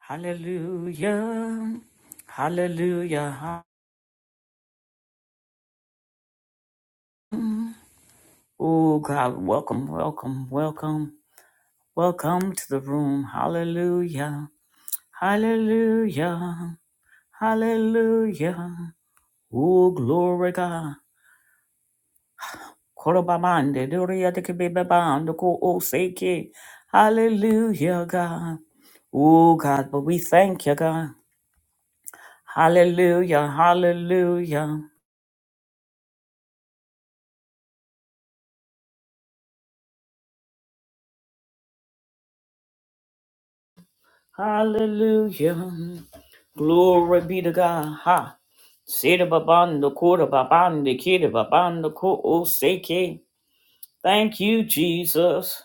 Hallelujah. Hallelujah. Oh God, welcome, welcome, welcome, welcome to the room. Hallelujah. Hallelujah. Hallelujah. Oh glory God. Korobamande, doria de kebebebando, ko oseke. Hallelujah, God. Oh God, but we thank you, God. Hallelujah. Hallelujah. Hallelujah. Glory be to God. Ha. Sita babanda kura babanda kida babanda ko oseke. Thank you, Jesus.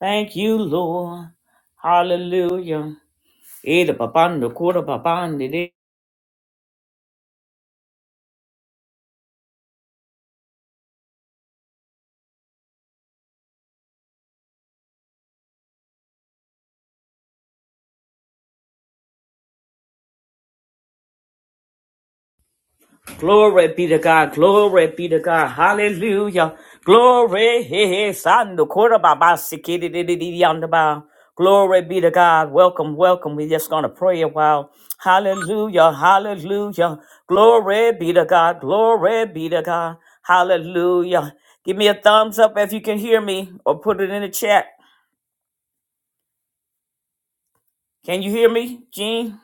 Thank you, Lord. Hallelujah. Ida babanda kura babanda Glory be to God. Glory be to God. Hallelujah. Glory. Hey, hey, son, the quarter by by, sick, it, di di di di yonder by. Glory be to God. Welcome, welcome. We're just going to pray a while. Hallelujah. Hallelujah. Glory be to God. Glory be to God. Hallelujah. Give me a thumbs up if you can hear me or put it in the chat. Can you hear me, Gene?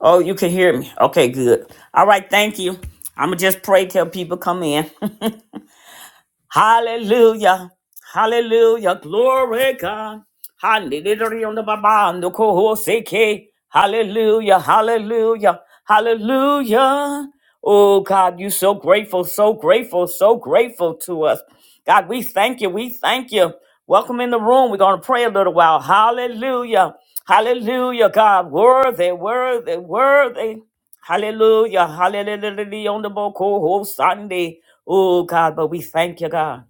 Oh, you can hear me. Okay, good. All right, thank you. I'm gonna just pray till people come in. Hallelujah. Hallelujah. Glory God. Hallelujah. Hallelujah. Hallelujah. Hallelujah. Oh God, you so grateful, so grateful, so grateful to us. God, we thank you. We thank you. Welcome in the room. We're going to pray a little while. Hallelujah. Hallelujah, God. Worthy, worthy, worthy. Hallelujah. Hallelujah. On the Boko whole Sunday. Oh, God, but we thank you, God.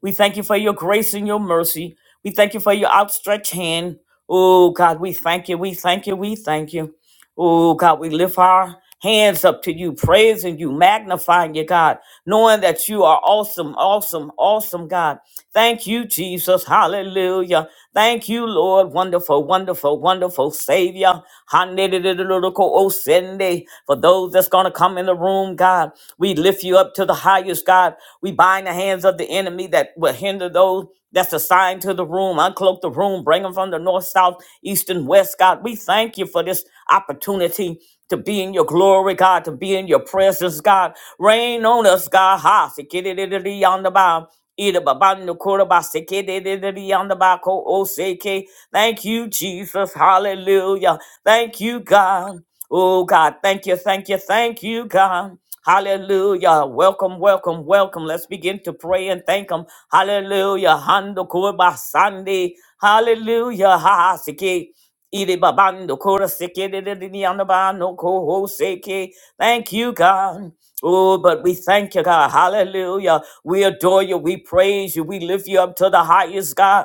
We thank you for your grace and your mercy. We thank you for your outstretched hand. Oh, God, we thank you. We thank you. We thank you. Oh God, we lift our hands up to you, praising you, magnifying you, God, knowing that you are awesome, awesome, awesome, God. Thank you, Jesus. Hallelujah. Thank you, Lord. Wonderful, wonderful, wonderful Savior. Hanedidididididico-osende. For those that's going to come in the room, God, we lift you up to the highest, God. We bind the hands of the enemy that will hinder those that's assigned to the room. Uncloak the room. Bring them from the north, south, east, and west, God. We thank thank you for this opportunity to be in your glory, God, to be in your presence, God. Rain on us, God. Ha, sikidididi on the bow. Ida babando kura ba sikidididi on the bow. Ko o seke. Thank you, Jesus. Hallelujah. Thank you, God. Oh, God. Thank you, thank you, thank you, God. Hallelujah. Welcome, welcome, welcome. Let's begin to pray and thank Him. Hallelujah. Hando kura ba Sunday. Hallelujah. Ha ha seke. Ide babando kora seke de de de de yanda ba no ko ho seke. Thank you, God. Oh, but we thank you, God. Hallelujah. We adore you. We praise you. We lift you up to the highest, God.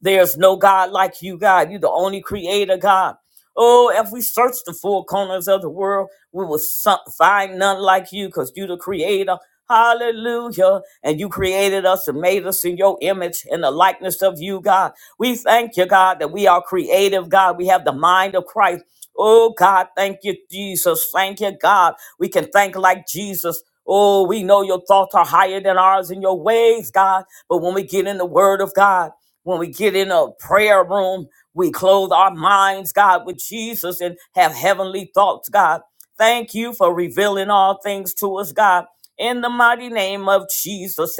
There's no God like you, God. You're the only creator, God. Oh, if we search the four corners of the world, we will so- find none like you because you're the creator. Hallelujah. And you created us and made us in your image and the likeness of you, God. We thank you, God, that we are creative, God. We have the mind of Christ. Oh, God, thank you, Jesus. Thank you, God. We can think like Jesus. Oh, we know your thoughts are higher than ours and your ways, God. But when we get in the word of God, when we get in a prayer room, we clothe our minds, God, with Jesus and have heavenly thoughts, God. Thank you for revealing all things to us, God. In the mighty name of Jesus.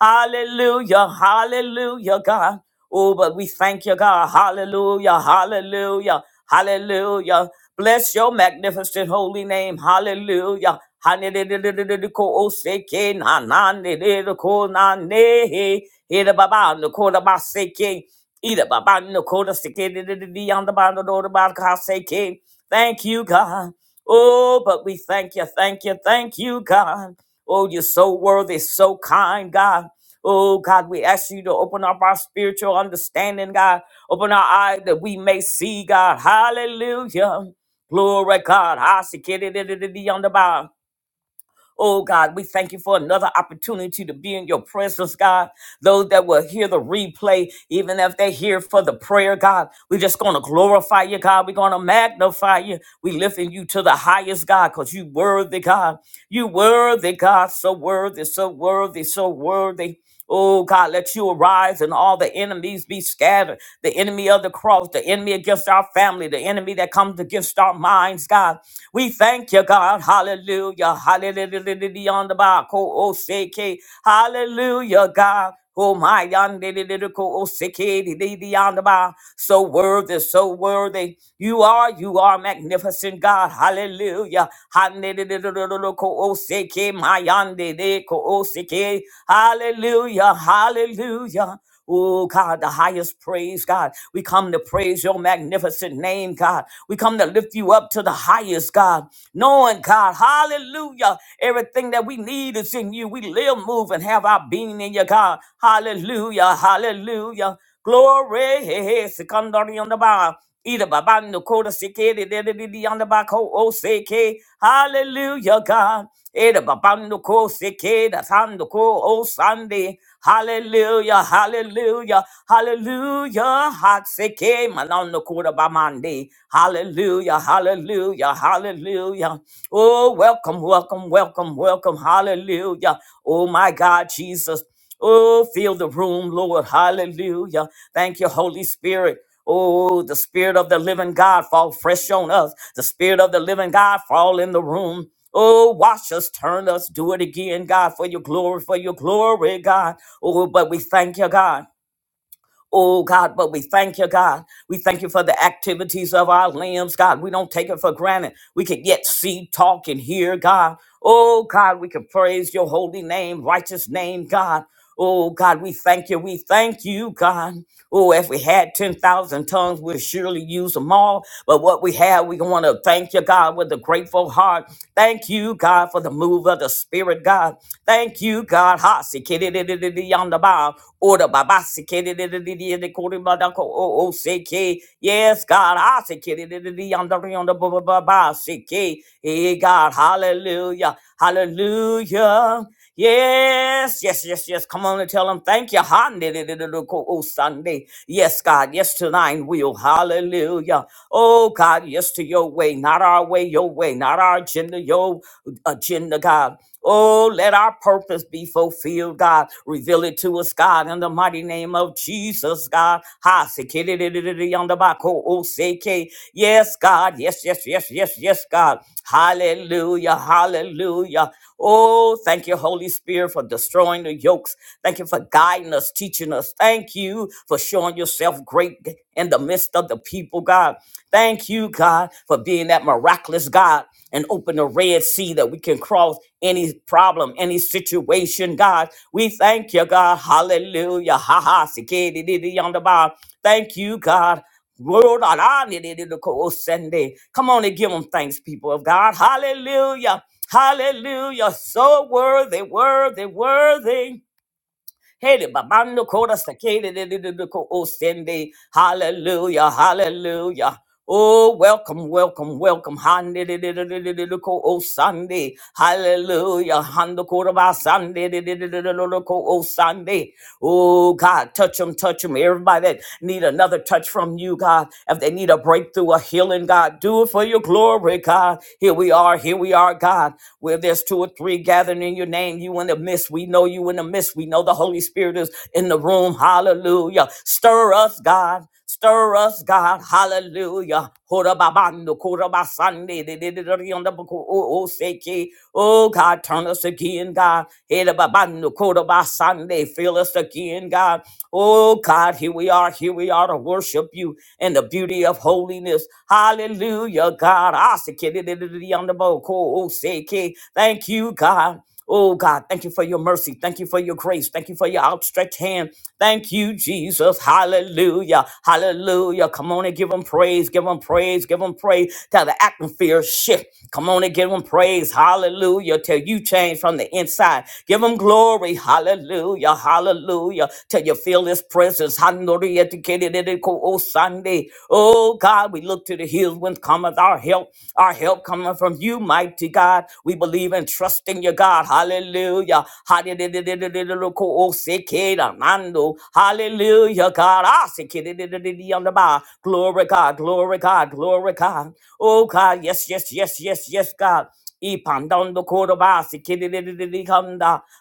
Hallelujah. Hallelujah, God. Oh, but we thank you, God. Hallelujah. Hallelujah. Hallelujah. Bless your magnificent holy name. Hallelujah. Hanididididikosekenananididikonanehe. Idababandakodabaseke. Idababandakodasekedidididiyandabandadodabakaseke. Thank you, God. Oh, but we thank you, thank you, thank you, God. Oh, you're so worthy, so kind, God. Oh God, we ask you to open up our spiritual understanding, God. Open our eyes that we may see, God. Hallelujah. Glory, God. Hasikididididi on the bar. Oh God, we thank you for another opportunity to be in your presence, God. Those that will hear the replay, even if they're here for the prayer, God, we're just going to glorify you, God. We're going to magnify you. We lifting you to the highest, God, because you worthy, God. You worthy, God. So worthy, so worthy, so worthy. Oh God, let you arise and all the enemies be scattered. The enemy of the cross, the enemy against our family, the enemy that comes against our minds, God. We thank you, God. Hallelujah. Hallelujah. Hallelujah. Hallelujah, God. Oh my yandidididico osikidididiyandaba. so worthy, so worthy. You are, you are magnificent God. Hallelujah. Handidididididico osiki, my yandidico osiki. Hallelujah. Hallelujah. Oh, God, the highest praise, God. We come to praise your magnificent name, God. We come to lift you up to the highest, God. Knowing, God, hallelujah, everything that we need is in you. We live, move, and have our being in you, God. Hallelujah, hallelujah. Glory, he he, secondary on the bar. Either babando koda seke, de de de de de on the bar, ko o seke. Hallelujah, God. Either babando ko seke, that's on the ko o Sunday. Hallelujah, hallelujah, hallelujah. Hot seke, manando koda bamande. Hallelujah, hallelujah, hallelujah. Oh, welcome, welcome, welcome, welcome. Hallelujah. Oh, my God, Jesus. Oh, fill the room, Lord. Hallelujah. Thank you, Holy Spirit. Oh, the Spirit of the living God fall fresh on us. The Spirit of the living God fall in the room. Oh, wash us, turn us, do it again, God, for your glory, for your glory, God. Oh, but we thank you, God. Oh God, but we thank you, God. We thank you for the activities of our limbs, God. We don't take it for granted. We can yet see, talk, and hear, God. Oh God, we can praise your holy name, righteous name, God. Oh God, we thank you. We thank you, God. Oh, if we had 10,000 tongues, we'd surely use them all. But what we have, we want to thank you, God, with a grateful heart. Thank you, God, for the move of the Spirit, God. Thank. Thank you, God. Ha, si, ki, di, yonder bow. Order, ba, ba, si, ki, di, di, di, o, o, si, Yes, God. Ha, si, ki, di, di, di, di, yonder, yonder, ba, ba, ba, si, Hey, God. Hallelujah. Hallelujah. Yes, yes, yes, yes. Come on and tell him thank you. Ha, di, di, di, di, di, o, Sunday. Yes, God. Yes, to thine will. Hallelujah. Oh, God. Yes, to your way. Not our way, your way. Not our agenda, your agenda, God. Oh, let our purpose be fulfilled, God. Reveal it to us, God, in the mighty name of Jesus, God. Ha, se ke de de de de de yonder ba ko o se Yes, God. Yes, yes, yes, yes, yes, God. Hallelujah. Hallelujah. Oh, thank you, Holy Spirit, for destroying the yokes. Thank you for guiding us, teaching us. Thank you for showing yourself great in the midst of the people, God. Thank you, God, for being that miraculous God and open the Red Sea that we can cross any problem, any situation, God. We thank you, God. Hallelujah. Ha ha. sikidididi yonder bar. Thank you, God. Lord, ah, ah, nidididi ko- oh, Sunday. Come on and give them thanks, people of God. Hallelujah. Hallelujah. So worthy, worthy, worthy. Hele babando kora sakele de de de de ko osende. Hallelujah, hallelujah. Oh, welcome, welcome, welcome. Hande de de de de de de de ko o Sunday. Hallelujah. Hando kora ba Sunday de de de de de de ko o Sunday. Oh God, touch them, touch them. Everybody that need another touch from you, God. If they need a breakthrough, a healing, God, do it for your glory, God. Here we are, here we are, God. Where there's two or three gathering in your name, you in the midst. We know you in the midst. We know the Holy Spirit is in the room. Hallelujah. Stir us, God. Stir us, God. Hallelujah. Horababando, korabasande, de- de- de- de- de- on the book, Oh, oh, seki. Oh, God, turn us again, God. Hedababando, korabasande, Fill us again, God. Oh, God, here we are. Here we are to worship you in the beauty of holiness. Hallelujah, God. Ah, seki, de- de- de- de- de- on the book, oh, oh, seki. Thank you, God. Oh God, thank you for your mercy. Thank you for your grace. Thank you for your outstretched hand. Thank you, Jesus. Hallelujah. Hallelujah. Come on and give him praise. Give him praise. Give him praise. Till the atmosphere shift. Come on and give him praise. Hallelujah. Till you change from the inside. Give him glory. Hallelujah. Hallelujah. Till you feel his presence. Hallelujah. Oh Sunday. Oh God, we look to to the hills when cometh our help. Our help cometh from you, mighty God. We believe and trust in you, God. Hallelujah. Hallelujah. God. Ah, sikididididi the bar. Glory, God. Glory, God. Glory, God. Oh, God. Yes, yes, yes, yes, yes, God.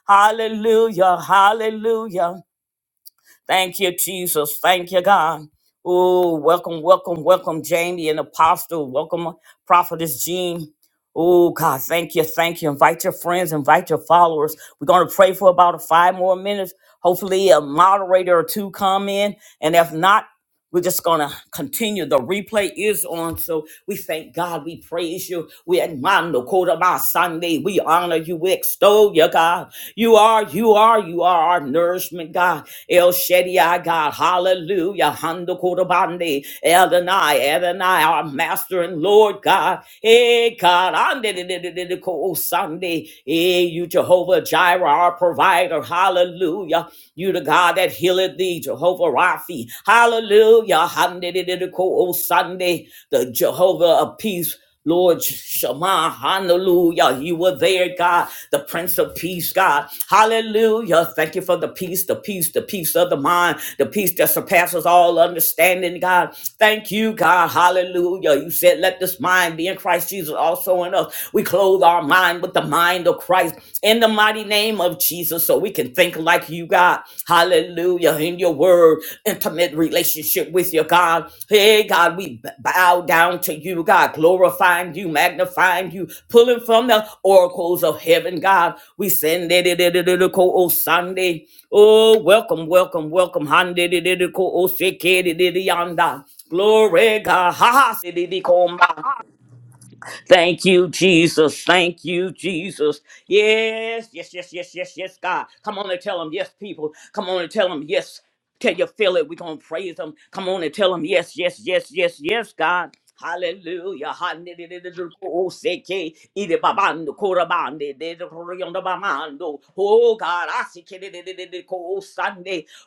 Hallelujah, hallelujah. Thank you, Jesus. Thank you, God. Oh, welcome, welcome, welcome, Jamie and Apostle. Welcome, Prophetess Jean. Oh, God, thank you, thank you. Invite your friends, invite your followers. We're going to pray for about five more minutes. Hopefully, a moderator or two come in. And if not, we're just going to continue. The replay is on. So we thank God. We praise you. We admire the quote of our Sunday. We honor you. We extol you, God. You are, you are, you are our nourishment, God. El Shaddai, God. Hallelujah. Hando Kodabande. Adonai, Adonai, our master and Lord, God. Hey, God. Ande de de de de de ko Sunday. Hey, you, Jehovah Jireh, our provider. Hallelujah. Hallelujah. You the God that healeth thee, Jehovah Raphi. Hallelujah. Hallelujah. Oh, Sunday, the Jehovah of peace. Lord Shema, hallelujah. You were there, God, the Prince of Peace, God. Hallelujah. Thank you for the peace, the peace, the peace of the mind, the peace that surpasses all understanding, God. Thank you, God. Hallelujah. You said, let this mind be in Christ Jesus also in us. We clothe our mind with the mind mind of Christ in the mighty name of Jesus so we can think like you, God. Hallelujah. In your word, intimate relationship with your God. Hey, God, we bow down to you, God, glorifying you, magnifying you, pulling from the oracles of heaven, God. We send it oh Sunday. Oh, welcome, welcome, welcome. oh, Glory, God. Ha ha. Thank you, Jesus. Thank you, Jesus. Yes, yes, yes, yes, yes, yes, God. Come on and tell them yes, people. Come on and tell them yes. Till you feel it, we're going to praise them. Come on and tell them yes, yes, yes, yes, yes, God. Hallelujah. Hanididididididokoseke, idibabando, korabande, didokoriyondabamando. Oh, God. I see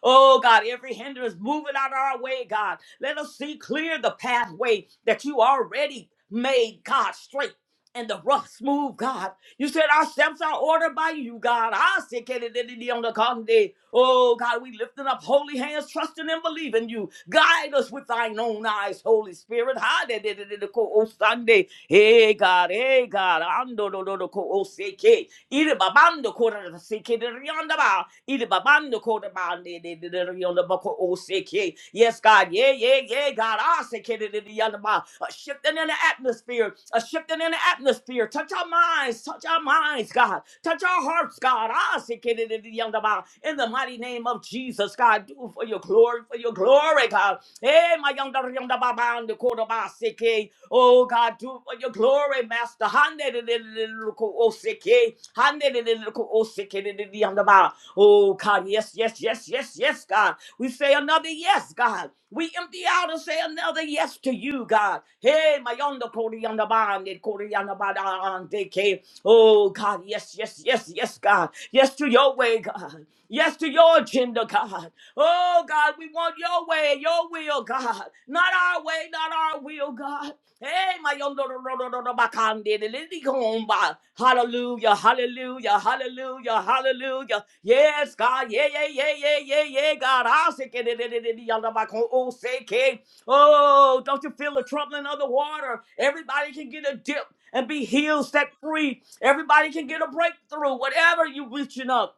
Oh God, every hindrance moving out of our way, God. Let us see clear the pathway that you already made, God, straight and the rough smooth, God. You said our steps are ordered by you, God. I said, "Can it any day on the cotton day?" Oh God, we lifting up holy hands, trusting and believing you. Guide us with thine own eyes, Holy Spirit. Ha, da, da, da, da, da, ko, oh, Sunday. Hey God, hey God. Ando, do, do, do, ko, oh, say, ke. Iri babando kora seke de rionda ba. Iri babando kora ba de de de de rionda ba ko o seke. Yes, God. Yeah, yeah, yeah, God. Ah, seke de de de yonda ba. A shifting in the atmosphere. A shifting in the atmosphere. Touch our minds. Touch our minds, God. Touch our hearts, God. Ah, seke de de de yonda ba. In the mighty name of Jesus, God, do for your glory, for your glory, God. Hey, my young daughter, young daughter, Baba, and the quarter by CK. Oh, God, do for your glory, Master. Hande it, de de de de ko o CK. Hande it, de de de ko o CK de de de Baba. Oh, God, yes, yes, yes, yes, yes, God. We say another yes, God. We empty out and say another yes to you, God. Hey, my young daughter, young daughter, Baba, and the quarter, young daughter, Baba, and the K. Oh, God, yes, yes, yes, yes, God. Yes to your way, God. Yes to your agenda, God. Oh, God, we want your way, your will, God. Not our way, not our will, God. Hey, my yondo ro- ro- ro- ro- ro- bakande, de- de- de- go on by. Hallelujah, hallelujah, hallelujah, hallelujah. Yes, God. Yeah, yeah, yeah, yeah, yeah, yeah, God. I'll say, de- de- de- de- de- de- yonder bako- Oh, say, K. Oh, don't you feel the troubling of the water? Everybody can get a dip and be healed, set free. Everybody can get a breakthrough, whatever you reaching up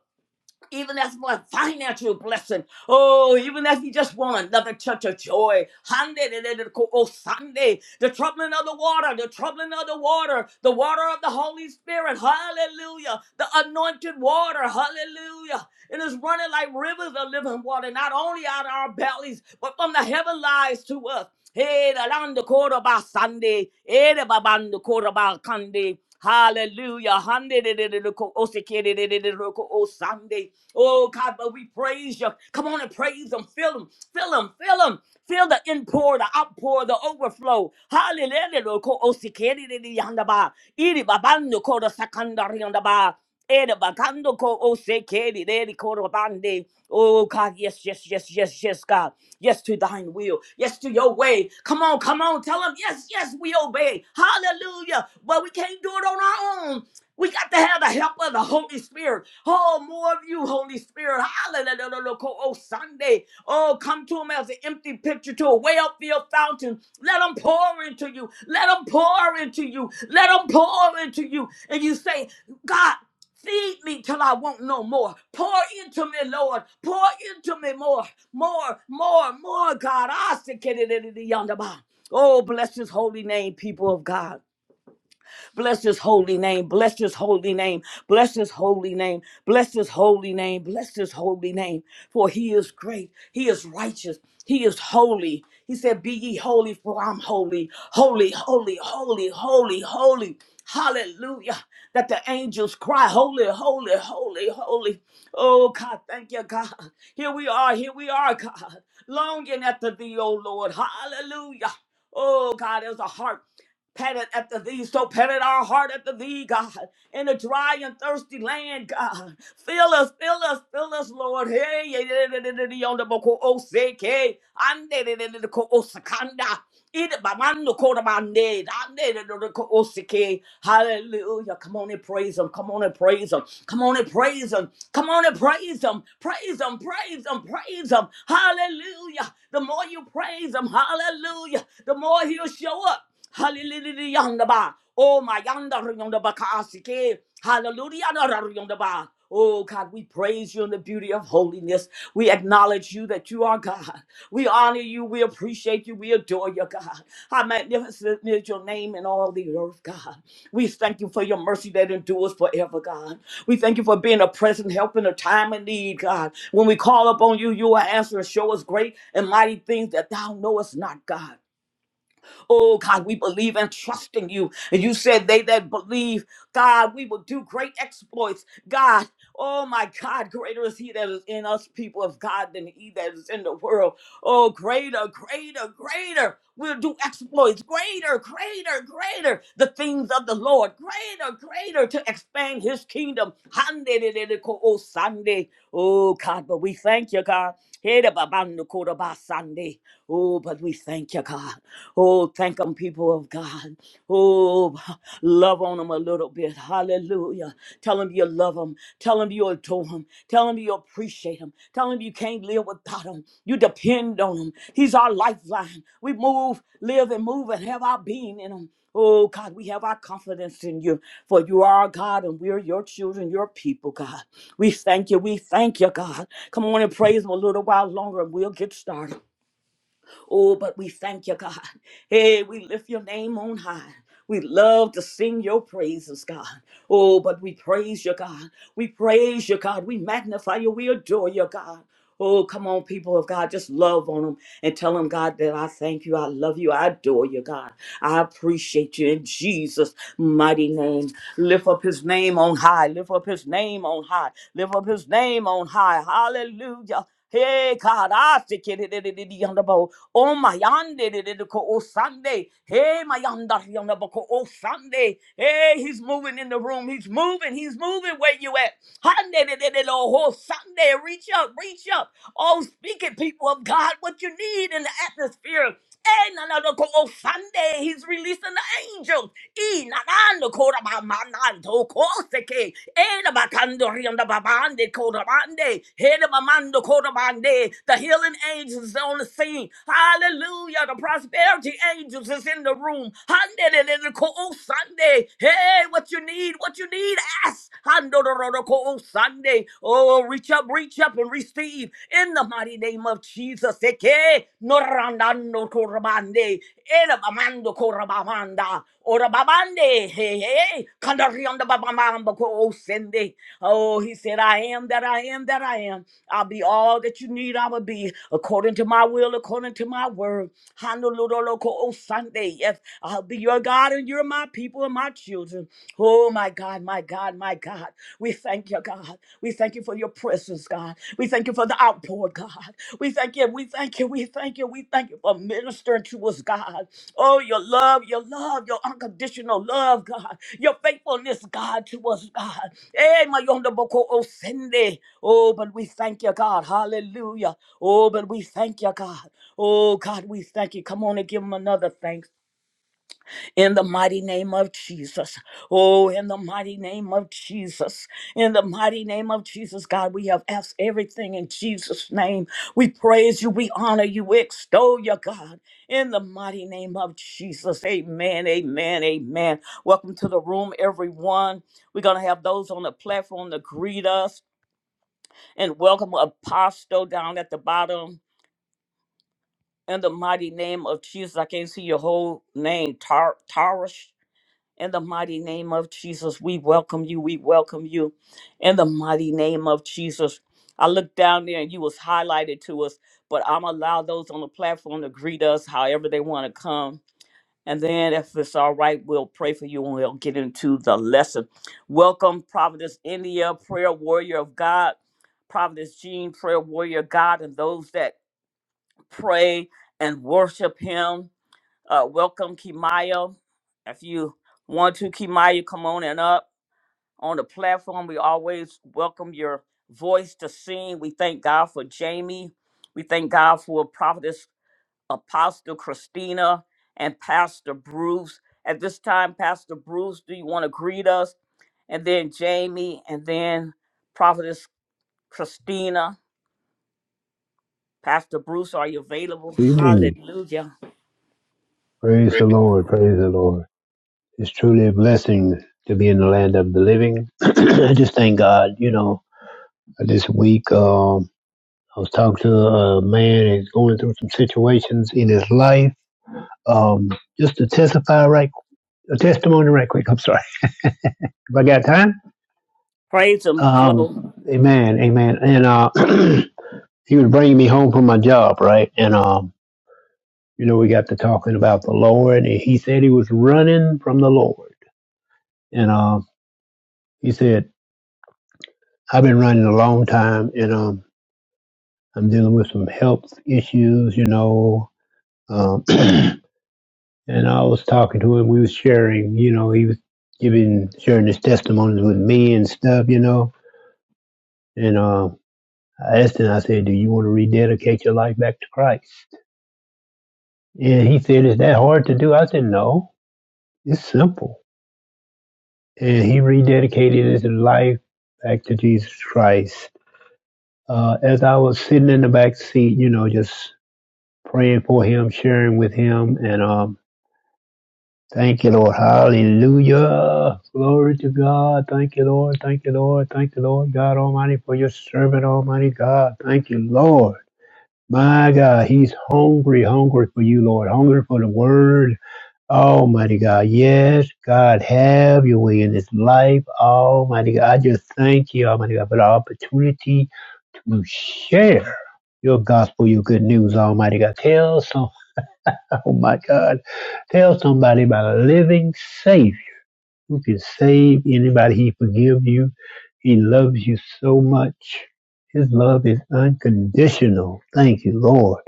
even as for a financial blessing. Oh, even as you just want another touch of joy. Hande de de de ko- Oh, Sunday, the troubling of the water, the troubling of the water, the water of the Holy Spirit. Hallelujah. The anointed water. Hallelujah. It is running like rivers of living water, not only out of our bellies, but from the heaven lies to us. Hey, the land of Cordoba Sunday. Hey, the Baban the Cordoba Sunday. Hallelujah. Hande de de de de ko- Oseke de de de de de ko- Oh, Sunday. Oh, God, but we praise you. Come on and praise Him. Fill Him. Fill Him. Fill Him. Feel the inpour, the outpour, the overflow. Hallelujah. Ko- Oseke de de de yanda ba. Iri babando ko- the sakandari yanda ba. Ere bakando ko o se kere rere koro bande. Oh God, yes, yes, yes, yes, yes, God. Yes to thine will. Yes to your way. Come on, come on. Tell him, yes, yes, we obey. Hallelujah. But we can't do it on our own. We got to have the help of the Holy Spirit. Oh, more of you, Holy Spirit. Hallelujah. Oh, Sunday. Oh, come to him as an empty picture to a well-filled fountain. Let him pour into you. Let him pour into you. Let him pour into you. And you say, God, feed me till I want no more. Pour into me, Lord. Pour into me more, more, more, more, God. I say, Oh, bless his holy name, people of God. Bless his holy name. Bless his holy name. Bless his holy name. Bless his holy name. Bless his holy name. For he is great. He is righteous. He is holy. He said, Be ye holy, for I'm holy. Holy, holy, holy, holy, holy. Hallelujah. That the angels cry, Holy, holy, holy, holy. Oh, God, thank you, God. Here we are. Here we are, God. Longing after thee, oh Lord. Hallelujah. Oh, God, there's a heart. Patted after thee, so patted our heart after thee, God, in a dry and thirsty land, God. Fill us, fill us, fill us, Lord. Hey, yeah, yeah, yeah, yeah, yeah, yeah, on the boko oseke, ande de de de de ko osakanda, ide bamando ko da bande, ande de de de ko oseke. Hallelujah. Come on and praise him. Come on and praise him. Come on and praise him. Come on and praise him. Praise him, praise him, praise him. Hallelujah. The more you praise him, hallelujah, the more he'll show up. Hallelujah. ba. Oh my yonder ba kaasike. Hallelujah. yonder ba. Oh God, we praise you in the beauty of holiness. We acknowledge you that you are God. We honor you. We appreciate you. We adore you, God. How magnificent is your name in all the earth, God. We thank you for your mercy that endures forever, God. We thank you for being a present help in a time of need, God. When we call upon you, you will answer and show us great and mighty things that thou knowest not, God. Oh God, we believe and trust in you. And you said they that believe, God, we will do great exploits. God, oh my God, greater is he that is in us, people of God, than he that is in the world. Oh, greater, greater, greater. We'll do exploits. Greater, greater, greater. The things of the Lord. Greater, greater to expand his kingdom. Handeleleko o Sunday. Oh, God, but we thank you, God. Hera babando kora ba Sunday. Oh, but we thank you, God. Oh, thank them, people of God. Oh, love on them a little bit. Hallelujah. Tell them you love them. Tell them you adore them. Tell them you appreciate them. Tell them you can't live without them. You depend on them. He's our lifeline. We move, live, and move and have our being in him. Oh, God, we have our confidence in you, for you are our God and we are your children, your people, God. We thank you. We thank you, God. Come on and praise him a little while longer and we'll get started. Oh, but we thank you, God. Hey, we lift your name on high. We love to sing your praises, God. Oh, but we praise you, God. We praise you, God. We magnify you. We adore you, God. Oh, come on, people of God. Just love on them and tell them, God, that I thank you. I love you. I adore you, God. I appreciate you in Jesus' mighty name. Lift up his name on high. Lift up his name on high. Lift up his name on high. Hallelujah. Hey God, I say kid it it it yonder bow. Oh my yonder did it ko oh Sunday. Hey my yonder yonder bow ko oh Sunday. Hey, he's moving in the room. He's moving. He's moving where you at. Hande it it oh oh, Sunday. Reach up, reach up. Oh, speak it, people of God, what you need in the atmosphere. Eh, na, na, na, ko, oh, Sunday, he's releasing the angels. Eh, na, na, na, ko, da, ba, ma, na, to, ko, se, ke. Eh, da, ba, kan, do, ri, on, da, ba, ban, de, ko, da, ban, He, da, ba, man, do, ko, da, ban, The healing angels is on the scene. Hallelujah. The prosperity angels is in the room. Sunday. Hey, what you need, what you need, ask. Handororoko Sunday. Oh, reach up, reach up and receive in the mighty name of Jesus. Eke norandando korabande. Erabamando korabamanda. Orababande. Hey, hey. Kandarianda babamamba ko sende. Oh, he said, I am that I am that I am. I'll be all that you need, I will be according to my will, according to my word. Hanuloloko Sunday. Yes, I'll be your God and you're my people and my children. Oh, my God, my God, my God. We thank you, God. We thank you for your presence blessings, God. We thank you for the outpour, God. We thank you. We thank you. We thank you. We thank you for ministering to us, God. Oh, your love, your love, your unconditional love, God. Your faithfulness, God, to us, God. Eh, my yonder boko o sende. Oh, but we thank you, God. Hallelujah. Oh, but we thank you, God. Oh, God, we thank you. Come on and give him another thanks in the mighty name of Jesus. Oh, in the mighty name of Jesus. In the mighty name of Jesus, God, we have asked everything in Jesus' name. We praise you, we honor you, we extol you, God. In the mighty name of Jesus. Amen, amen, amen. Welcome to the room, everyone. We're going to have those on the platform to greet us and welcome Apostle down at the bottom. In the mighty name of Jesus, I can't see your whole name, Tar- Tarish. In the mighty name of Jesus, we welcome you. We welcome you. In the mighty name of Jesus. I looked down there and you was highlighted to us, but I'm allow those on the platform to greet us however they want to come. And then if it's all right, we'll pray for you and we'll get into the lesson. Welcome, Providence India, prayer warrior of God, Providence Jean, prayer warrior of God, and those that pray and worship him uh, welcome, Kimaya. If you want to, Kimaya, come on and up on the platform. We always welcome your voice to sing. We thank God for Jamie. We thank God for Prophetess Apostle Christina and Pastor Bruce. At this time, Pastor Bruce, do you want to greet us? And then Jamie, and then Prophetess Christina. Pastor Bruce, are you available? Good evening. Hallelujah. Praise the Lord. Praise the Lord. It's truly a blessing to be in the land of the living. I just thank God. You know, this week um, I was talking to a man who's going through some situations in his life. Um, just to testify right, a testimony right quick. I'm sorry. If I got time. Praise Him, Flo. Um, amen. Amen. And uh, he was bringing me home from my job, right? And um, you know, we got to talking about the Lord, and he said he was running from the Lord. And uh, He said, I've been running a long time and um, I'm dealing with some health issues, you know. Um, and I was talking to him. We was sharing, you know, he was giving, sharing his testimonies with me and stuff, you know. And um, I asked him, I said, do you want to rededicate your life back to Christ? And he said, is that hard to do? I said, no, it's simple. And he rededicated his life back to Jesus Christ. Uh, as I was sitting in the back seat, you know, just praying for him, sharing with him, and um, thank you, Lord. Hallelujah. Glory to God. Thank you, Lord. Thank you, Lord. Thank you, Lord God Almighty, for your servant, Almighty God. Thank you, Lord. My God, he's hungry, hungry for you, Lord. Hungry for the word. Almighty God. Yes, God, have your way in his life. Almighty God, I just thank you, Almighty God, for the opportunity to share your gospel, your good news, Almighty God. Tell some Oh my God. Tell somebody about a living Savior who can save anybody. He forgives you. He loves you so much. His love is unconditional. Thank you, Lord.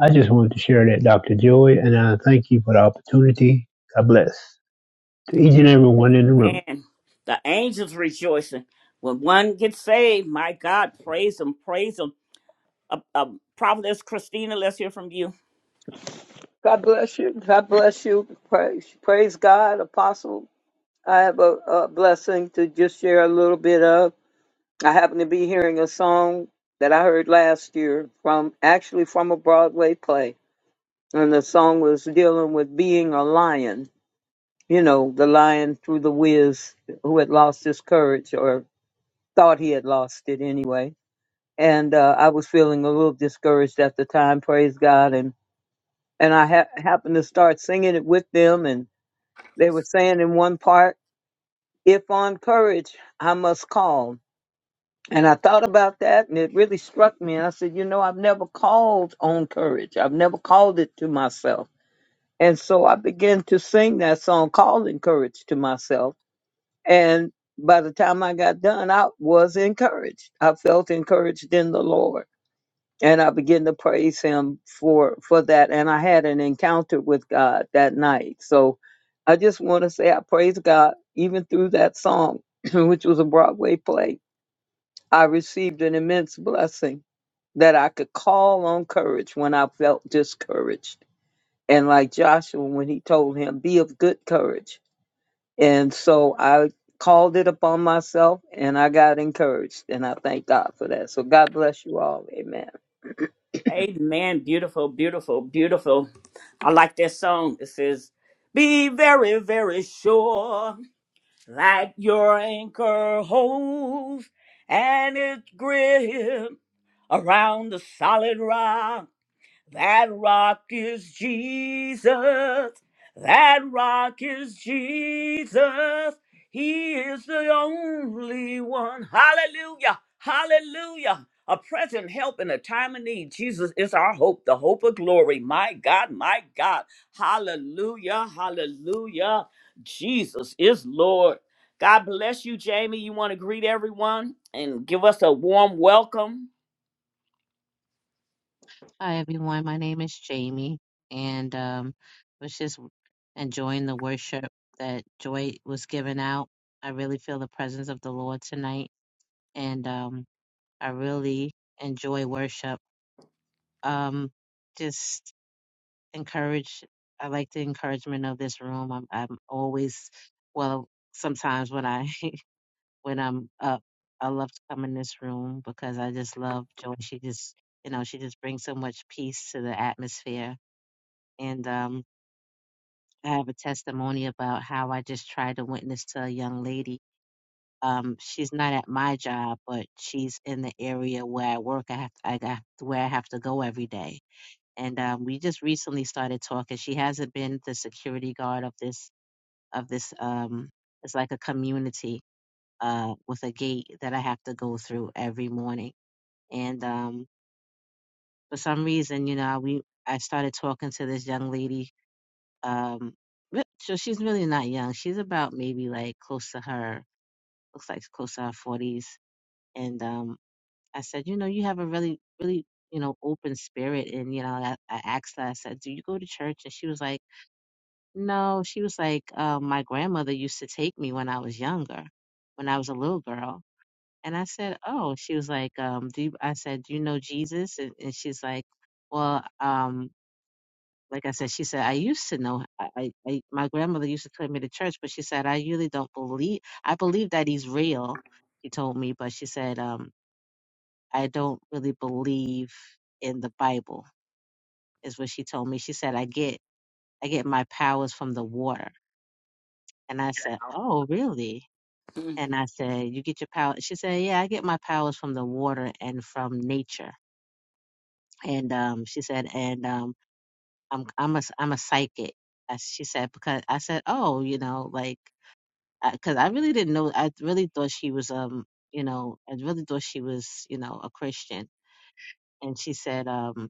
I just wanted to share that, Dr. Joy, and I thank you for the opportunity. God bless to each and every one in the room. Amen. The angels rejoicing. When one gets saved, my God, praise them, praise them. Uh, uh, Prophetess Christina, let's hear from you. God bless you. God bless you. Praise, praise God, Apostle. I have a, a blessing to just share a little bit of. I happen to be hearing a song that I heard last year from actually from a Broadway play. And the song was dealing with being a lion, you know, the lion through the whiz who had lost his courage or thought he had lost it anyway. And uh, I was feeling a little discouraged at the time, praise God. And, and I ha- happened to start singing it with them and They were saying in one part, if on courage, I must call. And I thought about that and it really struck me. And I said, you know, I've never called on courage. I've never called it to myself. And so I began to sing that song, Calling Courage to myself. And by the time I got done, I was encouraged. I felt encouraged in the Lord and I began to praise him for for that. And I had an encounter with God that night. So I just want to say I praise God even through that song, which was a Broadway play. I received an immense blessing that I could call on courage when I felt discouraged. And like Joshua, when he told him, be of good courage. And so I called it upon myself and I got encouraged. And I thank God for that. So God bless you all. Amen. Amen. Beautiful, beautiful, beautiful. I like that song. It says, Be very, very sure that your anchor holds and its grip around the solid rock. That rock is Jesus. That rock is Jesus. He is the only one. Hallelujah. Hallelujah. A present help in a time of need. Jesus is our hope, the hope of glory. My God, my God. Hallelujah. Hallelujah. Jesus is Lord. God bless you, Jamie. You want to greet everyone and give us a warm welcome? Hi, everyone. My name is Jamie, and um, was just enjoying the worship that Joy was giving out. I really feel the presence of the Lord tonight, and um, I really enjoy worship. Um, just encourage. I like the encouragement of this room. I'm, I'm always well. Sometimes when I when I'm up, I love to come in this room because I just love Joy. She just, you know, she just brings so much peace to the atmosphere and um, I have a testimony about how I just tried to witness to a young lady. Um, she's not at my job, but she's in the area where I work. I have I got where I have to go every day, and um, we just recently started talking. She hasn't been the security guard of this of this. Um, it's like a community uh, with a gate that I have to go through every morning, and um, for some reason, you know, we I started talking to this young lady Um, re- so she's really not young. She's about maybe like close to her, looks like close to her 40s. And um, I said, you know, you have a really, really, you know, open spirit. And, you know, I, I asked her, I said, do you go to church? And she was like, no. She was like, uh, my grandmother used to take me when I was younger, when I was a little girl. And I said, oh, she was like, um, do you, I said, do you know Jesus? And, and she's like, well, um, like I said, she said, I used to know. I, I, I my grandmother used to take me to church, but she said, I really don't believe. I believe that he's real. She told me, but she said, um, I don't really believe in the Bible. Is what she told me. She said, I get, I get my powers from the water. And I said, Oh, really? Mm. And I said, You get your power. She said, Yeah, I get my powers from the water and from nature. And um, she said, and um, I'm, I'm a, I'm a psychic. I, she said because I said, oh, you know, like. because I really didn't know. I really thought she was, um, you know, I really thought she was, you know, a Christian. And she said, um,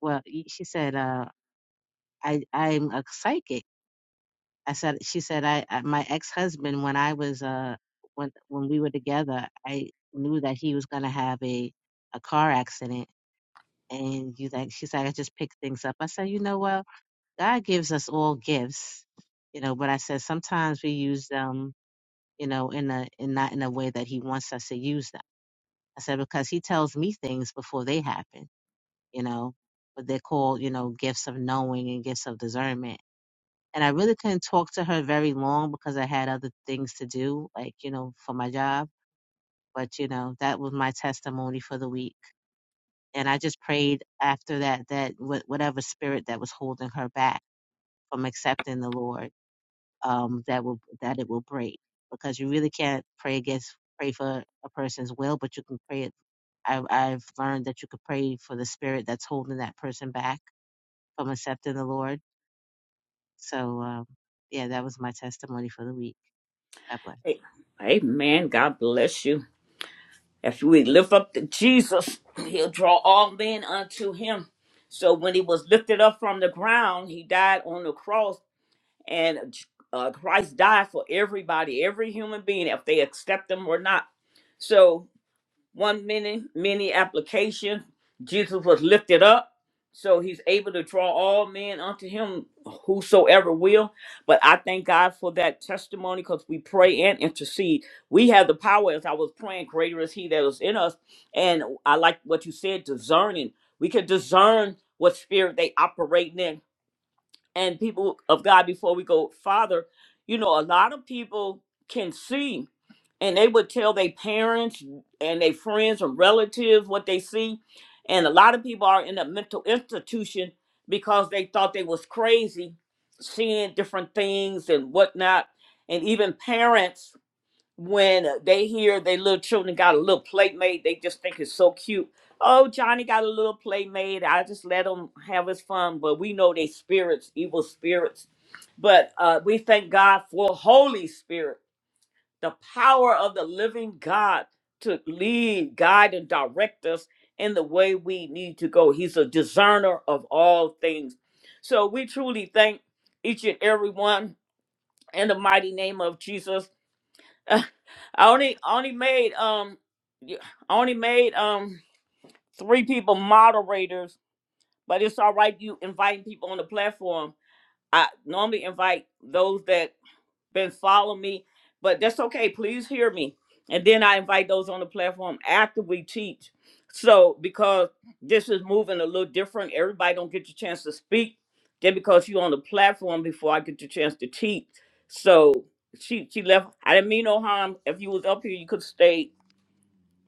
well, y- she said, uh, I, I'm a psychic. I said, she said, I, I my ex-husband, when I was, uh, when, when we were together, I knew that he was gonna have a, a car accident. And you like, she's like, I just picked things up. I said, you know, well, God gives us all gifts, you know, but I said sometimes we use them you know, in a in not in a way that he wants us to use them. I said, because he tells me things before they happen, you know, but they're called, you know, gifts of knowing and gifts of discernment. And I really couldn't talk to her very long because I had other things to do, like, you know, for my job. But, you know, that was my testimony for the week. And I just prayed after that, that wh- whatever spirit that was holding her back from accepting the Lord um, that will that it will break because you really can't pray against pray for a person's will, but you can pray it. I've, I've learned that you could pray for the spirit that's holding that person back from accepting the Lord. So um, yeah, that was my testimony for the week. God bless. A- Amen. God bless you. If we lift up to Jesus, he'll draw all men unto him. So when he was lifted up from the ground, he died on the cross. and uh, Christ died for everybody, every human being, if they accept them or not. So one many many applications. Jesus was lifted up, so He's able to draw all men unto Him, whosoever will. But I thank God for that testimony because we pray and intercede. We have the power, as I was praying, greater is He that is in us. And I like what you said, discerning. We can discern what spirit they operating in and people of God before we go Father, you know, a lot of people can see and they would tell their parents and their friends and relatives what they see. And a lot of people are in a mental institution because they thought they was crazy seeing different things and whatnot. And even parents when they hear their little children got a little playmate, they just think it's so cute. Oh, Johnny got a little playmate. I just let him have his fun. But we know they spirits, evil spirits. But uh, we thank God for Holy Spirit, the power of the living God to lead, guide, and direct us in the way we need to go. He's a discerner of all things. So we truly thank each and every one in the mighty name of Jesus I only I only made um y- I only made um three people moderators, but it's all right you inviting people on the platform. I normally invite those that been following me, but that's okay. Please hear me. And then I invite those on the platform after we teach. So because this is moving a little different, everybody don't get your chance to speak. Then because you are on the platform before I get your chance to teach. So she she left. I didn't mean no harm. If you was up here, you could stay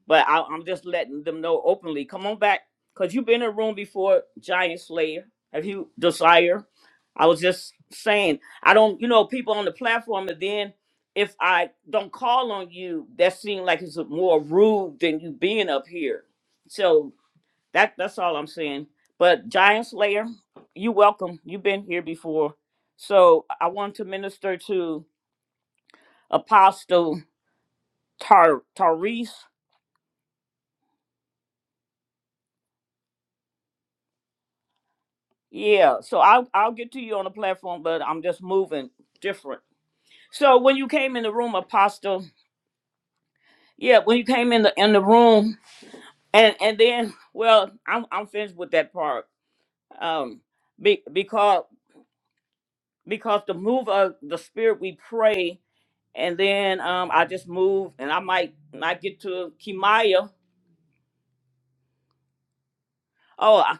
but I, I'm just letting them know openly. Come on back, cause you've been in a room before, Giant Slayer. Have you desire? I was just saying, I don't, you know, people on the platform, and then if I don't call on you, that seems like it's more rude than you being up here. So that that's all I'm saying. But Giant Slayer, you welcome. You've been here before, so I want to minister to Apostle Tar Tarice Yeah, so I'll I'll get to you on the platform, but I'm just moving different. So when you came in the room, Apostle, yeah, when you came in the in the room, and and then, well, I'm I'm finished with that part. Um, be, because because the move of the spirit, we pray, and then um, I just move, and I might not get to Kimaya. Oh, I,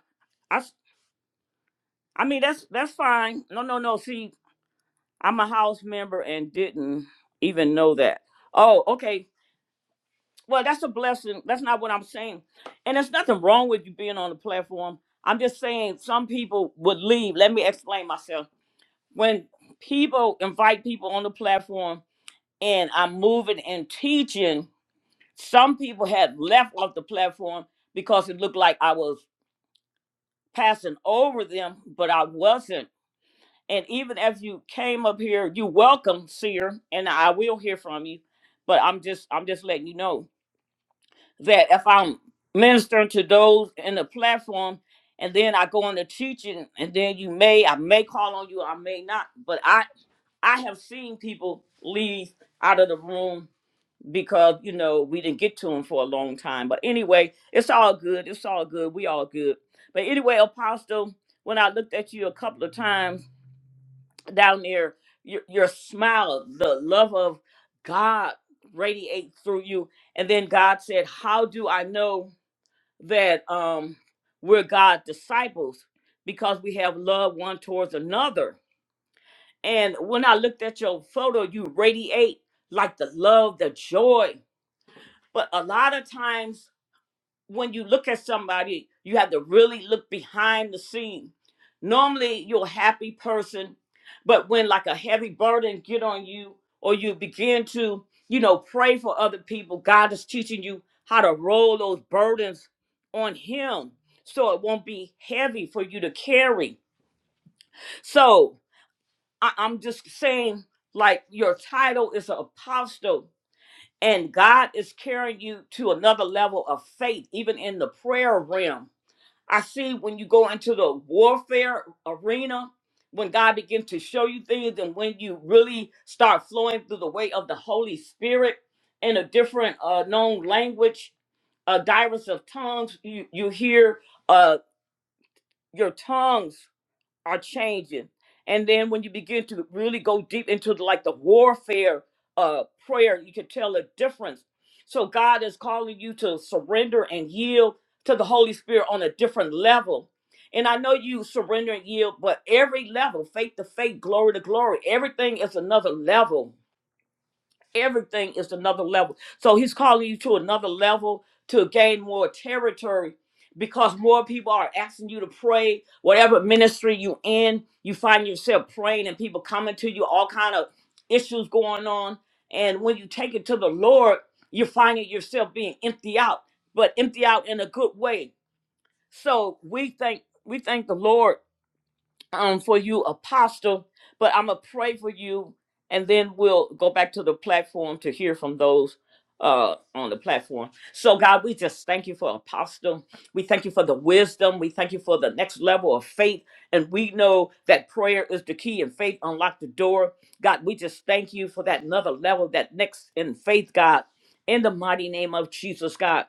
I s- I mean that's that's fine. No, no, no. See, I'm a house member and didn't even know that. Oh, okay. Well, that's a blessing. That's not what I'm saying. And there's nothing wrong with you being on the platform. I'm just saying some people would leave. Let me explain myself. When people invite people on the platform and I'm moving and teaching, some people had left off the platform because it looked like I was passing over them, but I wasn't. And even if you came up here, you welcome, seer, and I will hear from you. But I'm just I'm just letting you know that if I'm ministering to those in the platform and then I go into teaching and then you may I may call on you, I may not, but I I have seen people leave out of the room because you know we didn't get to them for a long time. But anyway, it's all good. It's all good. We all good. But anyway, Apostle, when I looked at you a couple of times down there, your, your smile, the love of God radiate through you. And then God said, How do I know? that um we're God's disciples because we have love one towards another. And when I looked at your photo, you radiate like the love, the joy. But a lot of times when you look at somebody, you have to really look behind the scene. Normally, you're a happy person, but when like a heavy burden get on you, or you begin to, you know, pray for other people, God is teaching you how to roll those burdens on Him, so it won't be heavy for you to carry. So I- I'm just saying, like your title is an apostle. And God is carrying you to another level of faith, even in the prayer realm I see when you go into the warfare arena, when God begins to show you things, and when you really start flowing through the way of the Holy Spirit in a different uh, known language, a uh, diverse of tongues, you, you hear uh, your tongues are changing. And then when you begin to really go deep into the, like the warfare uh prayer, you can tell the difference. So God is calling you to surrender and yield to the Holy Spirit on a different level. And I know you surrender and yield, but every level, faith to faith, glory to glory, everything is another level Everything is another level. So he's calling you to another level to gain more territory because more people are asking you to pray. Whatever ministry you in, you find yourself praying and people coming to you, all kind of issues going on. And when you take it to the Lord, you're finding yourself being empty out, but empty out in a good way. So we thank we thank the Lord um, for you, Apostle, but I'm going to pray for you, and then we'll go back to the platform to hear from those uh, on the platform. So, God, we just thank you for Apostle. We thank you for the wisdom. We thank you for the next level of faith. And we know that prayer is the key, and faith unlock the door. God, we just thank you for that another level, that next in faith, God, in the mighty name of Jesus, God.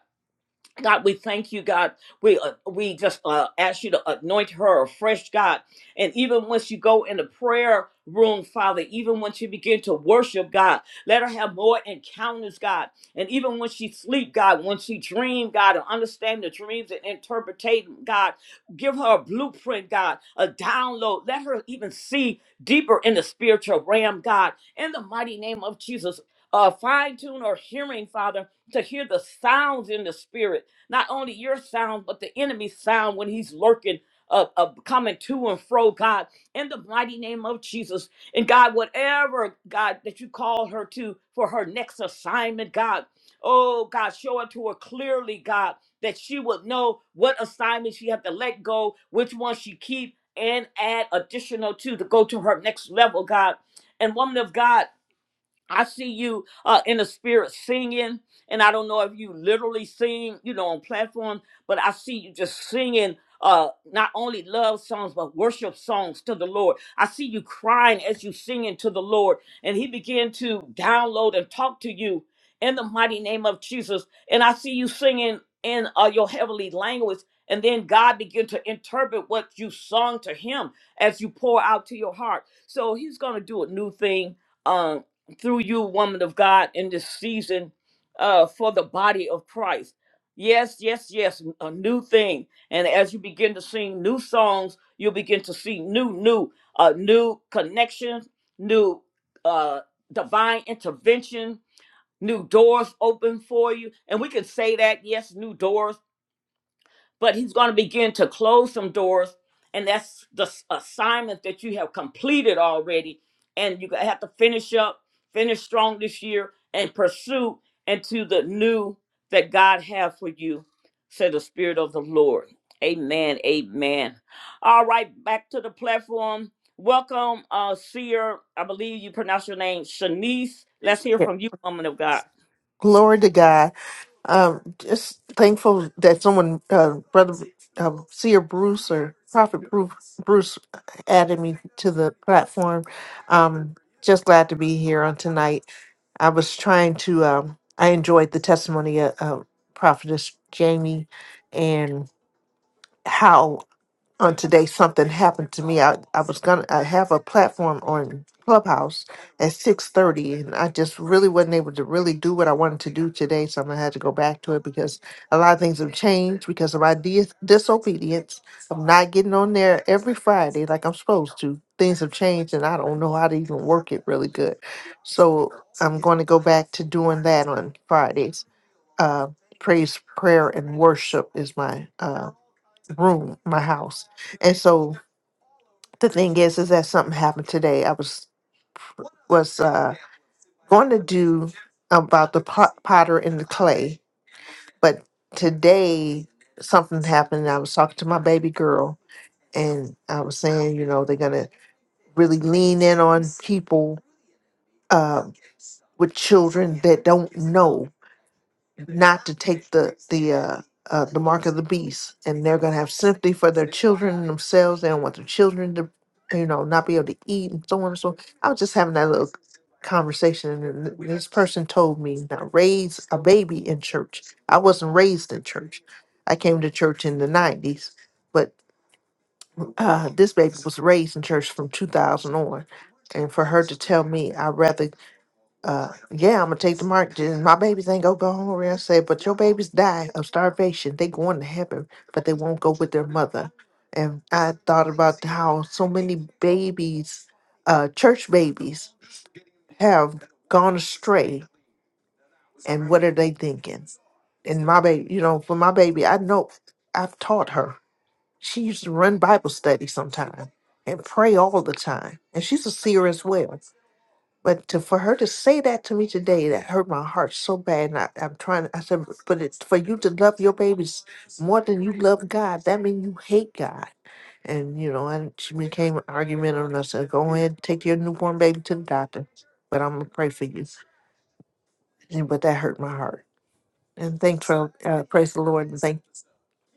God, we thank you, God. We uh, we just uh, ask you to anoint her afresh, God. And even once you go in the prayer room, Father, even when she begin to worship, God, let her have more encounters, God. And even when she sleep, God, when she dream, God, and understand the dreams and interpretate, God, give her a blueprint, God, a download. Let her even see deeper in the spiritual realm, God. In the mighty name of Jesus, uh, fine tune her hearing, Father, to hear the sounds in the spirit not only your sound, but the enemy's sound when he's lurking, uh, uh, coming to and fro, God, in the mighty name of Jesus. And God, whatever, God, that you call her to for her next assignment, God, oh, God, show it to her clearly, God, that she would know what assignment she have to let go, which one she keep, and add additional to to go to her next level, God. And woman of God, I see you uh, in the spirit singing, and I don't know if you literally sing, you know, on platform, but I see you just singing uh, not only love songs but worship songs to the Lord. I see you crying as you singing to the Lord, and He began to download and talk to you in the mighty name of Jesus. And I see you singing in uh, your heavenly language, and then God begin to interpret what you sung to Him as you pour out to your heart. So He's gonna do a new thing Um, through you, woman of God, in this season uh, for the body of Christ. Yes, yes, yes, a new thing. And as you begin to sing new songs, you'll begin to see new, new, uh, new connections, new uh, divine intervention, new doors open for you. And we can say that, yes, new doors but he's going to begin to close some doors and that's the s- assignment that you have completed already and you have to finish up finish strong this year and pursue into the new that god has for you said the spirit of the lord amen amen all right back to the platform welcome uh seer i believe you pronounce your name shanice let's hear Yeah. from you woman of god Glory to God. Um, just thankful that someone, uh, brother, uh, Seer Bruce or Prophet Bruce, Bruce added me to the platform. Um, just glad to be here on tonight. I was trying to, um, I enjoyed the testimony of, of Prophetess Jamie and how on today something happened to me. I, I was gonna I have a platform on Clubhouse at six thirty, and I just really wasn't able to really do what I wanted to do today. So I'm gonna have to go back to it because a lot of things have changed because of my dis- disobedience of not getting on there every Friday like I'm supposed to. Things have changed, and I don't know how to even work it really good. So I'm going to go back to doing that on Fridays. Uh, praise, prayer, and worship is my uh, room, my house. And so the thing is, is that something happened today. I was was uh, going to do about the pot, potter and the clay, but today something happened. and I was talking to my baby girl, and I was saying, you know, they're gonna really lean in on people uh, with children that don't know not to take the the uh, uh, the mark of the beast, and they're gonna have sympathy for their children and themselves. They don't want their children to, you know, not be able to eat and so on and so. On. I was just having that little conversation, and th- this person told me now raise a baby in church. I wasn't raised in church. I came to church in the nineties, but uh, this baby was raised in church from two thousand on. And for her to tell me, I'd rather uh, yeah, I'm gonna take the mark. Just my babies ain't gonna go hungry. I said, but your babies die of starvation. They going to heaven, but they won't go with their mother. And I thought about how so many babies, uh, church babies, have gone astray. And what are they thinking? And my baby, you know, for my baby, I know I've taught her. She used to run Bible study sometime and pray all the time. And she's a seer as well. But to, for her to say that to me today, that hurt my heart so bad. And I, I'm trying. I said, but but it's for you to love your babies more than you love God. That means you hate God. And you know, and she became argumentative. And I said, go ahead, take your newborn baby to the doctor. But I'm gonna pray for you. And, but that hurt my heart. And thanks for uh, praise the Lord and thank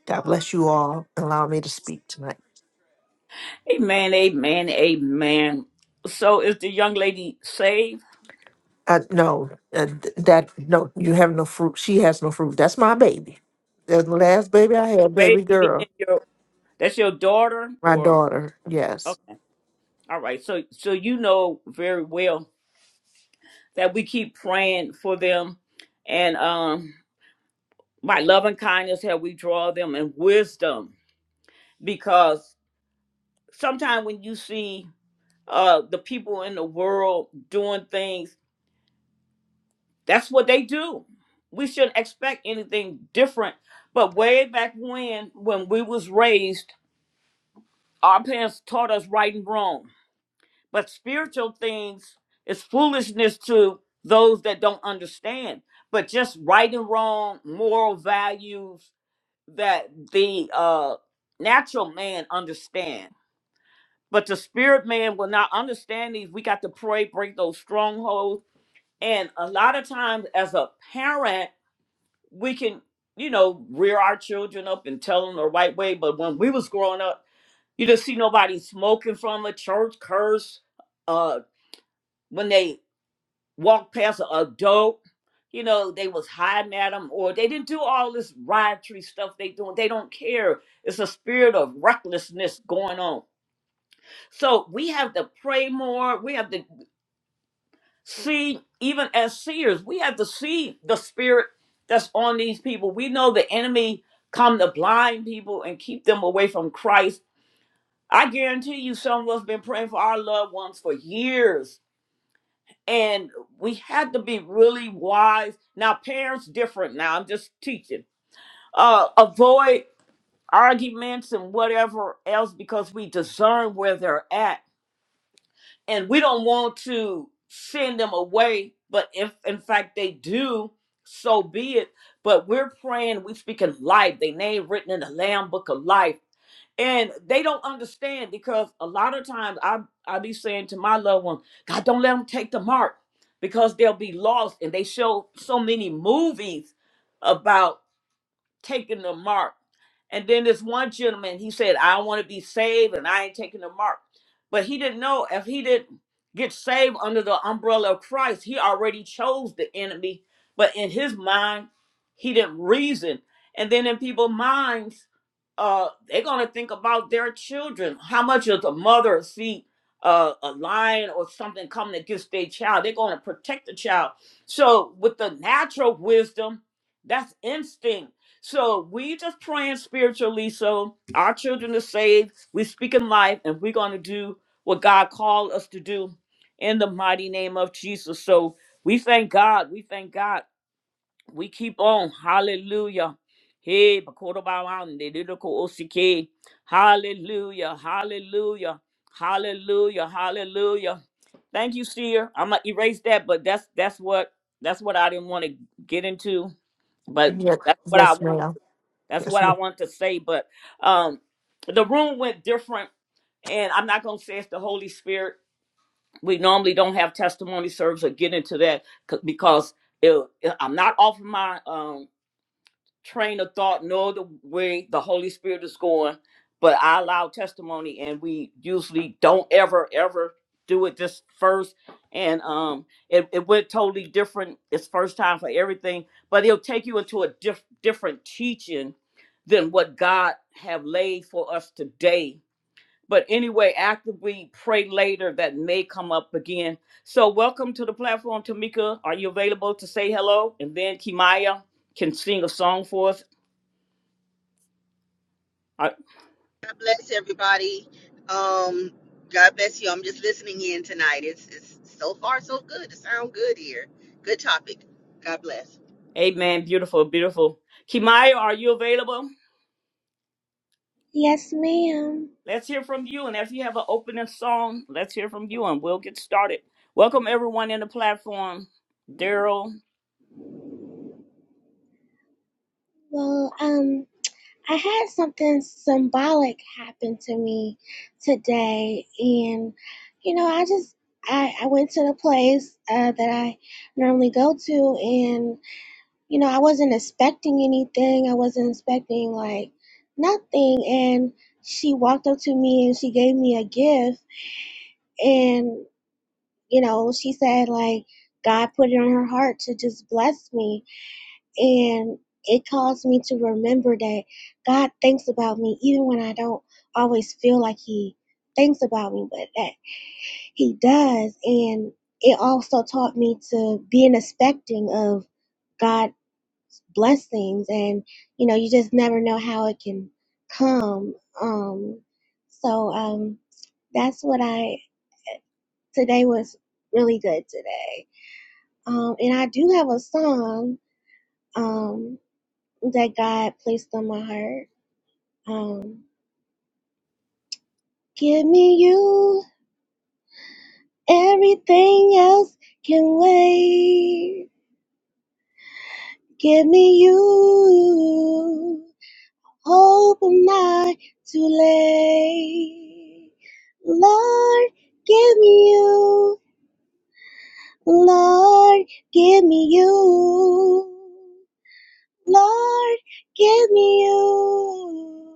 God bless you all. Allow me to speak tonight. amen amen amen so is the young lady saved Uh, no, uh, th- that no, you have no fruit. She has no fruit. That's my baby. The last baby I had, baby baby girl. being your that's your daughter My or daughter, yes. okay all right so so you know very well that we keep praying for them and um by love and kindness how we draw them and wisdom because sometimes when you see uh the people in the world doing things that's what they do we shouldn't expect anything different but way back when when we was raised our parents taught us right and wrong But spiritual things is foolishness to those that don't understand. But just right and wrong, moral values that the uh, natural man understand. But the spirit man will not understand these. We got to pray, break those strongholds. And a lot of times, as a parent, we can, you know, rear our children up and tell them the right way. But when we was growing up, you didn't see nobody smoking from a church curse. Uh, when they walked past an adult, you know, they was hiding at them or they didn't do all this riotry stuff they doing. They don't care. It's a spirit of recklessness going on. So we have to pray more. We have to see, even as seers, we have to see the spirit that's on these people. We know the enemy come to blind people and keep them away from Christ. I guarantee you some of us been praying for our loved ones for years and we had to be really wise. Now, parents different. Now, I'm just teaching. Uh, avoid arguments and whatever else because we discern where they're at, and we don't want to send them away. But if in fact they do, so be it. But we're praying, we are speaking life. They name written in the Lamb Book of Life and they don't understand because a lot of times I I be saying to my loved ones, God, don't let them take the mark because they'll be lost. And they show so many movies about taking the mark. And then this one gentleman, he said, I want to be saved and I ain't taking the mark. But he didn't know if he didn't get saved under the umbrella of Christ, he already chose the enemy. But in his mind, he didn't reason. And then in people's minds, uh, they're going to think about their children. How much does a mother see uh, a lion or something coming against their child? They're going to protect the child. So, with the natural wisdom, that's instinct so we just praying spiritually. So our children are saved. We speak in life, and we're going to do what God called us to do in the mighty name of Jesus. So we thank God. We thank God. We keep on. Hallelujah. Hey, Bakodobawande, Didoko Osike. Hallelujah. Hallelujah. Hallelujah. Hallelujah. Thank you, Seer. I'm gonna erase that, but that's that's what that's what I didn't want to get into, but Yes, that's what I yes wanted ma'am. that's Yes, what I ma'am. want to say, but um, the room went different, and I'm not going to say it's the Holy Spirit. We normally don't have testimony service or get into that 'cause- because it, I'm not offering my um, train of thought know the way the Holy Spirit is going, but I allow testimony and we usually don't ever, ever do it this first. And um it, it went totally different. It's first time for everything, but it'll take you into a diff- different teaching than what God have laid for us today. But anyway, after we pray later, that may come up again. So welcome to the platform, Tamika. Are you available to say hello? And then Kimaya can sing a song for us uh, God bless everybody. Um, God bless you. I'm just listening in tonight. It's, it's so far so good. It sounds good here. Good topic. God bless. Amen. Beautiful, beautiful. Kimaya, are you available? Yes, ma'am. Let's hear from you. And if you have an opening song, let's hear from you and we'll get started. Welcome everyone in the platform. Daryl, Well, um, I had something symbolic happen to me today, and you know, I just I, I went to the place uh, that I normally go to, and you know, I wasn't expecting anything. I wasn't expecting like nothing, and she walked up to me and she gave me a gift, and you know, she said like God put it on her heart to just bless me, and it caused me to remember that God thinks about me even when I don't always feel like He thinks about me, but that He does. And it also taught me to be expecting of God blessings, and you know, you just never know how it can come. Um, so um, that's what I today was really good today. Um, and I do have a song um, that God placed on my heart. Um, give me you, everything else can wait. Give me you, hope I'm not too late. Lord, give me you, Lord, give me you, Lord, give me you,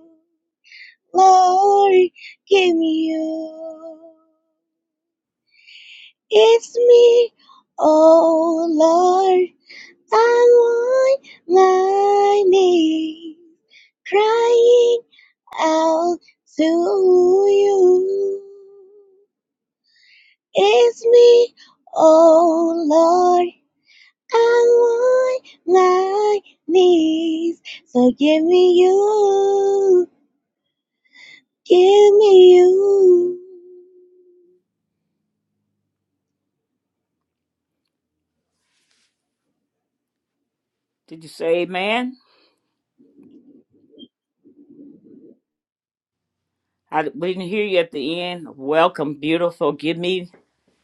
Lord, give me you. It's me, oh Lord, I'm on my knees, crying out to you. It's me, oh Lord, I'm on my knees, so give me you, give me you. did you say amen? I we didn't hear you at the end. Welcome, beautiful. Give me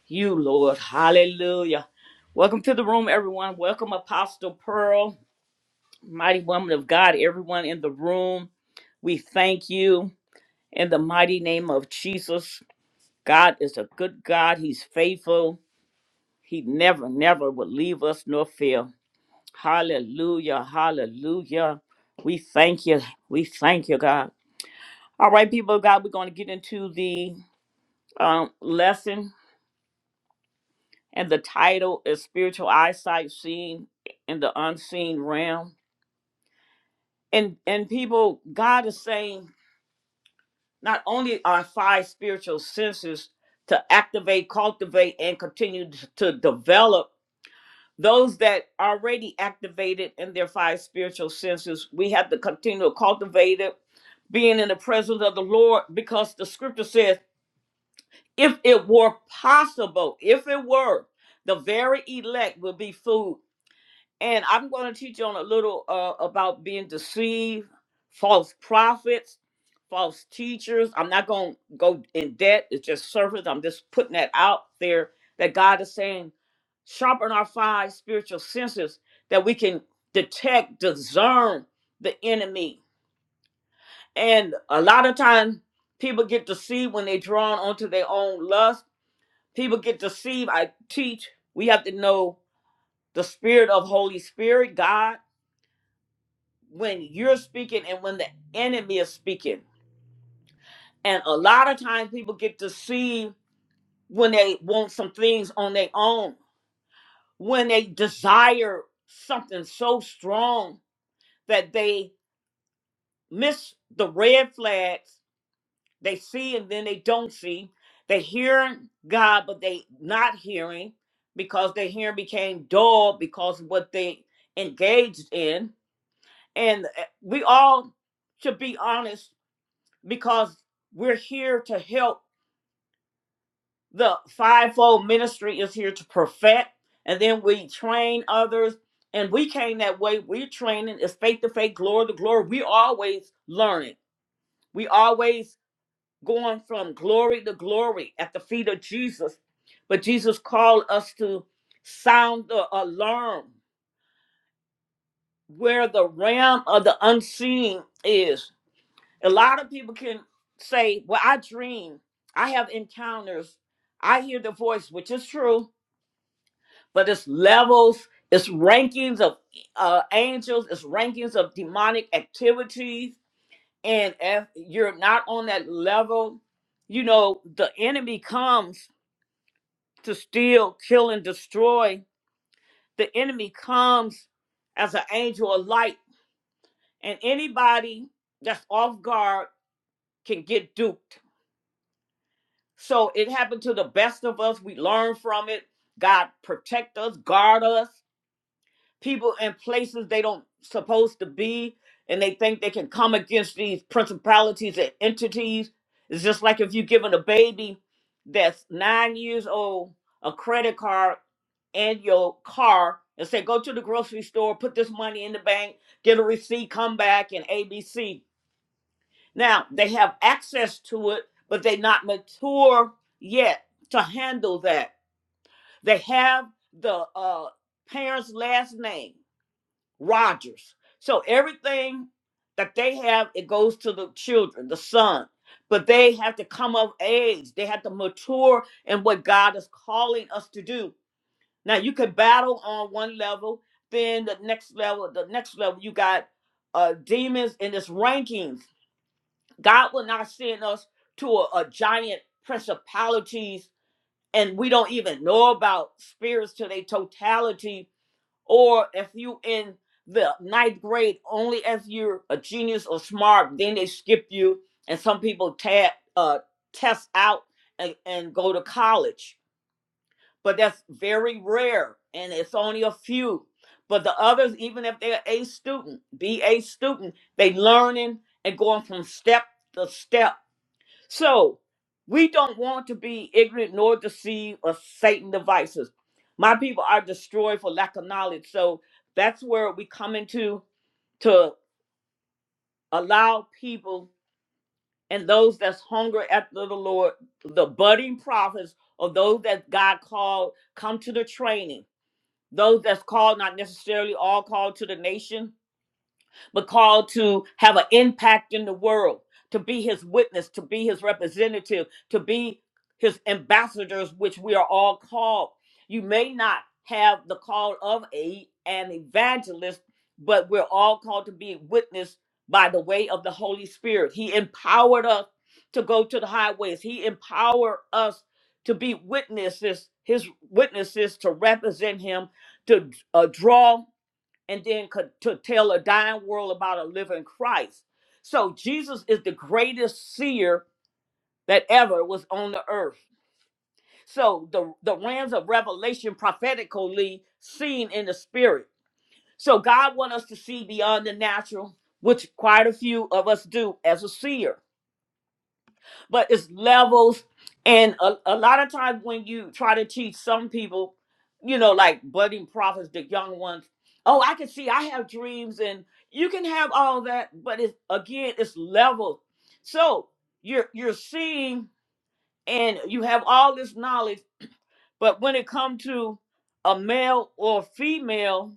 you, Lord. Hallelujah. Welcome to the room, everyone. Welcome, Apostle Pearl, mighty woman of God, everyone in the room. We thank you in the mighty name of Jesus. God is a good God. He's faithful. He never, never will leave us nor fail. Hallelujah. Hallelujah. We thank you. We thank you, God. All right, people of God, we're going to get into the um, lesson. And the title is Spiritual Eyesight Seen in the Unseen Realm. And and people, God is saying not only our five spiritual senses to activate, cultivate, and continue to develop those that already activated in their five spiritual senses, we have to continue to cultivate it, being in the presence of the Lord, because the scripture says, if it were possible, if it were, the very elect would be food. And I'm going to teach you on a little uh, about being deceived, false prophets, false teachers. I'm not going to go in debt. It's just surface. I'm just putting that out there that God is saying, sharpen our five spiritual senses that we can detect, discern the enemy. And a lot of times people get deceived when they're drawn onto their own lust. People get deceived. I teach, we have to know the spirit of Holy Spirit, God when you're speaking and when the enemy is speaking. And a lot of times people get deceived when they want some things on their own, when they desire something so strong that they miss the red flags they see and then they don't see. They hearing God, but they not hearing because their hearing became dull because of what they engaged in. And uh, we all should be honest because we're here to help. The fivefold ministry is here to perfect, and then we train others. And we came that way. We're training. It's faith to faith, glory to glory. We always learning. We always going from glory to glory at the feet of Jesus. But Jesus called us to sound the alarm where the realm of the unseen is a lot of people can say, Well, I dream, I have encounters, I hear the voice, which is true, but it's levels, it's rankings of uh, angels, it's rankings of demonic activities. And if you're not on that level, you know, the enemy comes to steal, kill, and destroy. The enemy comes as an angel of light, and anybody that's off guard can get duped So it happened to the best of us. We learn from it. God protect us, guard us. People in places they don't supposed to be, and they think they can come against these principalities and entities. It's just like if you're giving a baby that's nine years old a credit card and your car and say, go to the grocery store, put this money in the bank, get a receipt, come back, and ABC. Now they have access to it, but they're not mature yet to handle that. They have the uh, parents' last name, Rogers. So everything that they have, it goes to the children, the son. But they have to come of age. They have to mature in what God is calling us to do. Now you can battle on one level, then the next level, the next level, you got uh demons in this rankings God will not send us to a, a giant principalities and we don't even know about spirits to their totality. Or if you in the ninth grade, only if you're a genius or smart, then they skip you. And some people tab, uh, test out and, and go to college. But that's very rare and it's only a few. But the others, even if they're A student, B A student, they learning and going from step to step so we don't want to be ignorant nor deceived of Satan devices. My people are destroyed for lack of knowledge. So that's where we come into to allow people and those that's hunger after the Lord, the budding prophets, or those that God called, come to the training. Those that's called, not necessarily all called to the nation, but called to have an impact in the world, to be his witness, to be his representative, to be his ambassadors, which we are all called. You may not have the call of a an evangelist, but we're all called to be witness by the way of the Holy Spirit. He empowered us to go to the highways. He empowered us to be witnesses, his witnesses to represent him, to uh, draw and then could, to tell a dying world about a living Christ. So Jesus is the greatest seer that ever was on the earth. So the the realms of revelation prophetically seen in the spirit. So God want us to see beyond the natural, which quite a few of us do as a seer. but it's levels. And a, a lot of times when you try to teach some people, you know, like budding prophets, the young ones, oh, I can see I have dreams and you can have all that, but it's again, it's levels. So you're you're seeing and you have all this knowledge, but when it comes to a male or female,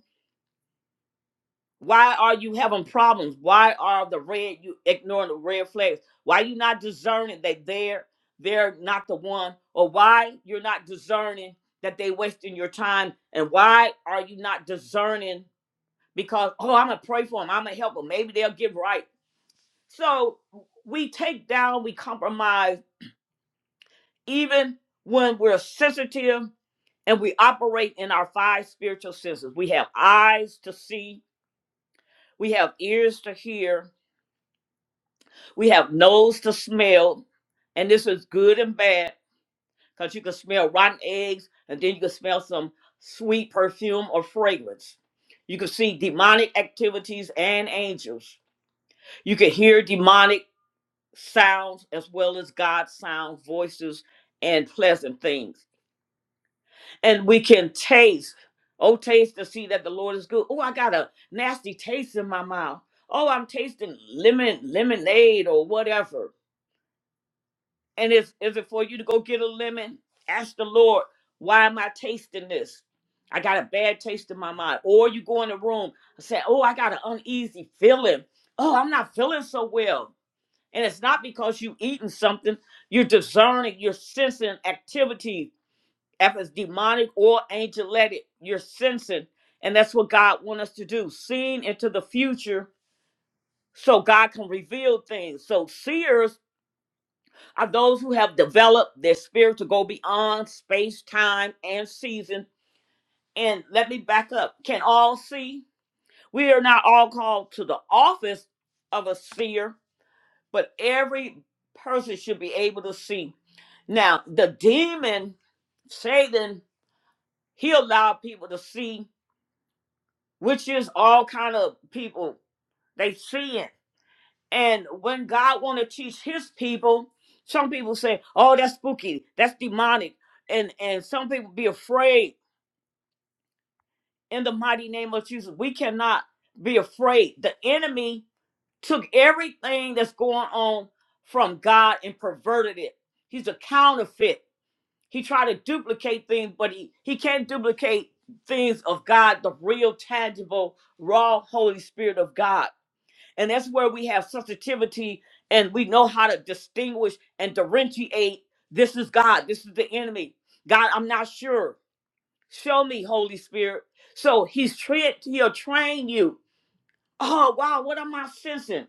why are you having problems? Why are the red you ignoring the red flags? Why you not discerning that they're they're not the one, or why you're not discerning that they wasting your time, and why are you not discerning because oh I'm gonna pray for them, I'm gonna help them, maybe they'll get right. So we take down, we compromise, even when we're sensitive and we operate in our five spiritual senses. We have eyes to see, we have ears to hear, We have nose to smell, and this is good and bad because you can smell rotten eggs, and then you can smell some sweet perfume or fragrance. You can see demonic activities and angels. You can hear demonic sounds as well as God's sound, voices, and pleasant things. And we can taste. Oh, taste to see that the Lord is good. Oh, I got a nasty taste in my mouth. Oh, I'm tasting lemon, lemonade, or whatever And is is it for you to go get a lemon? Ask the Lord, why am I tasting this? I got a bad taste in my mind. Or you go in the room and say, Oh, I got an uneasy feeling. Oh, I'm not feeling so well. And it's not because you eating something, you're discerning, you're sensing activity, if it's demonic or angelic, you're sensing. And that's what God wants us to do, seeing into the future so God can reveal things. So seers are those who have developed their spirit to go beyond space, time, and season. And let me back up. Can all see? We are not all called to the office of a seer, but every person should be able to see. Now, the demon, Satan, he allowed people to see, which is all kind of people. They see it. And when God want to teach his people, some people say, "Oh, that's spooky. That's demonic." And and some people be afraid in the mighty name of Jesus. We cannot be afraid. The enemy took everything that's going on from God and perverted it. He's a counterfeit. He tried to duplicate things, but he he can't duplicate things of God, the real tangible raw holy spirit of God. And that's where we have sensitivity and we know how to distinguish and differentiate this is God, this is the enemy. God, I'm not sure. Show me, Holy Spirit. So he's trained, he'll train you. Oh, wow, what am I sensing?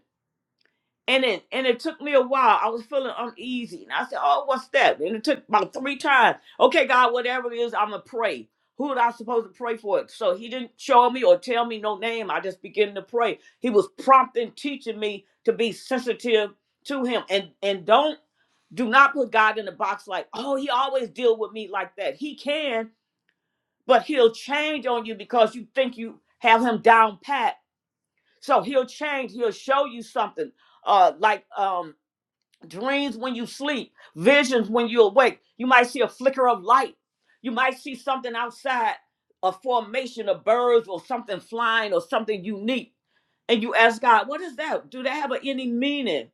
And it and it took me a while. I was feeling uneasy. And I said, Oh, what's that? And it took about three times. Okay, God, whatever it is, I'm gonna pray. Who was I supposed to pray for So he didn't show me or tell me no name. I just began to pray. He was prompting, teaching me to be sensitive to him. And and don't do not put God in a box like, oh, he always deal with me like that. He can, but he'll change on you because you think you have him down pat. So he'll change, he'll show you something. Uh like um dreams when you sleep, visions when you awake. You might see a flicker of light. You might see something outside, a formation of birds or something flying or something unique. And you ask God, what is that? Do they have any meaning?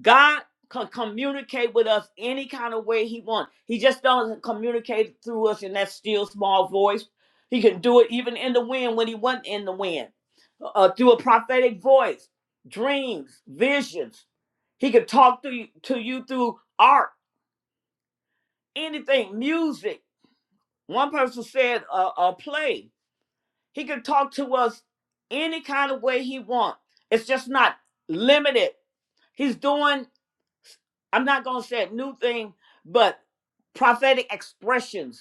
God can communicate with us any kind of way he wants. He just doesn't communicate through us in that still small voice. He can do it even in the wind when he wasn't in the wind, uh, uh, through a prophetic voice, dreams, visions he could talk to you, to you through art, anything, music. One person said a, a play. He could talk to us any kind of way he wants. It's just not limited. He's doing, I'm not going to say a new thing, but prophetic expressions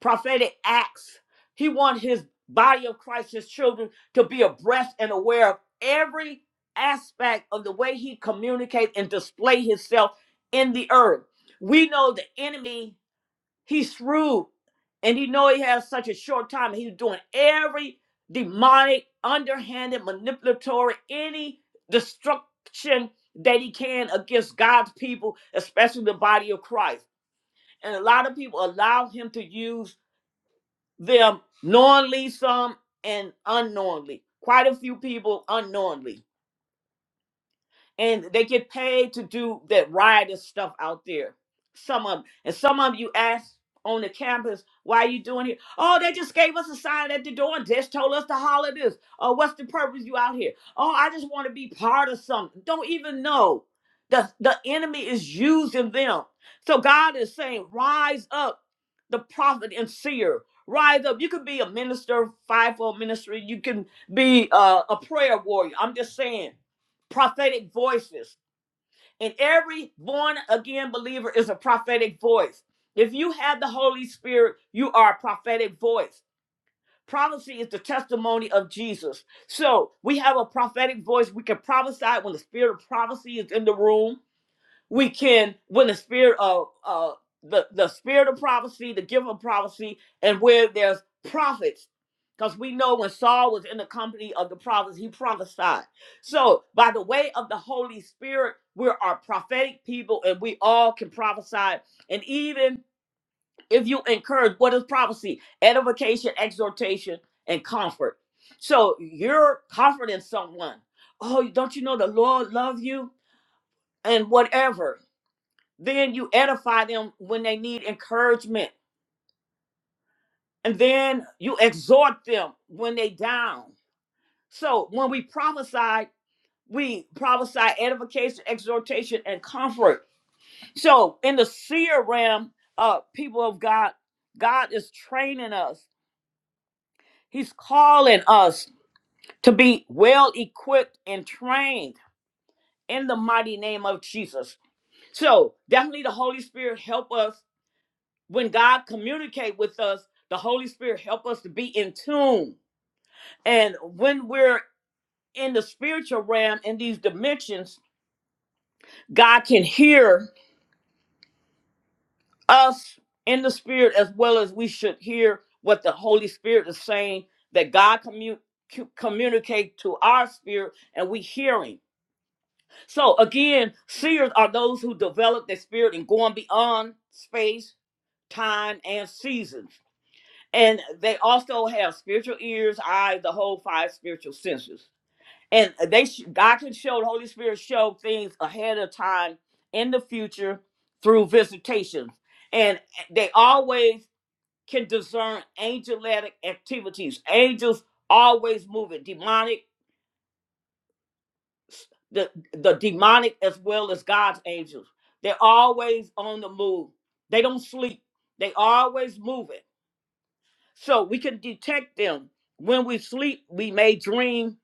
prophetic acts. He wants his body of Christ, his children, to be abreast and aware of every aspect of the way he communicates and display himself in the earth. We know the enemy, he's shrewd, and he know he has such a short time. He's doing every demonic, underhanded, manipulatory, any destruction that he can against God's people, especially the body of Christ. And a lot of people allow him to use them knowingly, some and unknowingly. Quite a few people unknowingly and they get paid to do that riotous stuff out there. Some of 'em. and some of 'em you ask on the campus, why are you doing here? Oh, they just gave us a sign at the door and just told us to holler this. Oh, what's the purpose you out here? Oh, I just want to be part of something. Don't even know. The the enemy is using them. So God is saying, rise up, the prophet and seer. Rise up. You could be a minister, fivefold ministry. You can be uh, a prayer warrior. I'm just saying prophetic voices. And every born again believer is a prophetic voice. If you have the Holy Spirit, you are a prophetic voice. Prophecy is the testimony of Jesus. So we have a prophetic voice. We can prophesy when the spirit of prophecy is in the room we can when the spirit of uh the the spirit of prophecy the gift of prophecy and where there's prophets because we know when saul was in the company of the prophets he prophesied so by the way of the holy spirit we are prophetic people and we all can prophesy and even if you encourage what is prophecy edification exhortation and comfort so you're comforting someone oh don't you know the lord loves you and whatever then you edify them when they need encouragement. And then you exhort them when they down. So when we prophesy, we prophesy edification, exhortation, and comfort. So in the seer realm, uh, people of God, God is training us. He's calling us to be well equipped and trained in the mighty name of Jesus. So definitely the Holy Spirit help us when God communicate with us, the Holy Spirit help us to be in tune. And when we're in the spiritual realm in these dimensions, God can hear us in the spirit as well as we should hear what the Holy Spirit is saying that God commu- cu- communicate to our spirit and we hearing. So again, seers are those who develop their spirit and going beyond space, time, and seasons. and they also have spiritual ears, eyes, the whole five spiritual senses. And they sh- God can show the Holy Spirit show things ahead of time in the future through visitations, and they always can discern angelic activities. Angels always moving, demonic, the the demonic as well as God's angels. They're always on the move. They don't sleep. They always moving. So we can detect them. When we sleep, we may dream.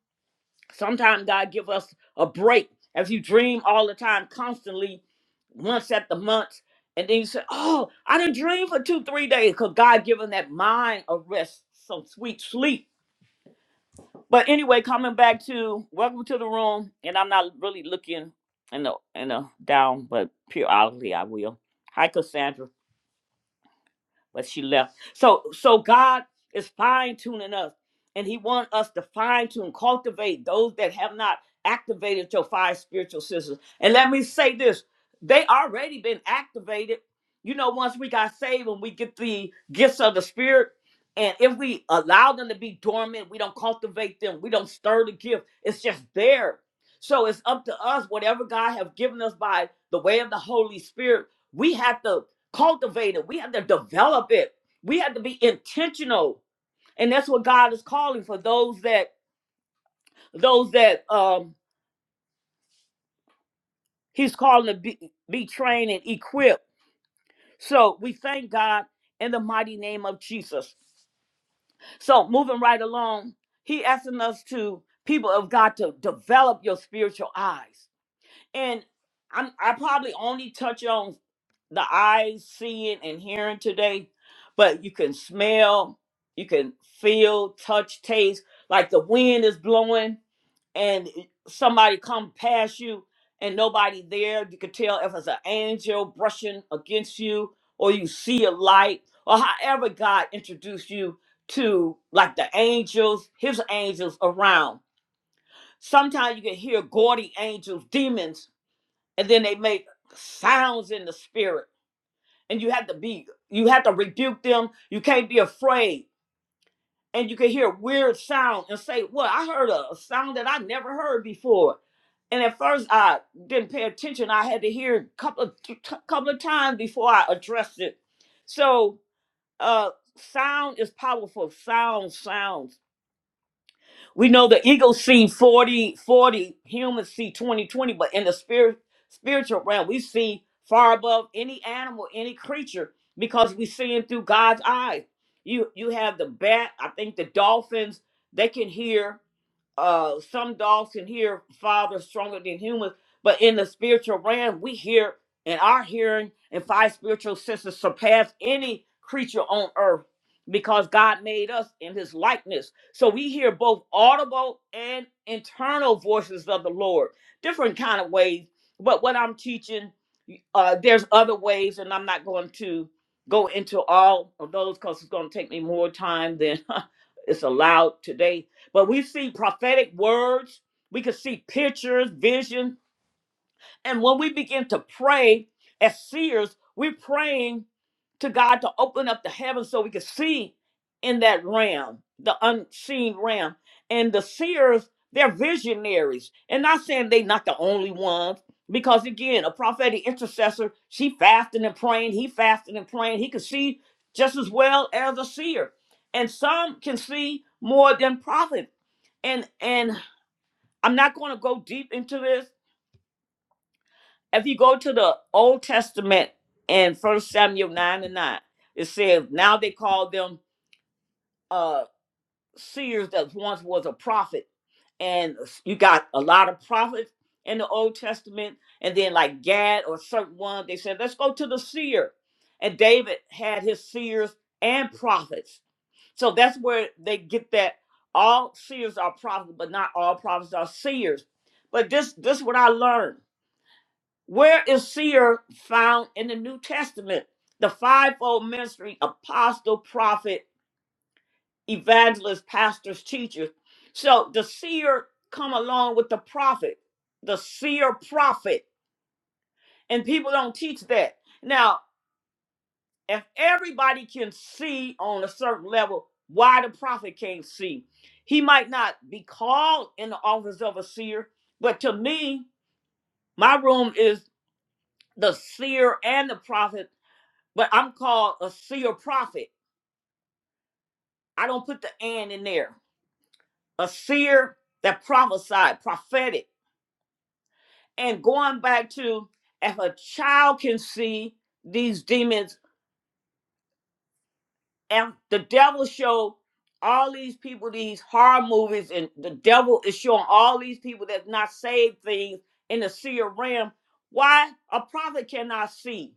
Sometimes God give us a break. If you dream all the time, constantly, once at the month, and then you say, "Oh, I didn't dream for two, three days," because God given that mind a rest, some sweet sleep. But anyway, coming back to welcome to the room, and I'm not really looking in the in the down, but periodically I will. Hi, Cassandra. but she left. So so God is fine tuning us, and He wants us to fine tune, cultivate those that have not activated your five spiritual senses. And let me say this: they already been activated. You know, once we got saved and we get the gifts of the Spirit, and if we allow them to be dormant, we don't cultivate them, we don't stir the gift. It's just there. So it's up to us, whatever God has given us by the way of the Holy Spirit. We have to cultivate it. We have to develop it. We have to be intentional. And that's what God is calling for those that those that um he's calling to be, be trained and equipped. So we thank God in the mighty name of Jesus. So moving right along, he asking us to people of God to develop your spiritual eyes. And I'm I probably only touch on the eyes seeing and hearing today, but you can smell, you can feel, touch, taste, like the wind is blowing and somebody come past you and nobody there. You can tell if it's an angel brushing against you or you see a light or however God introduced you to like the angels, his angels around. Sometimes you can hear gaudy angels, demons and then they make sounds in the spirit and you have to be you have to rebuke them you can't be afraid and you can hear weird sound and say well i heard a, a sound that i never heard before and at first i didn't pay attention i had to hear a couple of t- t- couple of times before i addressed it so uh sound is powerful sound sounds we know the eagle see 40 40 humans see 20 20, but in the spirit spiritual realm, we see far above any animal, any creature, because we seeing through God's eyes. You you have the bat, I think the dolphins, they can hear uh some dogs can hear farther, stronger than humans, but in the spiritual realm, we hear and our hearing and five spiritual senses surpass any creature on earth because God made us in his likeness so we hear both audible and internal voices of the Lord, different kind of ways. But what I'm teaching, uh, there's other ways, and I'm not going to go into all of those because it's going to take me more time than it's allowed today. But we see prophetic words, we can see pictures, visions, and when we begin to pray as seers, we're praying to God to open up the heavens so we can see in that realm, the unseen realm. And the seers, they're visionaries. And not saying they're not the only ones, because again, a prophetic intercessor, she fasting and praying, he fasting and praying. He could see just as well as a seer. And some can see more than prophet. And and I'm not going to go deep into this if you go to the Old Testament in First Samuel nine and nine, it says now they call them uh seers that once was a prophet, and you got a lot of prophets in the Old Testament, and then like Gad or certain one, they said let's go to the seer, and David had his seers and prophets, so that's where they get that all seers are prophets, but not all prophets are seers. But this this is what I learned where is seer found in the New Testament? The fivefold ministry apostle, prophet, evangelist, pastors, teachers. So the seer come along with the prophet, the seer prophet, and people don't teach that. Now, if everybody can see on a certain level, why the prophet can't see? He might not be called in the office of a seer, but to me, my room is the seer and the prophet But I'm called a seer prophet. I don't put the and in there. A seer that prophesied, prophetic. And going back to if a child can see these demons, and the devil show all these people these horror movies, and the devil is showing all these people that's not saved things in the seer realm. Why a prophet cannot see?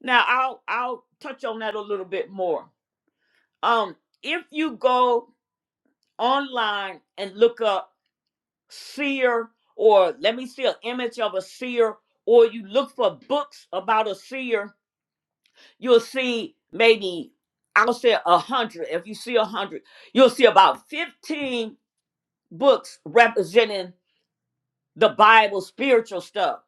Now I'll I'll touch on that a little bit more. Um, if you go online and look up seer or let me see an image of a seer or you look for books about a seer you'll see maybe i'll say a hundred if you see a hundred you'll see about 15 books representing the bible spiritual stuff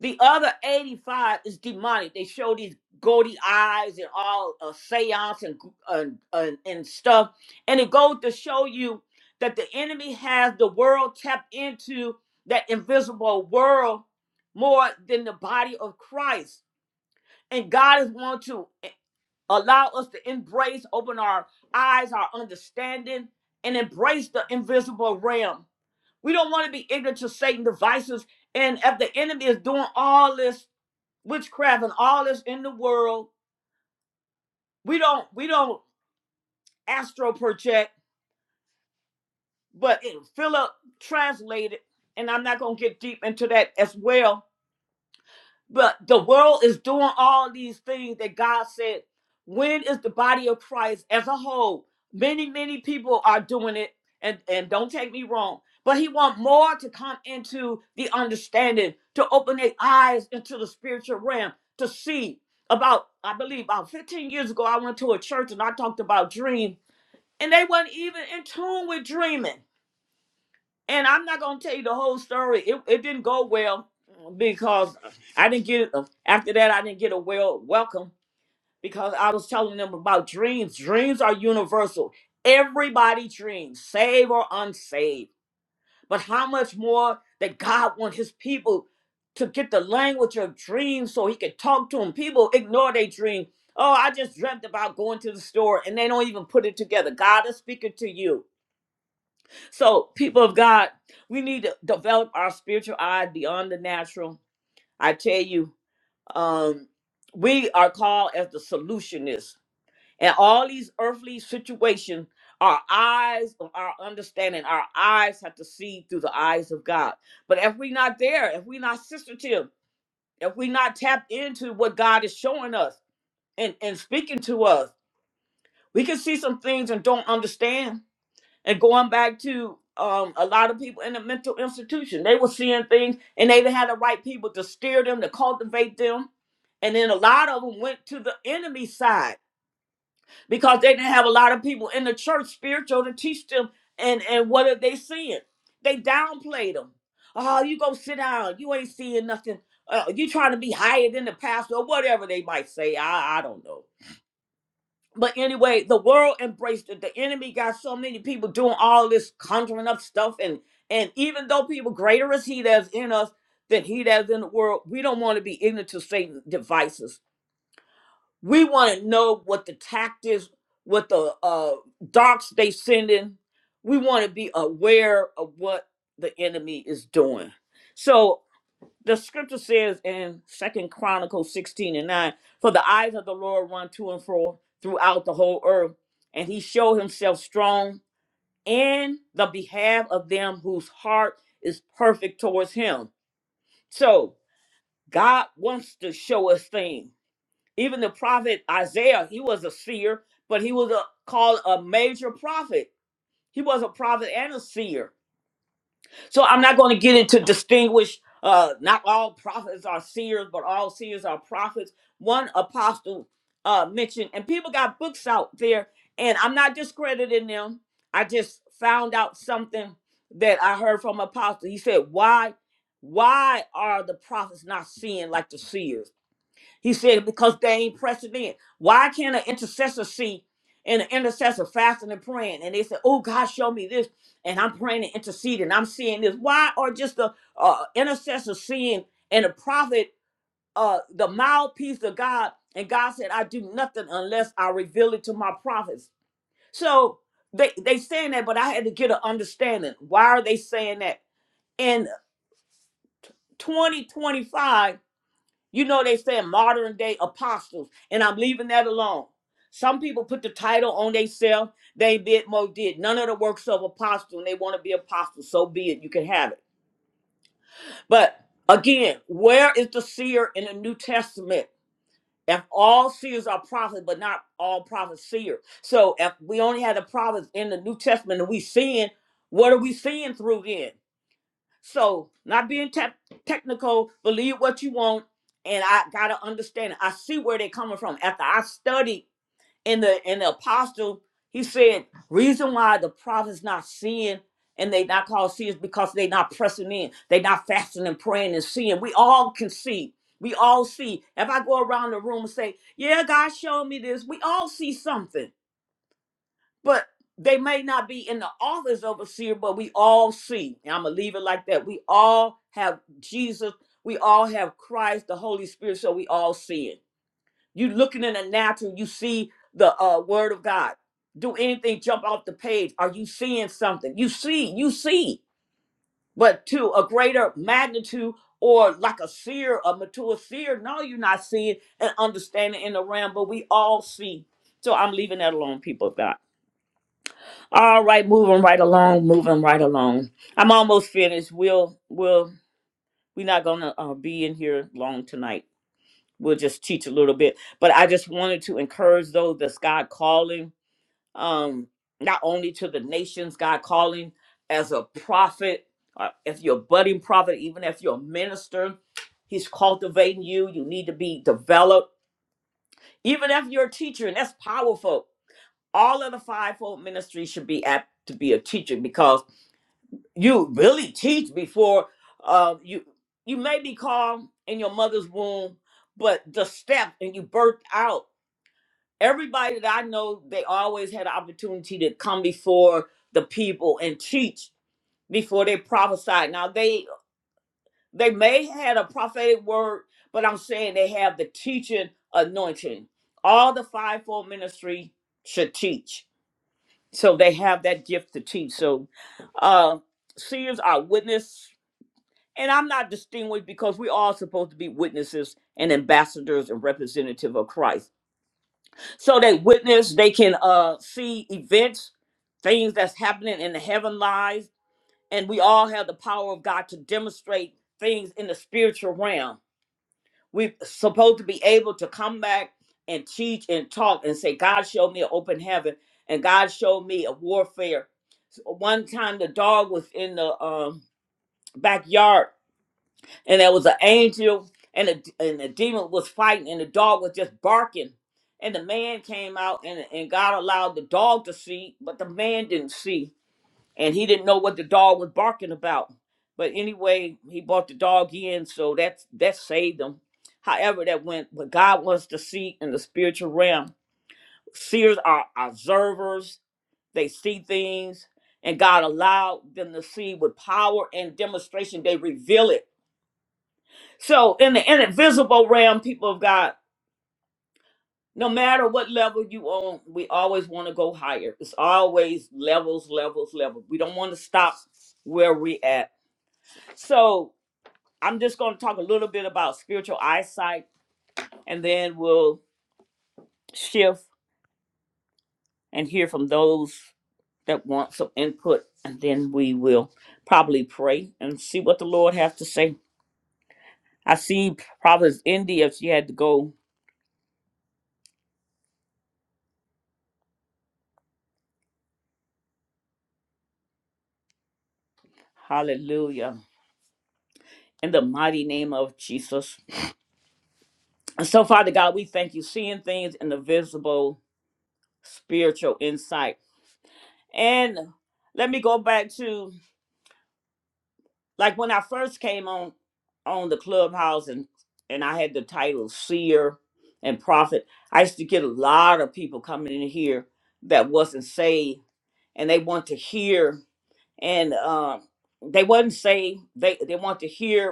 The other 85 is demonic. They show these gaudy eyes and all uh, seance and, gr- and, and, stuff. And it goes to show you that the enemy has the world tapped into that invisible world more than the body of Christ. And God is wanting to eh, allow us to embrace, open our eyes, our understanding, and embrace the invisible realm. We don't want to be ignorant to Satan's devices. And if the enemy is doing all this witchcraft and all this in the world. We don't we don't astro project, but it, Philip translated, and I'm not gonna get deep into that as well. But the world is doing all these things that God said. When is the body of Christ as a whole? Many, many people are doing it, and, and don't take me wrong. But he want more to come into the understanding, to open their eyes into the spiritual realm, to see. About, I believe, about 15 years ago, I went to a church and I talked about dream, and they weren't even in tune with dreaming and I'm not gonna tell you the whole story. It it didn't go well because I didn't get after that. I didn't get a well welcome because I was telling them about dreams. Dreams are universal. Everybody dreams, saved or unsaved. But how much more that God want His people to get the language of dreams so He can talk to them. People ignore their dream. Oh, I just dreamt about going to the store, and they don't even put it together. God is speaking to you. So, people of God, we need to develop our spiritual eye beyond the natural. I tell you, um, we are called as the solutionists. And all these earthly situations, our eyes, our understanding, our eyes have to see through the eyes of God. But if we're not there, if we're not sensitive, if we're not tapped into what God is showing us and, and speaking to us, we can see some things and don't understand and going back to um, a lot of people in the mental institution, they were seeing things and they had the right people to steer them, to cultivate them. And then a lot of them went to the enemy side because they didn't have a lot of people in the church spiritual to teach them. And, and what are they seeing? They downplayed them. Oh, you go sit down. You ain't seeing nothing. Uh, you trying to be higher than the pastor or whatever they might say. I, I don't know. But anyway, the world embraced it. The enemy got so many people doing all this conjuring up stuff, and and even though people greater is he that's in us than he that's in the world, we don't want to be ignorant to Satan's devices. We want to know what the tactics, what the uh, darks they sending. We want to be aware of what the enemy is doing. So the scripture says in second chronicles 16 and 9 for the eyes of the lord run to and fro throughout the whole earth and he showed himself strong in the behalf of them whose heart is perfect towards him so god wants to show us things even the prophet isaiah he was a seer but he was a, called a major prophet he was a prophet and a seer So I'm not going to get into distinguish. Uh, not all prophets are seers, but all seers are prophets. One apostle uh, mentioned, and people got books out there, and I'm not discrediting them. I just found out something that I heard from apostle. He said, "Why, why are the prophets not seeing like the seers?" He said, because they ain't pressing in. Why can't an intercessor see and an intercessor fasting and praying? And they said, oh, God, show me this. And I'm praying and interceding. I'm seeing this. Why are just the uh, intercessor seeing and the prophet, uh, the mouthpiece of God? And God said, I do nothing unless I reveal it to my prophets. So they, they saying that, but I had to get an understanding. Why are they saying that? In 2025, you know, they said modern day apostles, and I'm leaving that alone. Some people put the title on themselves. They did more did none of the works of apostle, and they want to be apostle. So be it. You can have it. But again, where is the seer in the New Testament? If all seers are prophets, but not all prophets seer. So if we only had the prophets in the New Testament and we seeing, what are we seeing through then? So, not being tech technical, believe what you want, and I gotta understand. it. I see where they're coming from. After I studied in the in the apostle, he said, reason why the prophets not seeing and they not called seeing is because they not pressing in, they not fasting and praying and seeing. We all can see. We all see. If I go around the room and say, "Yeah, God showed me this," we all see something but they may not be in the office overseer, but we all see. And I'm gonna leave it like that. We all have Jesus. We all have Christ, the Holy Spirit. So we all see it. You looking in the natural, you see the uh, Word of God. Do anything jump off the page? Are you seeing something? You see, you see, but to a greater magnitude or like a seer, a mature seer. No, you're not seeing and understanding in the realm, but we all see. So I'm leaving that alone, people of God. All right, moving right along, moving right along. I'm almost finished. We'll we'll we're not gonna uh, be in here long tonight. We'll just teach a little bit, but I just wanted to encourage those that's God calling, um, not only to the nations God calling as a prophet, uh, if you're a budding prophet, even if you're a minister, He's cultivating you. You need to be developed, even if you're a teacher, and that's powerful. All of the fivefold ministry should be apt to be a teacher because you really teach before uh, you you may be called in your mother's womb, but the step and you birthed out. Everybody that I know, they always had an opportunity to come before the people and teach before they prophesied. Now they they may had a prophetic word, but I'm saying they have the teaching anointing. All the fivefold ministry should teach, so they have that gift to teach. So uh, seers are witness and I'm not distinguished because we all supposed to be witnesses and ambassadors and representative of Christ. So they witness, they can uh see events, things that's happening in the heaven lies, and we all have the power of God to demonstrate things in the spiritual realm. We're supposed to be able to come back and teach and talk and say, God showed me an open heaven, and God showed me a warfare. So one time the dog was in the um, backyard and there was an angel and a, and the demon was fighting and the dog was just barking and the man came out and, and god allowed the dog to see but the man didn't see and he didn't know what the dog was barking about but anyway he brought the dog in so that that saved him however that went but god wants to see in the spiritual realm seers are observers they see things and god allowed them to see with power and demonstration they reveal it so in the invisible realm, people of God, no matter what level you on, we always want to go higher. It's always levels, levels, levels. We don't want to stop where we at. So I'm just going to talk a little bit about spiritual eyesight, and then we'll shift and hear from those that want some input, and then we will probably pray and see what the Lord has to say. I see Proverbs India. She had to go. Hallelujah! In the mighty name of Jesus. And so, Father God, we thank you seeing things in the visible spiritual insight. And let me go back to like when I first came on on the clubhouse and and I had the title seer and prophet. I used to get a lot of people coming in here that wasn't saved and they want to hear and um they wasn't saved. They they want to hear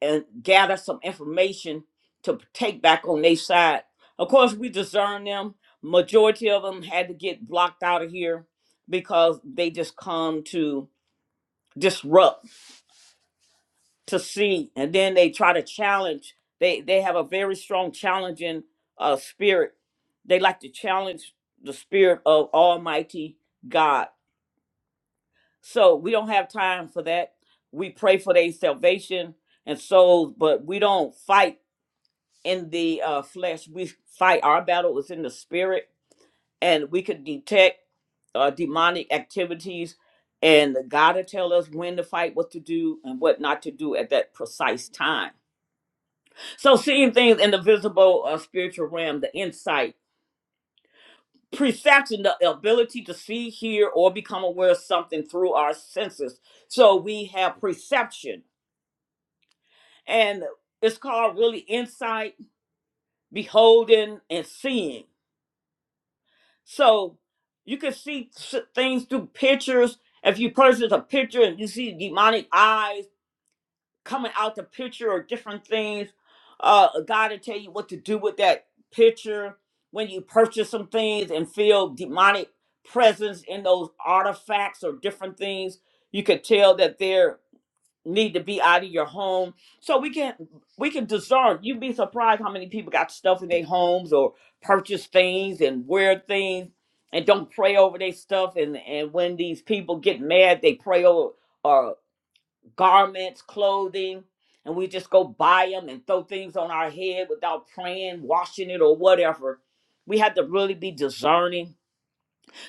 and gather some information to take back on their side. Of course, we discern them. Majority of them had to get blocked out of here because they just come to disrupt, to see, and then they try to challenge. They they have a very strong challenging uh, spirit. They like to challenge the spirit of Almighty God. So we don't have time for that. We pray for their salvation and souls, but we don't fight in the uh, flesh. We fight our battle is in the spirit, and we can detect uh, demonic activities. And God will tell us when to fight, what to do, and what not to do at that precise time. So, seeing things in the visible uh, spiritual realm, the insight, perception, the ability to see, hear, or become aware of something through our senses. So, we have perception, and it's called really insight, beholding, and seeing So you can see s- things through pictures. If you purchase a picture and you see demonic eyes coming out the picture or different things, uh, God will tell you what to do with that picture. When you purchase some things and feel demonic presence in those artifacts or different things, you could tell that they're need to be out of your home so we can we can discern you'd be surprised how many people got stuff in their homes or purchase things and wear things and don't pray over their stuff and and when these people get mad they pray over uh, garments clothing and we just go buy them and throw things on our head without praying washing it or whatever we have to really be discerning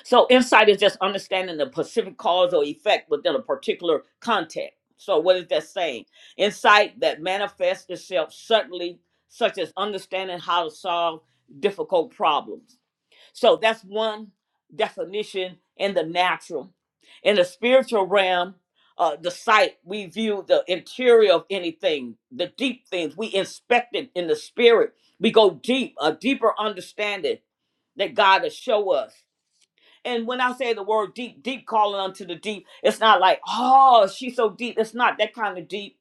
so insight is just understanding the specific cause or effect within a particular context. So what is that saying? Insight that manifests itself suddenly, such as understanding how to solve difficult problems. So that's one definition in the natural. In the spiritual realm, uh, the sight we view the interior of anything, the deep things we inspect it in the spirit. We go deep, a deeper understanding that God will show us and when I say the word deep, deep calling unto the deep, it's not like, oh, she's so deep. It's not that kind of deep.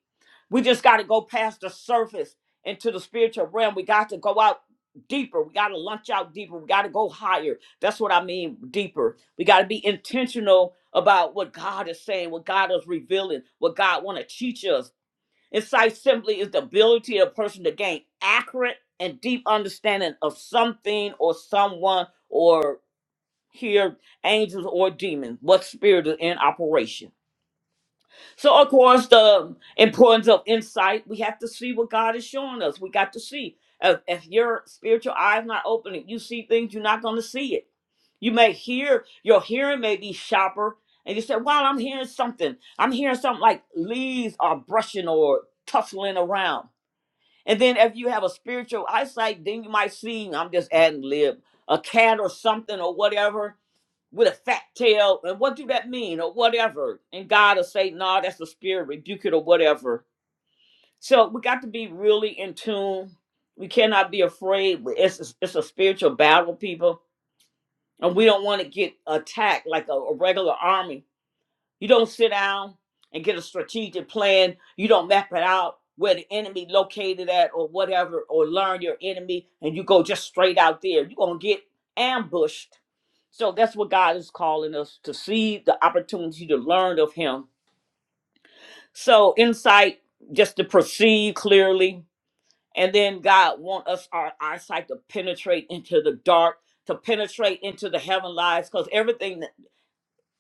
We just got to go past the surface into the spiritual realm. We got to go out deeper. We got to lunch out deeper. We got to go higher. That's what I mean, deeper. We got to be intentional about what God is saying, what God is revealing, what God want to teach us. Insight simply is the ability of a person to gain accurate and deep understanding of something or someone or here angels or demons what spirit is in operation so of course the importance of insight we have to see what god is showing us we got to see if, if your spiritual eye is not opening you see things you're not going to see it you may hear your hearing may be sharper and you say wow i'm hearing something i'm hearing something like leaves are brushing or tussling around and then if you have a spiritual eyesight then you might see i'm just adding lib a cat or something or whatever with a fat tail and what do that mean or whatever and god will say no nah, that's the spirit rebuke it or whatever so we got to be really in tune we cannot be afraid it's a, it's a spiritual battle people and we don't want to get attacked like a, a regular army you don't sit down and get a strategic plan. You don't map it out where the enemy located at or whatever, or learn your enemy, and you go just straight out there. You're gonna get ambushed. So that's what God is calling us to see the opportunity to learn of Him. So insight, just to perceive clearly, and then God want us our eyesight to penetrate into the dark, to penetrate into the heaven lies, because everything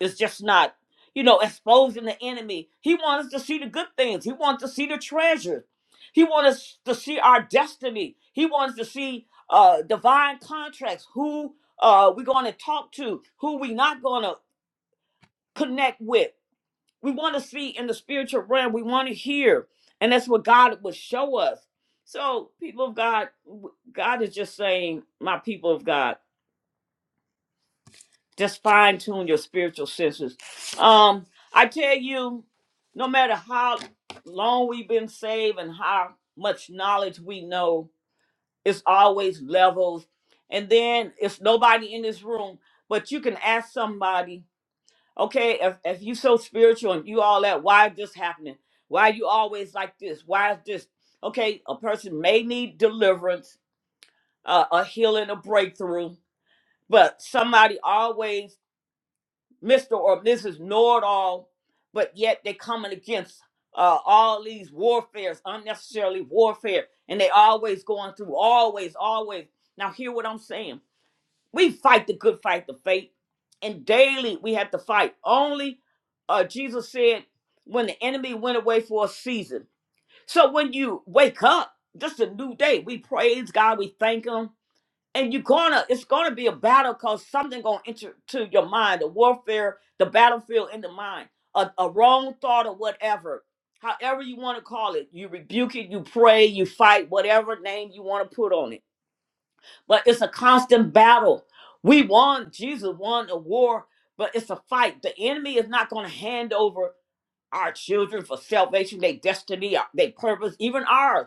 it's just not, you know, exposing the enemy. He wants us to see the good things. He wants to see the treasures. He wants us to see our destiny. He wants to see uh, divine contracts, who uh, we're going to talk to, who we not going to connect with. We want to see in the spiritual realm. We want to hear. And that's what God would show us. So, people of God, w- God is just saying, my people of God. Just fine tune your spiritual senses. Um, I tell you, no matter how long we've been saved and how much knowledge we know, it's always levels. And then it's nobody in this room, but you can ask somebody, okay, if, if you so spiritual and you all that, why is this happening? Why are you always like this? Why is this? Okay, a person may need deliverance, uh, a healing, a breakthrough, but somebody always Mr. or Mrs. Know It All, but yet they coming against uh, all these warfares, unnecessarily warfare, and they always going through, always, always. Now hear what I'm saying. We fight the good fight, the faith, and daily we have to fight. Only uh, Jesus said, when the enemy went away for a season. So when you wake up, just a new day, we praise God, we thank Him, and you're gonna it's gonna be a battle because something gonna enter to your mind the warfare the battlefield in the mind a, a wrong thought or whatever however you want to call it you rebuke it you pray you fight whatever name you want to put on it but it's a constant battle we won jesus won the war but it's a fight the enemy is not gonna hand over our children for salvation their destiny our- their purpose even ours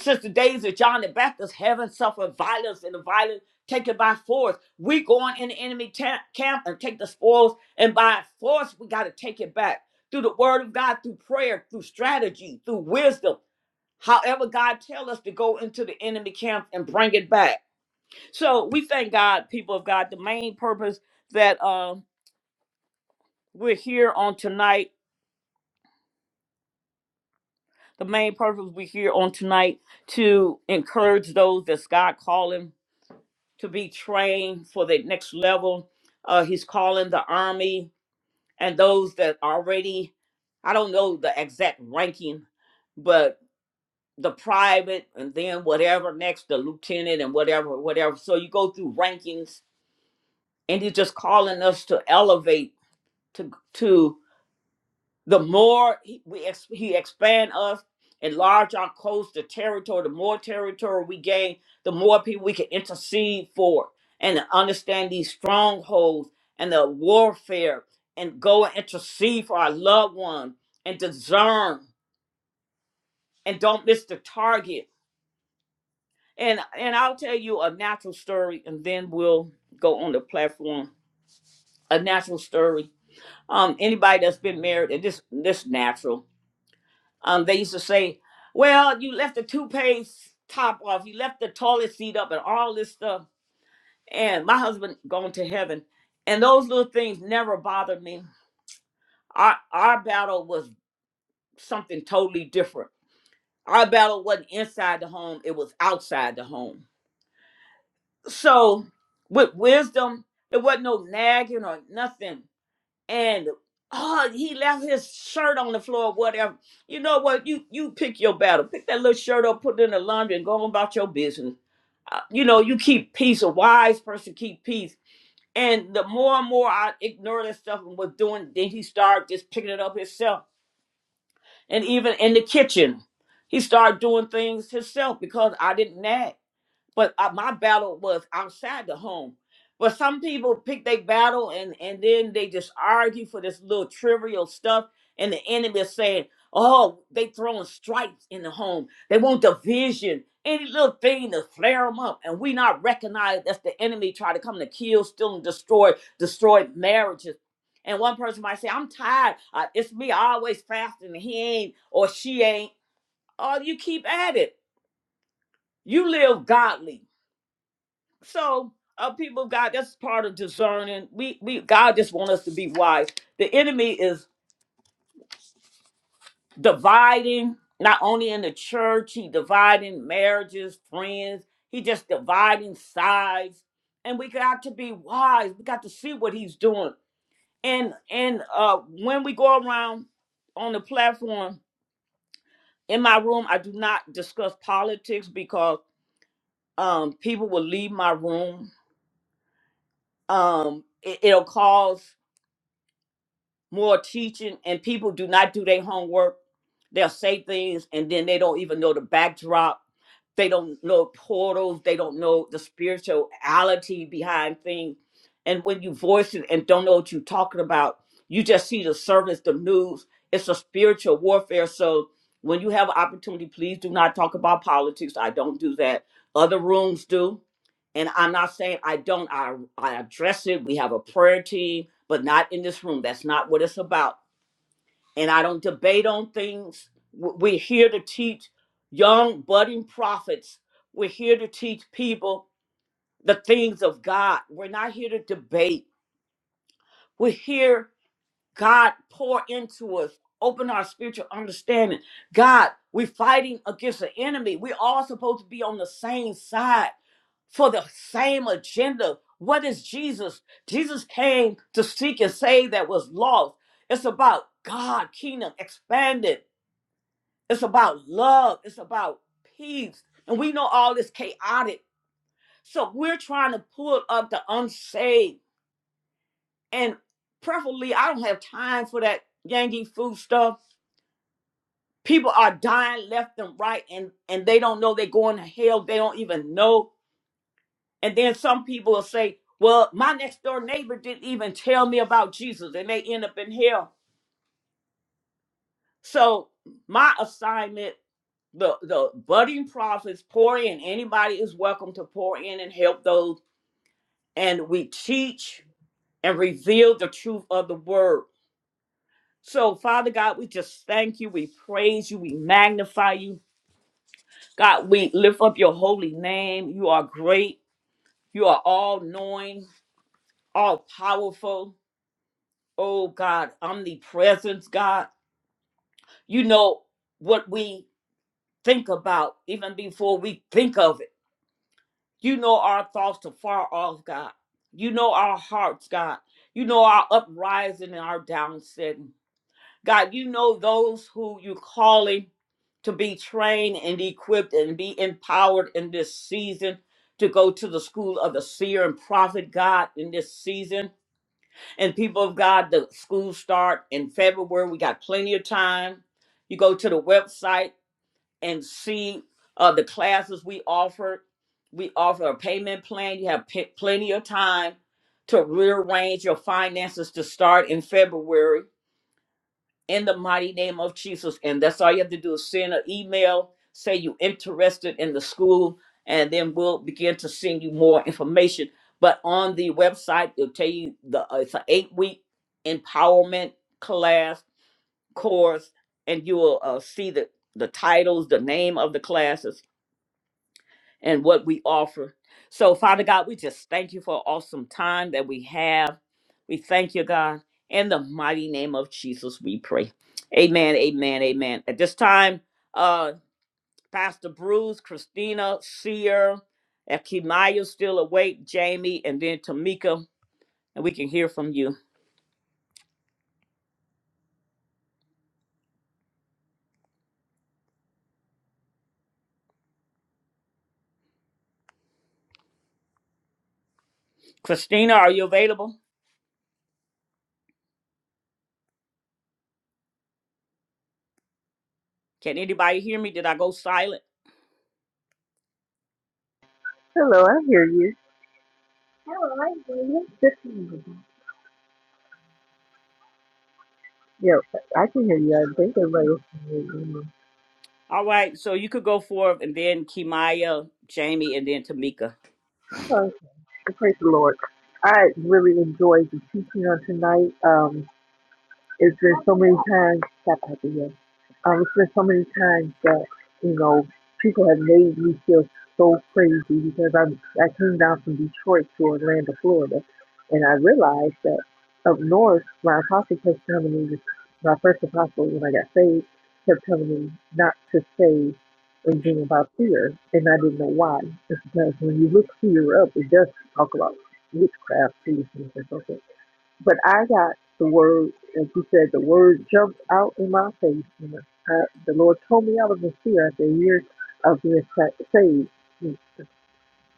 Sister Daisy, John the Baptist, heaven suffered violence and the violence taken by force. We going in the enemy ta- camp and take the spoils, and by force we got to take it back through the word of God, through prayer, through strategy, through wisdom. However, God tell us to go into the enemy camp and bring it back. So we thank God, people of God. The main purpose that uh, we're here on tonight, the main purpose we're here on tonight to encourage those that's God calling to be trained for the next level. Uh, he's calling the army and those that already, I don't know the exact ranking, but the private and then whatever next, the lieutenant and whatever, whatever. So you go through rankings and he's just calling us to elevate to to the more he, we ex, he expand us, enlarge our coast, the territory, the more territory we gain, the more people we can intercede for and understand these strongholds and the warfare and go and intercede for our loved ones and discern and don't miss the target. And and I'll tell you a natural story and then we'll go on the platform. A natural story. Um, anybody that's been married and this this natural. Um, they used to say, "Well, you left the toothpaste top off, you left the toilet seat up, and all this stuff." And my husband gone to heaven, and those little things never bothered me. Our our battle was something totally different. Our battle wasn't inside the home; it was outside the home. So, with wisdom, there wasn't no nagging or nothing. and oh he left his shirt on the floor whatever you know what you you pick your battle pick that little shirt up put it in the laundry and go on about your business Uh, you know you keep peace a wise person keep peace and the more and more i ignored that stuff and was doing then he started just picking it up himself and even in the kitchen he started doing things himself because i didn't nag but uh, my battle was outside the home. But some people pick their battle and and then they just argue for this little trivial stuff. And the enemy is saying, "Oh, they throwing strikes in the home. They want division, any little thing to flare them up." And we not recognize that's the enemy trying to come to kill, steal, and destroy, destroy marriages. And one person might say, "I'm tired. Uh, it's me. always fasting. He ain't or she ain't." Oh, you keep at it. You live godly. So, uh, people of God, that's part of discerning. We, we, God just want us to be wise. The enemy is dividing, not only in the church, he dividing marriages, friends. He just dividing sides, and we got to be wise. We got to see what he's doing. And and uh, when we go around on the platform in my room, I do not discuss politics because um, people will leave my room. Um, it, it'll cause more teaching and people do not do their homework. They'll say things and then they don't even know the backdrop. They don't know portals. They don't know the spirituality behind things. And when you voice it and don't know what you're talking about, you just see the service, the news. It's a spiritual warfare. So when you have an opportunity, please do not talk about politics. I don't do that. Other rooms do. And I'm not saying I don't. I I address it. We have a prayer team, but not in this room. That's not what it's about. And I don't debate on things. W- We're here to teach young budding prophets. We're here to teach people the things of God. We're not here to debate. We're here God, pour into us. Open our spiritual understanding. God, we're fighting against the enemy. We're all supposed to be on the same side for the same agenda. What is Jesus? Jesus came to seek and save that was lost. It's about God, kingdom expanded. It's about love. It's about peace. And we know all this chaotic. So we're trying to pull up the unsaved. And preferably, I don't have time for that Yankee food stuff people are dying left and right and and they don't know they're going to hell they don't even know and then some people will say well my next door neighbor didn't even tell me about jesus and they end up in hell so my assignment the the budding prophets pour in anybody is welcome to pour in and help those and we teach and reveal the truth of the word so father god we just thank you we praise you we magnify you god we lift up your holy name you are great You are all knowing, all powerful. Oh God, omnipresence, God. You know what we think about even before we think of it. You know our thoughts to far off, God. You know our hearts, God. You know our uprising and our downsetting. God, you know those who you calling to be trained and equipped and be empowered in this season to go to the school of the seer and prophet, God, in this season And people of God, the schools start in February. We got plenty of time. You go to the website and see uh, the classes we offer. We offer a payment plan. You have p- plenty of time to rearrange your finances to start in February in the mighty name of Jesus. And that's all you have to do is send an email, say you're interested in the school, and then we'll begin to send you more information. But on the website, it'll tell you the uh, it's an eight week empowerment class course, and you will uh, see the the titles, the name of the classes and what we offer. So, Father God, we just thank you for awesome time that we have. We thank you, God. In the mighty name of Jesus, we pray. Amen, amen, amen. At this time, uh, Pastor Bruce, Christina, Seer, if Kemaya's still awake, Jamie, and then Tamika, and we can hear from you. Christina, are you available? Can anybody hear me? Did I go silent? Hello, I hear you. Hello, I hear you. Yeah, I can hear you. I think everybody else can hear you. All right, so you could go forth, and then Kimaya, Jamie, and then Tamika. Oh, praise the Lord. I really enjoyed the teaching on tonight. Um. It's been so many times, stop that video. Um, it's been so many times that, you know, people have made me feel so crazy because I'm, I came down from Detroit to Orlando, Florida, and I realized that up north, my apostle kept telling me, my first apostle when I got saved, kept telling me not to say anything about fear, and I didn't know why. It's because when you look fear up, it does talk about witchcraft, things and so forth. But I got the word, and she said the word jumped out in my face. And I, the Lord told me I was a seer after years of being sa- saved,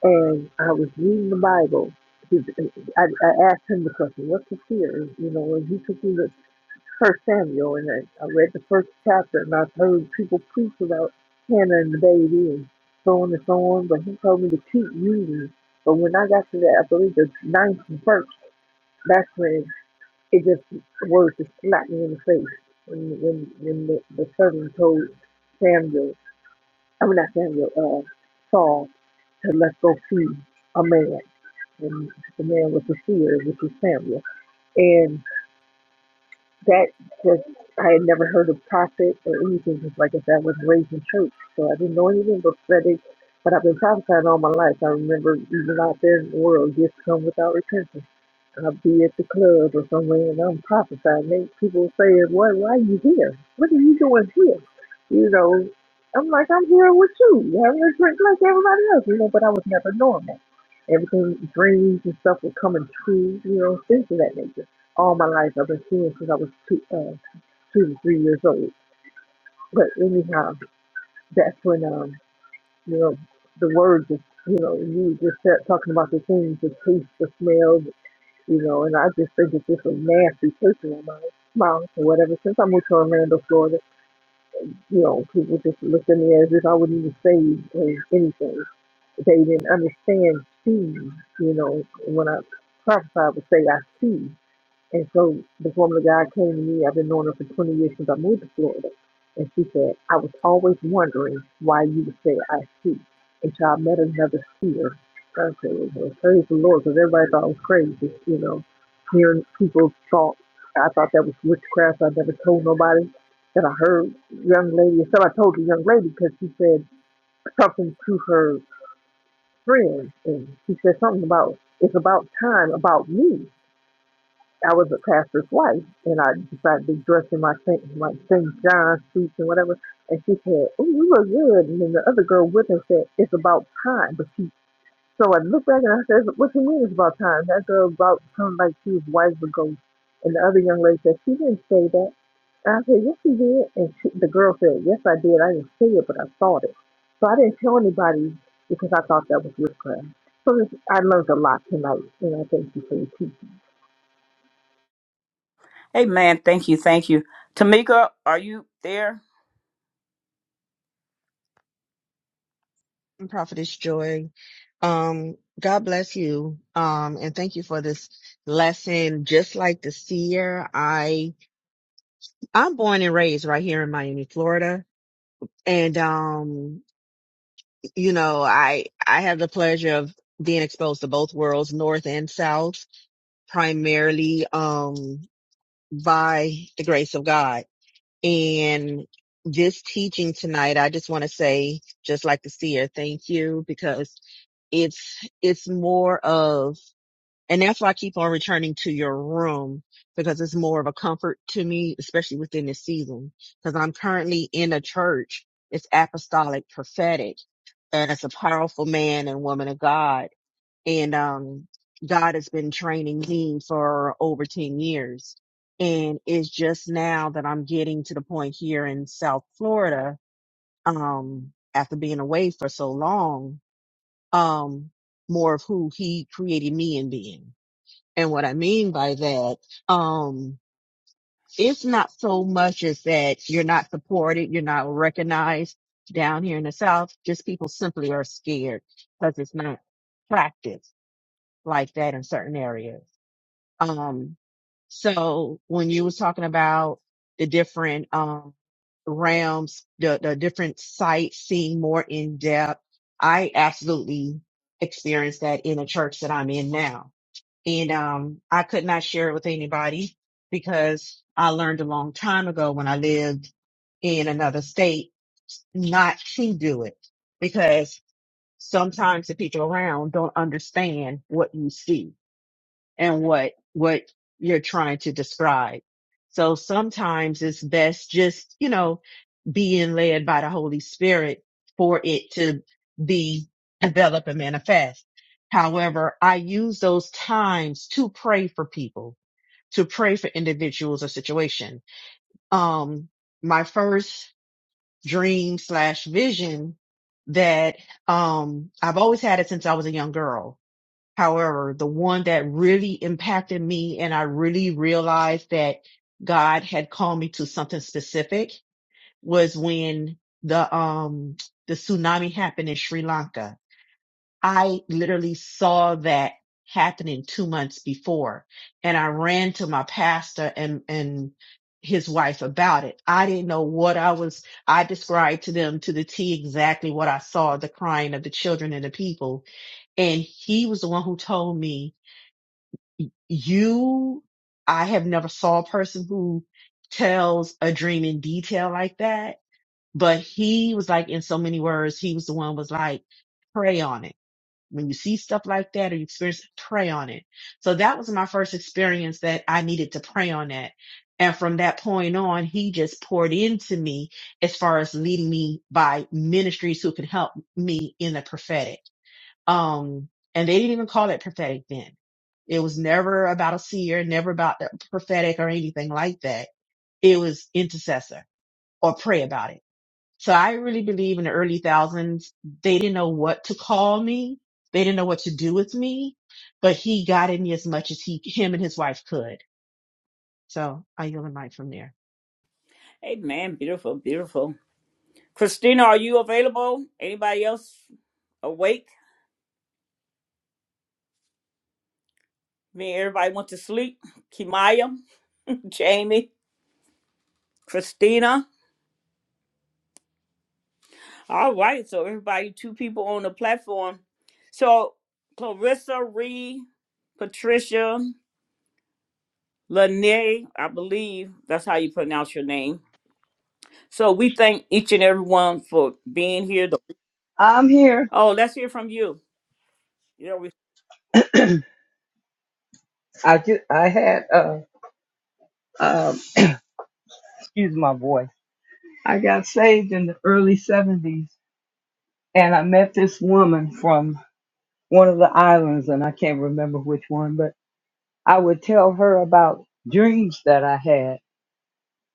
and I was reading the Bible. He- I, I asked him the question, "What's a seer?" You know, and he took me to First Samuel, and I, I read the first chapter, and I've heard people preach about Hannah and the baby, and so on and so on. But he told me to keep reading. But when I got to that, I believe the ninth verse, that's when it just the words just slapped me in the face when when when the, the servant told Samuel, I mean not Samuel, uh, Saul to let go see a man, and the man was the seer, which was Samuel, and that just I had never heard of prophet or anything just like that. I was raised in church, so I didn't know anything but prophetic. But I've been prophesying all my life. I remember even out there in the world, gifts come without repentance I'll be at the club or somewhere and I'm prophesying. They, people saying, "Why, why are you here? What are you doing here?" You know, I'm like, I'm here with you, We're having a drink like everybody else, you know. But I was never normal. Everything, dreams and stuff were coming true, you know, things of that nature. All my life, I've been seeing since I was two, uh, two to three years old. But anyhow, that's when, um, you know, the words, is, you know, you just start talking about the things, the taste, the smell, you know, and I just think it's just a nasty person in my mouth or whatever. Since I moved to Orlando, Florida, you know, people just looked at me as if I wouldn't even say uh, anything. They didn't understand see, you know, when I prophesied I would say I see. And so this woman of God came to me. I've been knowing her for 20 years since I moved to Florida. And she said, I was always wondering why you would say I see until I met another seer. I said, well, well, praise the Lord, because everybody thought I was crazy, you know, hearing people's thoughts. I thought that was witchcraft. I never told nobody that I heard young lady. So I told the young lady because she said something to her friend, and she said something about it's about time about me. I was a pastor's wife, and I decided to dress in my Saint, my Saint John suits and whatever. And she said, "Oh, you look good." And then the other girl with her said, "It's about time." But she, so I looked back and I said, "What you mean it's about time?" That girl about sounded like she was wise to go. And the other young lady said, "She didn't say that." And I said, "Yes, she did." And she, the girl said, "Yes, I did. I didn't say it, but I thought it." So I didn't tell anybody because I thought that was witchcraft. So this, I learned a lot tonight, and I thank you for your teaching. Amen. thank you, thank you. Tamika, are you there? And Prophetess Joy, um, God bless you. Um, and thank you for this lesson. Just like the seer, I, I'm born and raised right here in Miami, Florida. And, um, you know, I, I have the pleasure of being exposed to both worlds, North and South, primarily. Um, by the grace of God. And this teaching tonight, I just want to say, just like the seer, thank you because it's, it's more of, and that's why I keep on returning to your room because it's more of a comfort to me, especially within this season, because I'm currently in a church. It's apostolic prophetic and it's a powerful man and woman of God and um God has been training me for over 10 years and it's just now that I'm getting to the point here in South Florida um after being away for so long um more of who he created me in being and what I mean by that um it's not so much as that you're not supported you're not recognized down here in the South just people simply are scared because it's not practiced like that in certain areas Um, so when you was talking about the different, um, realms, the, the different sites, seeing more in depth, I absolutely experienced that in the church that I'm in now. And, um, I could not share it with anybody because I learned a long time ago when I lived in another state not to do it because sometimes the people around don't understand what you see and what what you're trying to describe. So sometimes it's best just, you know, being led by the Holy Spirit for it to be develop and manifest. However, I use those times to pray for people, to pray for individuals or situation. Um, my first dream slash vision that, um, I've always had it since I was a young girl However, the one that really impacted me and I really realized that God had called me to something specific was when the, um, the tsunami happened in Sri Lanka. I literally saw that happening two months before and I ran to my pastor and, and his wife about it. I didn't know what I was, I described to them to the T exactly what I saw, the crying of the children and the people. And he was the one who told me you, I have never saw a person who tells a dream in detail like that, but he was like, in so many words, he was the one was like, pray on it. When you see stuff like that or you experience, it, pray on it. So that was my first experience that I needed to pray on that. And from that point on, he just poured into me as far as leading me by ministries who could help me in the prophetic. Um, and they didn't even call it prophetic then. It was never about a seer, never about the prophetic or anything like that. It was intercessor or pray about it. So I really believe in the early thousands, they didn't know what to call me. They didn't know what to do with me, but he got in me as much as he, him and his wife could. So I yield the mic from there. Amen. beautiful, beautiful. Christina, are you available? Anybody else awake? Me everybody went to sleep. Kimaya, Jamie, Christina. All right, so everybody, two people on the platform. So Clarissa Reed, Patricia, Lene, I believe that's how you pronounce your name. So we thank each and every one for being here. I'm here. Oh, let's hear from you. Yeah, we, I just I had uh um excuse my voice. I got saved in the early seventies and I met this woman from one of the islands and I can't remember which one, but I would tell her about dreams that I had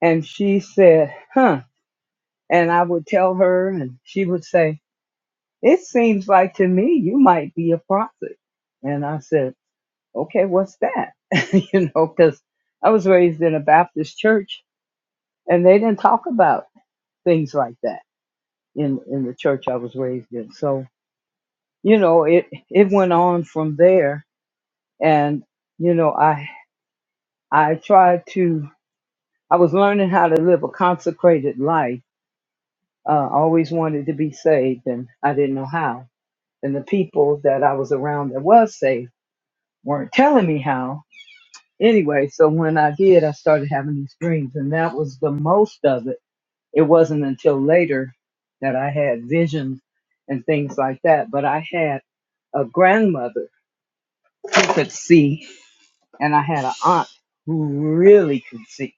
and she said, Huh and I would tell her and she would say, It seems like to me you might be a prophet and I said, Okay, what's that? you know, because I was raised in a Baptist church and they didn't talk about things like that in in the church I was raised in. So you know, it it went on from there, and you know, I I tried to I was learning how to live a consecrated life. Uh, I always wanted to be saved, and I didn't know how. And the people that I was around that was saved weren't telling me how. Anyway, so when I did, I started having these dreams, and that was the most of it. It wasn't until later that I had visions and things like that. But I had a grandmother who could see, and I had an aunt who really could see.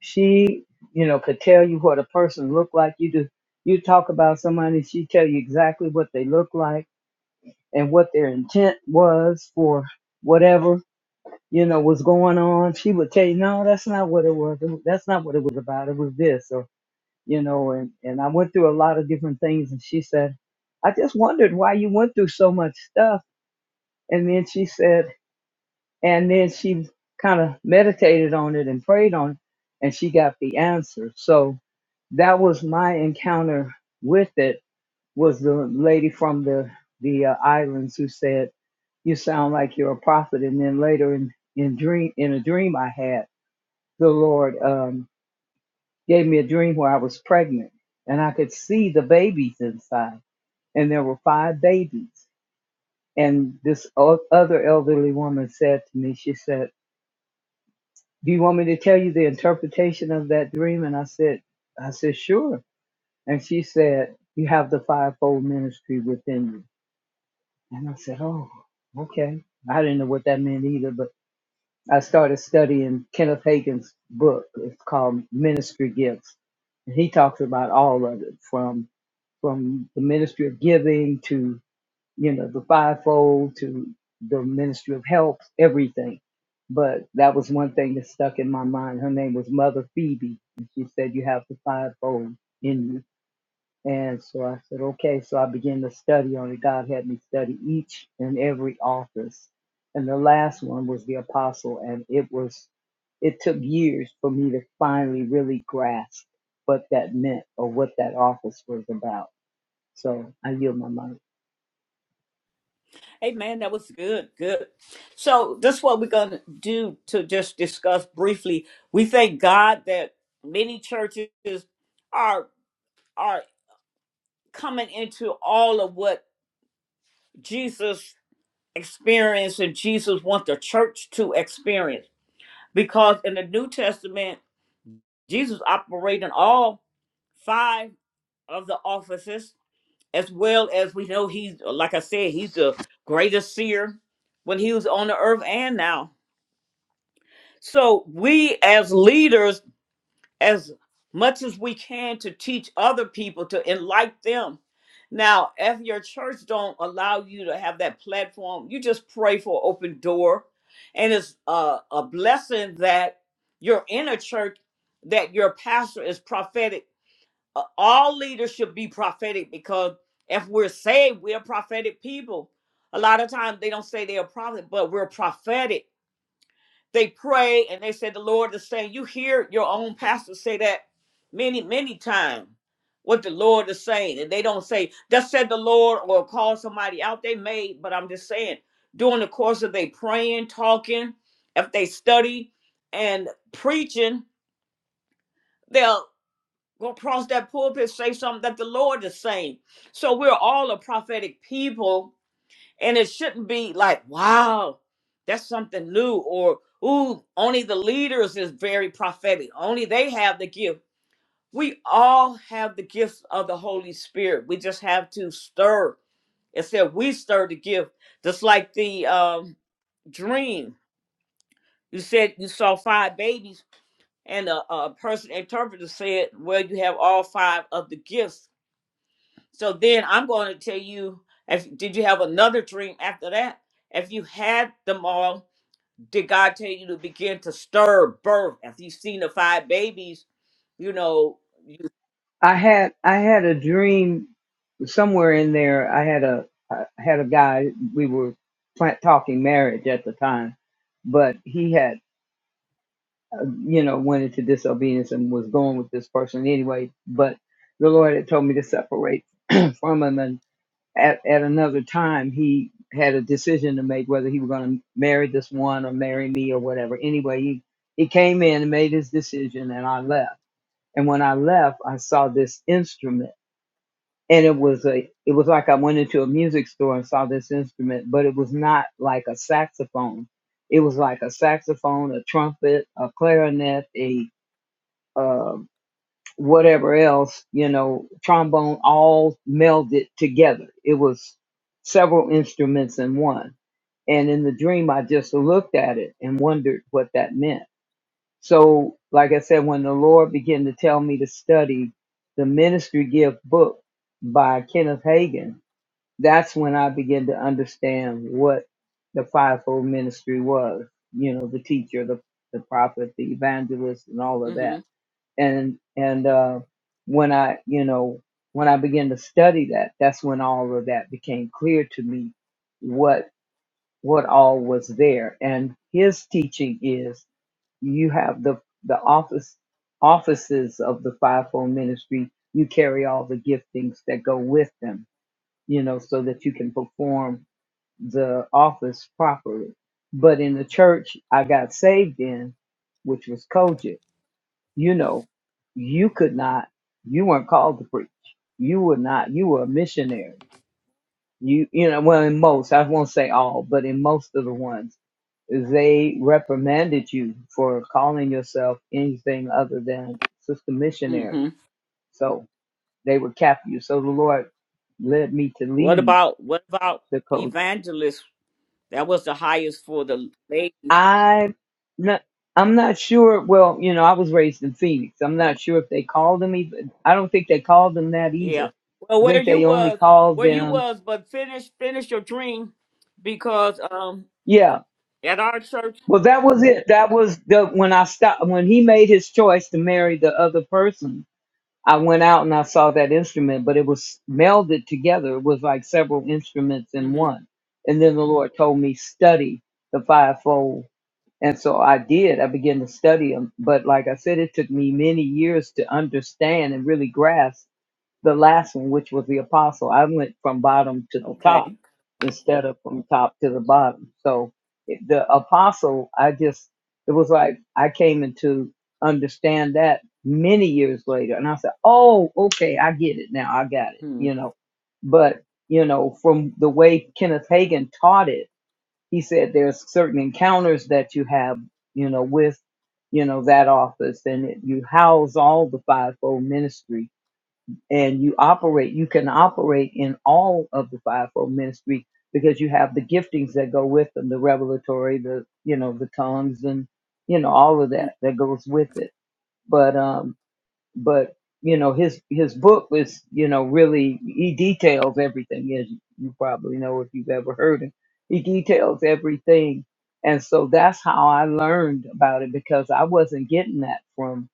She, you know, could tell you what a person looked like. You do, you talk about somebody, she tell you exactly what they look like and what intent was for whatever. You know, she would tell you, no, that's not what it was. That's not what it was about. It was this, or you know, and and I went through a lot of different things, and she said, I just wondered why you went through so much stuff. And then she said. And then she kind of meditated on it and prayed on it, and she got the answer. So that was my encounter with it. Was the lady from the the uh, islands who said, "You sound like you're a prophet," and then later in in dream in a dream I had, the Lord um, gave me a dream where I was pregnant and I could see the babies inside, and there were five babies. And this o- other elderly woman said to me, she said do you want me to tell you the interpretation of that dream? And I said, I said, sure. And she said, you have the fivefold ministry within you. And I said, oh, okay. I didn't know what that meant either, but I started studying Kenneth Hagin's book. It's called Ministry Gifts. And he talks about all of it from, from the ministry of giving to you know, the fivefold to the Ministry of Health, everything. But that was one thing that stuck in my mind. Her name was Mother Phoebe. And she said, You have the fivefold in you. And so I said, Okay. So I began to study on it. God had me study each and every office. And the last one was the apostle. And it was, it took years for me to finally really grasp what that meant or what that office was about. So I yield my mind. hey man, that was good, good. So that's what we're gonna do to just discuss briefly. We thank God that many churches are are coming into all of what Jesus experienced and Jesus wants the church to experience. Because in the New Testament, Jesus operated in all five of the offices, as well as we know he's like I said, he's the greatest seer when he was on the earth and now. So we as leaders, as much as we can to teach other people to enlighten them. Now, if your church don't allow you to have that platform, you just pray for open door. And it's a, a blessing that you're in a church that your pastor is prophetic. Uh, All leaders should be prophetic because if we're saved, we're prophetic people. A lot of times they don't say they're a prophet, but we're prophetic they pray and they say the Lord is saying. You hear your own pastor say that many, many times. What the Lord is saying, and they don't say "Thus said the Lord" or call somebody out. They may, but I'm just saying during the course of they praying, talking, if they study and preaching, they'll go across that pulpit say something that the Lord is saying. So we're all a prophetic people and it shouldn't be like, wow, that's something new, or ooh, only the leaders is very prophetic. Only they have the gift. We all have the gifts of the Holy Spirit. We just have to stir. It said we stir the gift, just like the um, dream. You said you saw five babies, and a, a person interpreter said, "Well, you have all five of the gifts." So then I'm going to tell you if did you have another dream after that? If you had them all, did God tell you to begin to stir birth? If you've seen the five babies, you know, I had I had a dream somewhere in there. I had a I had a guy. We were plant talking marriage at the time, but he had uh, you know went into disobedience and was going with this person anyway. But the Lord had told me to separate from him, and at at another time he had a decision to make whether he was going to marry this one or marry me or whatever. Anyway, he he came in and made his decision, and I left. And when I left, I saw this instrument and it was a it was like I went into a music store and saw this instrument, but it was not like a saxophone. It was like a saxophone, a trumpet, a clarinet, a uh, whatever else, you know, trombone, all melded together. It was several instruments in one. And in the dream, I just looked at it and wondered what that meant. So, like I said, when the Lord began to tell me to study the ministry gift book by Kenneth Hagin, that's when I began to understand what the fivefold ministry was. You know, the teacher, the the prophet, the evangelist, and all of hmm that. And and uh, when I, you know, when I began to study that, that's when all of that became clear to me. What what all was there. And his teaching is you have the the office offices of the fivefold ministry. You carry all the giftings that go with them. You know, so that you can perform the office properly. But in the church I got saved in, which was Kojic, you know, you could not, you weren't called to preach. You were not, you were a missionary. You, you know, well, in most, I won't say all, but in most of the ones, they reprimanded you for calling yourself anything other than sister missionary. hmm So they would cap you. So the Lord led me to What leave about what about the Kojic evangelists? That was the highest for the ladies. I not I'm not sure. Well, you know, I was raised in Phoenix. I'm Oh, not sure if they called them even. I don't think they called them that yeah. either. Well, I where think you they only was, called where you them. was, but finish finish your dream because um Yeah. at our church. Well, that was it. That was the when I stopped when he made his choice to marry the other person. I went out and I saw that instrument, but it was melded together. It was like several instruments in hmm one. And then the Lord told me study the fivefold And so I did. I began to study them. But like I said, it took me many years to understand and really grasp the last one, which was the apostle. I went from bottom to the top Okay. instead of from top to the bottom. So it- the apostle, I just, it was like I came into understand that many years later. And I said, oh, okay, I get it now. I got it, hmm you know. But, you know, from the way Kenneth Hagin taught it, he said there's certain encounters that you have, you know, with, you know, that office and it, you house all the fivefold ministry and you operate, you can operate in all of the fivefold ministry because you have the giftings that go with them, the revelatory, the, you know, the tongues and, you know, all of hmm, that that goes with it. But, um, but you know his his book is you know really he details everything as you probably know if you've ever heard him he details everything and so that's how i learned about it because i wasn't getting that from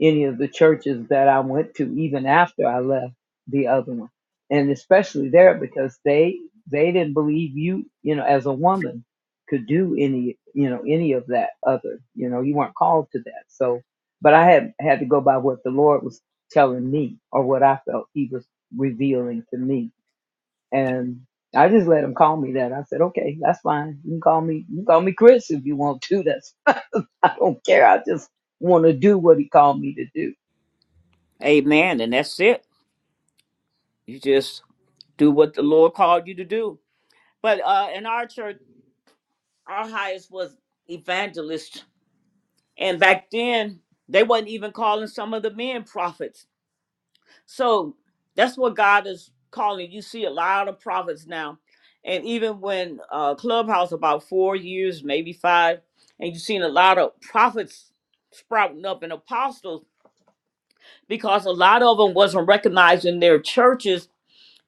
any of the churches that i went to even after i left the other one and especially there because they they didn't believe you you know as a woman could do any you know any of that other you know you weren't called to that so but I had had to go by what the Lord was telling me or what I felt He was revealing to me. And I just let him call me that. I said, okay, that's fine. You can call me, you can call me Chris if you want to. That's, I don't care. I just want to do what he called me to do. Amen. And that's it. You just do what the Lord called you to do. But uh, in our church, our highest was evangelist, and back then they wasn't even calling some of the men prophets. So that's what God is calling. You see a lot of prophets now, and even when uh, Clubhouse about four years, maybe five, and you've seen a lot of prophets sprouting up and apostles because a lot of them wasn't recognized in their churches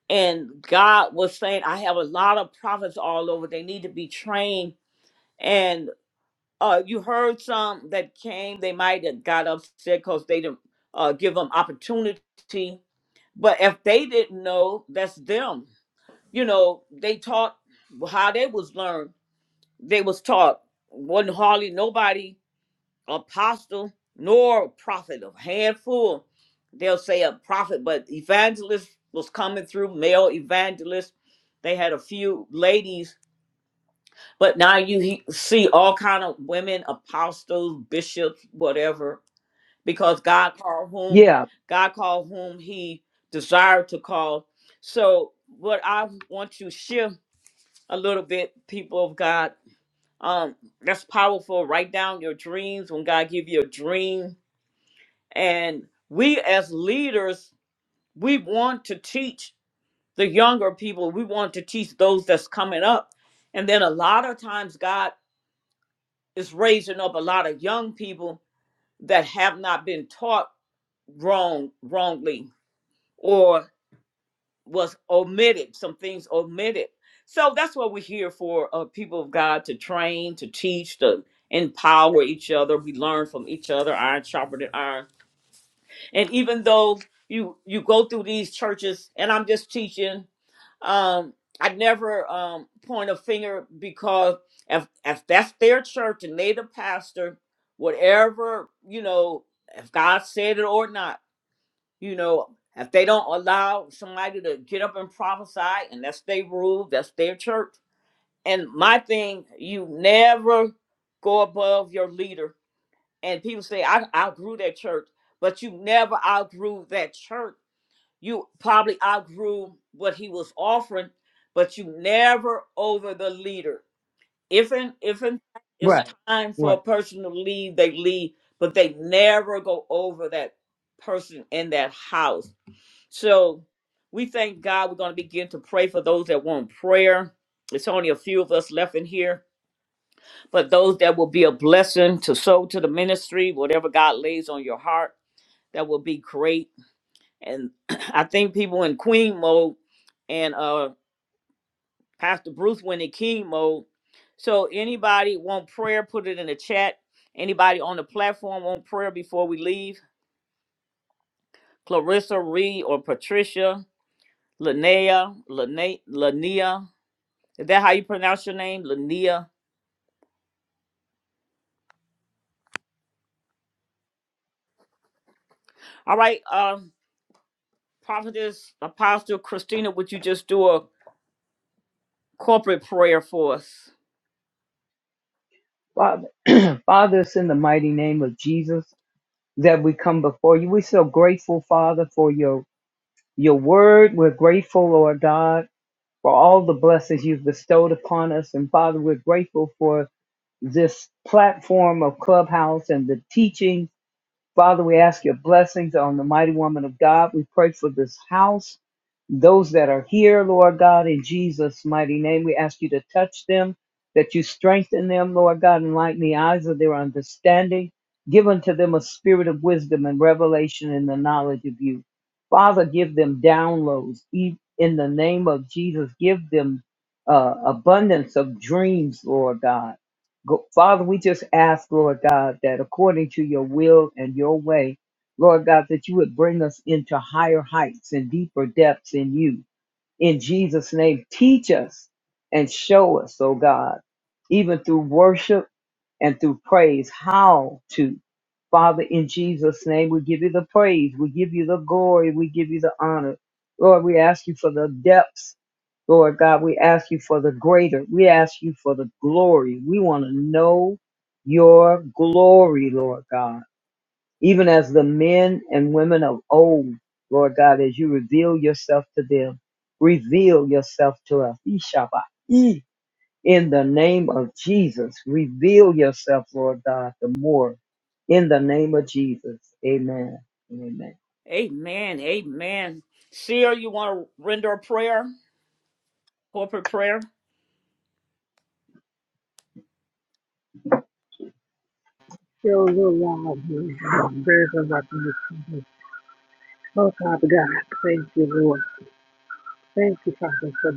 and God was saying, I have a lot of prophets all over. They need to be trained. And uh, you heard some that came, they might have got upset because they didn't uh, give them opportunity. But if they didn't know, that's them. You know, they taught how they was learned. They was taught. Wasn't hardly nobody apostle nor prophet, a handful. They'll say a prophet, but evangelist was coming through, male evangelist. They had a few ladies, but now you he- see all kind of women, apostles, bishops, whatever, because God called whom Yeah, God called whom He desired to call. So what I want to shift a little bit, people of God, um, that's powerful. Write down your dreams when God give you a dream And we as leaders, we want to teach the younger people, we want to teach those that's coming up. And then a lot of times God is raising up a lot of young people that have not been taught wrong wrongly or was omitted, some things omitted. So that's what we're here for, uh, people of God to train, to teach, to empower each other. We learn from each other, iron sharpened iron and even though you you go through these churches and i'm just teaching um i never um point a finger because if if that's their church and they the pastor whatever you know if god said it or not you know if they don't allow somebody to get up and prophesy and that's their rule that's their church and my thing you never go above your leader and people say i outgrew that church but you never outgrew that church you probably outgrew what he was offering, but you never over the leader. If in if in fact it's right, time for right. a person to leave, they leave, but they never go over that person in that house. So we thank God we're going to begin to pray for those that want prayer. It's only a few of us left in here, but those that will be a blessing to sow to the ministry, whatever God lays on your heart, that will be great and I think people in queen mode and uh Pastor Bruce went in king mode. So anybody want prayer, put it in the chat. Anybody on the platform want prayer before we leave? Clarissa Reed or Patricia, Linnea, Linnea, Linnea. Is that how you pronounce your name? Linnea. All right, um, Prophetess Apostle Christina, would you just do a corporate prayer for us? Father, Father, it's in the mighty name of Jesus that we come before you. We're so grateful, Father, for your, your word. We're grateful, Lord God for all the blessings you've bestowed upon us. And Father, we're grateful for this platform of Clubhouse and the teaching Father, we ask your blessings on the mighty woman of God. We pray for this house, those that are here, Lord God, in Jesus' mighty name. We ask you to touch them, that you strengthen them, Lord God, and lighten the eyes of their understanding. Give unto them a spirit of wisdom and revelation in the knowledge of you. Father, give them downloads e- in the name of Jesus. Give them uh, abundance of dreams, Lord God Go, Father, we just ask, Lord God, that according to your will and your way, Lord God, that you would bring us into higher heights and deeper depths in you in Jesus' name. Teach us and show us, oh God, even through worship and through praise, how to. Father, in Jesus' name, we give you the praise, we give you the glory, we give you the honor. Lord, we ask you for the depths. Lord God, we ask you for the greater. We ask you for the glory. We want to know your glory, Lord God even as the men and women of old, Lord God, as you reveal yourself to them, reveal yourself to us. Ishaba. E. In the name of Jesus, reveal yourself, Lord God, the more. In the name of Jesus. Amen. Amen. Amen. Amen. Seer, you want to render a prayer? Corporate prayer? Show your love, your love, greater than you can. Oh, Father God, thank you, Lord. Thank you, Father, for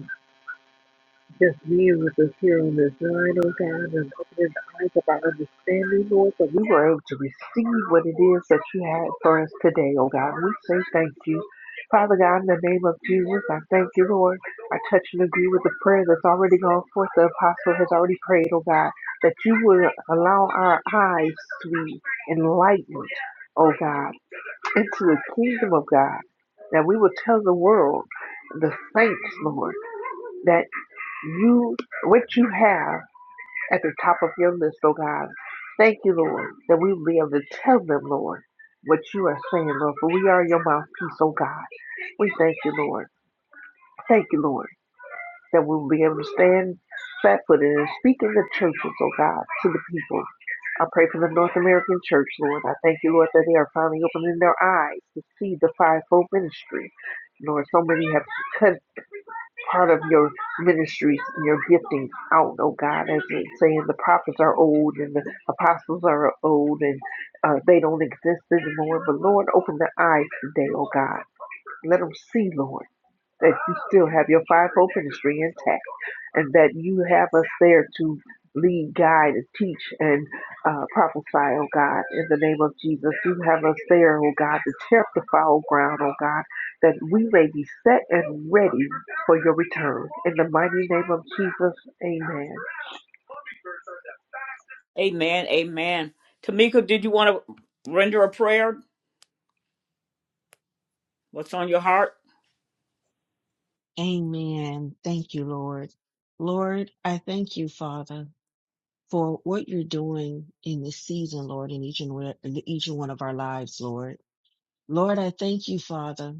just being with us here on this line, oh God, and opening the eyes of our understanding, Lord, that we were able to receive what it is that you had for us today, oh God. We say thank you. Father God, in the name of Jesus, I thank you, Lord. I touch and agree with the prayer that's already gone forth. The apostle has already prayed, oh God, that you will allow our eyes to be enlightened, oh God into the kingdom of God, that we will tell the world, the saints, Lord, that you, what you have at the top of your list, oh God. Thank you, Lord, that we will be able to tell them, Lord, what you are saying, Lord, for we are your mouthpiece, oh God. We thank you, Lord. Thank you, Lord that we will be able to stand flat footed and speak in the churches, oh God, to the people. I pray for the North American church, Lord. I thank you, Lord, that they are finally opening their eyes to see the fivefold ministry. Lord, so many have cut part of your ministries and your gifting out, oh God, as they saying the prophets are old and the apostles are old and uh, they don't exist anymore. But Lord, open their eyes today, oh God. Let them see, Lord that you still have your fivefold ministry intact and that you have us there to lead, guide, and teach and uh, prophesy, oh God, in the name of Jesus. You have us there, oh God, to tear up the foul ground, oh God, that we may be set and ready for your return. In the mighty name of Jesus, amen. Amen. Amen. Tamika, did you want to render a prayer? What's on your heart? Amen. Thank you, Lord. Lord, I thank you, Father. for what you're doing in this season, Lord, in each and one- in each and one of our lives, Lord. Lord, I thank you, Father,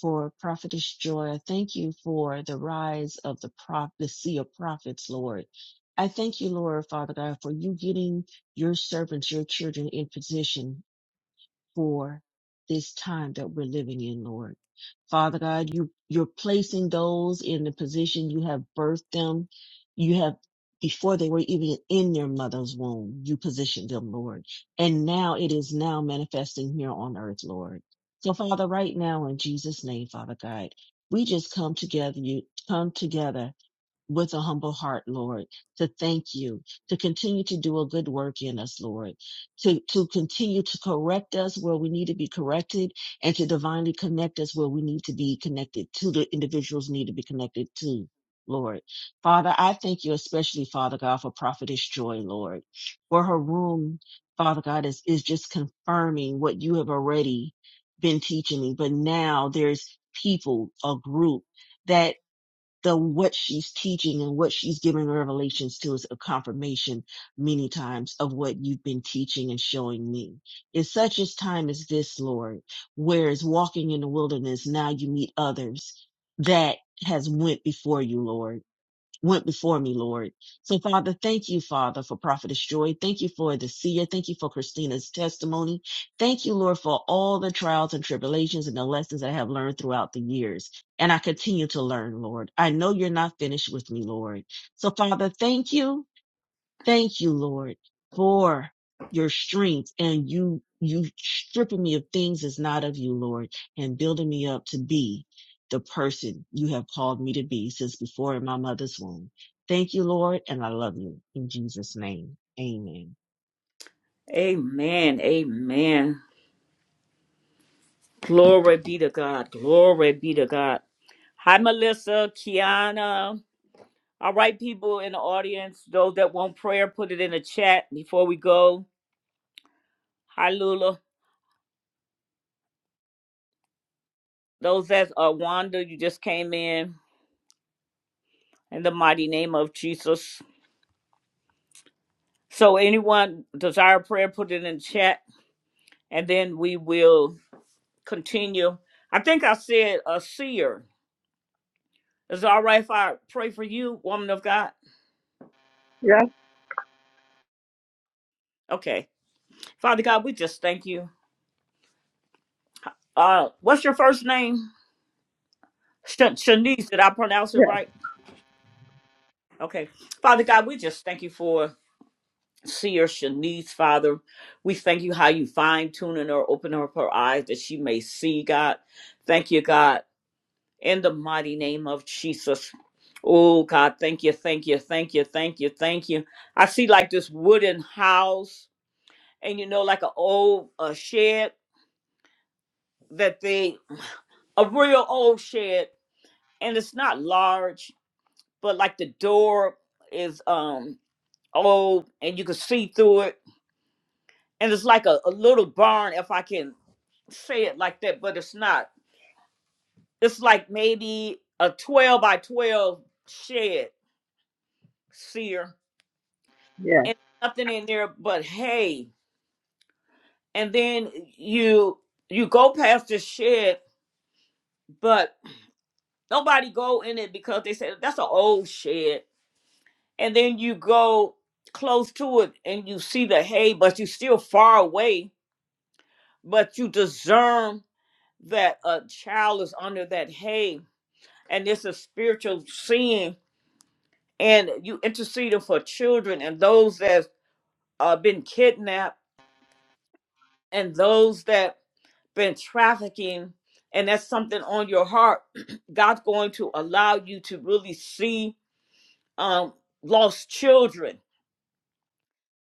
for prophetess joy. I thank you for the rise of the prop, the sea of prophets, Lord. I thank you, Lord, Father God, for you getting your servants, your children in position for this time that we're living in, Lord. Father God, you, you're placing those in the position you have birthed them. You have, before they were even in their mother's womb, you positioned them, Lord. And now it is now manifesting here on earth, Lord. So Father, right now in Jesus name, Father God, we just come together, you come together with a humble heart, Lord, to thank you, to continue to do a good work in us, Lord, to, to continue to correct us where we need to be corrected and to divinely connect us where we need to be connected to the individuals need to be connected to. Lord, Father, I thank you especially, Father God, for Prophetess Joy, Lord, for her room, Father God, is, is just confirming what you have already been teaching me. But now there's people, a group that the what she's teaching and what she's giving revelations to is a confirmation many times of what you've been teaching and showing me. In such a time as this, Lord, whereas walking in the wilderness, now you meet others that has went before you, Lord went before me, Lord. So, Father, thank you, Father, for Prophetess Joy. Thank you for the seer. Thank you for Christina's testimony. Thank you, Lord, for all the trials and tribulations and the lessons that I have learned throughout the years. And I continue to learn, Lord. I know you're not finished with me, Lord. So, Father, thank you. Thank you, Lord, for your strength and you, you stripping me of things that's not of you, Lord, and building me up to be the person you have called me to be since before in my mother's womb. Thank you, Lord, and I love you in Jesus' name. Amen. Amen. Amen. Glory be to God. Glory be to God. Hi, Melissa, Kiana. All right, people in the audience, those that want prayer, put it in the chat before we go. Hi, Lula. Those that are Wanda, you just came in in the mighty name of Jesus. So, anyone desire prayer, put it in the chat, and then we will continue. I think I said a seer. Is it all right if I pray for you, woman of God? Yes, Okay. Father God, we just thank you. Uh, what's your first name? Sh- Shanice, did I pronounce it yes, right? Okay. Father God, we just thank you for seer Shanice, Father. We thank you how you fine tuning her, open up her eyes that she may see, God. Thank you, God in the mighty name of Jesus. Oh God, thank you, thank you, thank you, thank you, thank you. I see like this wooden house, and you know, like an old uh, shed that they a real old shed, and it's not large, but like the door is um old, and you can see through it, and it's like a, a little barn, if I can say it like that, but it's not. It's like maybe a twelve by twelve shed, seer. yes. and nothing in there but hay. And then you you go past the shed, but nobody go in it because they said that's an old shed. And then you go close to it and you see the hay, but you still far away. But you discern that a child is under that hay, and it's a spiritual sin. And you interceding for children and those that uh, been kidnapped and those that been trafficking and that's something on your heart, God's going to allow you to really see um, lost children.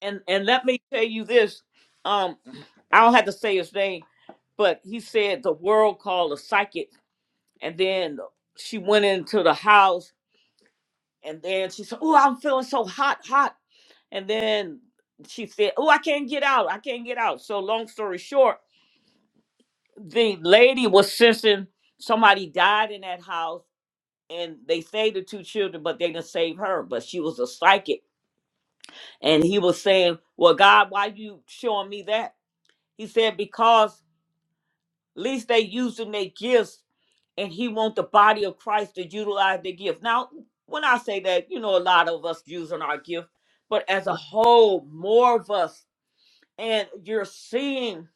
And and let me tell you this, um, I don't have to say his name, but he said the world called a psychic, and then she went into the house, and then she said, "Oh, I'm feeling so hot, hot," and then she said, "Oh, I can't get out, I can't get out." So long story short, the lady was sensing somebody died in that house and they saved the two children, but they didn't save her. But she was a psychic. And he was saying, Well, God, why you showing me that? He said, Because at least they using their gifts and he want the body of Christ to utilize their gift. Now, when I say that, you know, a lot of us using our gift, but as a whole, more of us, and you're seeing,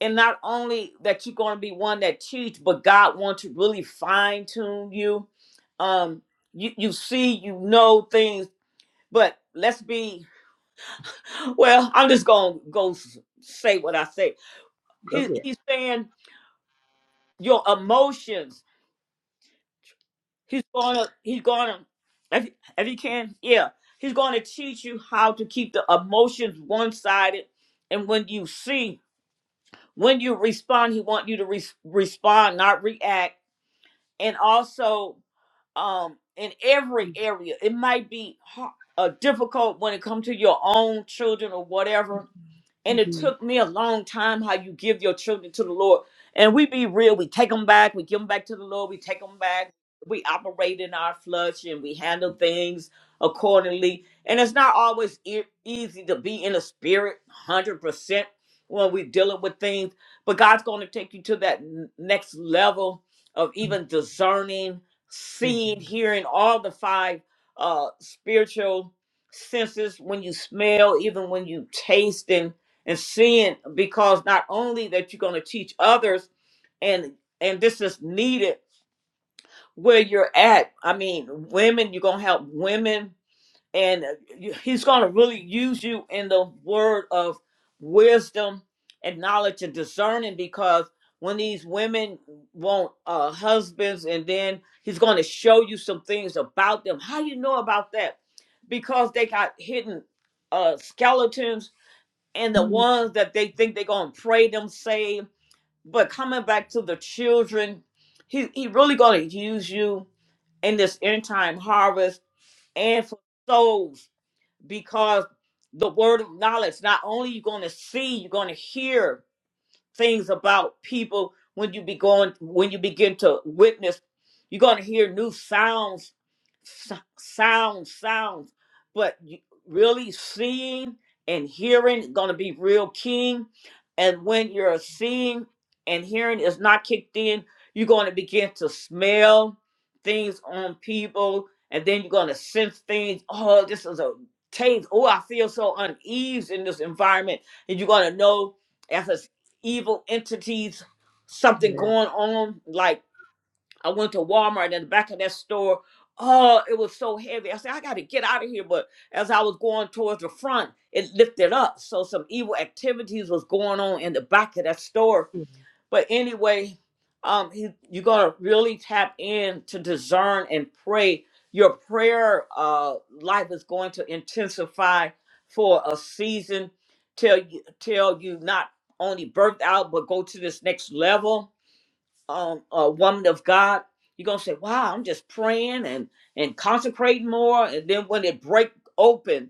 and not only that you're going to be one that teach, but God wants to really fine tune you. Um, you, you see, you know things But let's be well, I'm just gonna go s- say what I say. Go He ahead. he's saying your emotions. He's gonna he's gonna if if he can, yeah, he's gonna teach you how to keep the emotions one sided and when you see when you respond, he want you to res respond, not react. And also um in every area, it might be har- uh, difficult when it comes to your own children or whatever And it Mhm. took me a long time how you give your children to the Lord. And we be real, we take them back, we give them back to the Lord, we take them back, we operate in our flesh and we handle things accordingly. And it's not always e- easy to be in the spirit 100% when we're dealing with things, but God's going to take you to that n- next level of even discerning, seeing, hearing all the five uh, spiritual senses when you smell, even when you taste. and and seeing because not only that you're going to teach others and and this is needed where you're at i mean women you're going to help women and uh, you- he's going to really use you in the word of wisdom and knowledge and discerning because when these women want uh, husbands and then he's going to show you some things about them how you know about that because they got hidden uh, skeletons and the Mhm. ones that they think they're gonna pray them saved. But coming back to the children, he he really gonna use you in this end time harvest and for souls because the word of knowledge. Not only you're gonna see, you're gonna hear things about people when you be going when you begin to witness you're going to hear new sounds s- sounds sounds but you- really seeing and hearing going to be real keen and when you're seeing and hearing is not kicked in you're going to begin to smell things on people and then you're going to sense things oh this is a taste oh i feel so unease in this environment and you're going to know as a evil entities, something going on. Like I went to Walmart and in the back of that store, oh, it was so heavy. I said, I got to get out of here. But as I was going towards the front, it lifted up. So some evil activities was going on in the back of that store but anyway, um, he, you're gonna really tap in to discern and pray. Your prayer uh, life is going to intensify for a season till you till you not only birth out but go to this next level. Um, a woman of God, you're gonna say, "Wow, I'm just praying and and consecrating more." And then when it break open,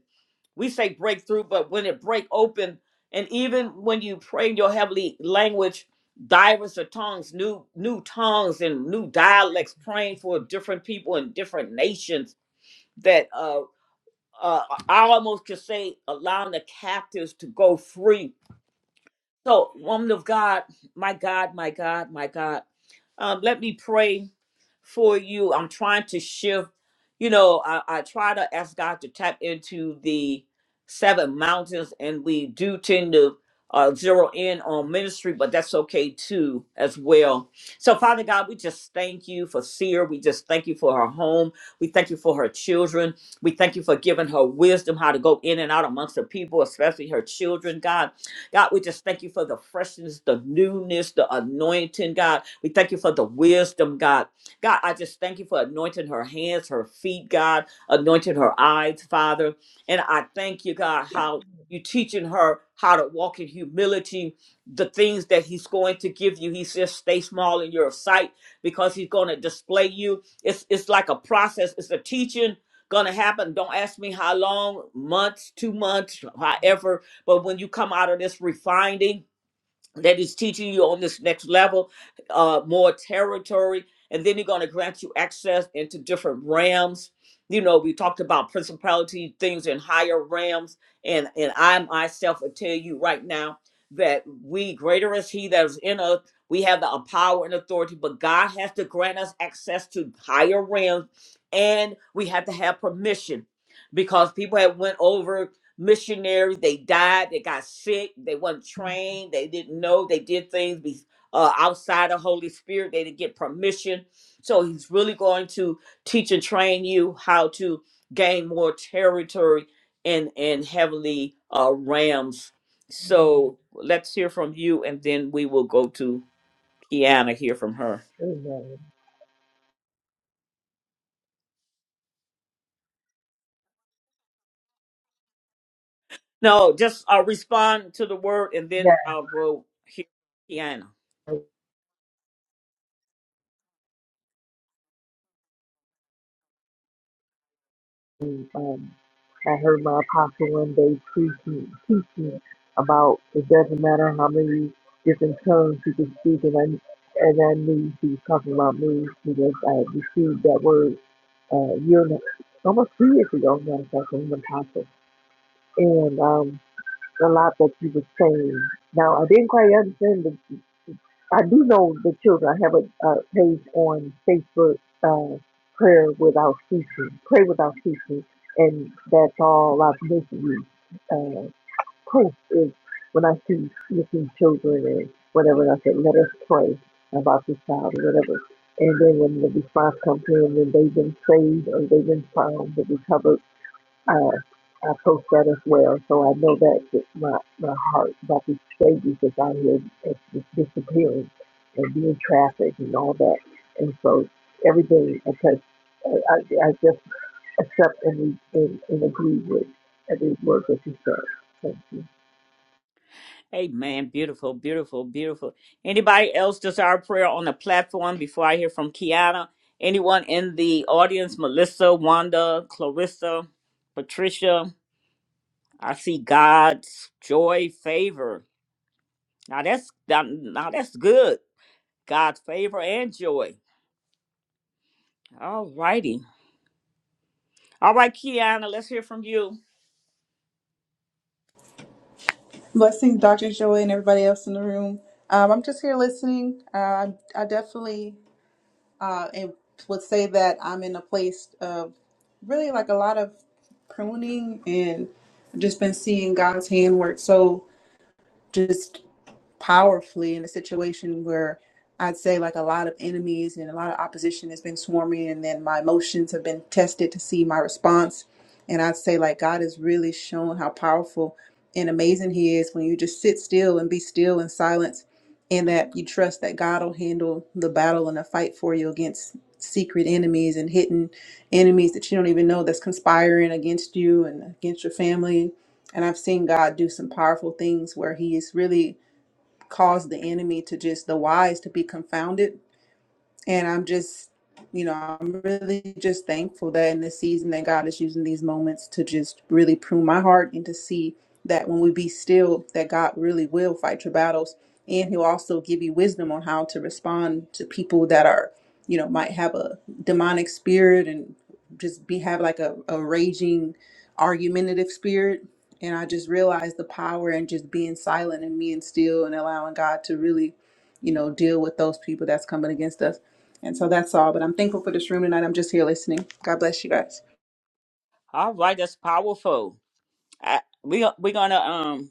we say breakthrough, but when it break open, and even when you pray in your heavenly language, divers of tongues, new new tongues and new dialects, praying for different people in different nations. That uh, uh, I almost could say allowing the captives to go free. So, woman of God, my God, my God, my God. Um, let me pray for you. I'm trying to shift. You know, I, I try to ask God to tap into the seven mountains, and we do tend to uh, zero in on ministry, but that's okay too, as well. So, Father God, we just thank you for Seer. We just thank you for her home. We thank you for her children. We thank you for giving her wisdom how to go in and out amongst the people, especially her children, God. God, we just thank you for the freshness, the newness, the anointing, God. We thank you for the wisdom, God. God, I just thank you for anointing her hands, her feet, God, anointing her eyes, Father. And I thank you, God, how you teaching her how to walk in humility, the things that he's going to give you. He says, stay small in your sight because he's going to display you. It's it's like a process. It's a teaching going to happen. Don't ask me how long, months, two months, however but when you come out of this refining that is teaching you on this next level, uh, more territory, and then you're going to grant you access into different realms. You know, we talked about principality things in higher realms, and and I myself will tell you right now that we greater is He that is in us. We have the uh, power and authority, but God has to grant us access to higher realms, and we have to have permission because people have went over missionaries. They died. They got sick. They weren't trained. They didn't know. They did things be, uh, outside the Holy Spirit. They didn't get permission. So he's really going to teach and train you how to gain more territory in in heavenly uh, realms. So let's hear from you, and then we will go to Kiana. Hear from her. Amen. No, just uh, respond to the word, and then Yes. I'll go hear Kiana. um, I heard my apostle one day preaching, teaching about it doesn't matter how many different tongues you can speak, and I, and I knew he was talking about me because I had received that word uh, a year and a- almost three years ago, as a matter of fact, from an apostle. And um, a lot that he was saying. Now, I didn't quite understand the I do know the children. I have a, a page on Facebook, uh, Prayer Without Ceasing, Pray Without Ceasing, and that's all I've missed. Uh, post is when I see missing children and whatever, and I said, let us pray about this child or whatever. And then when the response comes in, when they've been saved or they've been found, they recovered uh, I post that as well. So I know that that my, my heart about these babies that's out here is just disappearing and being trafficked and all that. And so everything, because I, I I just accept and, and, and agree with every word that you said. Thank you. Amen. Beautiful, beautiful, beautiful. Anybody else desire prayer on the platform before I hear from Kiana? Anyone in the audience? Melissa, Wanda, Clarissa, Patricia. I see God's joy, favor. Now that's now now that's good. God's favor and joy. All righty. All right, Kiana, let's hear from you. Blessings, Dr. Joy, and everybody else in the room. Um, I'm just here listening. Uh, I, I definitely uh, am- would say that I'm in a place of really like a lot of pruning and just been seeing God's handwork. So, just powerfully in a situation where I'd say like a lot of enemies and a lot of opposition has been swarming and then my emotions have been tested to see my response. And I'd say like God has really shown how powerful and amazing he is when you just sit still and be still in silence and that you trust that God will handle the battle and the fight for you against secret enemies and hidden enemies that you don't even know that's conspiring against you and against your family. And I've seen God do some powerful things where he is really cause the enemy to just the wise to be confounded and I'm just, you know, I'm really just thankful that in this season that God is using these moments to just really prune my heart and to see that when we be still, that God really will fight your battles. And he'll also give you wisdom on how to respond to people that are, you know, might have a demonic spirit and just be have like a, a raging argumentative spirit. And I just realized the power in just being silent and being still and allowing God to really, you know, deal with those people that's coming against us. And so that's all. But I'm thankful for this room tonight. I'm just here listening. God bless you guys. All right, that's powerful. I, we we're gonna um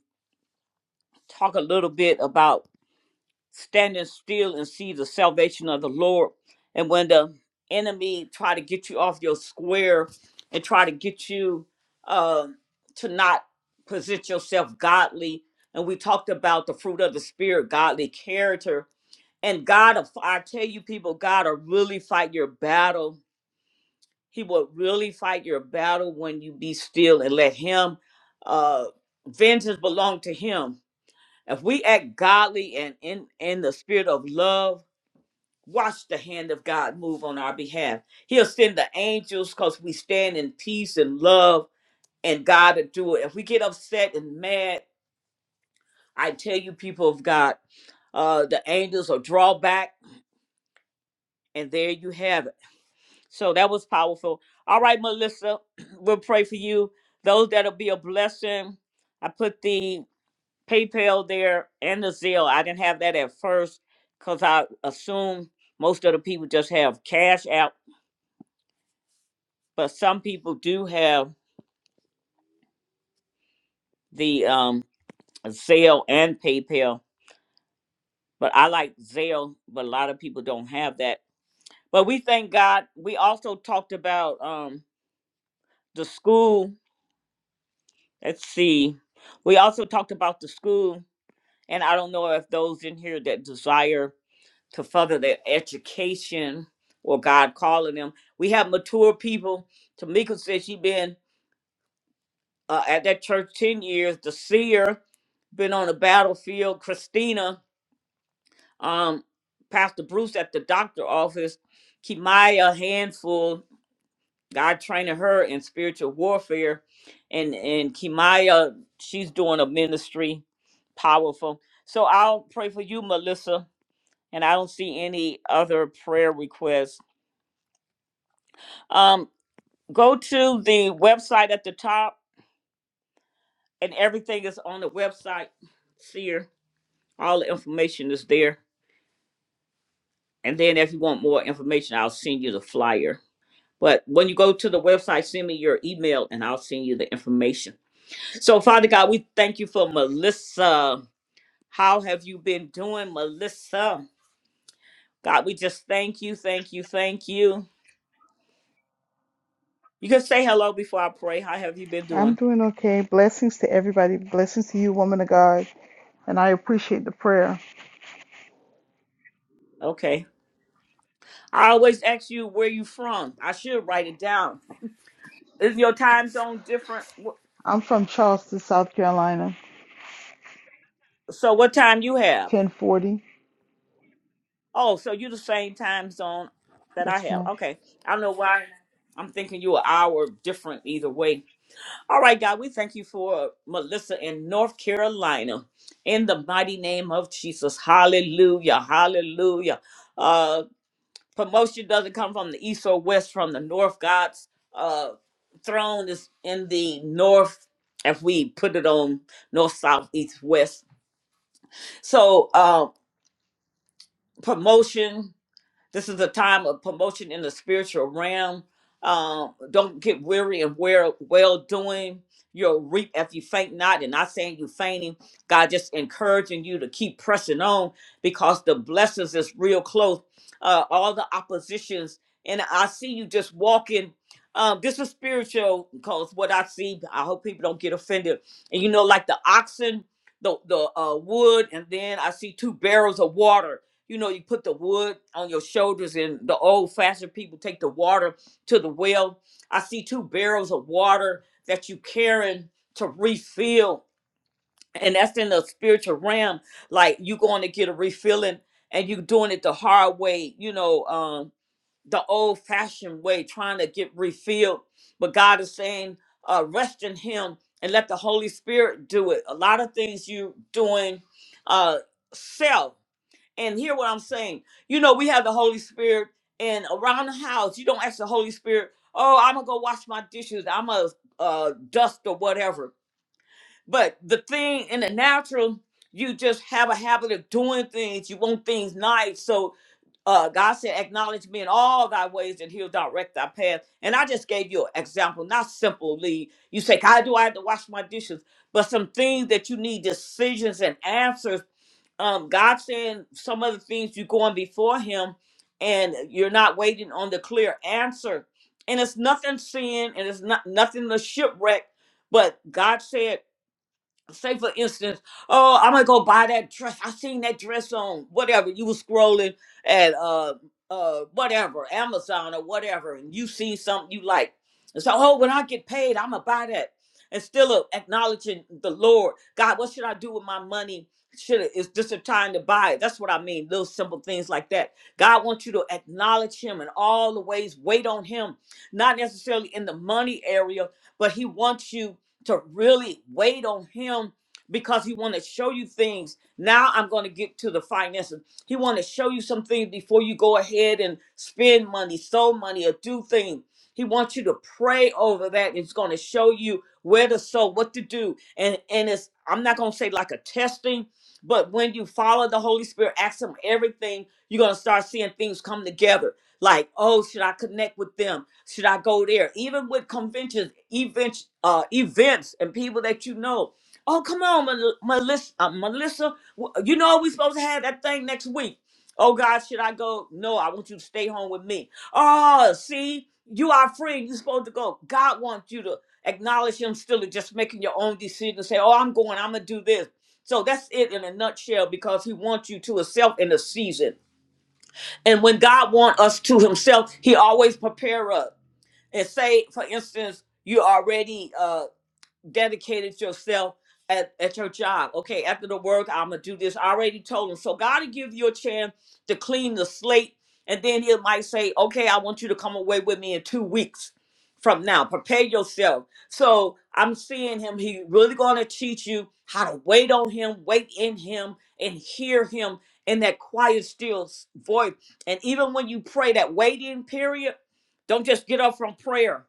talk a little bit about standing still and see the salvation of the Lord. And when the enemy try to get you off your square and try to get you uh, to not present yourself godly, and we talked about the fruit of the spirit, godly character, and God, will- I tell you, people, God will really fight your battle. He will really fight your battle when you be still and let Him. Uh, vengeance belong to Him. If we act godly and in in the spirit of love watch the hand of God move on our behalf. He'll send the angels because we stand in peace and love, and God will do it. If we get upset and mad, I tell you, people of God, uh, the angels will draw back, and there you have it. So that was powerful. All right, Melissa, we'll pray for you. Those that'll be a blessing. I put the PayPal there and the Zelle. I didn't have that at first because I assume most of the people just have cash out but some people do have the um Zelle and PayPal. But I like Zelle, but a lot of people don't have that. But we thank God. We also talked about um the school. Let's see. We also talked about the school, and I don't know if those in here that desire to further their education or God calling them. We have mature people. Tamika said she been uh, at that church ten years. The seer been on the battlefield. Christina um, Pastor Bruce at the doctor office. Kimaya, handful. God training her in spiritual warfare, and and Kimaya, she's doing a ministry, powerful. So I'll pray for you, Melissa. And I don't see any other prayer requests. Um, go to the website at the top, and everything is on the website. Seer, all the information is there. And then if you want more information, I'll send you the flyer. But when you go to the website, send me your email and I'll send you the information. So, Father God, we thank you for Melissa. How have you been doing, Melissa? God, we just thank you, thank you, thank you. You can say hello before I pray. How have you been I'm doing? doing okay. Blessings to everybody. Blessings to you, woman of God. And I appreciate the prayer. Okay. I always ask you where you from. I should write it down. Is your time zone different? Wh- I'm from Charleston, South Carolina, So what time you have? 1040. Oh, so you the same time zone that I Yes, have. ma'am. Okay. I don't know why I'm thinking you an hour different either way. All right, God, we thank you for Melissa in North Carolina. In the mighty name of Jesus. Hallelujah. Hallelujah. Uh, promotion doesn't come from the east or west, from the north. God's uh, throne is in the north, if we put it on north, south, east, west. So, uh, promotion. This is a time of promotion in the spiritual realm. Um, don't get weary and wear well doing. You'll reap if you faint not, and not saying you fainting. God just encouraging you to keep pressing on because the blessings is real close. Uh, all the oppositions, and I see you just walking. Um, this is spiritual because what I see. I hope people don't get offended. And you know, like the oxen, the the uh, wood, and then I see two barrels of water you know, you put the wood on your shoulders and the old fashioned people take the water to the well. I see two barrels of water that you carrying to refill. And that's in the spiritual realm. Like you going to get a refilling and you doing it the hard way, you know, um, the old fashioned way, trying to get refilled. But God is saying, uh, rest in him and let the Holy Spirit do it. A lot of things you doing uh self and hear what I'm saying. You know, we have the Holy Spirit, and around the house, you don't ask the Holy Spirit, "Oh, I'm gonna go wash my dishes. I'm gonna uh, dust or whatever." But the thing in the natural, you just have a habit of doing things. You want things nice, so uh, God said, "Acknowledge me in all thy ways, and He'll direct thy path." And I just gave you an example, not simply you say, "How do I have to wash my dishes?" But some things that you need decisions and answers um, God saying some of the things you're going before Him, and you're not waiting on the clear answer. And it's nothing sin, and it's not nothing the shipwreck. But God said say for instance, oh, I'm gonna go buy that dress. I seen that dress on whatever you were scrolling at uh uh whatever Amazon or whatever, and you see something you like, and so oh, when I get paid, I'm gonna buy that, and still uh, acknowledging the Lord, God, what should I do with my money? Should it, is this a time to buy it? That's what I mean. Little simple things like that. God wants you to acknowledge Him in all the ways. Wait on Him, not necessarily in the money area, but He wants you to really wait on him because he want to show you things. Now I'm going to get to the finances. He want to show you some things before you go ahead and spend money, sow money, or do things. He wants you to pray over that. It's going to show you where to sow, what to do, and and it's I'm not going to say like a testing, but when you follow the Holy Spirit, ask Him everything, you're going to start seeing things come together. Like, oh, should I connect with them? Should I go there? Even with conventions, events, uh, events, and people that you know. Oh, come on, Mel- Melissa. Uh, Melissa, w- you know we supposed to have that thing next week. Oh God, should I go? No, I want you to stay home with me. Oh, see, you are free. You're supposed to go. God wants you to acknowledge Him still and just making your own decision. Say, oh, I'm going. I'm gonna do this. So that's it in a nutshell because He wants you to Himself in a season. And when God wants us to Himself, He always prepare us. And say, for instance, you already uh dedicated yourself at, at your job. Okay, after the work, I'm gonna do this. I already told him. So God will give you a chance to clean the slate, and then he might say, Okay, I want you to come away with me in two weeks from now. Prepare yourself. So I'm seeing him. He really gonna teach you how to wait on him, wait in him, and hear him in that quiet, still s- voice. And even when you pray that waiting period, don't just get up from prayer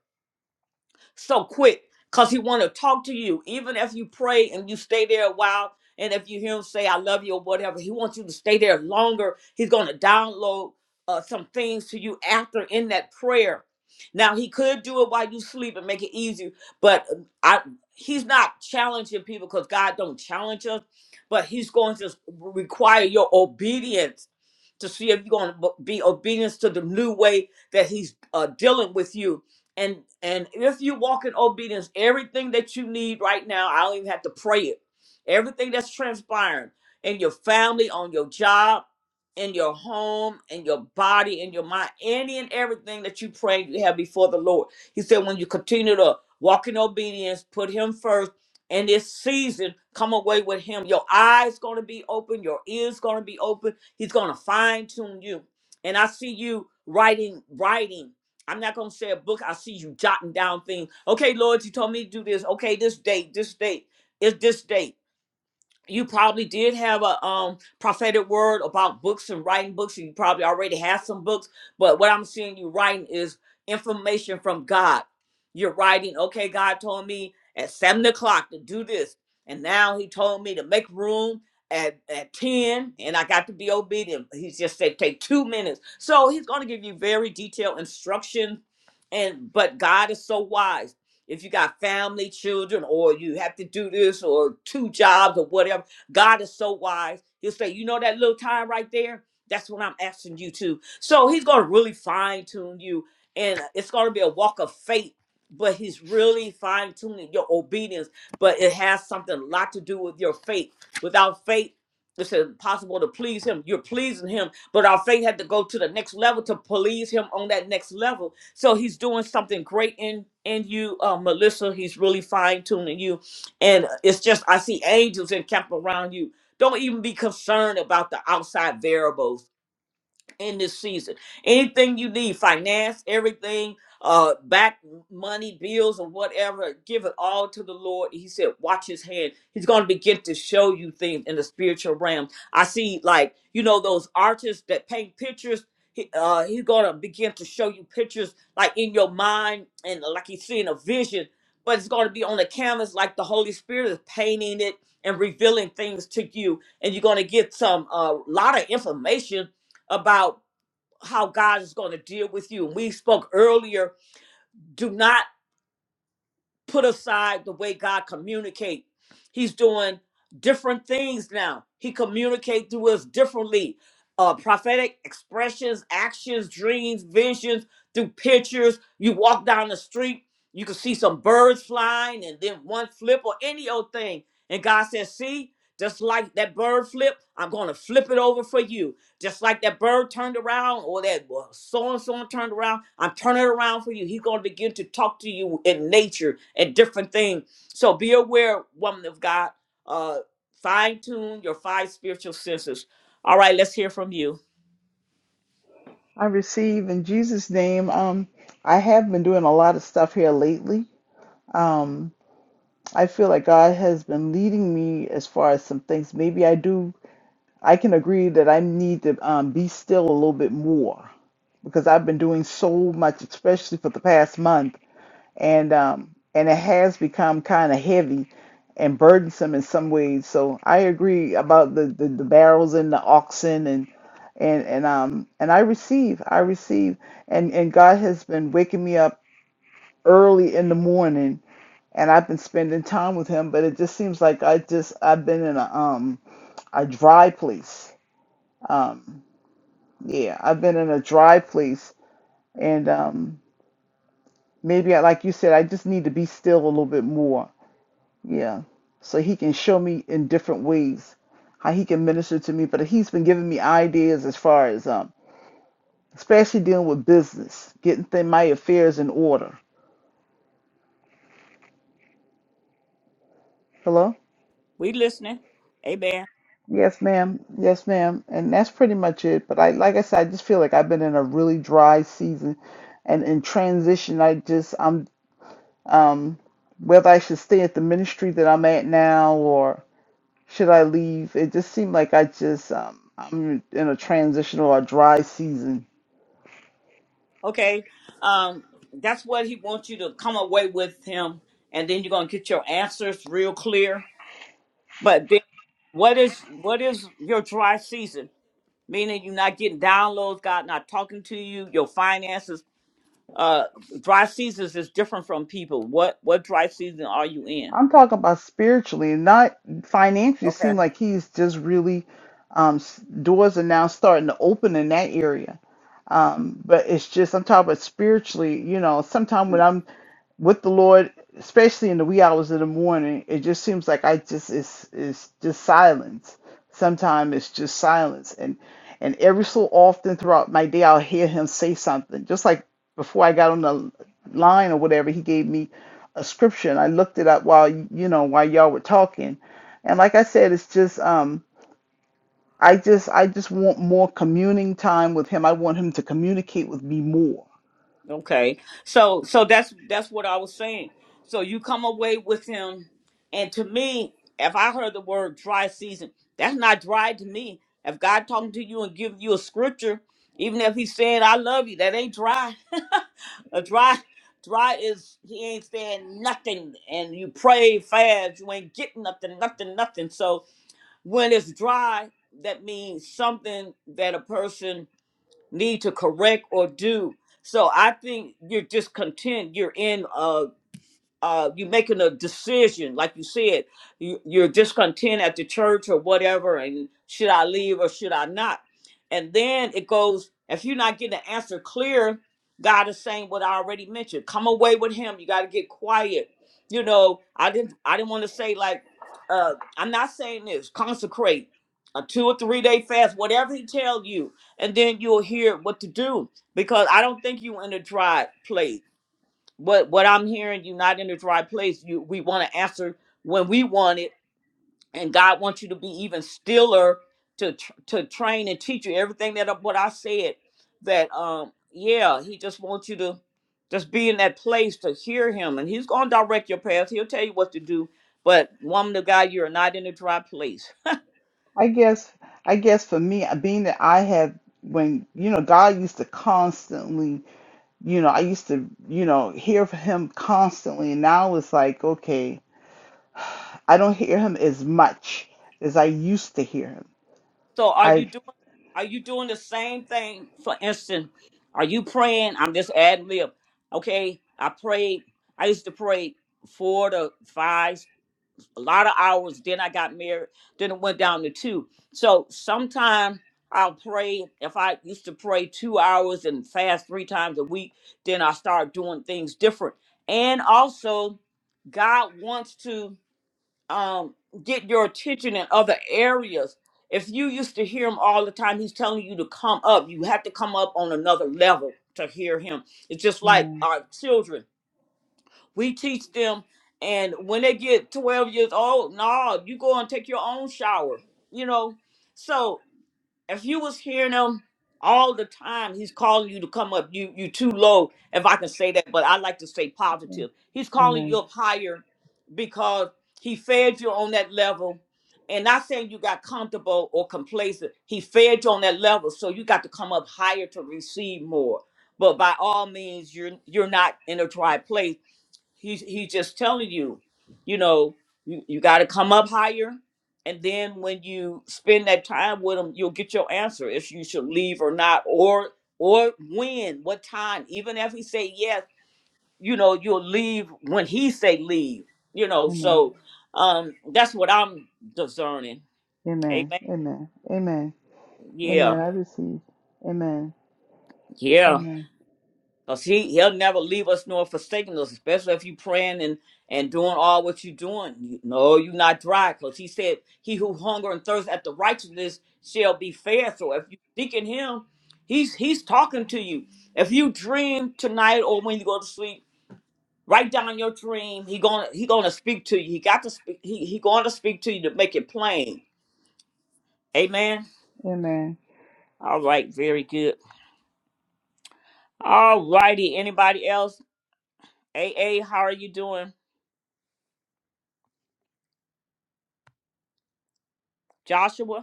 so quick because he want to talk to you. Even if you pray and you stay there a while, and if you hear him say, I love you or whatever, he wants you to stay there longer. He's going to download uh, some things to you after in that prayer. Now, he could do it while you sleep and make it easy, but uh, I. He's not challenging people because God don't challenge us, but he's going to require your obedience to see if you're going to be obedient to the new way that he's uh, dealing with you and and if you walk in obedience everything that you need right now i don't even have to pray it everything that's transpiring in your family on your job in your home in your body in your mind any and everything that you pray you have before the lord he said when you continue to walk in obedience put him first in this season come away with him your eyes going to be open your ears going to be open he's going to fine tune you and i see you writing writing I'm not gonna say a book. I see you jotting down things. Okay, Lord, you told me to do this. Okay, this date, this date, is this date you probably did have a um prophetic word about books and writing books and you probably already have some books but what i'm seeing you writing is information from god you're writing okay god told me at seven o'clock to do this and now he told me to make room at, at 10 and i got to be obedient he just said take two minutes so he's going to give you very detailed instructions and but god is so wise if you got family, children, or you have to do this or two jobs or whatever, God is so wise. He'll say, you know that little time right there? That's what I'm asking you to. So he's going to really fine tune you, and it's going to be a walk of faith. But he's really fine tuning your obedience, but it has something a lot to do with your faith. Without faith, it's impossible to please him. You're pleasing him, but our faith had to go to the next level to please him on that next level. So he's doing something great in in you, uh, Melissa. He's really fine tuning you, and it's just I see angels in camp around you. Don't even be concerned about the outside variables in this season. Anything you need, finance, everything, uh, back money, bills, or whatever, give it all to the Lord. He said, Watch his hand. He's going to begin to show you things in the spiritual realm. I see, like, you know, those artists that paint pictures. He, uh, he's gonna begin to show you pictures like in your mind and like he's seeing a vision, but it's gonna be on the canvas like the Holy Spirit is painting it and revealing things to you, and you're gonna get some a uh, lot of information about how God is going to deal with you. We spoke earlier, do not put aside the way God communicates. He's doing different things now. He communicates to us differently. Uh, prophetic expressions, actions, dreams, visions through pictures. You walk down the street, you can see some birds flying and then one flip or any old thing. And God says, see, just like that bird flip, I'm going to flip it over for you just like that bird turned around or that so and so turned around, I'm turning it around for you. He's going to begin to talk to you in nature and different things. So be aware, woman of God. Uh, fine tune your five spiritual senses. All right, let's hear from you. I receive in Jesus' name. Um, I have been doing a lot of stuff here lately. Um, I feel like God has been leading me as far as some things. Maybe I do. I can agree that I need to um, be still a little bit more because I've been doing so much, especially for the past month and um, and it has become kind of heavy and burdensome in some ways. So I agree about the, the, the barrels and the oxen and and and um and I receive I receive and and God has been waking me up early in the morning and I've been spending time with Him, but it just seems like I just I've been in a um a dry place. Um, yeah, I've been in a dry place and um maybe I, like you said, I just need to be still a little bit more Yeah. So he can show me in different ways how he can minister to me. But he's been giving me ideas as far as um especially dealing with business, getting th- my affairs in order. Hello? We listening. Amen. Yes, ma'am. Yes, ma'am. And that's pretty much it. But I like I said, I just feel like I've been in a really dry season and in transition I just I'm um whether I should stay at the ministry that I'm at now or should I leave? It just seemed like I just um I'm in a transitional or dry season Okay. Um, that's what he wants you to come away with him, and then you're gonna get your answers real clear. But then what is what is your dry season? meaning you're not getting downloads, God not talking to you, your finances. Uh, dry seasons is different from people. What what dry season are you in? I'm talking about spiritually, not financially. It Okay. seems like he's just really um, s- doors are now starting to open in that area. Um, but it's just I'm talking about spiritually. You know, sometimes when I'm with the Lord, especially in the wee hours of the morning, it just seems like I just it's it's just silence. Sometimes it's just silence, and and every so often throughout my day, I'll hear Him say something, just like before I got on the line or whatever, He gave me a scripture and I looked it up while you know while y'all were talking. And like I said, it's just um I just I just want more communing time with him. I want him to communicate with me more. Okay. So so that's that's what I was saying. So you come away with him and to me, if I heard the word dry season, that's not dry to me. If God talking to you and giving you a scripture, even if He's saying I love you, that ain't dry. a dry dry is he ain't saying nothing and you pray fast, you ain't getting nothing, nothing, nothing. So when it's dry, that means something that a person need to correct or do. So I think you're just content. You're in uh uh, you're making a decision, like you said, you, you're discontent at the church or whatever, and should I leave or should I not? And then it goes, if you're not getting the answer clear, God is saying what I already mentioned. Come away with Him. You got to get quiet. You know, I didn't, I didn't want to say like, uh, I'm not saying this. Consecrate a two or three day fast, whatever He tells you, and then you'll hear what to do. Because I don't think you in a dry place. But what I'm hearing, you're not in a dry place. You we want to answer when we want it, and God wants you to be even stiller to tr- to train and teach you everything that I- what I said. That um yeah, He just wants you to just be in that place to hear Him, and He's gonna direct your path. He'll tell you what to do. But woman of God, you're not in a dry place. I guess I guess for me, being that I have when you know God used to constantly, you know, I used to, you know, hear from him constantly and now it's like, okay, I don't hear him as much as I used to hear him. So are you I doing are you doing the same thing? For instance, are you praying? I'm just ad lib. Okay, I prayed. I used to pray four to five, a lot of hours. Then I got married. Then it went down to two. So sometimes I'll pray. If I used to pray two hours and fast three times a week, then I start doing things different. And also, God wants to um, get your attention in other areas. If you used to hear him all the time, he's telling you to come up. You have to come up on another level to hear him. It's just like Amen. our children. We teach them, and when they get 12 years old, no, you go and take your own shower, you know? So if you was hearing him all the time, he's calling you to come up. You you too low, if I can say that, but I like to say positive. He's calling Amen. you up higher because he fed you on that level. And not saying you got comfortable or complacent. He fed you on that level. So you got to come up higher to receive more. But by all means, you're you're not in a dry place he he's just telling you, you know, you, you got to come up higher, and then when you spend that time with him, you'll get your answer if you should leave or not, or or when, what time. Even if he say yes, you know, you'll leave when he say leave. You know, Amen. so um, that's what I'm discerning. Amen. Amen. Amen. Amen. Amen. Yeah, I receive. Amen. yeah. Amen. Because he, he'll never leave us nor forsaken us, especially if you praying and, and doing all what you're doing. You, no, you're not dry. Because he said, He who hunger and thirst after righteousness shall be fed. So if you seeking him, he's he's talking to you. If you dream tonight or when you go to sleep, write down your dream. He gonna he gonna speak to you. He got to speak he, he gonna speak to you to make it plain. Amen. Amen. All right, very good. All righty. Anybody else? AA, how are you doing? Joshua?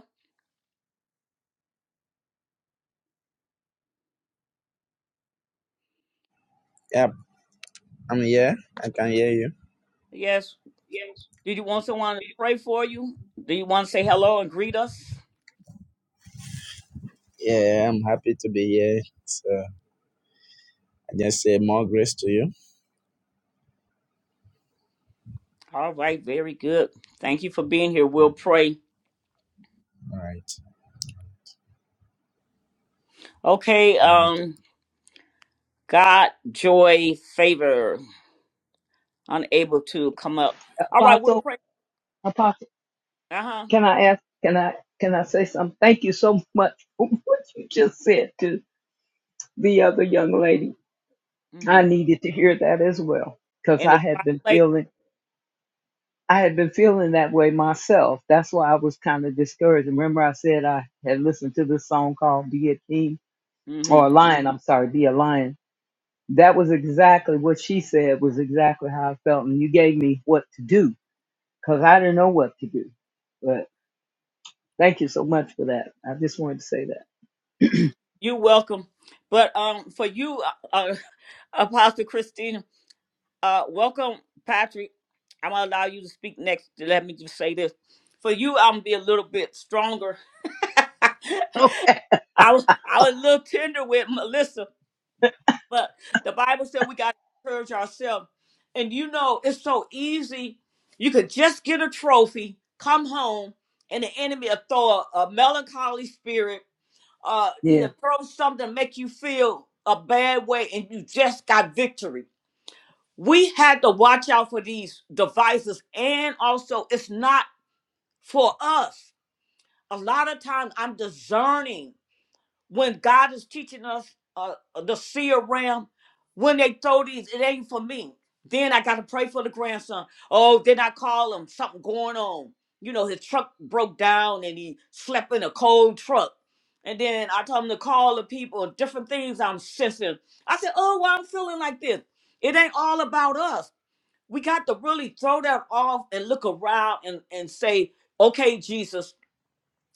Yep, I'm here. I can hear you. Yes. Did you want someone to pray for you? Do you want to say hello and greet us? Yeah, I'm happy to be here. So I just say more grace to you. All right, very good. Thank you for being here. We'll All pray. right. Okay, Okay. um, God, joy, favor, unable to come up. All right, we'll Apostle, pray. Apostle, Uh huh. can I ask, can I can I say something? Thank you so much for what you just said to the other young lady. I Mm-hmm. needed to hear that as well. Because In I the had dry been place. feeling I had been feeling that way myself. That's why I was kind of discouraged. Remember, I said I had listened to this song called "Be a King" or Mm-hmm. "A Lion." I'm sorry, "Be a Lion." That was exactly what she said. Was exactly how I felt, and you gave me what to do because I didn't know what to do. But thank you so much for that. I just wanted to say that. You're welcome. But um, for you, uh, uh, Apostle Christina, uh, welcome, Patrick. I'm gonna allow you to speak next. Let me just say this. For you, I'm gonna be a little bit stronger Okay. I was I was a little tender with Melissa, but the Bible said we got to encourage ourselves. And you know, it's so easy. You could just get a trophy, come home, and the enemy will throw a, a melancholy spirit. Uh, Yeah. he'll throw something to make you feel a bad way, and you just got victory. We had to watch out for these devices, and also it's not for us. A lot of times I'm discerning when God is teaching us uh, the seer realm, when they throw these, it ain't for me. Then I got to pray for the grandson. Oh, then I call him, something going on. You know, his truck broke down and he slept in a cold truck. And then I told him to call the people, different things I'm sensing. I said, oh, well, I'm feeling like this. It ain't all about us. We got to really throw that off and look around and, and say, okay, Jesus,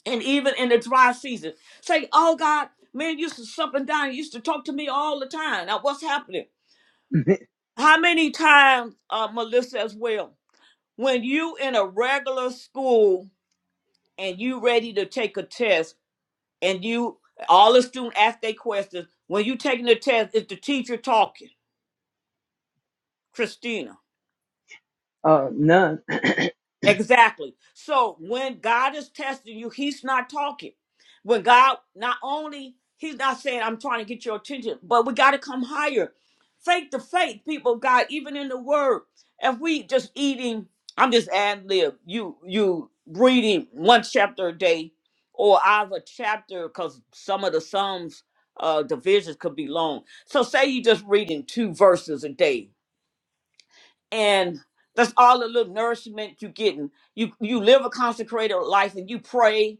and even in the dry season. Say, oh God, man you used to sup and dine, you used to talk to me all the time. Now what's happening? How many times, uh, Melissa as well, when you in a regular school and you ready to take a test and you all the student ask their questions, when you taking the test, is the teacher talking? Christina. uh, none. Exactly. So when God is testing you, He's not talking. When God, not only He's not saying, I'm trying to get your attention, but we got to come higher. Faith to faith, people of God, even in the word. If we just eating, I'm just ad lib, you you reading one chapter a day, or I have a chapter, because some of the Psalms uh divisions could be long. So say you just reading two verses a day and that's all the little nourishment you're getting. You you live a consecrated life and you pray,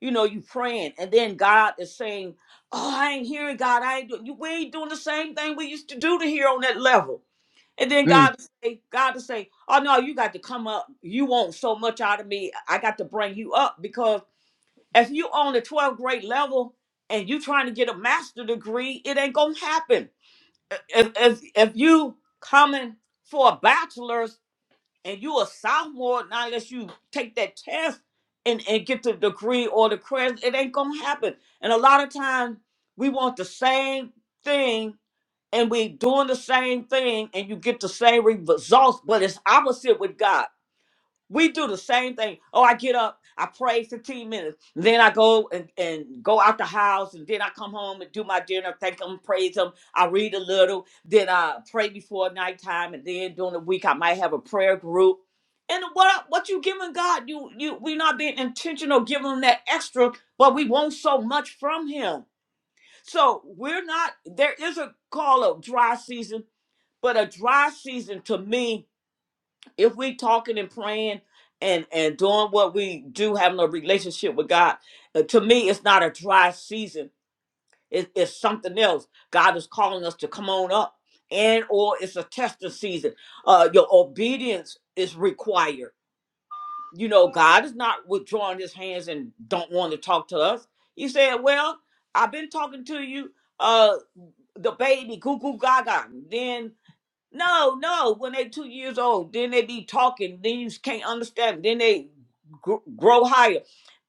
you know, you praying, and then God is saying, "Oh, I ain't hearing God. I ain't doing. You, we ain't doing the same thing we used to do to here on that level." And then Mm, God to say, God to say, "Oh no, you got to come up. You want so much out of me. I got to bring you up because if you on the 12th grade level and you trying to get a master degree, it ain't gonna happen. If if, if you coming for a bachelor's and you a sophomore now? unless you take that test and, and get the degree or the credit it ain't gonna happen and a lot of times we want the same thing and we doing the same thing and you get the same re- results but it's opposite with god we do the same thing. Oh, I get up, I pray 15 minutes, then I go and, and go out the house, and then I come home and do my dinner, thank Him, praise Him. I read a little, then I pray before nighttime, and then during the week I might have a prayer group. And what what you giving God? You you we not being intentional giving Him that extra, but we want so much from Him. So we're not. There is a call of dry season, but a dry season to me if we talking and praying and and doing what we do having a relationship with god uh, to me it's not a dry season it, it's something else god is calling us to come on up and or it's a testing season uh your obedience is required you know god is not withdrawing his hands and don't want to talk to us he said well i've been talking to you uh the baby goo goo gaga then. No, no. When they two years old, then they be talking. Then you can't understand. Then they gr- grow higher,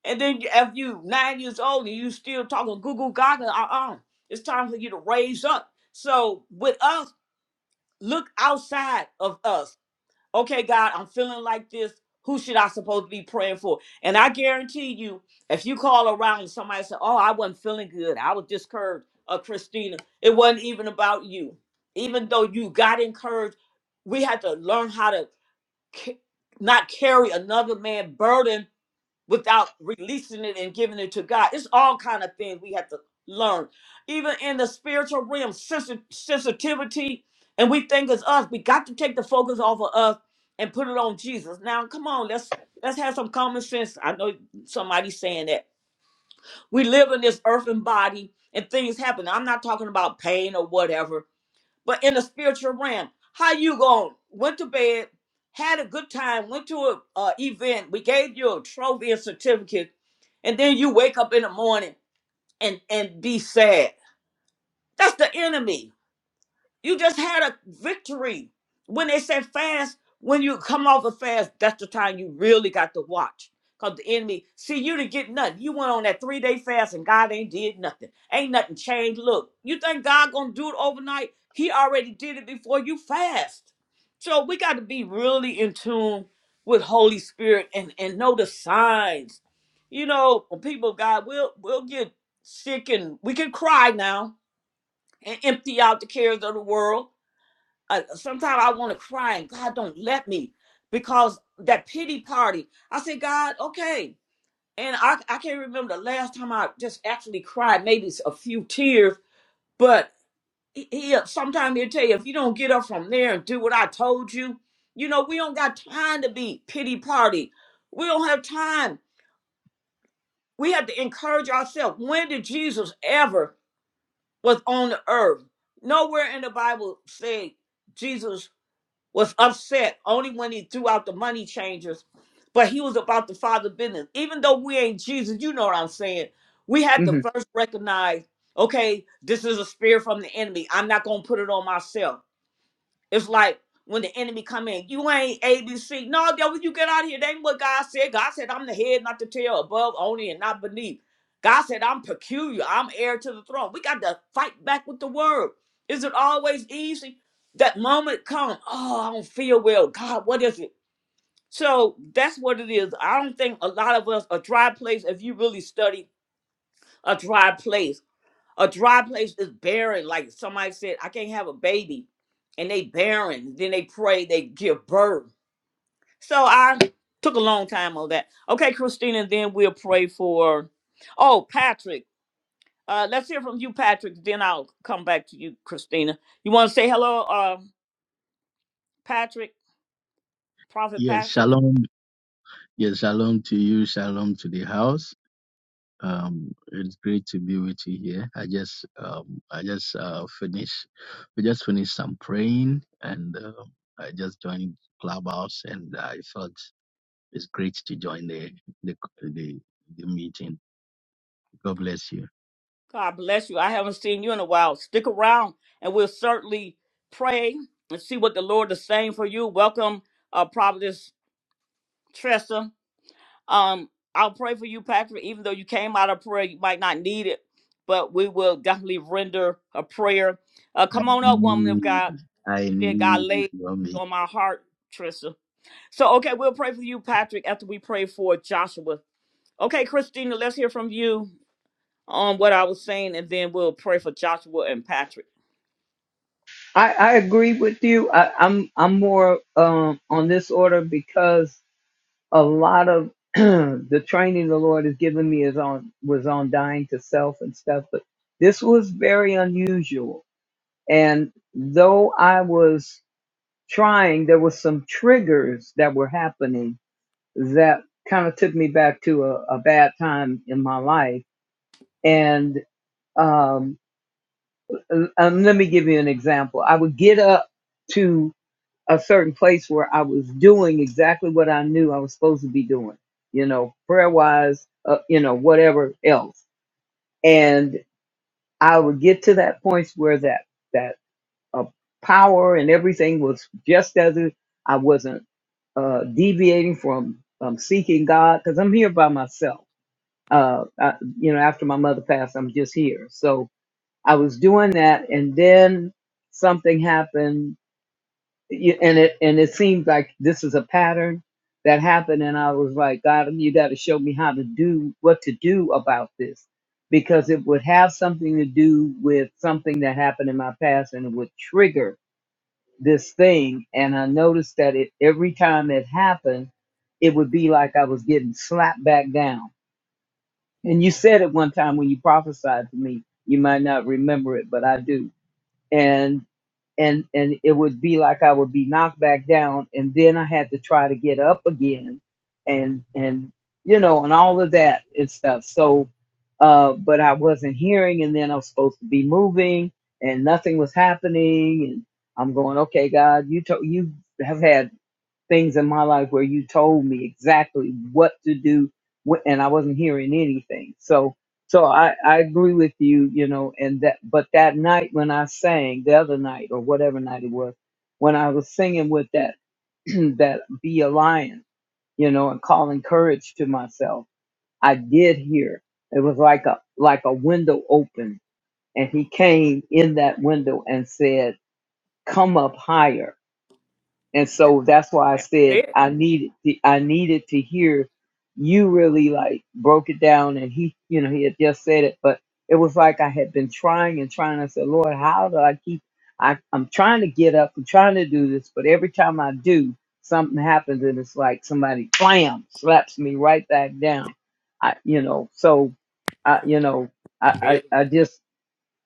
and then you- if you nine years old and you still talking goo goo gaga, uh uh it's time for you to raise up. So with us, look outside of us okay, God, I'm feeling like this. Who should I supposed to be praying for? And I guarantee you, if you call around and somebody say, Oh, I wasn't feeling good. I was discouraged of Christina. It wasn't even about you. Even though you got encouraged, we had to learn how to ca- not carry another man's burden without releasing it and giving it to God. It's all kind of things we have to learn. Even in the spiritual realm, sensi- sensitivity, and we think it's us. We got to take the focus off of us and put it on Jesus. Now, come on, let's let's have some common sense. I know somebody's saying that we live in this earthen body and things happen. I'm not talking about pain or whatever but in the spiritual realm. How you going? Went to bed, had a good time, went to a uh, event. We gave you a trophy and certificate, and then you wake up in the morning and and be sad. That's the enemy. You just had a victory. When they said fast, when you come off a fast, that's the time you really got to watch. Because the enemy, see, you didn't get nothing. You went on that three day fast and God ain't did nothing. Ain't nothing changed. Look, you think God gonna do it overnight? He already did it before you fast. So we got to be really in tune with Holy Spirit and, and know the signs. You know, people of God, we'll we'll get sick and we can cry now and empty out the cares of the world I, sometimes I want to cry and God don't let me because that pity party. I said, God, okay. And I, I can't remember the last time I just actually cried, maybe a few tears, but he, he uh, sometimes he'll tell you, if you don't get up from there and do what I told you, you know, we don't got time to be pity party. We don't have time. We have to encourage ourselves. When did Jesus ever was on the earth? Nowhere in the Bible say Jesus was upset only when he threw out the money changers, but he was about the father business. Even though we ain't Jesus, you know what I'm saying. We had to mhm. first recognize, okay, this is a spirit from the enemy. I'm not gonna put it on myself. It's like when the enemy come in, you ain't ABC. No, that when you get out of here, that ain't what God said. God said, I'm the head, not the tail, above only and not beneath. God said, I'm peculiar. I'm heir to the throne. We got to fight back with the word. Is it always easy? That moment come, oh, I don't feel well. God, what is it? So that's what it is. I don't think a lot of us, a dry place, if you really study a dry place a dry place is barren. Like somebody said, I can't have a baby. And they barren. Then they pray, they give birth. So I took a long time on that. Okay, Christina, then we'll pray for oh Patrick. Uh let's hear from you, Patrick. Then I'll come back to you, Christina. You wanna say hello, uh Patrick, Prophet Yes, Patrick? shalom. Yes, shalom to you. Shalom to the house. Um, it's great to be with you here. I just, um, I just uh, finished. We just finished some praying, and uh, I just joined Clubhouse, and I felt it's great to join the the the, the meeting. God bless you. God bless you. I haven't seen you in a while. Stick around and we'll certainly pray and see what the Lord is saying for you. Welcome, uh Providence Tressa. Um, I'll pray for you, Patrick, even though you came out of prayer, you might not need it, but we will definitely render a prayer. Uh, I come on up, woman of need, God. I Dear God need laid your meet. on my heart, Trisha. So, okay, we'll pray for you, Patrick, after we pray for Joshua. Okay, Christina, let's hear from you on what I was saying, and then we'll pray for Joshua and Patrick. I I agree with you. I, I'm I'm more um on this order because a lot of the training the Lord has given me is on was on dying to self and stuff, but this was very unusual. And though I was trying, there was some triggers that were happening that kind of took me back to a, a bad time in my life. And um, um, let me give you an example. I would get up to. a certain place where I was doing exactly what I knew I was supposed to be doing, you know, prayer wise, uh, you know, whatever else. And I would get to that point where that that uh, power and everything was just as it, I wasn't uh, deviating from um, seeking God because I'm here by myself. Uh, I, you know, after my mother passed, I'm just here. So I was doing that, and then something happened Y- and it and it seemed like this was a pattern that happened and i was like god you got to show me how to do what to do about this because it would have something to do with something that happened in my past and it would trigger this thing and i noticed that it every time it happened it would be like i was getting slapped back down and you said it one time when you prophesied to me you might not remember it but i do and and and it would be like I would be knocked back down, and then I had to try to get up again, and and you know, and all of that and stuff. So, uh, but I wasn't hearing, and then I was supposed to be moving, and nothing was happening, and I'm going, okay, God, you to- you have had things in my life where you told me exactly what to do wh- and I wasn't hearing anything. So so I, I agree with you, you know, and that but that night when I sang the other night or whatever night it was, when I was singing with that that be a lion, you know, and calling courage to myself, I did hear. It was like a like a window open and he came in that window and said, Come up higher and so that's why I That's said it. I needed to, I needed to hear you really like broke it down and he you know he had just said it but it was like I had been trying and trying I said Lord how do I keep I I'm trying to get up I'm trying to do this but every time I do something happens and it's like somebody blam slaps me right back down I you know so I you know I Very I, I good. just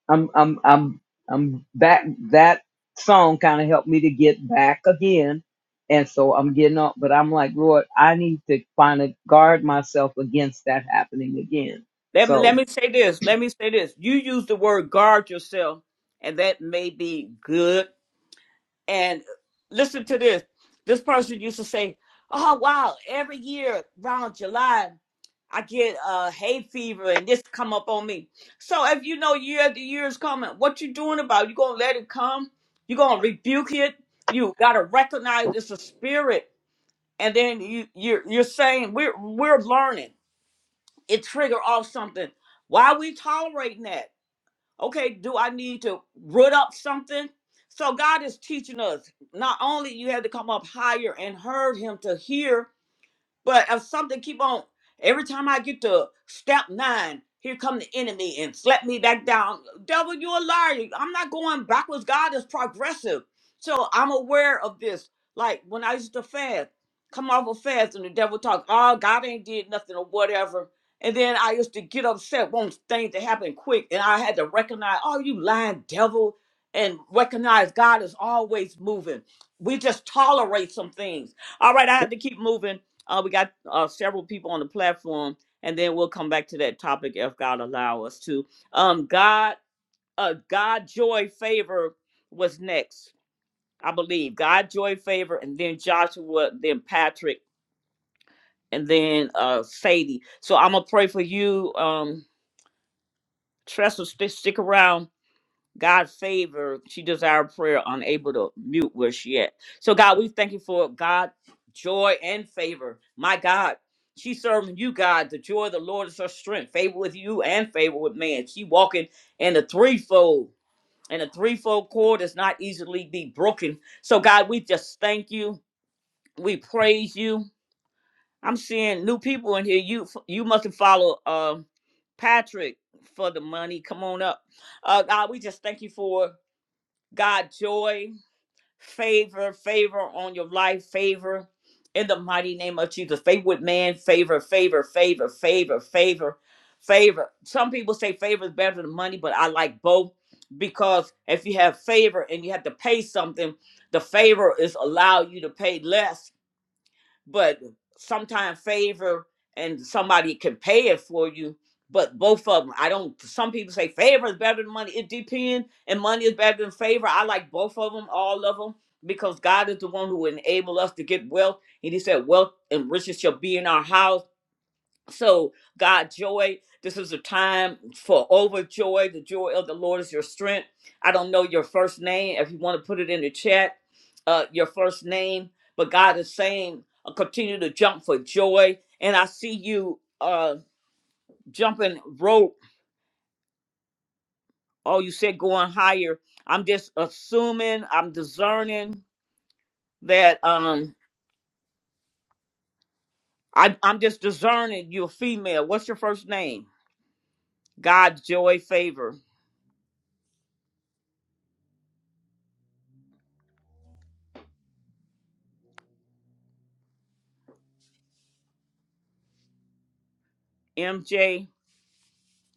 I'm I'm I'm I'm back. That song kind of helped me to get back again, and so I'm getting up. But I'm like, Lord, I need to find a guard myself against that happening again. Let me, let So me say this. Let me say this. You use the word guard yourself, and that may be good. And listen to this. This person used to say, "Oh wow, every year around July, I get uh, hay fever, and this come up on me." So if you know year after year is coming, what you doing about? it? You gonna let it come? You gonna rebuke it? You gotta recognize it's a spirit, and then you you're you're saying we're we're learning. it trigger off something. Why are we tolerating that? Okay, do I need to root up something? So God is teaching us not only you have to come up higher and heard him to hear, but if something keep on, every time I get to step nine, here come the enemy and slap me back down. Devil, you're a liar. I'm not going backwards. God is progressive. So I'm aware of this. Like when I used to fast, come off a fast and the devil talk, oh, God ain't did nothing or whatever. And then I used to get upset, want things to happen quick. And I had to recognize, oh, you lying devil, and recognize God is always moving. We just tolerate some things. All right, I have to keep moving. Uh, we got uh, several people on the platform, and then we'll come back to that topic if God allow us to. Um, God, uh, God, joy, favor was next, I believe. God, joy, favor, and then Joshua, then Patrick, and then uh, Sadie. So I'm gonna pray for you, um, Tressa. Stick, stick around God favor. She desired prayer, unable to mute where she at. So God, we thank you for God, joy and favor. My God, she serving you, God. The joy of the Lord is her strength. Favor with you and favor with man. She walking in the threefold. And a threefold cord is not easily be broken. So God, we just thank you. We praise you. I'm seeing new people in here. You you must have followed uh, Patrick for the money. Come on up. Uh, God, we just thank you for God, joy, favor, favor on your life, favor in the mighty name of Jesus. Favor with man, favor, favor, favor, favor, favor, favor. Some people say favor is better than money, but I like both because if you have favor and you have to pay something, the favor is allow you to pay less but sometimes favor and somebody can pay it for you. But both of them, I don't. Some people say favor is better than money. It depends, and money is better than favor. I like both of them, all of them, because God is the one who enable us to get wealth, and He said, "Wealth and riches shall be in our house." So, God, joy, this is a time for overjoy. The joy of the Lord is your strength. I don't know your first name. If you want to put it in the chat, uh, your first name, but God is saying, uh, continue to jump for joy. And I see you uh, jumping rope. Oh, you said going higher. I'm just assuming, I'm discerning that um, I, I'm just discerning you're a female. What's your first name? God, joy, favor. MJ.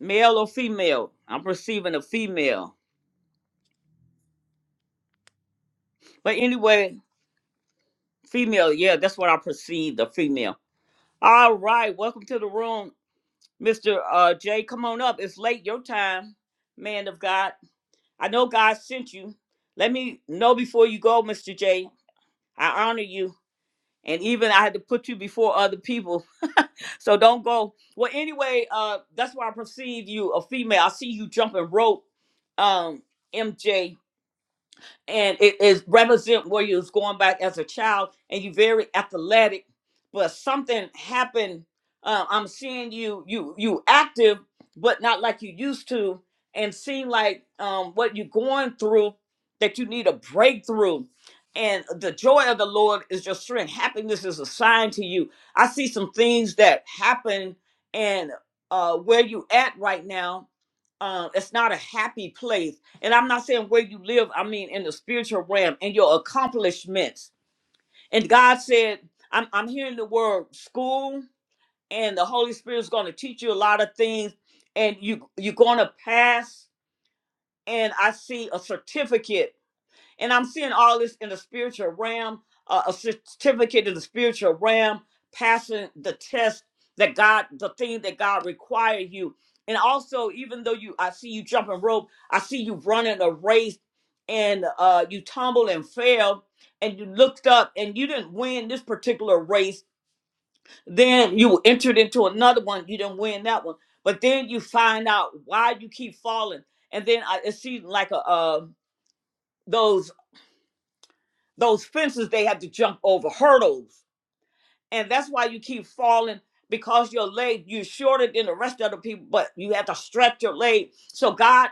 male or female. I'm perceiving a female. But anyway, female, yeah, that's what I perceived, a female. All right, welcome to the room, Mr. Uh, Jay. Come on up. It's late your time, man of God. I know God sent you. Let me know before you go, Mr. Jay. I honor you. And even I had to put you before other people. So don't go. Well, anyway, uh, that's why I perceive you a female. I see you jumping rope, um, MJ. and it is represent where you was going back as a child and you very athletic but something happened uh, i'm seeing you you you active but not like you used to and seem like um, what you're going through that you need a breakthrough and the joy of the lord is your strength happiness is a sign to you i see some things that happen and uh, where you at right now uh, it's not a happy place and I'm not saying where you live, I mean in the spiritual realm and your accomplishments. And God said, I'm, I'm hearing the word school, and the Holy Spirit's going to teach you a lot of things, and you, you're going to pass. And I see a certificate and I'm seeing all this in the spiritual realm, uh, a certificate in the spiritual realm, passing the test that God, the thing that God required you. And also, even though you, I see you jumping rope, I see you running a race and uh, you tumble and fell and you looked up and you didn't win this particular race. Then you entered into another one. You didn't win that one. But then you find out why you keep falling. And then I, it seems like a, uh, those those fences they had to jump over, hurdles and that's why you keep falling because your leg you're shorter than the rest of the people but you have to stretch your leg so god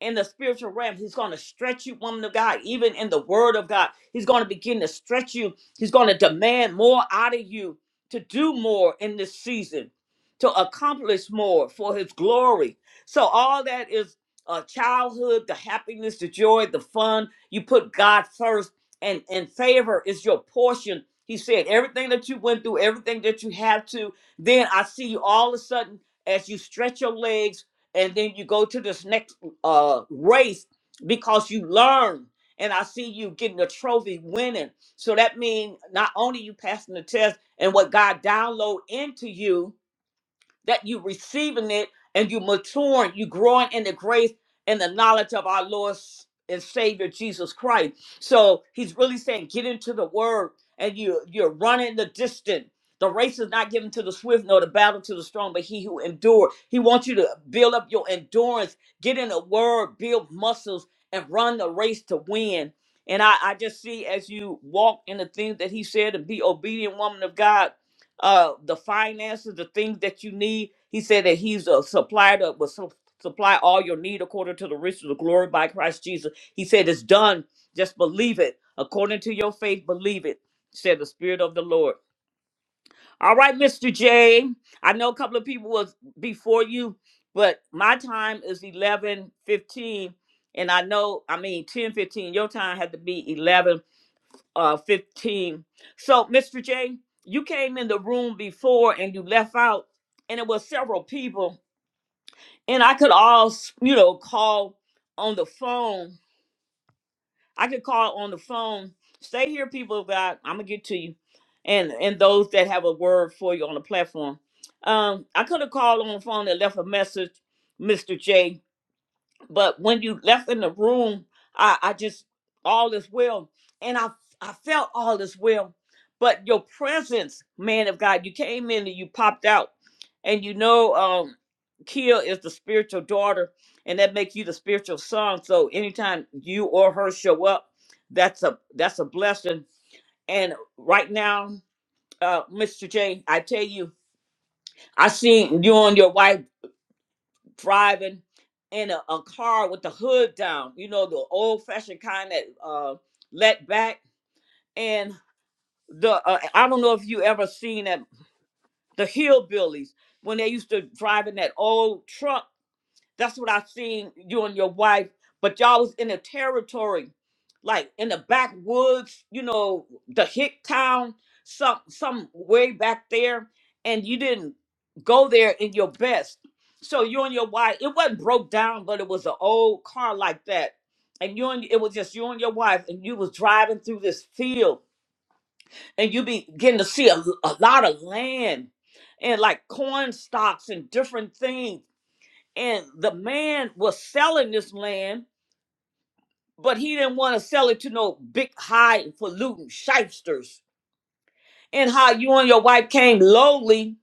in the spiritual realm he's going to stretch you woman of god even in the word of god he's going to begin to stretch you he's going to demand more out of you to do more in this season to accomplish more for his glory so all that is uh, childhood the happiness the joy the fun you put god first and and favor is your portion he said, Everything that you went through, everything that you have to, then I see you all of a sudden as you stretch your legs and then you go to this next uh, race because you learn. And I see you getting a trophy winning. So that means not only you passing the test and what God download into you, that you receiving it and you maturing, you growing in the grace and the knowledge of our Lord and Savior Jesus Christ. So he's really saying, get into the word and you you're running the distance. The race is not given to the swift nor the battle to the strong, but he who endures. He wants you to build up your endurance, get in the word, build muscles, and run the race to win. And I, I just see as you walk in the things that he said and be obedient woman of God, uh the finances, the things that you need. He said that he's a supplier that will su- supply all your need according to the riches of the glory by Christ Jesus. He said it's done. Just believe it. According to your faith, believe it, said the Spirit of the Lord. All right, Mr. J. I know a couple of people was before you, but my time is eleven fifteen, And I know, I mean, ten fifteen. Your time had to be eleven uh 15. So, Mr. J, you came in the room before and you left out, and it was several people, and I could all, s- you know, call on the phone. I could call on the phone. Stay here, people of God. I'm gonna get to you, and and those that have a word for you on the platform. Um, I could have called on the phone and left a message, Mr. J. But when you left in the room, I, I just all is well, and I I felt all is well. But your presence, man of God, you came in and you popped out, and you know, um, Kia is the spiritual daughter, and that makes you the spiritual son. So anytime you or her show up, that's a that's a blessing. And right now, uh, Mr. J, I tell you, I seen you and your wife driving in a, a car with the hood down, you know, the old fashioned kind that uh, let back. And the uh, I don't know if you ever seen that the hillbillies when they used to drive in that old truck that's what I seen you and your wife, but y'all was in a territory, like in the backwoods, you know, the hick town, some some way back there, and you didn't go there in your best. So you and your wife, it wasn't broke down, but it was an old car like that. And you and it was just you and your wife, and you was driving through this field, and you be getting to see a, a lot of land and like corn stalks and different things and the man was selling this land, but he didn't want to sell it to no big highfalutin shysters. And how you and your wife came lowly,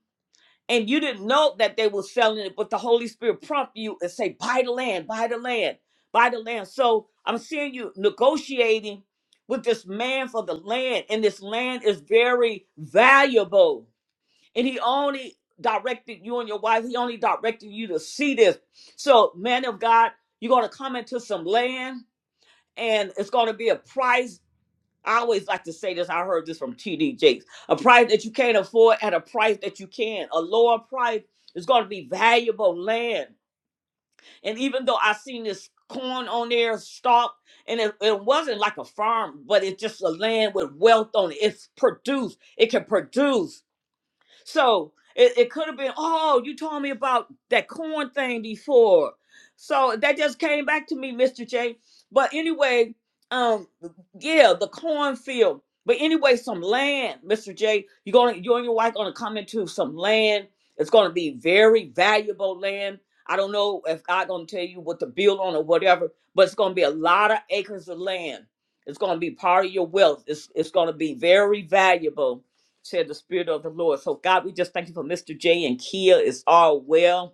and you didn't know that they were selling it, but the Holy Spirit prompted you and say, "Buy the land, buy the land, buy the land." So I'm seeing you negotiating with this man for the land, and this land is very valuable and he only directed you and your wife he only directed you to see this so man of god you're going to come into some land and it's going to be a price i always like to say this i heard this from td jakes a price that you can't afford at a price that you can a lower price is going to be valuable land and even though i seen this corn on there stalk and it, it wasn't like a farm but it's just a land with wealth on it it's produced it can produce so it, it could have been, oh, you told me about that corn thing before. So that just came back to me, Mr. J. But anyway, um, yeah, the cornfield. But anyway, some land, Mr. J. You're gonna you and your wife gonna come into some land. It's gonna be very valuable land. I don't know if God gonna tell you what to build on or whatever, but it's gonna be a lot of acres of land. It's gonna be part of your wealth. It's it's gonna be very valuable said the Spirit of the Lord. So, God, we just thank you for Mr. J and Kia. It's all well.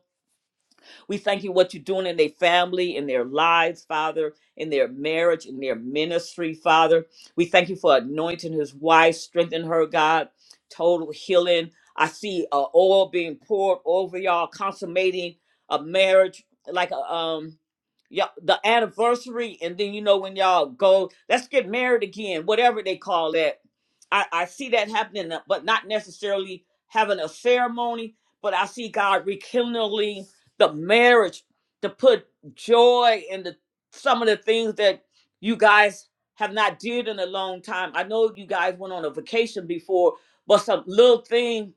We thank you what you're doing in their family, in their lives, Father, in their marriage, in their ministry, Father. We thank you for anointing his wife, strengthen her, God, total healing. I see uh, oil being poured over y'all, consummating a marriage like a um yeah, the anniversary, and then you know when y'all go, let's get married again, whatever they call that. I, I see that happening, uh, but not necessarily having a ceremony. But I see God rekindling the marriage, to put joy in the some of the things that you guys have not did in a long time. I know you guys went on a vacation before, but some little thing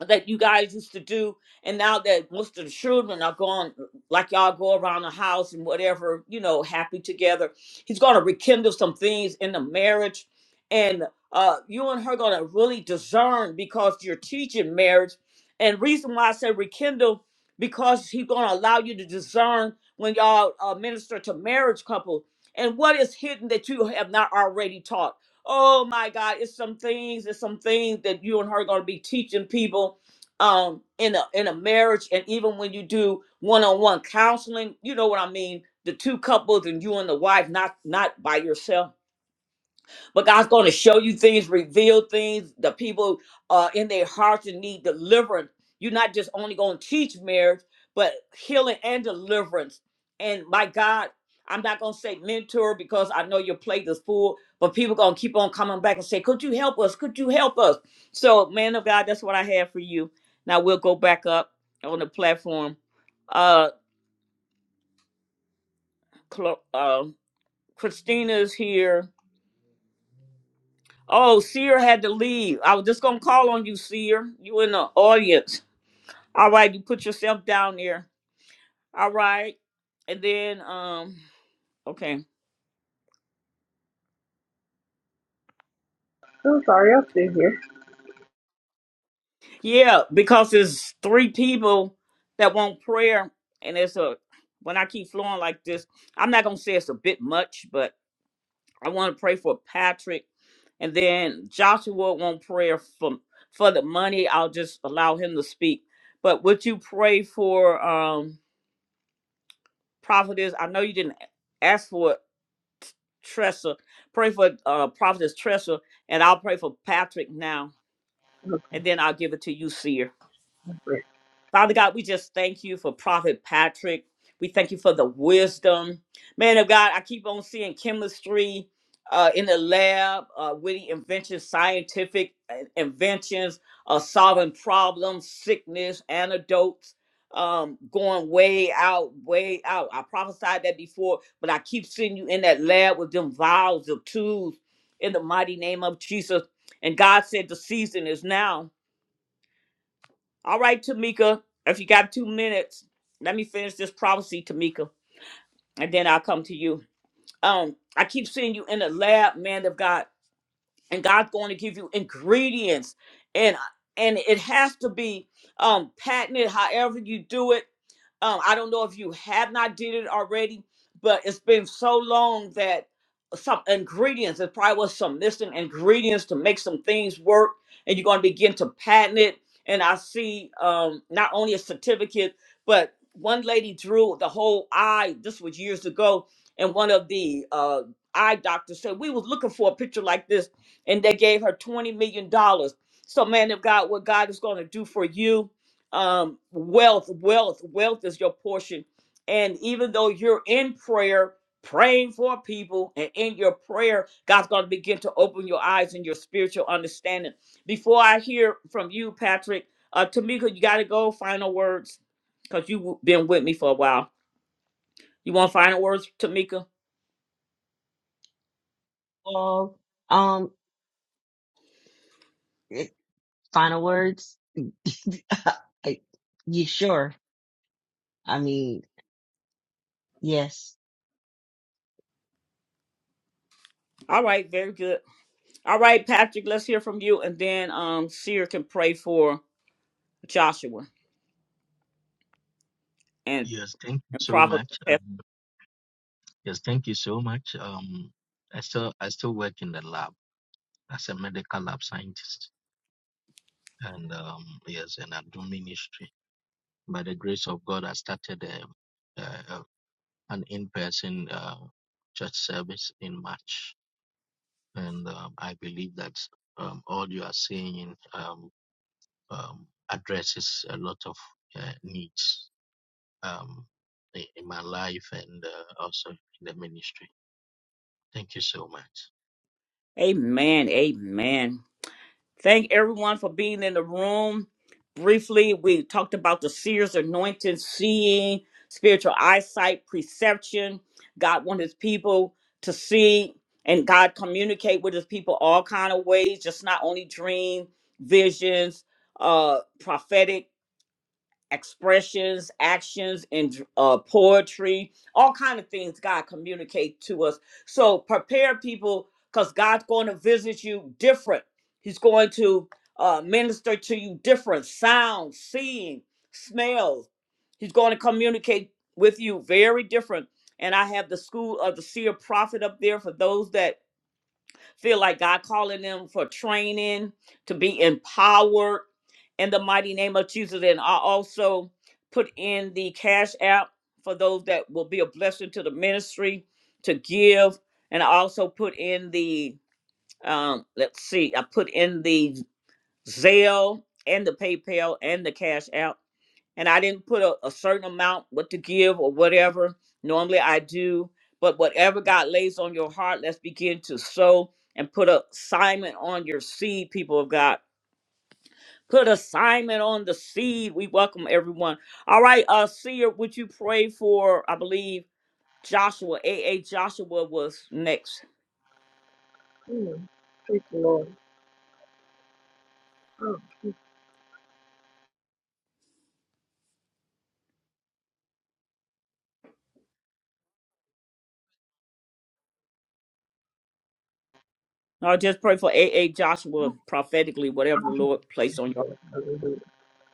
that you guys used to do and now that most of the children are gone like y'all go around the house and whatever you know happy together he's going to rekindle some things in the marriage and uh you and her going to really discern because you're teaching marriage and reason why i said rekindle because he's going to allow you to discern when y'all uh, minister to marriage couple and what is hidden that you have not already taught Oh my God, it's some things, it's some things that you and her are gonna be teaching people um in a in a marriage and even when you do one-on-one counseling, you know what I mean, the two couples and you and the wife, not not by yourself but God's going to show you things, reveal things. The people uh, in their hearts and need deliverance. You're not just only going to teach marriage, but healing and deliverance. And my God, I'm not going to say mentor because I know your plate is full, but people going to keep on coming back and say, Could you help us? Could you help us? So, man of God, that's what I have for you. Now we'll go back up on the platform. Uh, Clo- uh, Christina's here. Oh, Seer had to leave. I was just gonna call on you, Seer. You in the audience. All right, you put yourself down there. All right. And then um okay. I'm sorry, I'm still here. Yeah, because there's three people that want prayer and it's a when I keep flowing like this, I'm not gonna say it's a bit much, but I wanna pray for Patrick and then Joshua want prayer for for the money. I'll just allow him to speak. But would you pray for um prophetess. I know you didn't ask for it, Tressa. Pray for uh prophetess Tressa, and I'll pray for Patrick now, Look at and then I'll give it to you, Seer. that. Father God, we just thank you for Prophet Patrick. We thank you for the wisdom. Man of God, I keep on seeing chemistry uh, in the lab, uh, witty inventions, scientific uh, inventions, uh, solving problems, sickness, antidotes, um, going way out, way out. I prophesied that before, but I keep seeing you in that lab with them vials of tools in the mighty name of Jesus. And God said the season is now all right, Tamika, if you got two minutes, let me finish this prophecy, Tamika, and then I'll come to you. Um, I keep seeing you in the lab, man of God and God's going to give you ingredients and uh, and it has to be um patented however you do it um I don't know if you have not did it already but it's been so long that some ingredients it probably was some missing ingredients to make some things work and you're going to begin to patent it and I see um not only a certificate but one lady drew the whole eye this was years ago and one of the uh eye doctors said we was looking for a picture like this and they gave her $20 million. dollars. So, man of God, what God is going to do for you, um, wealth, wealth, wealth is your portion. And even though you're in prayer, praying for people, and in your prayer, God's going to begin to open your eyes and your spiritual understanding. Before I hear from you, Patrick, uh, Tamika, you got to go. Final words, because you've been with me for a while. You want final words, Tamika? Well, um, eh, final words. I, you sure? I mean, yes. All right, very good. All right, Patrick, let's hear from you, and then um, Seer can pray for Joshua and Yes, thank you and so Prophet. much. Tess. Um, yes, thank you so much. Um, I still, I still work in the lab. as a medical lab scientist and um, yes, and I'm doing ministry. By the grace of God, I started um uh, an in-person uh, church service in March, and um, I believe that um, all you are seeing um, um, addresses a lot of uh, needs um, in, in my life and uh, also in the ministry. Thank you so much. Amen. Amen. Thank everyone for being in the room. Briefly, we talked about the seer's anointing, seeing, spiritual eyesight, perception. God wants His people to see, and God communicate with His people all kind of ways, just not only dream, visions, uh, prophetic expressions, actions, and uh, poetry, all kind of things God communicate to us. So prepare people because God's going to visit you different. He's going to uh, minister to you different sounds, seeing, smells. He's going to communicate with you very different. And I have the school of the seer prophet up there for those that feel like God calling them for training to be empowered in the mighty name of Jesus. And I also put in the cash app for those that will be a blessing to the ministry to give. And I also put in the um, let's see, I put in the Zelle and the PayPal and the cash app and I didn't put a, a certain amount what to give or whatever. Normally I do, but whatever God lays on your heart, let's begin to sow and put a assignment on your seed, people of God. Put assignment on the seed. We welcome everyone. All right, uh, seer, would you pray for? I believe Joshua, AA Joshua was next. Mm. Praise the Lord. Or just pray for AA Joshua prophetically, whatever the Lord placed on your. heart. Lord, Hallelujah.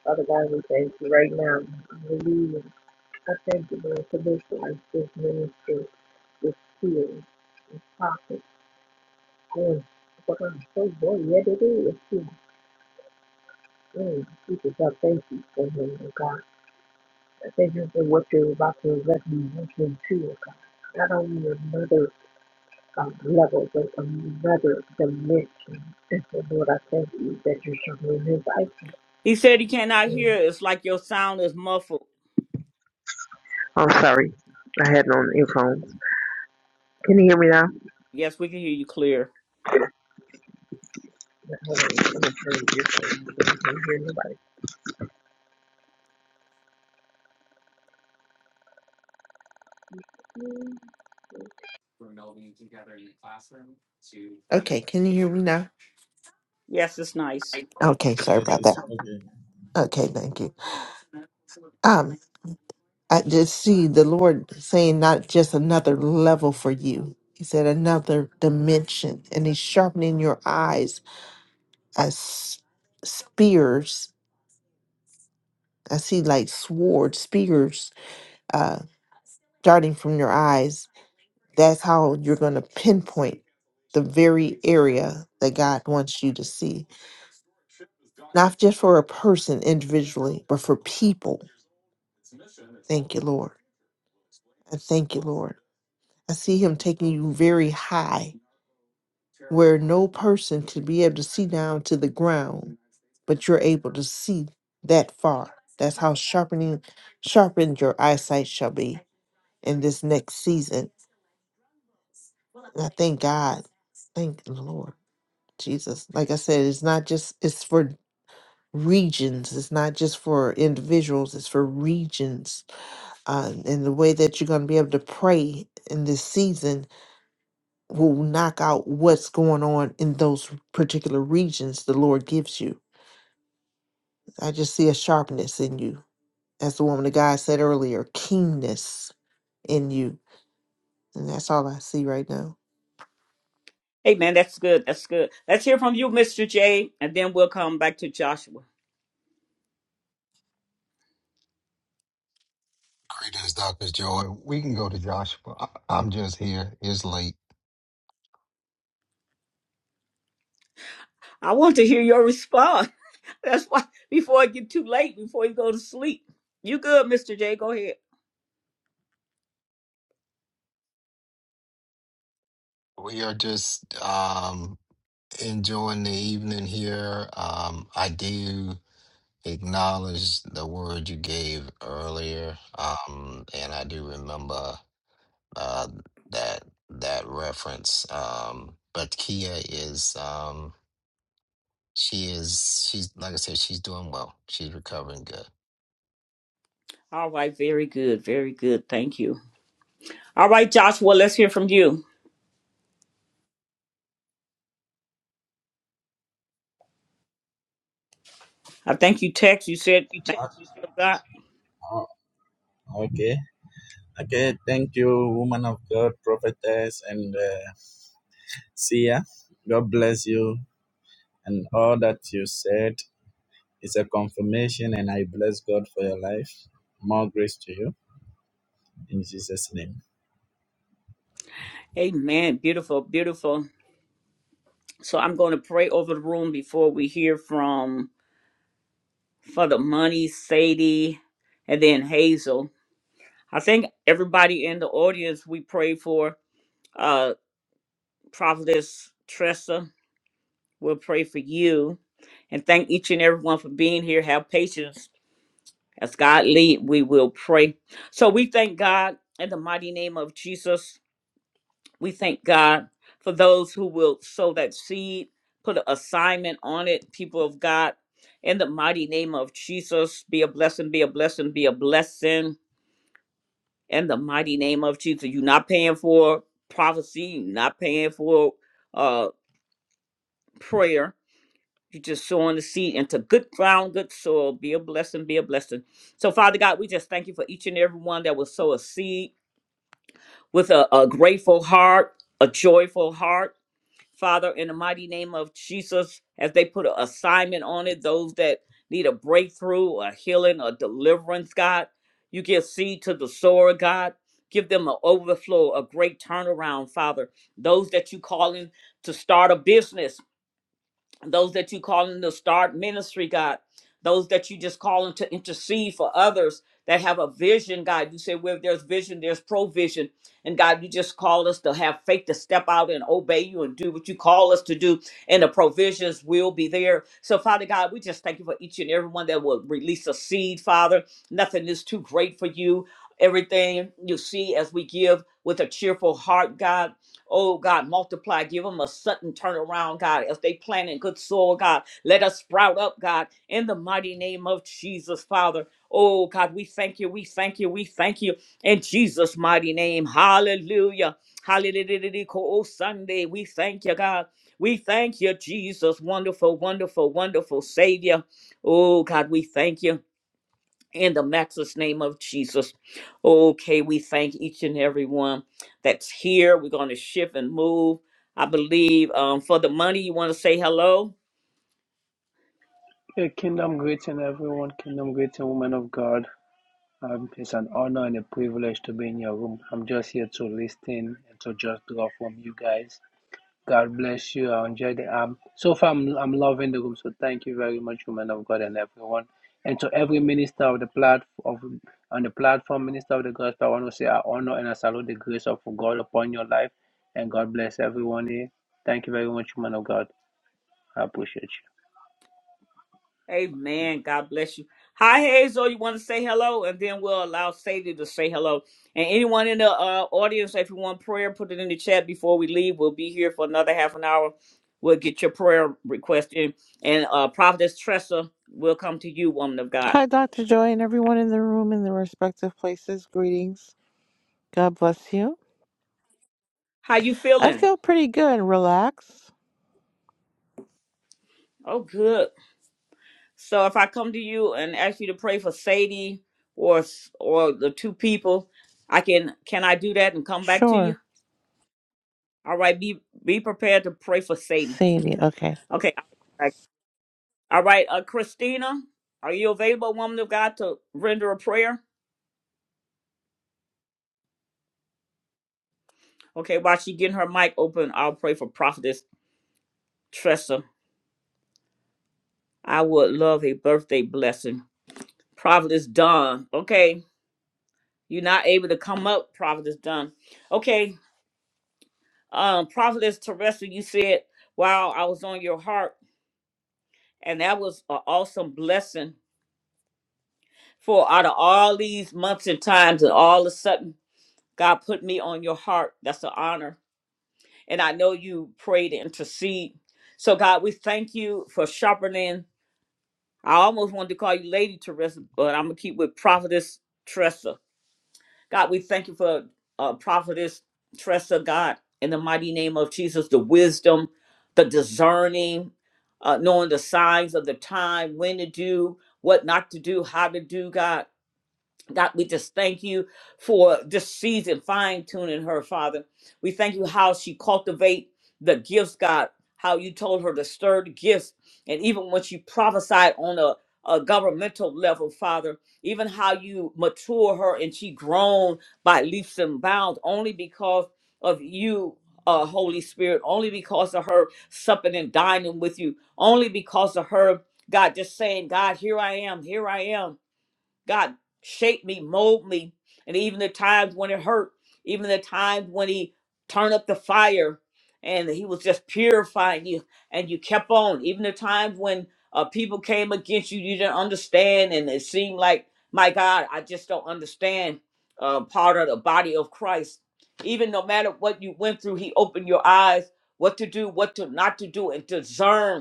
Father God, we thank you right now. Hallelujah. I thank you, Lord, for this life, this ministry, this healing. pocket. Lord, for I'm so boy, yeah, they do. It's too good. People God, thank you for him, oh God. I Thank you for what you're about to let me into, oh God. Not only another um, level, but another dimension. And so, Lord, I thank you that you're showing his eyes. He said he cannot hear. It's like your sound is muffled. I'm sorry. I had on earphones. Can you hear me now? Yes, we can hear you clear. Hold on, I'm gonna turn the earphones on. I can't hear nobody. Okay, can you hear me now? Yes, it's nice. Okay, sorry Yes, about that. it's okay. Okay, thank you. Um, I just see the Lord saying not just another level for you. He said another dimension, and He's sharpening your eyes as s- spears. I see like swords, spears, uh, darting from your eyes. That's how you're going to pinpoint the very area that God wants you to see, not just for a person individually, but for people. Thank you, Lord. I thank you, Lord. I see him taking you very high, where no person could be able to see down to the ground, but you're able to see that far. That's how sharpening sharpened your eyesight shall be in this next season. And I thank God. Thank the Lord. Jesus. Like I said, it's not just it's for regions. It's not just for individuals. It's for regions. Uh, and the way that you're gonna be able to pray in this season will knock out what's going on in those particular regions the Lord gives you. I just see a sharpness in you. As the woman of God said earlier, keenness in you. And that's all I see right now. Hey, man, that's good. That's good. Let's hear from you, Mr. J, and then we'll come back to Joshua. Greetings, Dr. Joy. We can go to Joshua. I- I'm just here. It's late. I want to hear your response. That's why before it get too late, before you go to sleep. You good, Mr. J? Go ahead. We are just um, enjoying the evening here. Um, I do acknowledge the word you gave earlier, um, and I do remember uh, that that reference. Um, but Kia is um, she is she's like I said, she's doing well. She's recovering good. All right, very good, very good. Thank you. All right, Joshua, let's hear from you. I think you text. You said You thank take you, God. Oh, okay. Okay. Thank you, woman of God, prophetess, and uh, seer. God bless you. And all that you said is a confirmation, and I bless God for your life. More grace to you in Jesus' name. Amen. Beautiful, beautiful. So I'm going to pray over the room before we hear from for the money, Sadie, and then Hazel. I think everybody in the audience we pray for. Uh Prophetess Tressa, we'll pray for you. And thank each and everyone for being here. Have patience. As God lead, we will pray. So we thank God in the mighty name of Jesus. We thank God for those who will sow that seed, put an assignment on it, people of God. In the mighty name of Jesus, be a blessing, be a blessing, be a blessing in the mighty name of Jesus. You're not paying for prophecy, you're not paying for uh prayer. You're just sowing the seed into good ground, good soil. Be a blessing, be a blessing. So, Father God, we just thank you for each and every one that will sow a seed with a, a grateful heart, a joyful heart. Father, in the mighty name of Jesus, as they put an assignment on it, those that need a breakthrough, a healing, a deliverance, God, you give seed to the sower, God. Give them an overflow, a great turnaround, Father. Those that you calling to start a business, those that you calling to start ministry, God, those that you just calling to intercede for others that have a vision, God. You say where there's vision, there's provision. And God, you just call us to have faith to step out and obey you and do what you call us to do, and the provisions will be there. So, Father God, we just thank you for each and every one that will release a seed, Father. Nothing is too great for you. Everything you see as we give with a cheerful heart, God. Oh God, multiply, give them a sudden turnaround, God. As they plant in good soil, God, let us sprout up, God, in the mighty name of Jesus, Father. Oh God, we thank you, we thank you, we thank you in Jesus' mighty name. Hallelujah. Hallelujah. Oh Sunday, we thank you, God. We thank you, Jesus. Wonderful, wonderful, wonderful Savior. Oh God, we thank you in the matchless name of Jesus. Okay, we thank each and every one that's here. We're going to shift and move. I believe um, for the money, you want to say hello? A kingdom greeting, everyone. Kingdom greeting, woman of God. Um, it's an honor and a privilege to be in your room. I'm just here to listen and to just draw from you guys. God bless you. I enjoy the um. So far, I'm, I'm loving the room. So thank you very much, woman of God, and everyone, and to every minister of the plat of on the platform, minister of the gospel. I want to say I honor and I salute the grace of God upon your life, and God bless everyone here. Thank you very much, woman of God. I appreciate you. Amen. God bless you. Hi, Hazel. You want to say hello? And then we'll allow Sadie to say hello. And anyone in the uh, audience, if you want prayer, put it in the chat before we leave. We'll be here for another half an hour. We'll get your prayer request in. And uh, Prophetess Tressa will come to you, woman of God. Hi, Dr. Joy, and everyone in the room in their respective places. Greetings. God bless you. How you I feeling? feel pretty good. Relax. Oh, good. So if I come to you and ask you to pray for Sadie or s- or the two people, I can can I do that and come back to Sure. you? All right, be be prepared to pray for Sadie. Sadie. Okay. Okay. All right, right, uh, Christina, are you available, woman of God, to render a prayer? Okay, while she getting her mic open, I'll pray for Prophetess Tressa. I would love a birthday blessing. Prophetess Dawn. Okay, you're not able to come up, Prophetess Dawn. Okay, Um, Prophetess Teresa, you said, Wow, I was on your heart. And that was an awesome blessing for out of all these months and times, and all of a sudden, God put me on your heart. That's an honor. And I know you prayed and intercede. So, God, we thank you for sharpening. I almost wanted to call you Lady Teresa, but I'm going to keep with Prophetess Teresa. God, we thank you for uh, prophetess Tressa, God, in the mighty name of Jesus, the wisdom, the discerning, uh, knowing the signs of the time, when to do, what not to do, how to do, God. God, we just thank you for this season fine tuning her, Father. We thank you how she cultivate the gifts, God. How you told her to stir the gifts, and even when she prophesied on a, a governmental level, Father, even how you mature her and she grown by leaps and bounds, only because of you, uh, Holy Spirit, only because of her supping and dining with you, only because of her, God, just saying, God, here I am, here I am. God shaped me, mold me, and even the times when it hurt, even the times when he turned up the fire and he was just purifying you and you kept on, even the times when uh, people came against you, you didn't understand and it seemed like, my God, I just don't understand uh, part of the body of Christ. Even no matter what you went through, he opened your eyes, what to do, what to not to do, and discern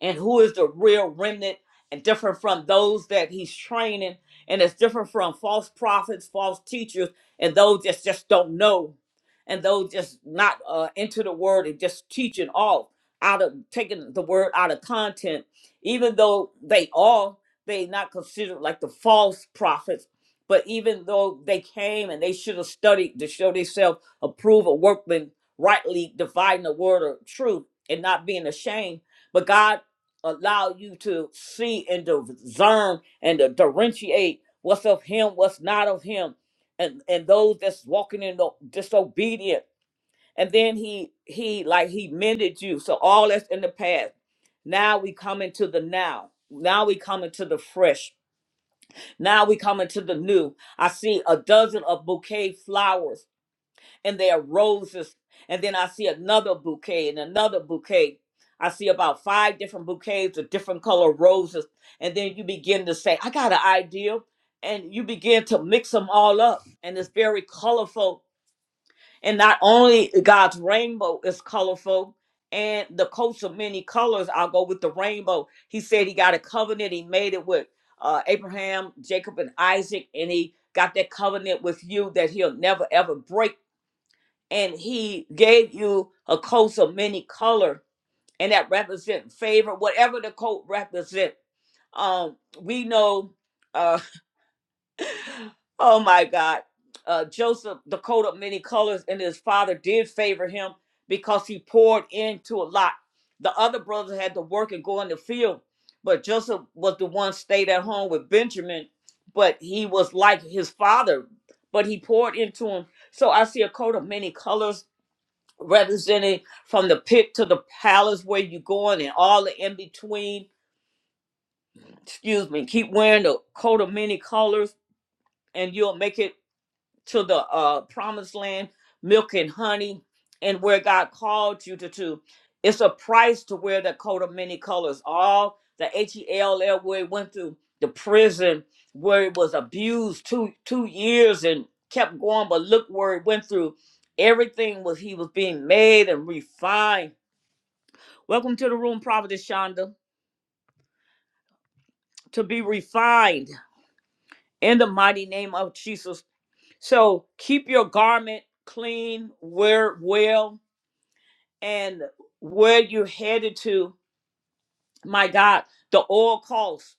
and who is the real remnant and different from those that he's training and it's different from false prophets false teachers and those that just don't know and those just not uh, into the word and just teaching off out of taking the word out of content even though they are they not considered like the false prophets but even though they came and they should have studied to show themselves approve of workmen rightly dividing the word of truth and not being ashamed. But God allow you to see and discern and to differentiate what's of him, what's not of him, and and those that's walking in the disobedient. And then he he like he mended you. So all that's in the past. Now we come into the now. Now we come into the fresh. Now we come into the new. I see a dozen of bouquet flowers and there are roses. And then I see another bouquet and another bouquet. I see about five different bouquets of different color roses. And then you begin to say, I got an idea. And you begin to mix them all up. And it's very colorful. And not only God's rainbow is colorful, and the coats of many colors, I'll go with the rainbow. He said he got a covenant. He made it with uh, Abraham, Jacob, and Isaac. And he got that covenant with you that he'll never, ever break and he gave you a coat of many color and that represent favor whatever the coat represent um we know uh oh my god uh joseph the coat of many colors and his father did favor him because he poured into a lot the other brothers had to work and go in the field but joseph was the one stayed at home with benjamin but he was like his father but he poured into him so i see a coat of many colors represented from the pit to the palace where you're going and all the in between. Excuse me. Keep wearing the coat of many colors and you'll make it to the uh, promised land, milk and honey, and where God called you to. to. It's a price to wear the coat of many colors. All the H-E-L-L where he went through the prison where it was abused two two years and kept going, but look where it went through. Everything was he was being made and refined Welcome to the room, Prophetess Shonda, to be refined in the mighty name of Jesus. So keep your garment clean, wear it well, and where you're headed to, my God, the oil calls.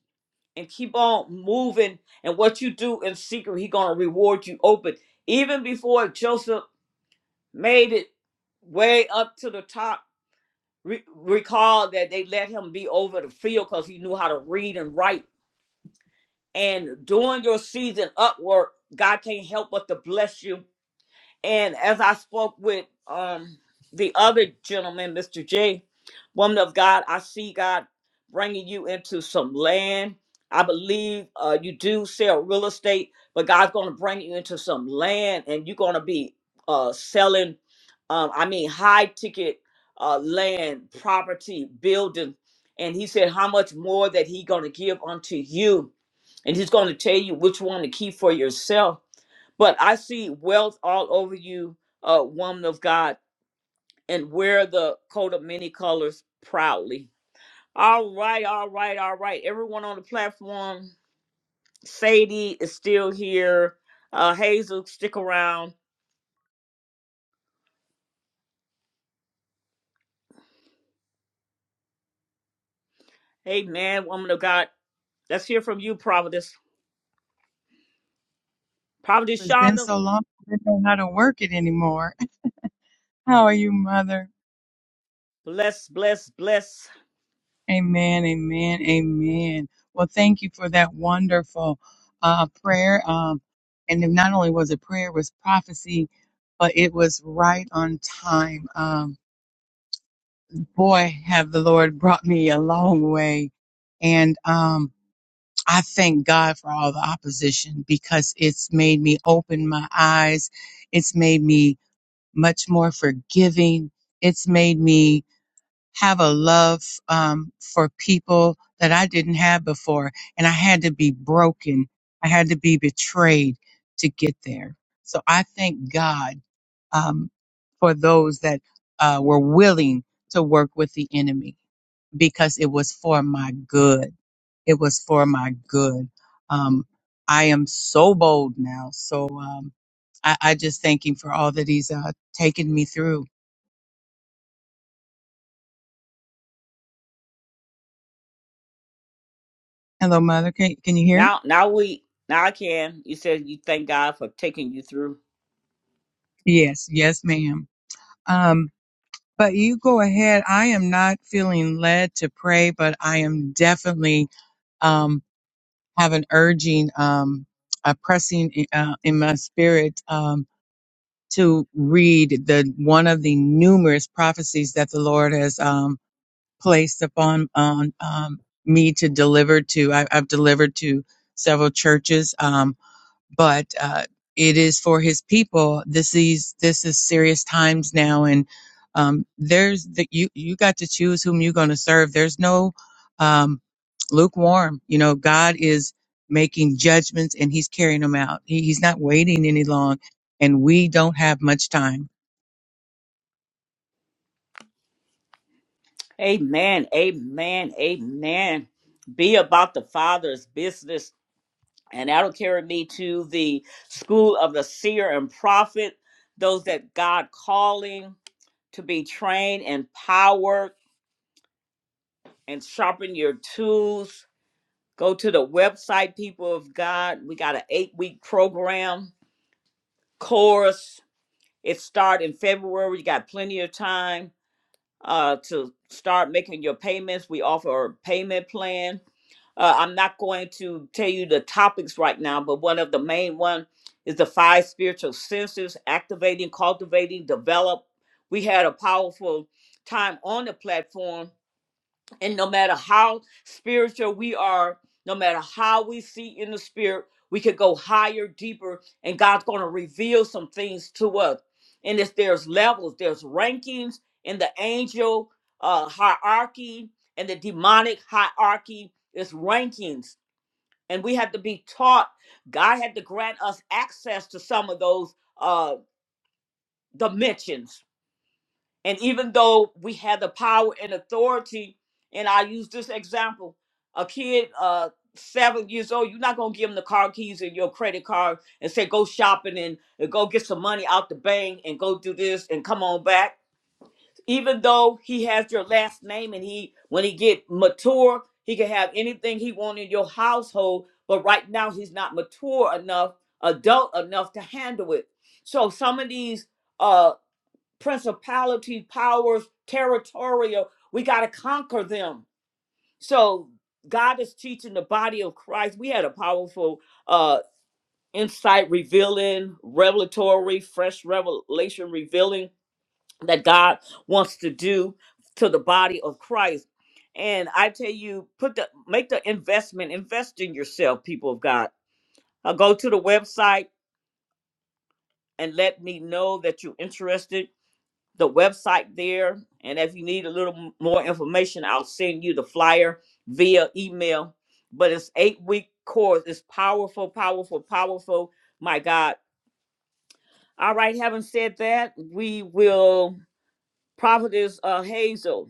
And keep on moving. And what you do in secret, He gonna reward you open. Even before Joseph made it way up to the top, re- recall that they let him be over the field because he knew how to read and write And during your season up work, God can't help but to bless you and as I spoke with um the other gentleman, Mr. J, woman of God, I see God bringing you into some land. I believe uh, you do sell real estate, but God's going to bring you into some land, and you're going to be uh, selling. Um, I mean, high ticket uh, land, property, building. And He said, "How much more that He going to give unto you?" And He's going to tell you which one to keep for yourself but I see wealth all over you, uh, woman of God, and wear the coat of many colors proudly. All right, all right, all right. Everyone on the platform, Sadie is still here. Uh, Hazel, stick around. Hey, man, woman of God, let's hear from you, Providence. Providence It's been Shonda, so long, I didn't know how to work it anymore. How are you, Mother? bless, bless, bless. Amen, amen, amen. Well, thank you for that wonderful uh, prayer. Um, and then not only was it prayer, it was prophecy, but it was right on time. Um, boy, have the Lord brought me a long way. And um, I thank God for all the opposition because it's made me open my eyes. It's made me much more forgiving. It's made me have a love um, for people that I didn't have before. And I had to be broken, I had to be betrayed to get there. So I thank God um, for those that uh, were willing to work with the enemy because it was for my good. It was for my good. Um, I am so bold now. So um, I, I just thank him for all that he's uh, taken me through. Hello, mother. Can, can you hear? Now, now we, now I can. You said you thank God for taking you through. Yes, yes, ma'am. Um, but you go ahead. I am not feeling led to pray, but I am definitely um, have an urging, um, a pressing in- uh, in my spirit um, to read the one of the numerous prophecies that the Lord has um, placed upon on um, me to deliver to. I, I've delivered to several churches. Um, but uh, it is for his people. This is this is serious times now, and um, there's the, you you got to choose whom you're going to serve. There's no um, lukewarm. You know, God is making judgments, and He's carrying them out. He, he's not waiting any long, and we don't have much time. Amen. Amen. Amen. Be about the Father's business. And that'll carry me to the school of the seer and prophet, those that God calling to be trained, empowered, and sharpen your tools. Go to the website, people of God. We got an eight-week program course. It start in February. You got plenty of time uh, to start making your payments. We offer a payment plan Uh, I'm not going to tell you the topics right now, but one of the main one is the five spiritual senses, activating, cultivating, develop. We had a powerful time on the platform and no matter how spiritual we are, no matter how we see in the spirit, we could go higher, deeper, and God's going to reveal some things to us. And if there's levels, there's rankings in the angel uh, hierarchy and the demonic hierarchy, it's rankings. And we have to be taught. God had to grant us access to some of those uh, dimensions and even though we had the power and authority, and I use this example, a kid uh seven years old, you're not gonna give him the car keys and your credit card and say go shopping and, and go get some money out the bank and go do this and come on back. Even though he has your last name and he when he get mature, he can have anything he want in your household, but right now he's not mature enough, adult enough to handle it. So some of these uh principality, powers, territorial. We got to conquer them. So God is teaching the body of Christ. We had a powerful uh, insight revealing, revelatory, fresh revelation revealing that God wants to do to the body of Christ. And I tell you, put the make the investment, invest in yourself, people of God. Uh, go to the website and let me know that you're interested the website there. And if you need a little m- more information, I'll send you the flyer via email. But it's eight week course. It's powerful, powerful, powerful. My God. All right. Having said that, we will prophetess uh, Hazel.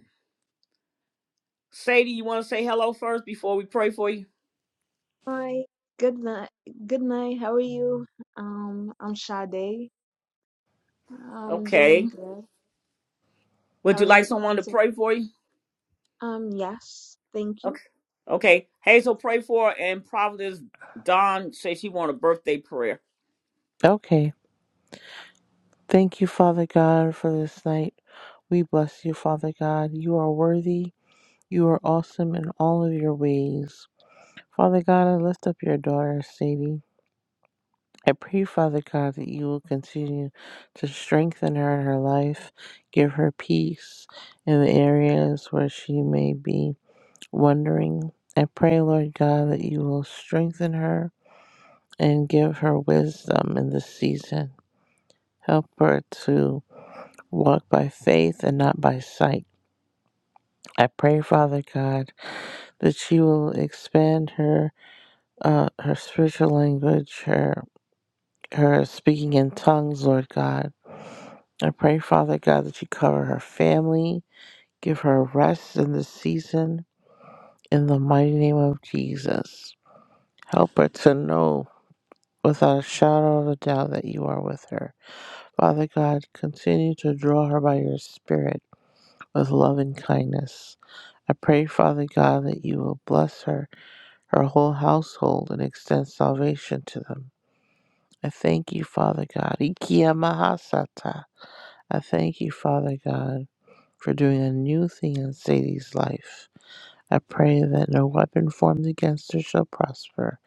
Sadie, you want to say hello first before we pray for you? Hi, good night. Good night. How are you? Um, I'm Sade. I'm Okay. doing good. Would How you are like you? How someone to is it? pray for you? Um, yes. Thank you. Okay. Okay. Hazel, pray for her, and prophetess Don says she want a birthday prayer. Okay. Thank you, Father God, for this night. We bless you, Father God. You are worthy. You are awesome in all of your ways. Father God, I lift up your daughter, Sadie. I pray, Father God, that you will continue to strengthen her in her life, give her peace in the areas where she may be wondering. I pray, Lord God, that you will strengthen her and give her wisdom in this season. Help her to walk by faith and not by sight. I pray, Father God, that she will expand her uh, her spiritual language, her her speaking in tongues, Lord God. I pray, Father God, that you cover her family, give her rest in this season, in the mighty name of Jesus. Help her to know without a shadow of a doubt that you are with her. Father God, continue to draw her by your Spirit with love and kindness. I pray, Father God, that you will bless her, her whole household, and extend salvation to them. I thank you, Father God. Ikia mahasata. I thank you, Father God, for doing a new thing in Sadie's life. I pray that no weapon formed against her shall prosper.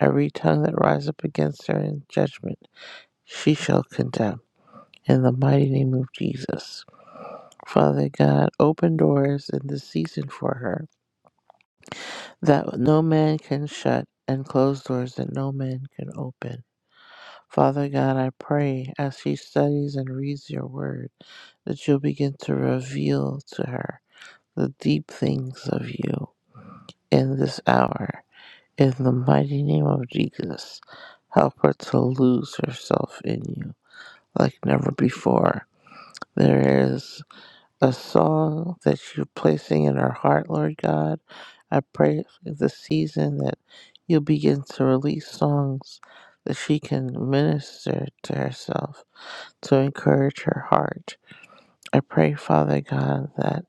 Every tongue that rises up against her in judgment, she shall condemn. in the mighty name of Jesus. Father God, open doors in this season for her that no man can shut and close doors that no man can open. Father God, I pray as she studies and reads your word that you'll begin to reveal to her the deep things of you in this hour. In the mighty name of Jesus, help her to lose herself in you like never before. There is A song that you're placing in our heart, Lord God. I pray for this season that you'll begin to release songs that she can minister to herself to encourage her heart. I pray, Father God, that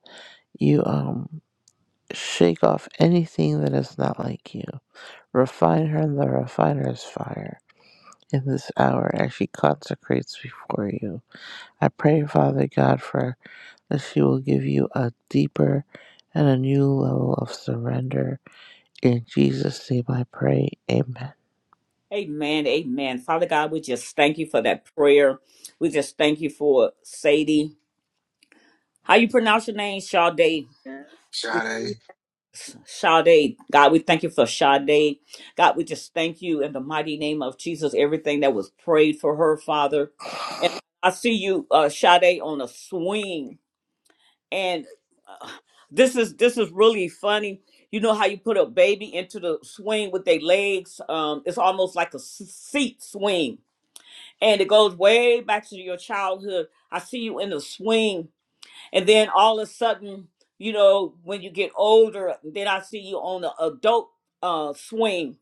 you um shake off anything that is not like you. Refine her in the refiner's fire in this hour as she consecrates before you. I pray, Father God, for that she will give you a deeper and a new level of surrender. In Jesus' name I pray. Amen. Amen. Amen. Father God, we just thank you for that prayer. We just thank you for Sadie. How you pronounce your name? Sade. Yeah. We Hey, Sade, Sade. God, we thank you for Sade. God, we just thank you in the mighty name of Jesus, everything that was prayed for her, Father. And I see you, uh, Sade, on a swing. And uh, this is this is really funny. You know how you put a baby into the swing with their legs? Um, it's almost like a s- seat swing and it goes way back to your childhood. I see you in the swing, and then all of a sudden, you know, when you get older, then I see you on the adult uh, swing,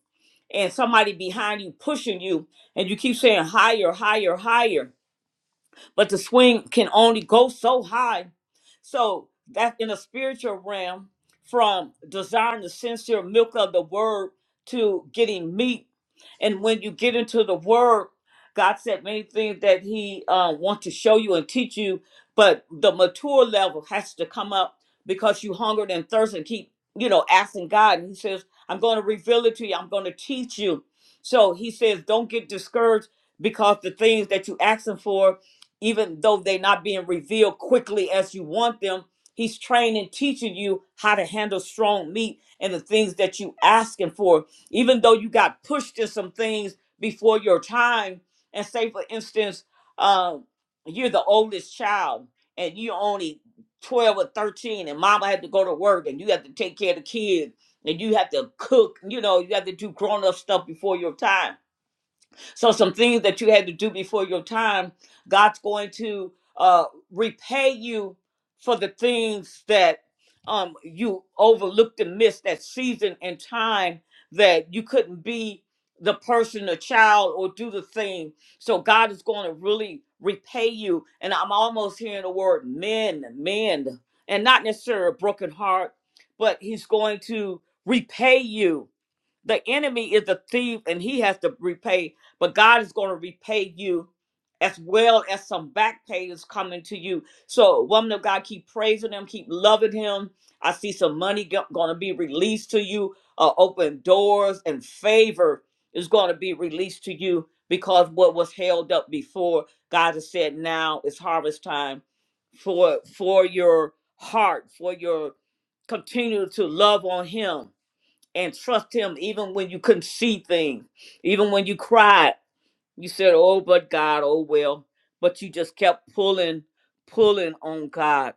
and somebody behind you pushing you, and you keep saying higher, higher, higher but the swing can only go so high. So that in a spiritual realm, from desiring the sincere milk of the word to getting meat, and when you get into the word, God said many things that He uh, wants to show you and teach you, but the mature level has to come up because you hungered and thirst and keep you know asking God, and He says, "I'm going to reveal it to you. I'm going to teach you." So He says, "Don't get discouraged." Because the things that you asking for even though they're not being revealed quickly as you want them. He's training, teaching you how to handle strong meat and the things that you asking for. Even though you got pushed to some things before your time, and say for instance, uh, you're the oldest child and you are only 12 or 13 and mama had to go to work and you have to take care of the kids and you have to cook, you know, you have to do grown up stuff before your time so some things that you had to do before your time, God's going to uh, repay you for the things that um, you overlooked and missed that season and time that you couldn't be the person, the child, or do the thing. So God is going to really repay you. And I'm almost hearing the word mend, mend, and not necessarily a broken heart, but He's going to repay you the enemy is a thief and he has to repay but God is going to repay you as well as some back pay is coming to you. So, woman of God, keep praising Him, keep loving Him. I see some money going to be released to you, uh, open doors, and favor is going to be released to you because what was held up before, God has said now is harvest time for for your heart, for your continue to love on Him and trust Him even when you couldn't see things, even when you cried you said, "Oh, but God, oh well," but you just kept pulling, pulling on God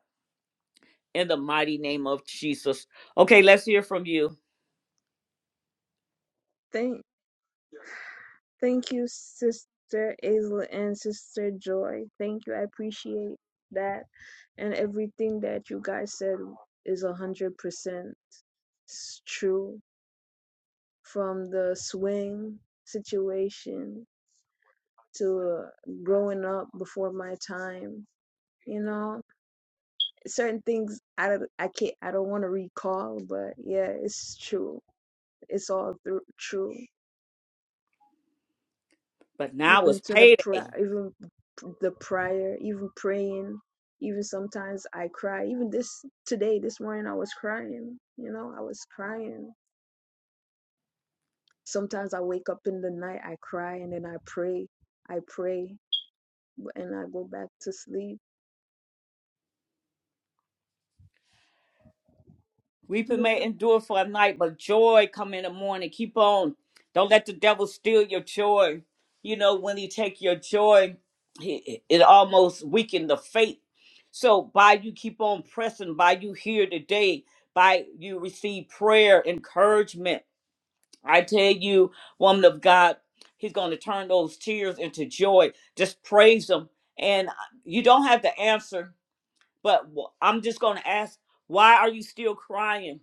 in the mighty name of Jesus. Okay, let's hear from you. Thank, thank you, Sister Isla and Sister Joy. Thank you. I appreciate that, and everything that you guys said is a hundred percent s- true. From the swing situation to uh, growing up before my time, you know. certain things I don't, I can't I don't want to recall, but yeah, it's true. It's all through, true. But now Even it's to the payday. pri- even p- the prior, even praying, even sometimes I cry. Even this today, this morning, I was crying. You know, I was crying. Sometimes I wake up in the night, I cry, and then I pray. I pray, and I go back to sleep. Weeping may Yeah. endure for a night, but joy come in the morning. Keep on. Don't let the devil steal your joy. You know, when he take your joy, he- it almost weaken the faith. So by you keep on pressing, by you here today, by you receive prayer, encouragement, I tell you, woman of God, he's going to turn those tears into joy. Just praise him. And uh, you don't have to answer, but wh- I'm just going to ask, why are you still crying?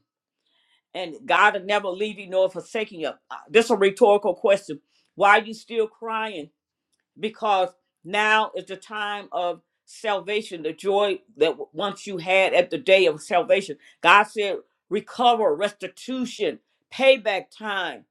And God will never leave you nor forsaken you. Uh, This is a rhetorical question. Why are you still crying? Because now is the time of salvation, the joy that w- once you had at the day of salvation. God said, recover, restitution, payback time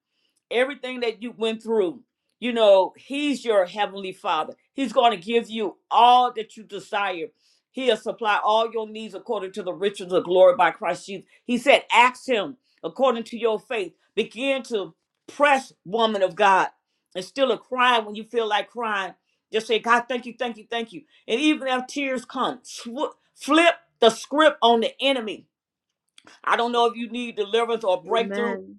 everything that you went through, you know, he's your heavenly father. He's going to give you all that you desire. He'll supply all your needs according to the riches of glory by Christ Jesus. He said, ask him according to your faith. Begin to press, woman of God. And still a cry when you feel like crying. Just say, God, thank you, thank you, thank you. And even if tears come, sw- flip the script on the enemy. I don't Amen. know if you need deliverance or breakthrough Amen.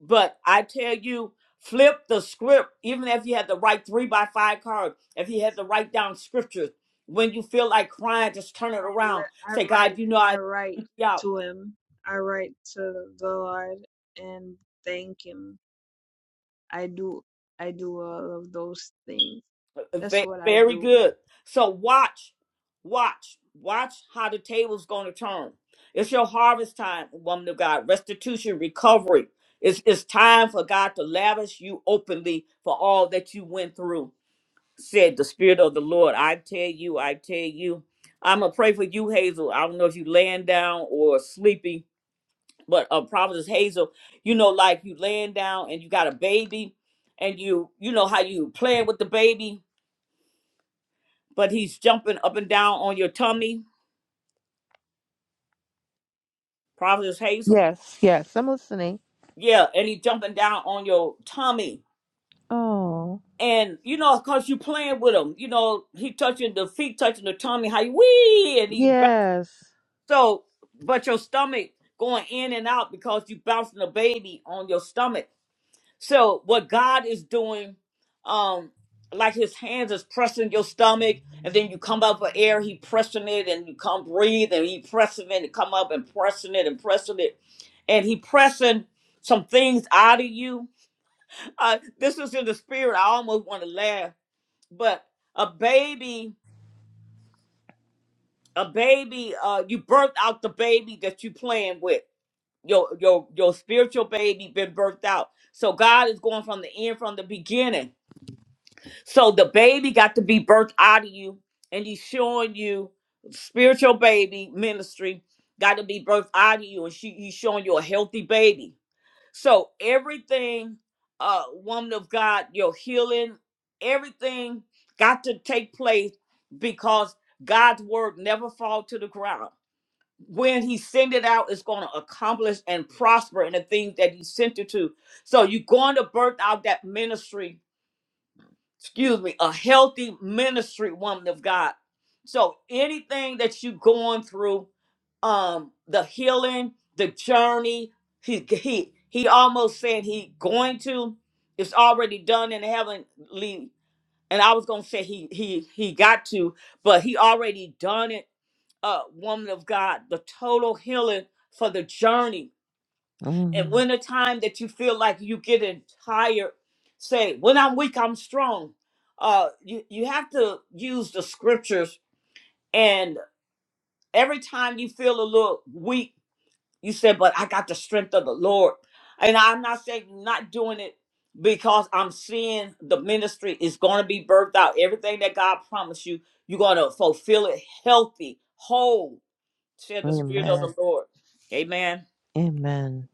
but I tell you, flip the script. Even if you had to write three by five cards, if you had to write down scriptures, when you feel like crying, just turn it I around. le- I Say, God, write you know I I need write you out. to him. I write to the Lord and thank him. I do I do all of those things. Uh, That's Ve- what I Very do. good. So watch, watch, watch how the table's going to turn. It's your harvest time, woman of God. Restitution, recovery. It's, it's time for God to lavish you openly for all that you went through. said, The Spirit of the Lord, I tell you, I tell you. I'm going to pray for you, Hazel. I don't know if you laying down or sleeping, but uh, Providence Hazel, you know, like you laying down and you got a baby and you, you know how you playing with the baby, but he's jumping up and down on your tummy, Providence Hazel. Yes, yes, I'm listening. Yeah, and he jumping down on your tummy. Oh, And you know, cause you playing with him, you know, he touching the feet, touching the tummy, how you wee, and he yes. So, but your stomach going in and out because you bouncing a baby on your stomach. So, what God is doing, um, like His hands is pressing your stomach, and then you come up for air. He pressing it, and you come breathe, and He pressing it, and come up and pressing it and pressing it, and He pressing some things out of you. Uh, this is in the spirit. I almost want to laugh, but a baby, a baby, uh, you birthed out the baby that you playing with your your your spiritual baby been birthed out. So God is going from the end from the beginning. So the baby got to be birthed out of you, and He's showing you spiritual baby ministry got to be birthed out of you, and she, He's showing you a healthy baby. So everything, uh, woman of God, your healing, everything got to take place because God's word never fall to the ground when he send it out, it's going to accomplish and prosper in the things that he sent it to. So you're going to birth out that ministry, excuse me, a healthy ministry woman of God. So anything that you are going through, um, the healing, the journey, he he he almost said he going to, it's already done in heavenly. And I was gonna say he he he got to, but he already done it uh, woman of God, the total healing for the journey. And Mm, when the time that you feel like you getting tired, say, when I'm weak, I'm strong. Uh, you, you have to use the scriptures. And every time you feel a little weak, you say, but I got the strength of the Lord. And I'm not saying you're not doing it because I'm seeing the ministry is going to be birthed out. Everything that God promised you, you're going to fulfill it healthy, whole Said the Spirit of amen. the Lord. Amen. Amen.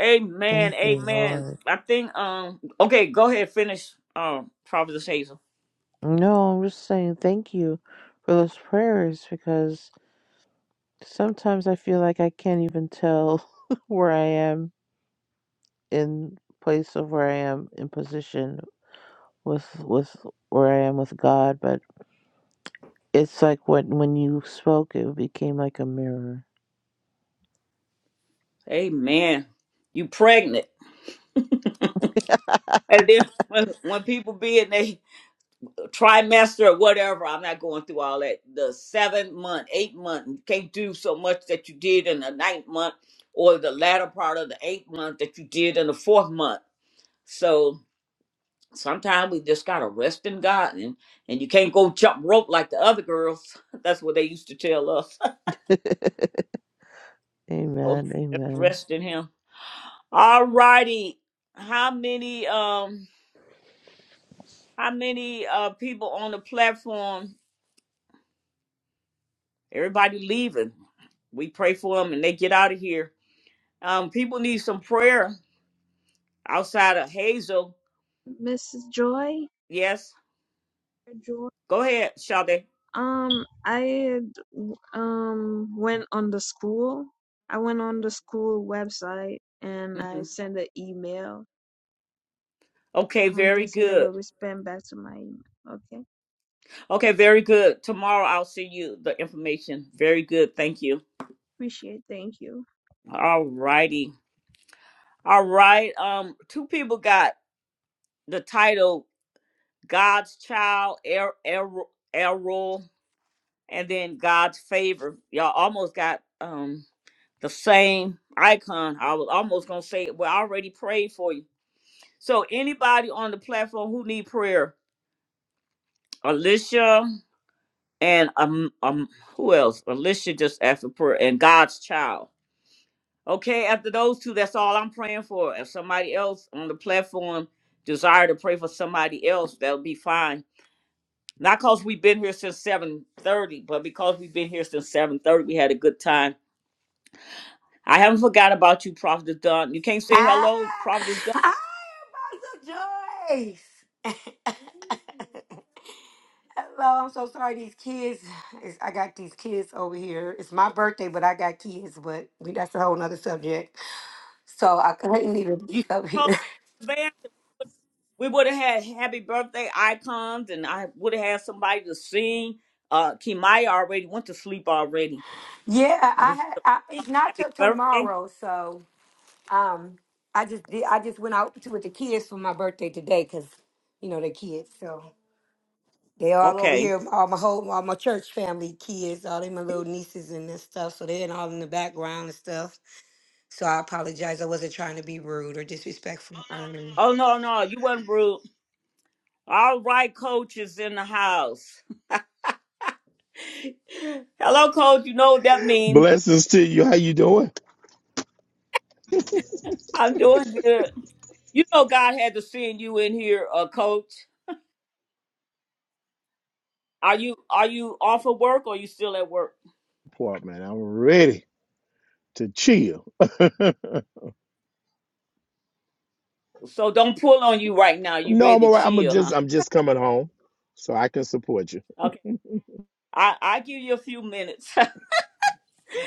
Amen. Thank you, Amen. Lord. I think um okay, go ahead, finish um Prophet Hazel. No, I'm just saying thank you for those prayers because sometimes I feel like I can't even tell where I am in place of where I am in position with with where I am with God, but It's like when when you spoke, it became like a mirror. Amen. You pregnant. And then when, when people be in their trimester or whatever, I'm not going through all that. The seventh month, eighth month, you can't do so much that you did in the ninth month or the latter part of the eighth month that you did in the fourth month. So sometimes we just gotta rest in God, and, and you can't go jump rope like the other girls. That's what they used to tell us. so Amen. just Amen. rest in Him. All righty, how many um how many uh people on the platform? Everybody leaving. We pray for them and they get out of here. Um, people need some prayer outside of Hazel. Mrs. Joy, Yes, Joy. go ahead, Sade. Um, I had, um went on the school. I went on the school website and I hmm sent an email. Okay, Um, very they said they good. will respond back to my email. Okay, Okay, very good. Tomorrow I'll send you the information. Very good. Thank you. appreciate. Thank you. All righty. All right. Um, two people got the title God's Child, Er- Er- Errol, and then God's Favor. Y'all almost got um the same icon. I was almost gonna say, well, I already prayed for you. So anybody on the platform who need prayer, Alicia and um um who else? Alicia just asked for prayer and God's Child. Okay, after those two, that's all I'm praying for. If somebody else on the platform desire to pray for somebody else, that'll be fine. Not because we've been here since 7:30, but because we've been here since 7:30, we had a good time. I haven't forgot about you, Prophet Dunn. You can't say Ah, hello, Prophet Dunn. hi, Apostle Joyce. Hello, I'm so sorry. These kids, it's, I got these kids over here. It's my birthday, but I got kids. But we, that's a whole nother subject. So I couldn't even get You up here. called in advance. We would have had happy birthday icons, and I would have had somebody to sing. Uh, Kimaya already went to sleep already. yeah, And I, we had- I it's not happy till birthday. tomorrow. So um, I just did. I just went out to with the kids for my birthday today because you know they're kids. So. They all over Okay. here, all my whole, all my church family, kids, all them my little nieces and this stuff. So they're all in the background and stuff. So I apologize. I wasn't trying to be rude or disrespectful. Um, Oh no, no, you wasn't rude. All right, coach is in the house. Hello, coach. You know what that means. Blessings to you. How you doing? I'm doing good. You know God had to send you in here, uh, coach. Are you are you off of work or you still at work? Poor man, I'm ready to chill. So don't pull on you right now. You No, I'm ready to all right. I'm chill, huh? just I'm just coming home, so I can support you. Okay. I, I give you a few minutes.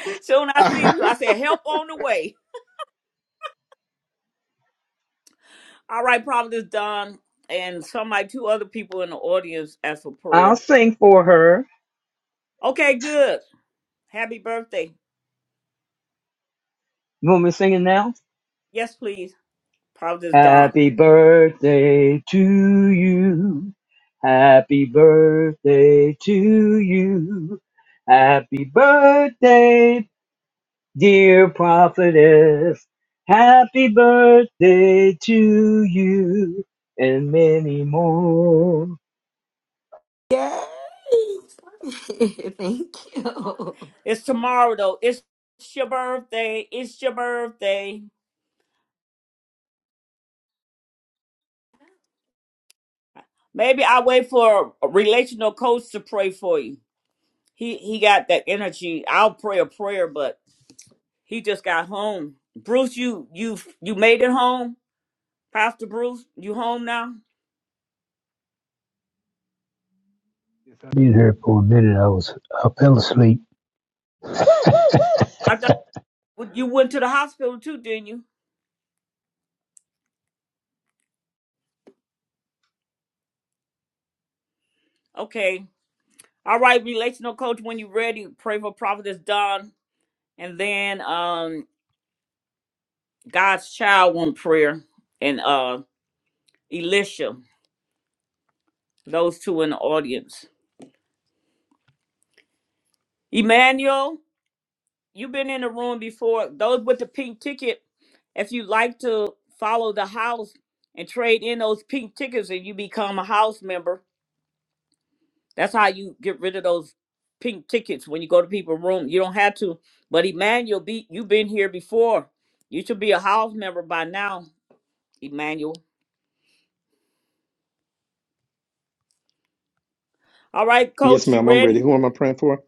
Soon I see you. I said help on the way. All right, probably is done. And somebody two other people in the audience asked for I'll prayer. sing for her. Okay, good. Happy birthday. You want me singing now? Yes, please. Probably is done. Happy birthday to you. Happy birthday to you. Happy birthday Dear prophetess, happy birthday to you and many more. yay! Thank you. It's tomorrow though. It's your birthday. It's your birthday. Maybe I wait for a relational coach to pray for you. He he got that energy. I'll pray a prayer, but he just got home. Bruce, you you you made it home, Pastor Bruce. You home now? Being here for a minute, I was I fell asleep. Oh, I thought you went to the hospital too, didn't you? Okay. All right, relational coach. When you are ready, pray for Prophetess Don, and then um God's child one prayer and uh Elisha. Those two in the audience. Emmanuel, you've been in the room before. Those with the pink ticket, if you like to follow the house and trade in those pink tickets and you become a house member, that's how you get rid of those pink tickets when you go to people's room. You don't have to. But Emmanuel, be, you've been here before. You should be a house member by now, Emmanuel. All right, yes, coach, you ma'am. I'm ready. ready? Who am I praying for?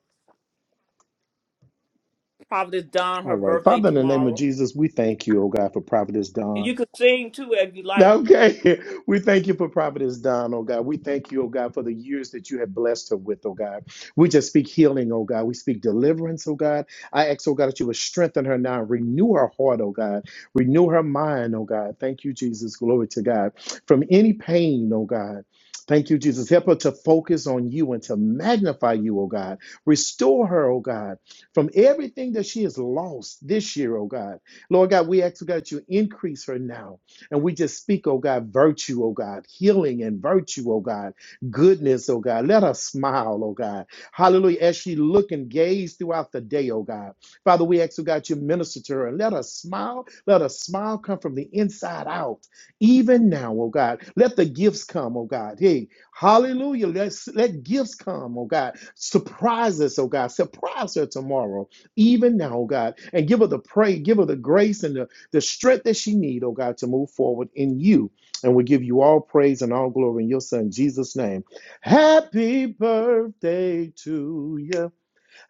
Probably it's Don, All her right, birthday Father, in the name of tomorrow. Jesus, we thank you, oh God, for Providence And you Don. can sing too if you like. Okay. We thank you for Providence Don, oh God. We thank you, oh God, for the years that you have blessed her with, oh God. We just speak healing, oh God. We speak deliverance, oh God. I ask, oh God, that you would strengthen her now. Renew her heart, oh God. Renew her mind, oh God. Thank you, Jesus. Glory to God. From any pain, oh God. Thank you, Jesus. Help her to focus on you and to magnify you, oh God. Restore her, oh God, from everything that she has lost this year, oh God. Lord God, we ask, oh God, that you increase her now. And we just speak, oh God, virtue, oh God, healing and virtue, oh God, goodness, oh God. Let her smile, oh God. Hallelujah. As she look and gaze throughout the day, oh God. Father, we ask, oh God, you minister to her and let her smile. Let her smile come from the inside out, even now, oh God. Let the gifts come, oh God. Hey, hallelujah. Let's, let gifts come, oh God. Surprise us, oh God. Surprise her tomorrow, even now, oh God. And give her the praise, give her the grace and the the strength that she need, oh God, to move forward in you. And we give you all praise and all glory in your son Jesus' name. Happy birthday to you.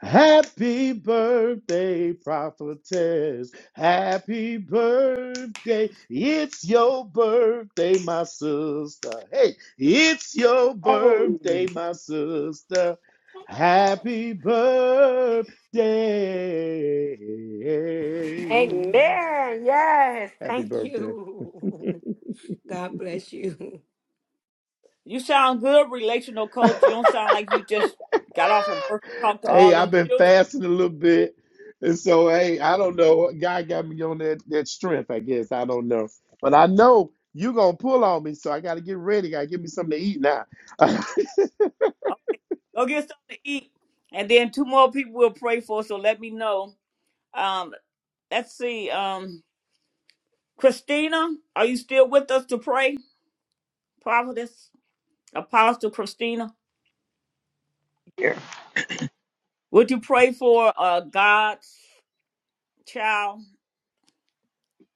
Happy birthday, prophetess. Happy birthday. It's your birthday, my sister. Hey, it's your Oh, birthday, my sister. Happy birthday. amen. Yes, Happy thank birthday. you. God bless you. You sound good, relational coach. You don't sound like you just got off of work and talked to hey, all I've them been children. fasting a little bit. And so, hey, I don't know. God got me on that, that strength, I guess. I don't know. But I know you going to pull on me. So I got to get ready. Got to give me something to eat now. I Oh, Go get something to eat. And then two more people will pray for, so let me know. Um, let's see. Um, Christina, are you still with us to pray? Prophetess, Apostle Christina. Would you pray for uh God's child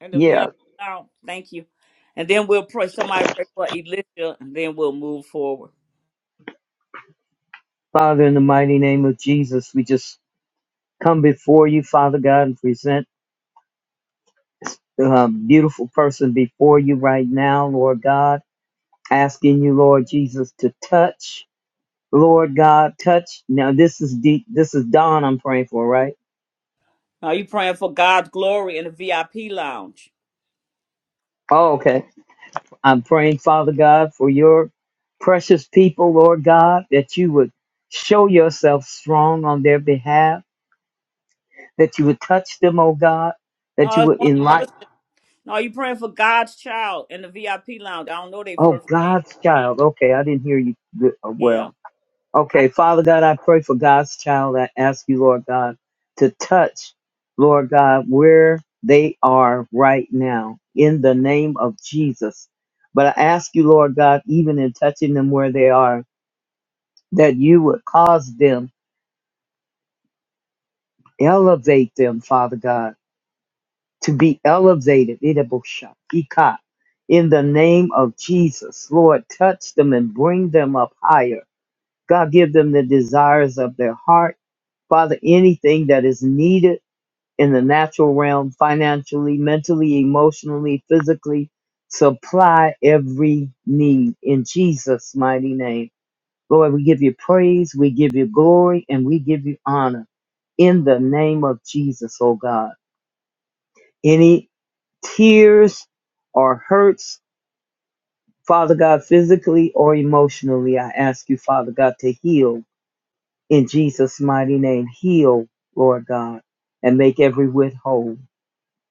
and the Yeah, VIP child? Thank you. And then we'll pray. Somebody pray for Elisha, and then we'll move forward. Father, in the mighty name of Jesus, we just come before you, Father God, and present a beautiful person before you right now, Lord God, asking you, Lord Jesus, to touch. Lord God, touch. Now, this is deep. This is Dawn I'm praying for, right? Are you praying for God's glory in the VIP lounge? Oh, okay. I'm praying, Father God, for your precious people, Lord God, that you would show yourself strong on their behalf, that you would touch them, oh God, that you No, it's would one person. enlighten. No, you praying for God's child in the VIP lounge. I don't know their Oh, first name. God's child. Okay, I didn't hear you good- uh, Yeah. well. Hi. Okay, Father God, I pray for God's child. I ask you, Lord God, to touch, Lord God, where they are right now in the name of Jesus. But I ask you, Lord God, even in touching them where they are, that you would cause them, elevate them, Father God, to be elevated. Idabusha, Ika. In the name of Jesus, Lord, touch them and bring them up higher. God, give them the desires of their heart. Father, anything that is needed in the natural realm, financially, mentally, emotionally, physically, supply every need in Jesus' mighty name. Lord, we give you praise, we give you glory, and we give you honor in the name of Jesus, oh God. Any tears or hurts, Father God, physically or emotionally, I ask you, Father God, to heal in Jesus' mighty name. Heal, Lord God, and make every whit whole.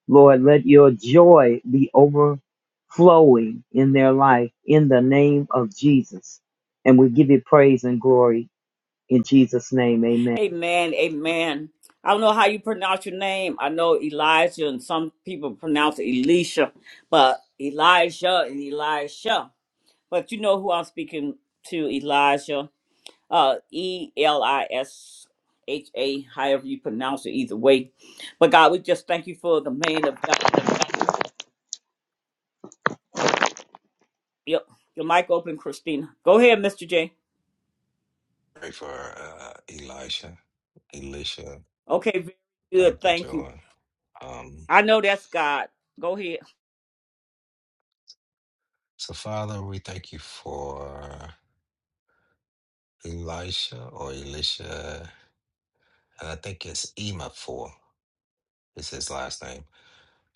Lord, let your joy be overflowing in their life in the name of Jesus. And we give you praise and glory in Jesus' name. Amen. Amen. Amen. I don't know how you pronounce your name. I know Elijah and some people pronounce it Elisha, but Elijah and Elisha. But you know who I'm speaking to, Elijah. Uh E L I S H A, however you pronounce it, either way. But God, we just thank you for the man of God. Yep. Your mic open, Christina. Go ahead, Mr. J. pray for uh, Elisha, Elisha. Okay, very good. Dr. Thank you. Joy. Um, I know that's God. Go ahead. so, Father, we thank you for Elisha or Elisha, and I think it's Ema for is his last name.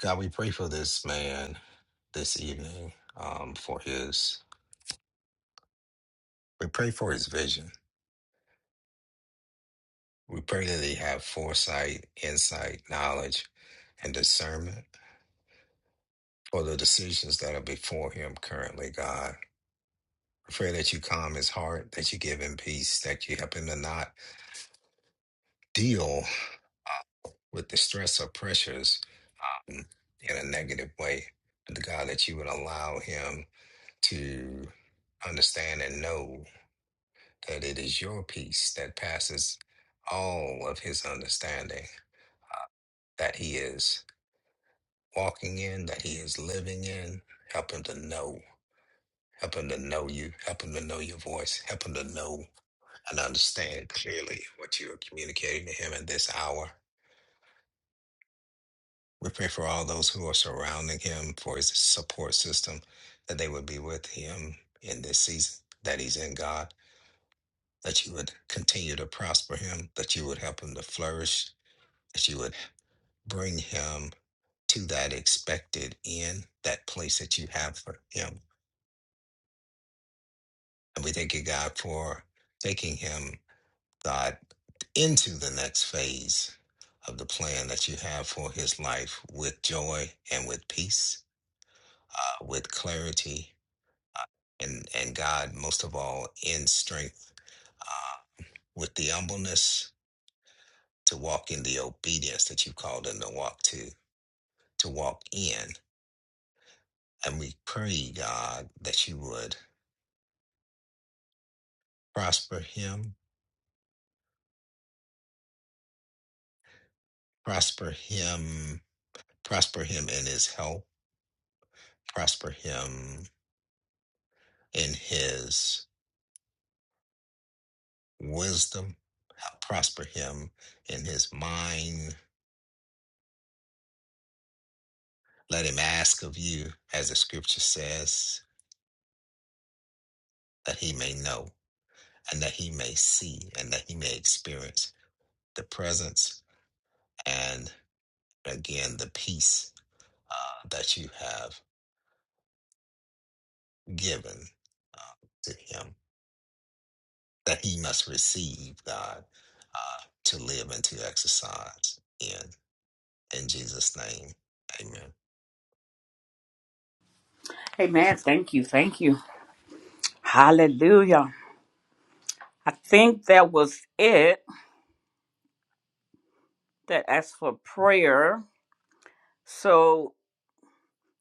God, we pray for this man this evening um, for his. We pray for his vision. We pray that he have foresight, insight, knowledge, and discernment for the decisions that are before him currently, God. We pray that you calm his heart, that you give him peace, that you help him to not deal with the stress or pressures in a negative way. The God that you would allow him to understand and know that it is your peace that passes all of his understanding that he is walking in, that he is living in. Help him to know. Help him to know you. Help him to know your voice. Help him to know and understand clearly what you are communicating to him in this hour We pray for all those who are surrounding him, for his support system, that they would be with him in this season that he's in, God, that you would continue to prosper him, that you would help him to flourish, that you would bring him to that expected end, that place that you have for him. And we thank you, God, for taking him, God, into the next phase of the plan that you have for his life with joy and with peace, uh, with clarity and and God most of all in strength uh, with the humbleness to walk in the obedience that you called them to walk to to walk in and we pray God that you would prosper him prosper him prosper him in his health prosper him in his wisdom help prosper him in his mind let him ask of you as the scripture says that he may know and that he may see and that he may experience the presence and again the peace uh, that you have given uh, to him that he must receive god uh, to live and to exercise in in jesus name amen Hey, man. Thank you. Thank you. Hallelujah. I think that was it that asked for prayer. So,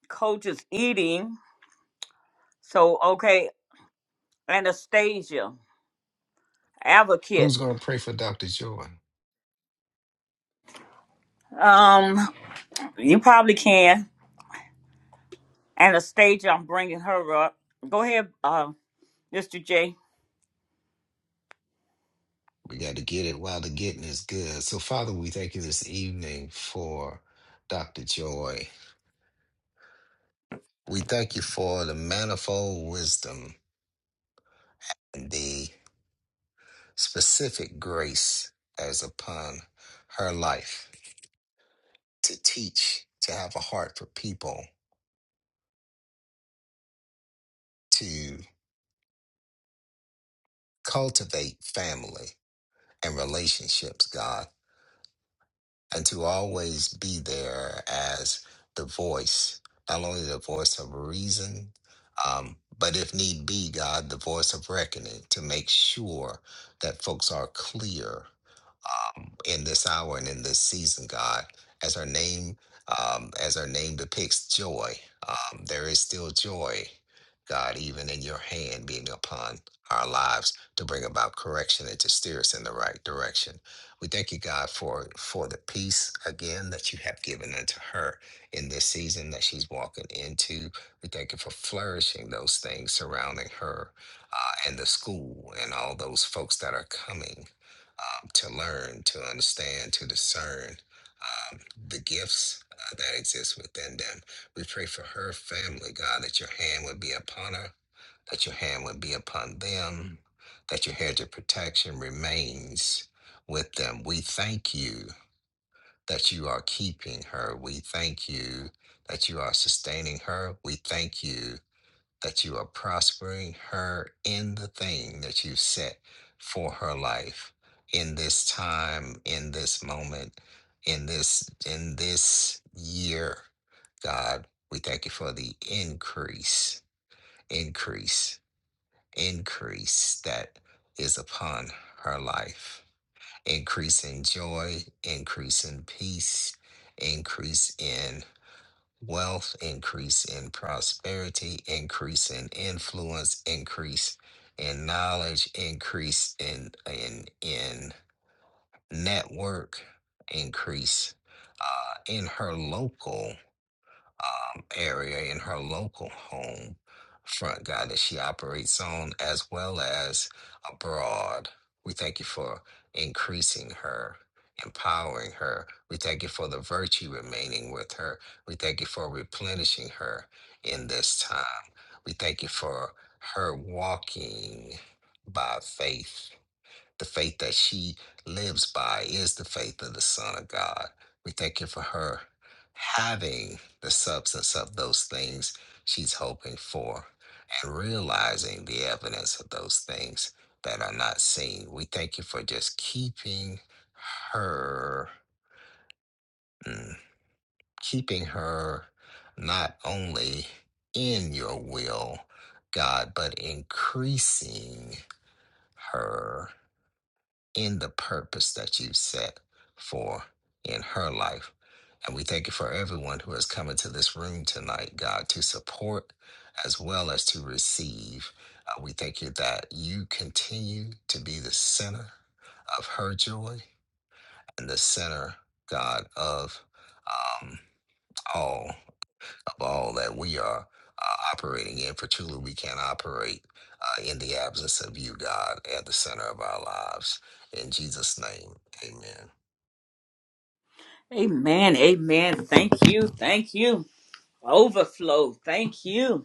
coach is eating. So, okay, Anastasia, advocate. Who's going to pray for Dr. Joy? Um, you probably can. Anastasia, I'm bringing her up. Go ahead, uh, Mr. J. We got to get it while the getting is good. So, Father, we thank you this evening for Dr. Joy. We thank you for the manifold wisdom, and the. Specific grace as upon her life to teach, to have a heart for people, to cultivate family and relationships, God. and to always be there as the voice, not only the voice of reason, um, but if need be, God, the voice of reckoning to make sure that folks are clear um, in this hour and in this season, God, as our name um, as our name depicts joy. Um, there is still joy, God, even in your hand being upon our lives to bring about correction and to steer us in the right direction. We thank you, God, for for the peace again that you have given unto her in this season that she's walking into. We thank you for flourishing those things surrounding her uh, and the school and all those folks that are coming um, to learn, to understand, to discern um, the gifts uh, that exist within them. We pray for her family, God, that your hand would be upon her, that your hand would be upon them, that your hedge of protection remains with them. We thank you that you are keeping her. We thank you that you are sustaining her. We thank you that you are prospering her in the thing that you set for her life in this time, in this moment, in this in this year. God, we thank you for the increase, increase, increase that is upon her life increase in joy, increase in peace, increase in wealth, increase in prosperity, increase in influence, increase in knowledge, increase in in in network, increase uh, in her local um, area in her local home front guy that she operates on, as well as abroad. We thank you for increasing her, empowering her. We thank you for the virtue remaining with her. We thank you for replenishing her in this time. We thank you for her walking by faith the faith that she lives by is the faith of the Son of God. We thank you for her having the substance of those things she's hoping for and realizing the evidence of those things that are not seen. We thank you for just keeping her, mm, keeping her not only in your will, God, but increasing her in the purpose that you've set for in her life. And we thank you for everyone who has come into this room tonight, God, to support as well as to receive. Uh, we thank you that you continue to be the center of her joy and the center, God, of um, all all that we are uh, operating in, for truly we can't operate uh, in the absence of you, God, at the center of our lives. In Jesus' name, amen. Amen. Amen. Thank you. Thank you. Overflow. Thank you.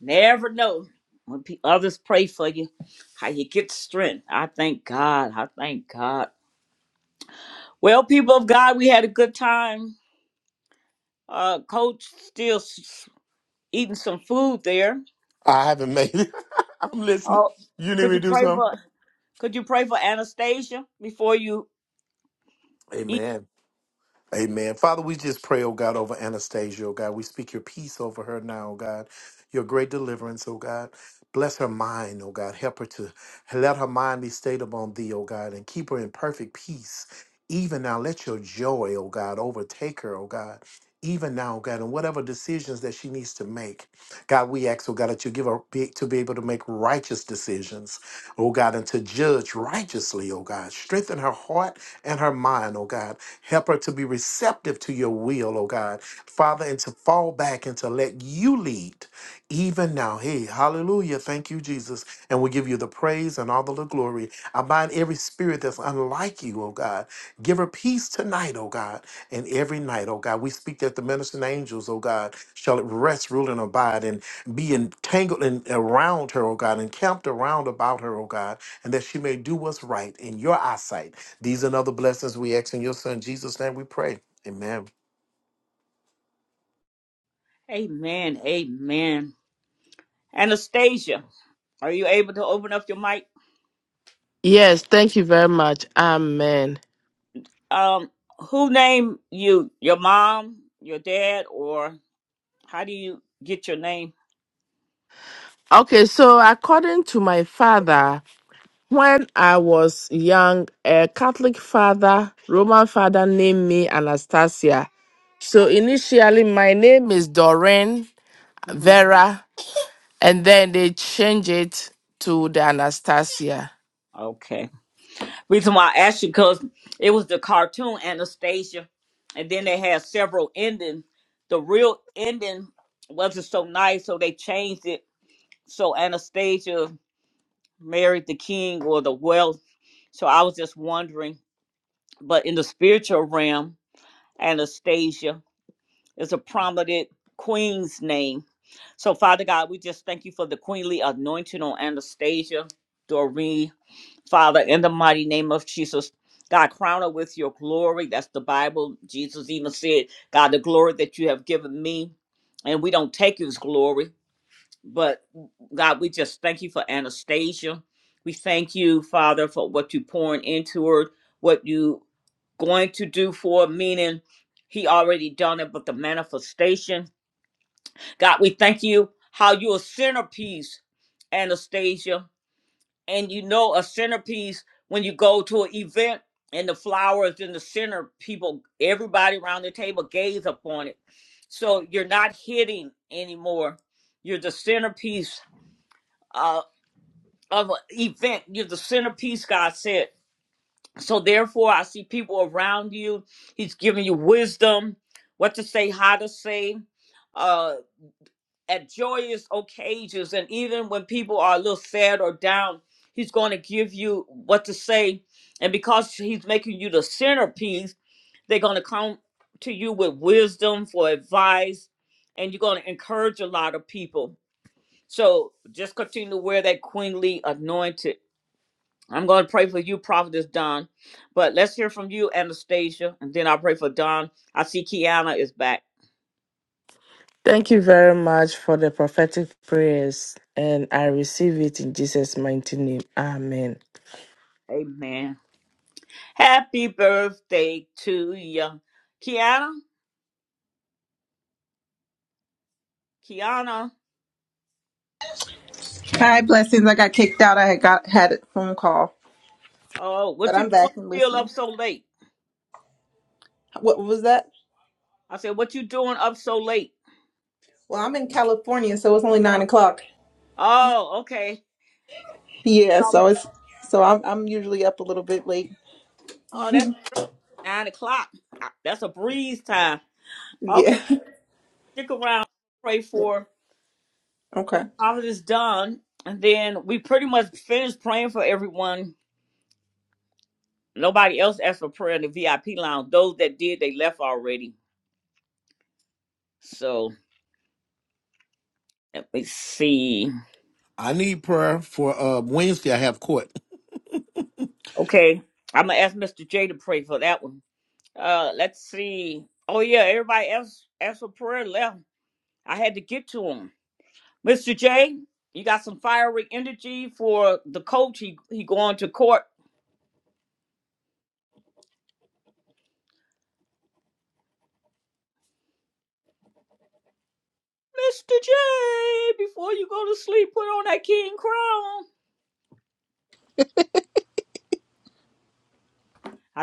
Never know when pe- others pray for you, how you get strength. I thank God. I thank God. Well, people of God, we had a good time. Uh, Coach still s- s- eating some food there. haven't made it. I'm listening. Oh, You need could me to you do pray something? for? Could you pray for Anastasia before you eat? Amen. Amen. Father, we just pray, oh God, over Anastasia, oh God. We speak your peace over her now, oh God. Your great deliverance, oh God. Bless her mind, oh God. Help her to let her mind be stayed upon thee, oh God, and keep her in perfect peace. Even now, let your joy, oh God, overtake her, oh God. Even now, oh God, and whatever decisions that she needs to make, God, we ask, oh God, that you give her be, to be able to make righteous decisions, oh God, and to judge righteously, oh God. Strengthen her heart and her mind, oh God Help her to be receptive to your will, oh God. Father, and to fall back and to let you lead even now. Hey, hallelujah. Thank you, Jesus. And we give you the praise and all the glory. I bind every spirit that's unlike you, oh God. Give her peace tonight, oh God, and every night, oh God. We speak that the ministering angels, oh God, shall rest, rule, and abide and be entangled and around her, oh God, encamped around about her, oh God, and that she may do what's right in your eyesight. These and other blessings we ask in your son Jesus' name we pray. Amen. Amen. Amen. Anastasia, are you able to open up your mic? Yes, thank you very much. Amen. Um, who named you? Your mom, your dad, or how do you get your name? Okay, so according to my father, when I was young, a Catholic father, Roman father named me Anastasia. So initially, my name is Doreen hmm Vera, and then they change it to the Anastasia. Okay. Reason why I asked you because it was the cartoon Anastasia, and then they had several endings. The real ending wasn't so nice, so they changed it. So Anastasia married the king or the wealth. So I was just wondering. But in the spiritual realm, Anastasia is a prominent queen's name. So Father God, we just thank you for the queenly anointing on Anastasia, Doreen, Father, in the mighty name of Jesus, God, crown her with your glory. That's the Bible. Jesus even said, God, the glory that you have given me. And we don't take his glory, but God, we just thank you for Anastasia. We thank you, Father, for what you pouring into her, what you going to do for her, meaning he already done it, but the manifestation. God, we thank you how you're a centerpiece, Anastasia and you know a centerpiece when you go to an event and the flowers in the center people everybody around the table gaze upon it so you're not hitting anymore you're the centerpiece uh, of an event you're the centerpiece god said so therefore i see people around you he's giving you wisdom what to say how to say uh, at joyous occasions and even when people are a little sad or down he's going to give you what to say and because he's making you the centerpiece they're going to come to you with wisdom for advice and you're going to encourage a lot of people so just continue to wear that queenly anointed i'm going to pray for you prophetess don but let's hear from you anastasia and then i'll pray for don i see kiana is back Thank you very much for the prophetic prayers, and I receive it in Jesus' mighty name. Amen. amen Happy birthday to you. Kiana, Kiana, Hi, blessings. I got kicked out. I had got had a phone call, oh, but what you I'm doing back and still up listening. so late? What was that? I said, what you doing up so late? Well, I'm in California, so it's only nine o'clock. Oh, okay. Yeah, So- so it's so I'm I'm usually up a little bit late. Oh, that's nine o'clock. Ah, That's a breeze time. Okay, Yeah. stick around. Pray for Okay. all of this done. And then we pretty much finished praying for everyone. Nobody else asked for prayer in the VIP lounge. Those that did, they left already. So let me see. I need prayer for uh, Wednesday. I have court. Okay, I'm gonna ask Mr. J to pray for that one. Uh, let's see. Oh yeah, everybody else asked for prayer left. I had to get to him. Mr. J, you got some fiery energy for the coach. He he going to court. Mr. J, before you go to sleep, put on that king crown.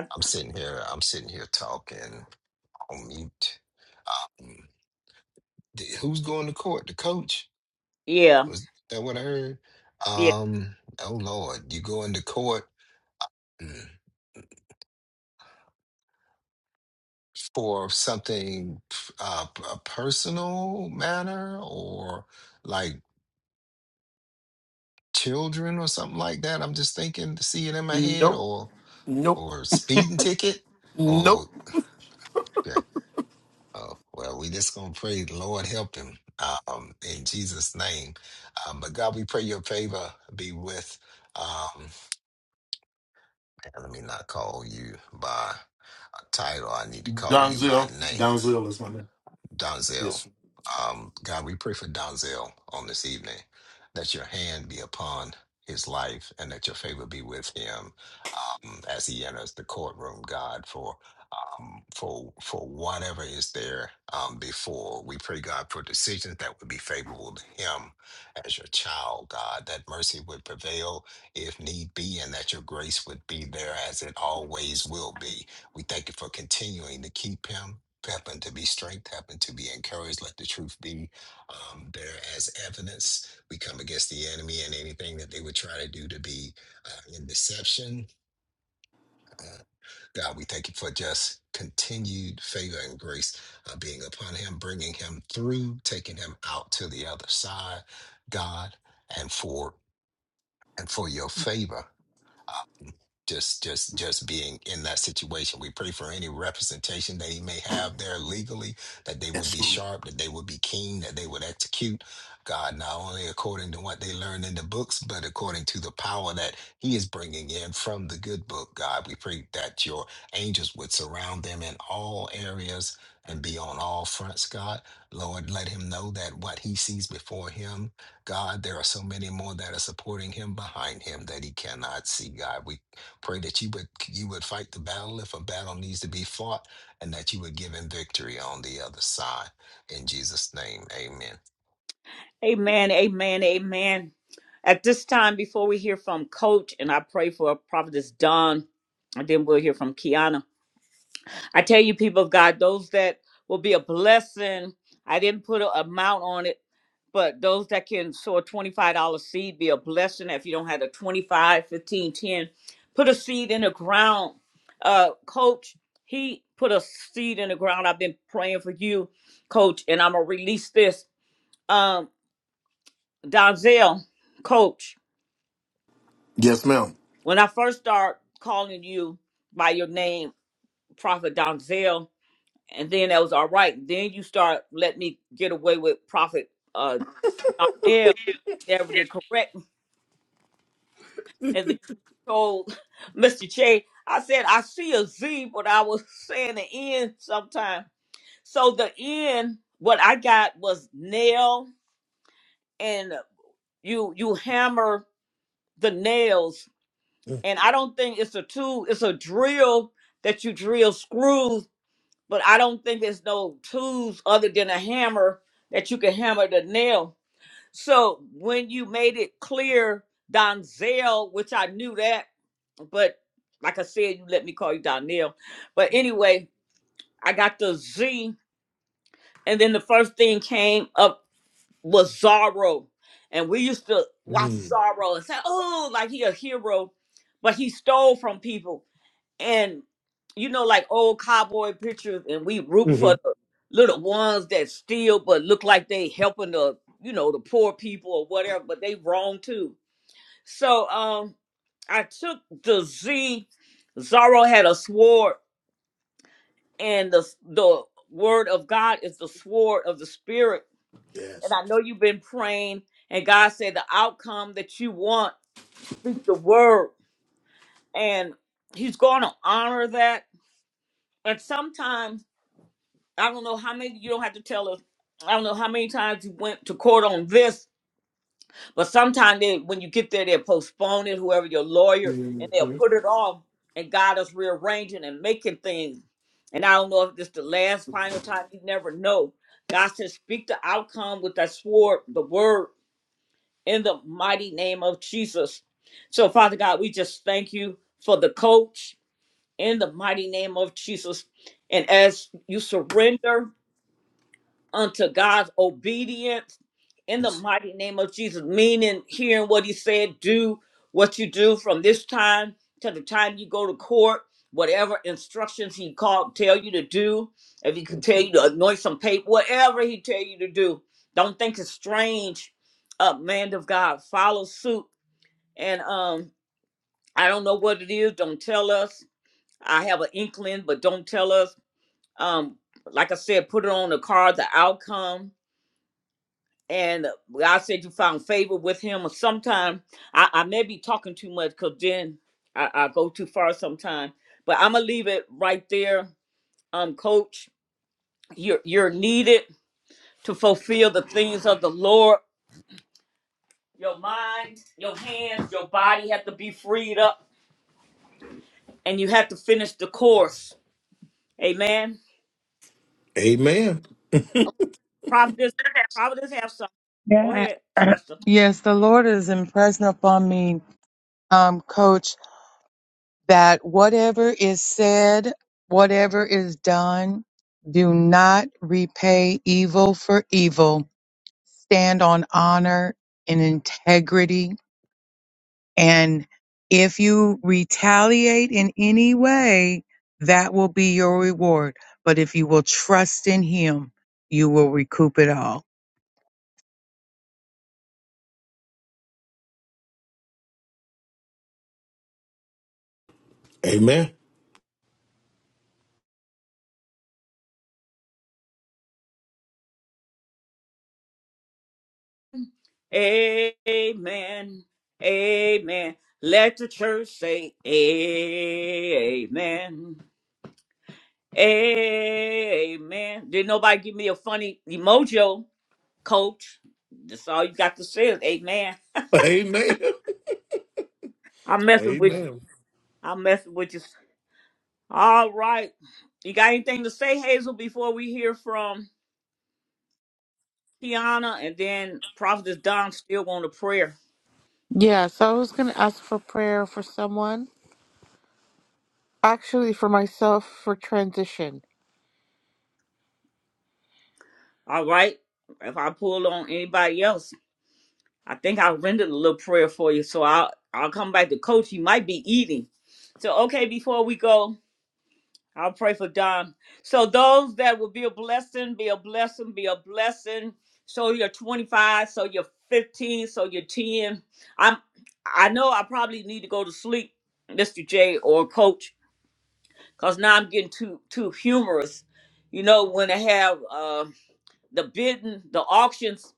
I, I'm sitting here, I'm sitting here talking on mute. Um, th- who's going to court? The coach? yeah, Was that what I heard? yeah. Um, oh Lord, you go into court mm, for something uh, a personal matter or like children or something like that. I'm just thinking to see it in my head Nope, or nope, or speeding ticket nope. or okay. Oh, well, we just gonna pray, Lord help him um, in Jesus' name. Um, but God, we pray your favor be with. Um, and let me not call you by a title. I need to call you by Donzel. name. Donzel is my name. Yes. Donzel. sir. Um, God, we pray for Donzel on this evening that your hand be upon his life and that your favor be with him um, as he enters the courtroom, God, for um, for for whatever is there um, before. We pray, God, for decisions that would be favorable to Him as your child, God, that mercy would prevail if need be, and that your grace would be there as it always will be. We thank you for continuing to keep Him. Help him to be strength, help him to be encouraged. Let the truth be um, there as evidence. We come against the enemy and anything that they would try to do to be uh, in deception. uh, God, we thank you for just continued favor and grace uh, being upon him, bringing him through, taking him out to the other side, God, and for and for your favor just just just being in that situation. We pray for any representation that he may have there legally, that they Yes. would be sir. sharp, that they would be keen, that they would execute God not only according to what they learned in the books, but according to the power that he is bringing in from the good book. God, we pray that your angels would surround them in all areas and be on all fronts. God, Lord, let him know that what he sees before him God, there are so many more that are supporting him behind him that he cannot see, God. We Pray that you would you would fight the battle if a battle needs to be fought, and that you would give him victory on the other side. In Jesus' name, Amen. Amen, amen, amen. At this time, before we hear from Coach, and I pray for Prophetess Don, and then we'll hear from Kiana. I tell you, people of God, those that will be a blessing. I didn't put an amount on it, but those that can sow a $25 seed be a blessing. If you don't have the 25, 15, 10, put a seed in the ground. Uh, coach, he put a seed in the ground. I've been praying for you, coach, and I'm gonna release this. Um, Donzel, coach, Yes, ma'am. when I first start calling you by your name, Prophet Donzel, and then that was all right. Then you start let me get away with Prophet uh Donnell never did correct. And then told Mr. Che, I said I see a Z, but I was saying the N sometime. So the N, what I got was nail, and you you hammer the nails. And I don't think it's a tool; it's a drill that you drill screws. But I don't think there's no tools other than a hammer that you can hammer the nail So when you made it clear, Donzel, which I knew that, but like I said, you let me call you Donnell. But anyway, I got the Z, and then the first thing came up was Zorro, and we used to watch Zorro and say, "Oh, like he a hero," but he stole from people and you know, like old cowboy pictures, and we root Mhm. for the little ones that steal but look like they helping the you know the poor people or whatever, but they wrong too. So um, I took the Z. Zorro had a sword, and the the word of God is the sword of the spirit. And Yes. I know you've been praying, and God said the outcome that you want, speak the word, and He's going to honor that. And sometimes I don't know how many you don't have to tell us. I don't know how many times you went to court on this, but sometimes they, when you get there, they'll postpone it, whoever your lawyer, and they'll put it off. And God is rearranging and making things. And I don't know if this the last final time. You never know. God says, speak the outcome with that sword, the word, in the mighty name of Jesus. So, Father God, we just thank you for the coach in the mighty name of Jesus. And as you surrender unto God's obedience in the Yes. mighty name of Jesus, meaning hearing what he said, do what you do from this time to the time you go to court, whatever instructions he called tell you to do, if he could tell you to anoint some paper, whatever he tell you to do. Don't think it's strange, uh, man of God. Follow suit. And um, I don't know what it is, don't tell us. I have an inkling, but don't tell us. Um, like I said, put it on the card, the outcome and God said you found favor with him. Or sometime I, I may be talking too much because then I, I go too far sometime. But I'm gonna leave it right there. Um, coach, you're you're needed to fulfill the things of the Lord. Your mind, your hands, your body have to be freed up, and you have to finish the course. Amen. Amen. Providence, Providence have some. Go Yeah. ahead, Trista. Yes, the Lord is impressing upon me, um, Coach. that whatever is said, whatever is done, do not repay evil for evil. Stand on honor and integrity. And if you retaliate in any way, that will be your reward. But if you will trust in Him, you will recoup it all. Amen. Amen. Amen. Let the church say amen. Amen. Did nobody give me a funny emoji, coach? That's all you got to say is amen. Amen. I'm messing with you. Amen. I'm messing with you. All right. You got anything to say, Hazel, before we hear from Kiana and then Prophetess Don still want a prayer. Yeah, so I was going to ask for prayer for someone, actually for myself for transition. All right. If I pull on anybody else. I think I'll render a little prayer for you. So I'll I'll come back to coach. You might be eating. So okay, before we go, I'll pray for Don. So those that will be a blessing, be a blessing, be a blessing. So you're 25, so you're 15, so you're 10. I'm I know I probably need to go to sleep, Mr. J or coach, because now I'm getting too too humorous. You know, when they have uh the bidding, the auctions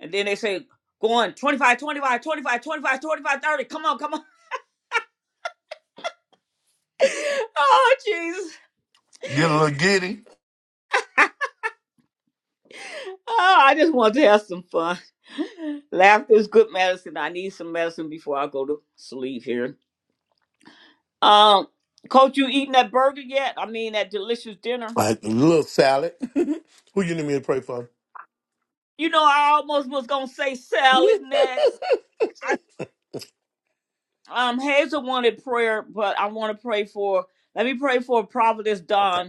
and then they say, go on, 25, 25, 25, 25, 25, 30. Come on, come on. oh, Jesus. Get a little giddy. Oh, I just want to have some fun. Laughter is good medicine. I need some medicine before I go to sleep here. Um, Coach, you eating that burger yet? I mean, that delicious dinner. Like a little salad. Who you need me to pray for? You know, I almost was going to say salad next. I, um, Hazel wanted prayer, but I want to pray for, let me pray for Providence Don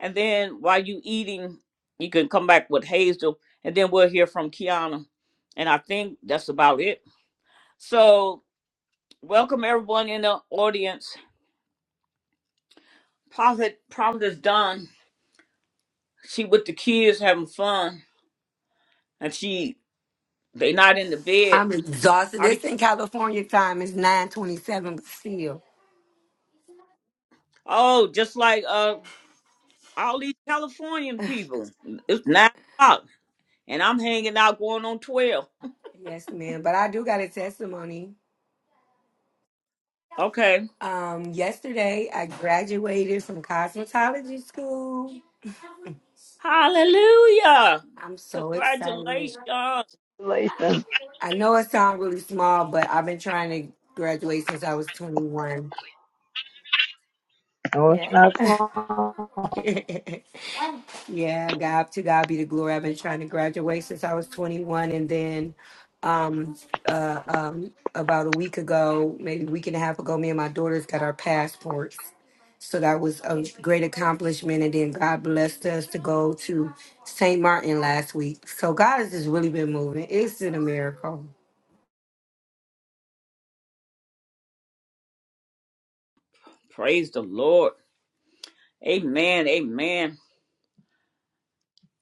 And then while you eating, you can come back with Hazel, and then we'll hear from Kiana. And I think that's about it. So welcome everyone in the audience. Prophet Prophet is done. She with the kids having fun, and she they not in the bed. I'm exhausted. Are the, This in California time is 927 But still. oh, just like uh all these Californian people. It's nine o'clock, and I'm hanging out going on twelve. Yes, ma'am. But I do got a testimony. Okay. Um, yesterday I graduated from cosmetology school. Hallelujah. I'm so excited. Congratulations. I know it sounds really small, but I've been trying to graduate since I was 21. No, it's Yeah. not so, Yeah, God to God be the glory. I've been trying to graduate since I was 21, and then um, uh, um, about a week ago, maybe a week and a half ago, me and my daughters got our passports. So that was a great accomplishment, and then God blessed us to go to St. Martin last week. So God has just really been moving. It's been a miracle. Praise the Lord. Amen. Amen.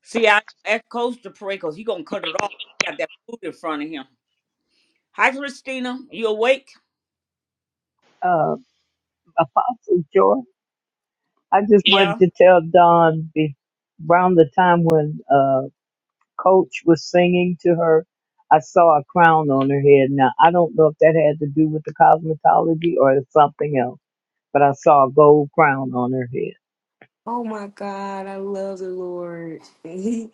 See, I asked Coach to pray because he gonna cut it off. He got that food in front of him. Hi, Christina. You awake? uh, Apostle Joy. I just wanted Yeah. to tell Don be, around the time when uh, Coach was singing to her, I saw a crown on her head. Now, I don't know if that had to do with the cosmetology or something else, but I saw a gold crown on her head. Oh my God, I love the Lord.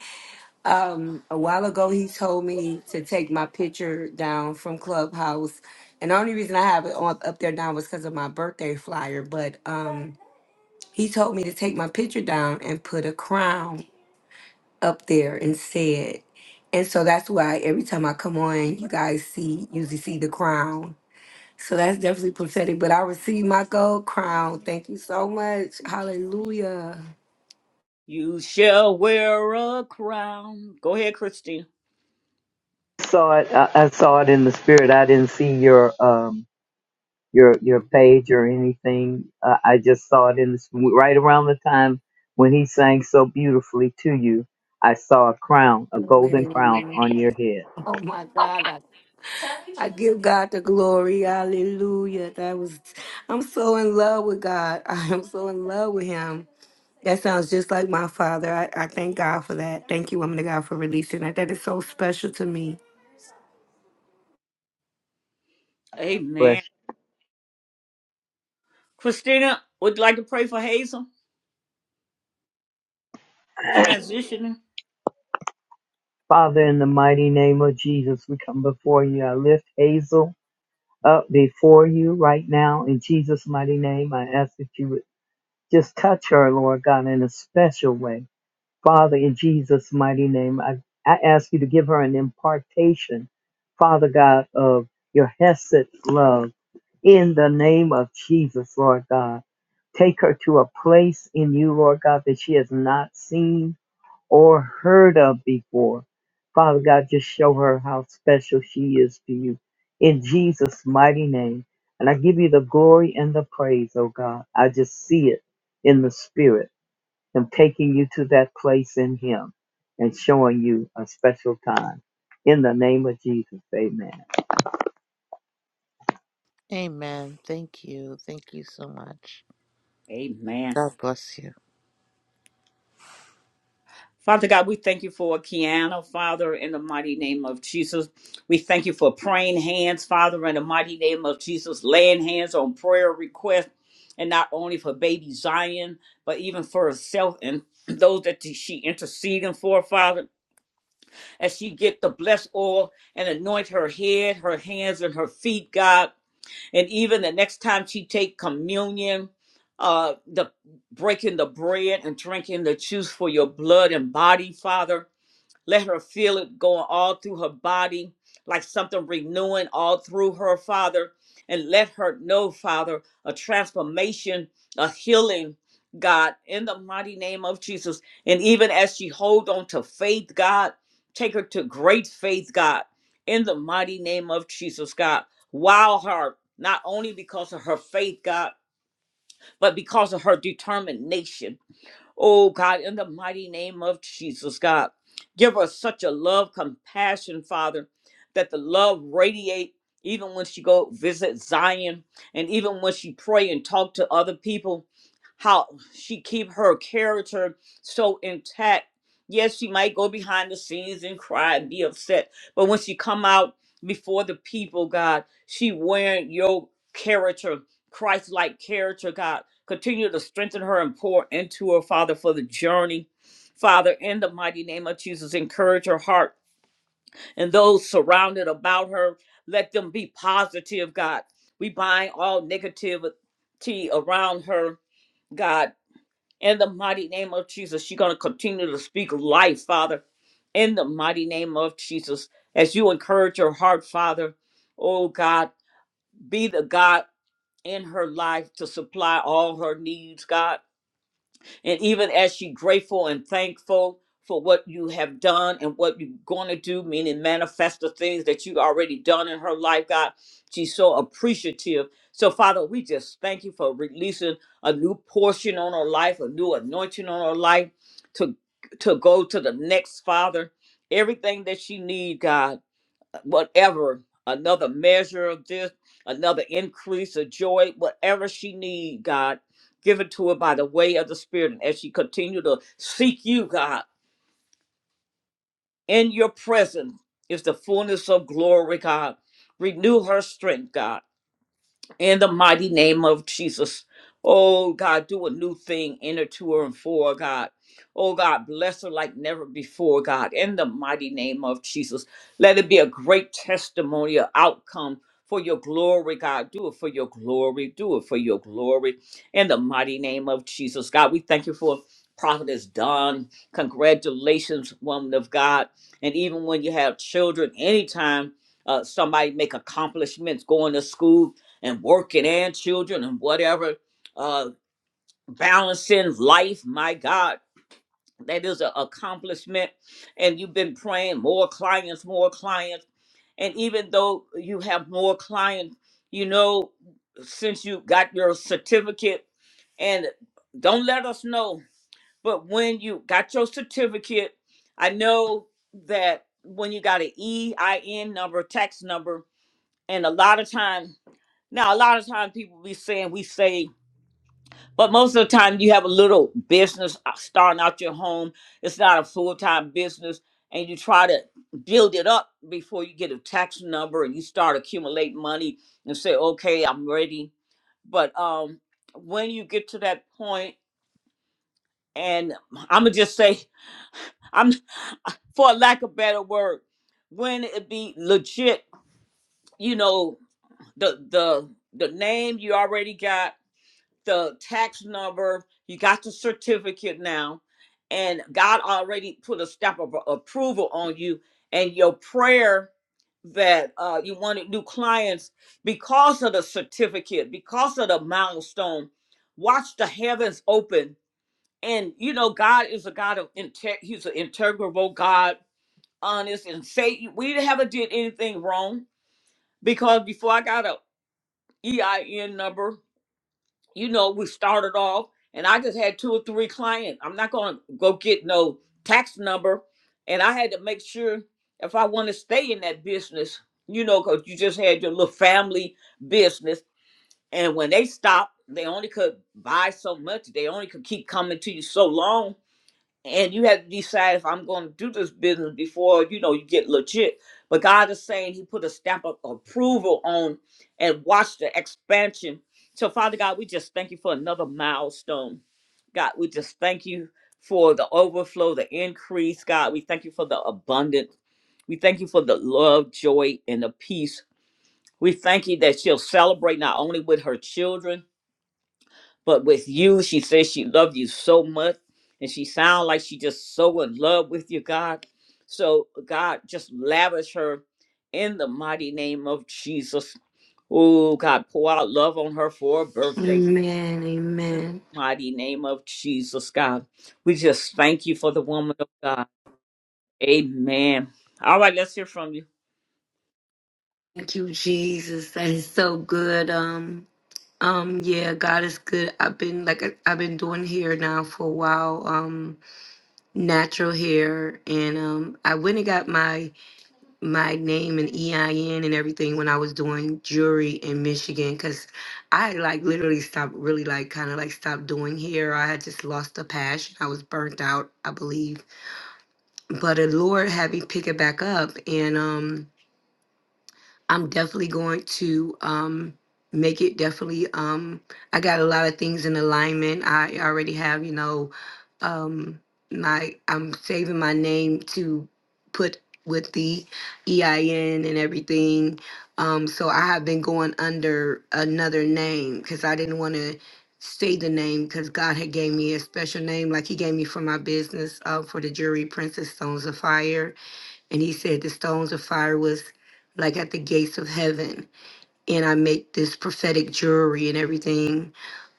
Um, a while ago, he told me to take my picture down from Clubhouse, and the only reason I have it on, up there now was because of my birthday flyer. But um, he told me to take my picture down and put a crown up there instead, and so that's why every time I come on, you guys see usually see the crown. So that's definitely prophetic. But I received my gold crown. Thank you so much. Hallelujah. You shall wear a crown. Go ahead, Christina. Saw it. I, I saw it in the spirit. I didn't see your um, your your page or anything. Uh, I just saw it in this right around the time when he sang so beautifully to you. I saw a crown, a golden crown Hallelujah. on your head. Oh my God. I give God the glory. Hallelujah. That was I'm so in love with God. I am so in love with him. That sounds just like my father. I, I thank God for that. Thank you, woman of God, for releasing that. That is so special to me. But Amen. Christina, would you like to pray for Hazel? Transitioning. Father, in the mighty name of Jesus, we come before you. I lift Hazel up before you right now in Jesus' mighty name. I ask that you would just touch her, Lord God, in a special way Father, in Jesus' mighty name, I, I ask you to give her an impartation, Father God, of your Hesed love. In the name of Jesus, Lord God, take her to a place in you, Lord God, that she has not seen or heard of before. Father God, just show her how special she is to you. In Jesus' mighty name. And I give you the glory and the praise, oh God. I just see it in the spirit. Him taking you to that place in Him and showing you a special time. In the name of Jesus, amen. Amen. Thank you. Thank you so much. Amen. God bless you. Father God, we thank you for Kiana, Father, in the mighty name of Jesus. We thank you for praying hands, Father, in the mighty name of Jesus, laying hands on prayer requests, and not only for baby Zion, but even for herself and those that she interceding for, Father, as she get the blessed oil and anoint her head, her hands, and her feet, God. And even the next time she take communion, uh, the breaking the bread and drinking the juice for your blood and body, Father let her feel it going all through her body, like something renewing all through her, Father. And let her know, Father, a transformation, a healing, God, in the mighty name of Jesus. And even as she hold on to faith, God, take her to great faith, God, in the mighty name of Jesus, God. Wow her, not only because of her faith, God, but because of her determination Oh God, in the mighty name of Jesus, God, give her such a love, compassion, Father, that the love radiate even when she go visit Zion and even when she pray and talk to other people, how she keep her character so intact. Yes, she might go behind the scenes and cry and be upset, but when she come out before the people, God, she wearing your character, Christ-like character, God Continue to strengthen her and pour into her, Father, for the journey. Father, in the mighty name of Jesus, encourage her heart and those surrounded about her. Let them be positive, God. We bind all negativity around her, God. In the mighty name of Jesus, she's going to continue to speak life, Father. In the mighty name of Jesus, as you encourage her heart, Father, oh God, be the God in her life to supply all her needs, God And even as she grateful and thankful for what you have done and what you're going to do, meaning manifest the things that you already done in her life, God, she's so appreciative. So, Father, we just thank you for releasing a new portion on her life, a new anointing on her life to to go to the next Father. Everything that she need, God whatever another measure of this another increase of joy whatever she need god give it to her by the way of the spirit and as she continue to seek you god in your presence is the fullness of glory god renew her strength god in the mighty name of Jesus. Oh God, do a new thing in her, to her, and for her, God. Oh God, bless her like never before, God, in the mighty name of Jesus. Let it be a great testimony, a outcome for your glory, God. Do it for your glory. Do it for your glory. In the mighty name of Jesus, God, we thank you for prophetess Don. Congratulations, woman of God. And even when you have children, anytime uh, somebody make accomplishments, going to school, and working and children and whatever, uh, balancing life. My God, that is an accomplishment. And you've been praying more clients, more clients. And even though you have more clients, you know, since you got your certificate, and don't let us know, but when you got your certificate, I know that when you got an EIN number, tax number, and a lot of times, now a lot of times people be saying we saved But most of the time, you have a little business uh, starting out your home. It's not a full time business, and you try to build it up before you get a tax number and you start accumulating money and say, "Okay, I'm ready." But um, when you get to that point, and I'm gonna just say, I'm for lack of better word, when it be legit, you know, the the the name you already got the tax number, you got the certificate now, and God already put a stamp of approval on you. And your prayer that uh, you wanted new clients because of the certificate, because of the milestone. Watch the heavens open, and you know God is a God of inte- He's an integrable God, honest, and say we haven't did anything wrong because before I got a EIN number you know, we started off and I just had two or three clients. I'm not going to go get no tax number. And I had to make sure if I want to stay in that business, you know, because you just had your little family business. And when they stopped, they only could buy so much. They only could keep coming to you so long and you have to decide if I'm going to do this business before you know you get legit. But God is saying He put a stamp of approval on and watch the expansion. So Father God, we just thank you for another milestone. God, we just thank you for the overflow, the increase. God, we thank you for the abundance. We thank you for the love, joy, and the peace. We thank you that she'll celebrate not only with her children, but with you, she says she loved you so much, and she sounds like she just so in love with you, God. So God just lavish her in the mighty name of Jesus. Oh God, pour out love on her for her birthday Amen. in the Amen. mighty name of Jesus, God. We just thank you for the woman of God. Amen. All right, let's hear from you. Thank you, Jesus. That is so good. Um, um, yeah, God is good. I've been like I- I've been doing hair now for a while. Um, natural hair, and um, I went and got my my name and EIN and everything when I was doing jewelry in Michigan because I like literally stopped really like kind of like stopped doing hair. I had just lost the passion. I was burnt out, I believe. But the Lord had me pick it back up and um I'm definitely going to um make it definitely um I got a lot of things in alignment. I already have, you know, um my I'm saving my name to put with the EIN and everything. Um so I have been going under another name cuz I didn't want to say the name because God had gave me a special name like he gave me for my business uh, for the jury Princess Stones of Fire and he said, The stones of fire was like at the gates of heaven. And I make this prophetic jewelry and everything.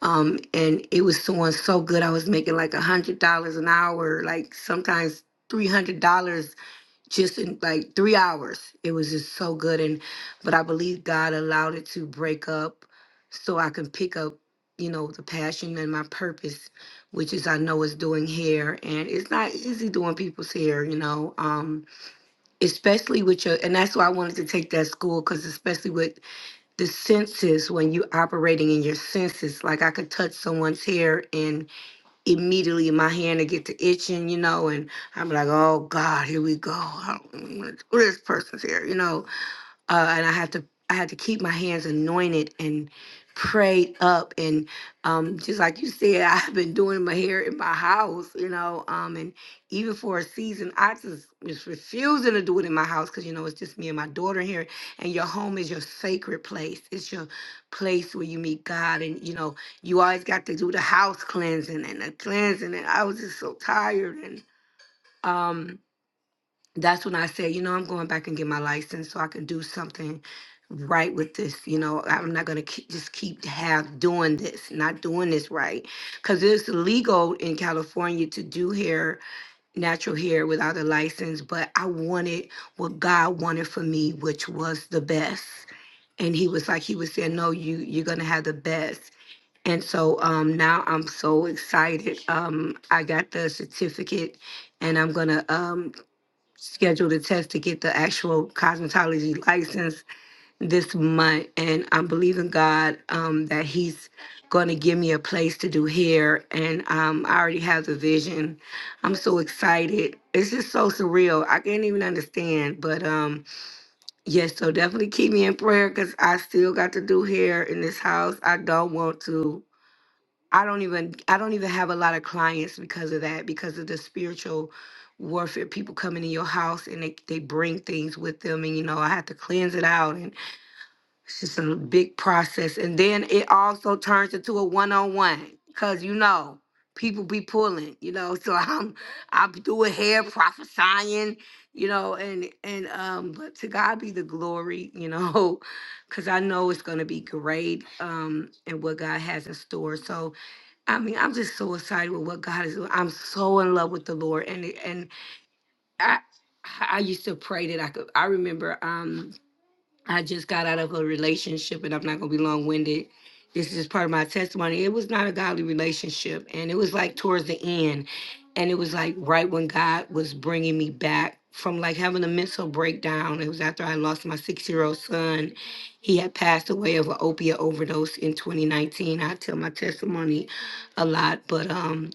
Um, and it was doing so good. I was making like a hundred dollars an hour, like sometimes three hundred dollars just in like three hours. It was just so good. And but I believe God allowed it to break up so I can pick up, you know, the passion and my purpose, which is I know is doing hair. And it's not easy doing people's hair, you know. Um especially with your and that's why i wanted to take that school because especially with the senses when you operating in your senses like i could touch someone's hair and immediately my hand would get to itching you know and i'm like oh god here we go i don't want to do this person's hair you know uh, and I have to I had to keep my hands anointed and prayed up and um, just like you said, I've been doing my hair in my house, you know, um, and even for a season, I just was refusing to do it in my house because you know it's just me and my daughter here, and your home is your sacred place. It's your place where you meet God, and you know you always got to do the house cleansing and the cleansing, and I was just so tired and. um that's when I said, you know, I'm going back and get my license so I can do something right with this. You know, I'm not gonna keep, just keep have doing this, not doing this right, because it's legal in California to do hair, natural hair without a license. But I wanted what God wanted for me, which was the best. And He was like, He was saying, no, you you're gonna have the best. And so um, now I'm so excited. Um, I got the certificate and I'm gonna um, scheduled a test to get the actual cosmetology license this month and i'm believing god um, that he's going to give me a place to do hair and um, i already have the vision i'm so excited it's just so surreal i can't even understand but um yes so definitely keep me in prayer because i still got to do hair in this house i don't want to I don't even I don't even have a lot of clients because of that because of the spiritual warfare people coming in your house and they, they bring things with them and you know I have to cleanse it out and it's just a big process and then it also turns into a one-on-one because you know people be pulling you know so I'm I'm doing hair prophesying you know and and um but to God be the glory you know because I know it's gonna be great um and what God has in store so I mean, I'm just so excited with what God is doing. I'm so in love with the Lord, and and I I used to pray that I could. I remember. um I just got out of a relationship and I'm not going to be long winded. This is part of my testimony. It was not a godly relationship. And it was like towards the end. And it was like right when God was bringing me back from like having a mental breakdown. It was after I lost my six year old son. He had passed away of an opiate overdose in 2019. I tell my testimony a lot, but, um,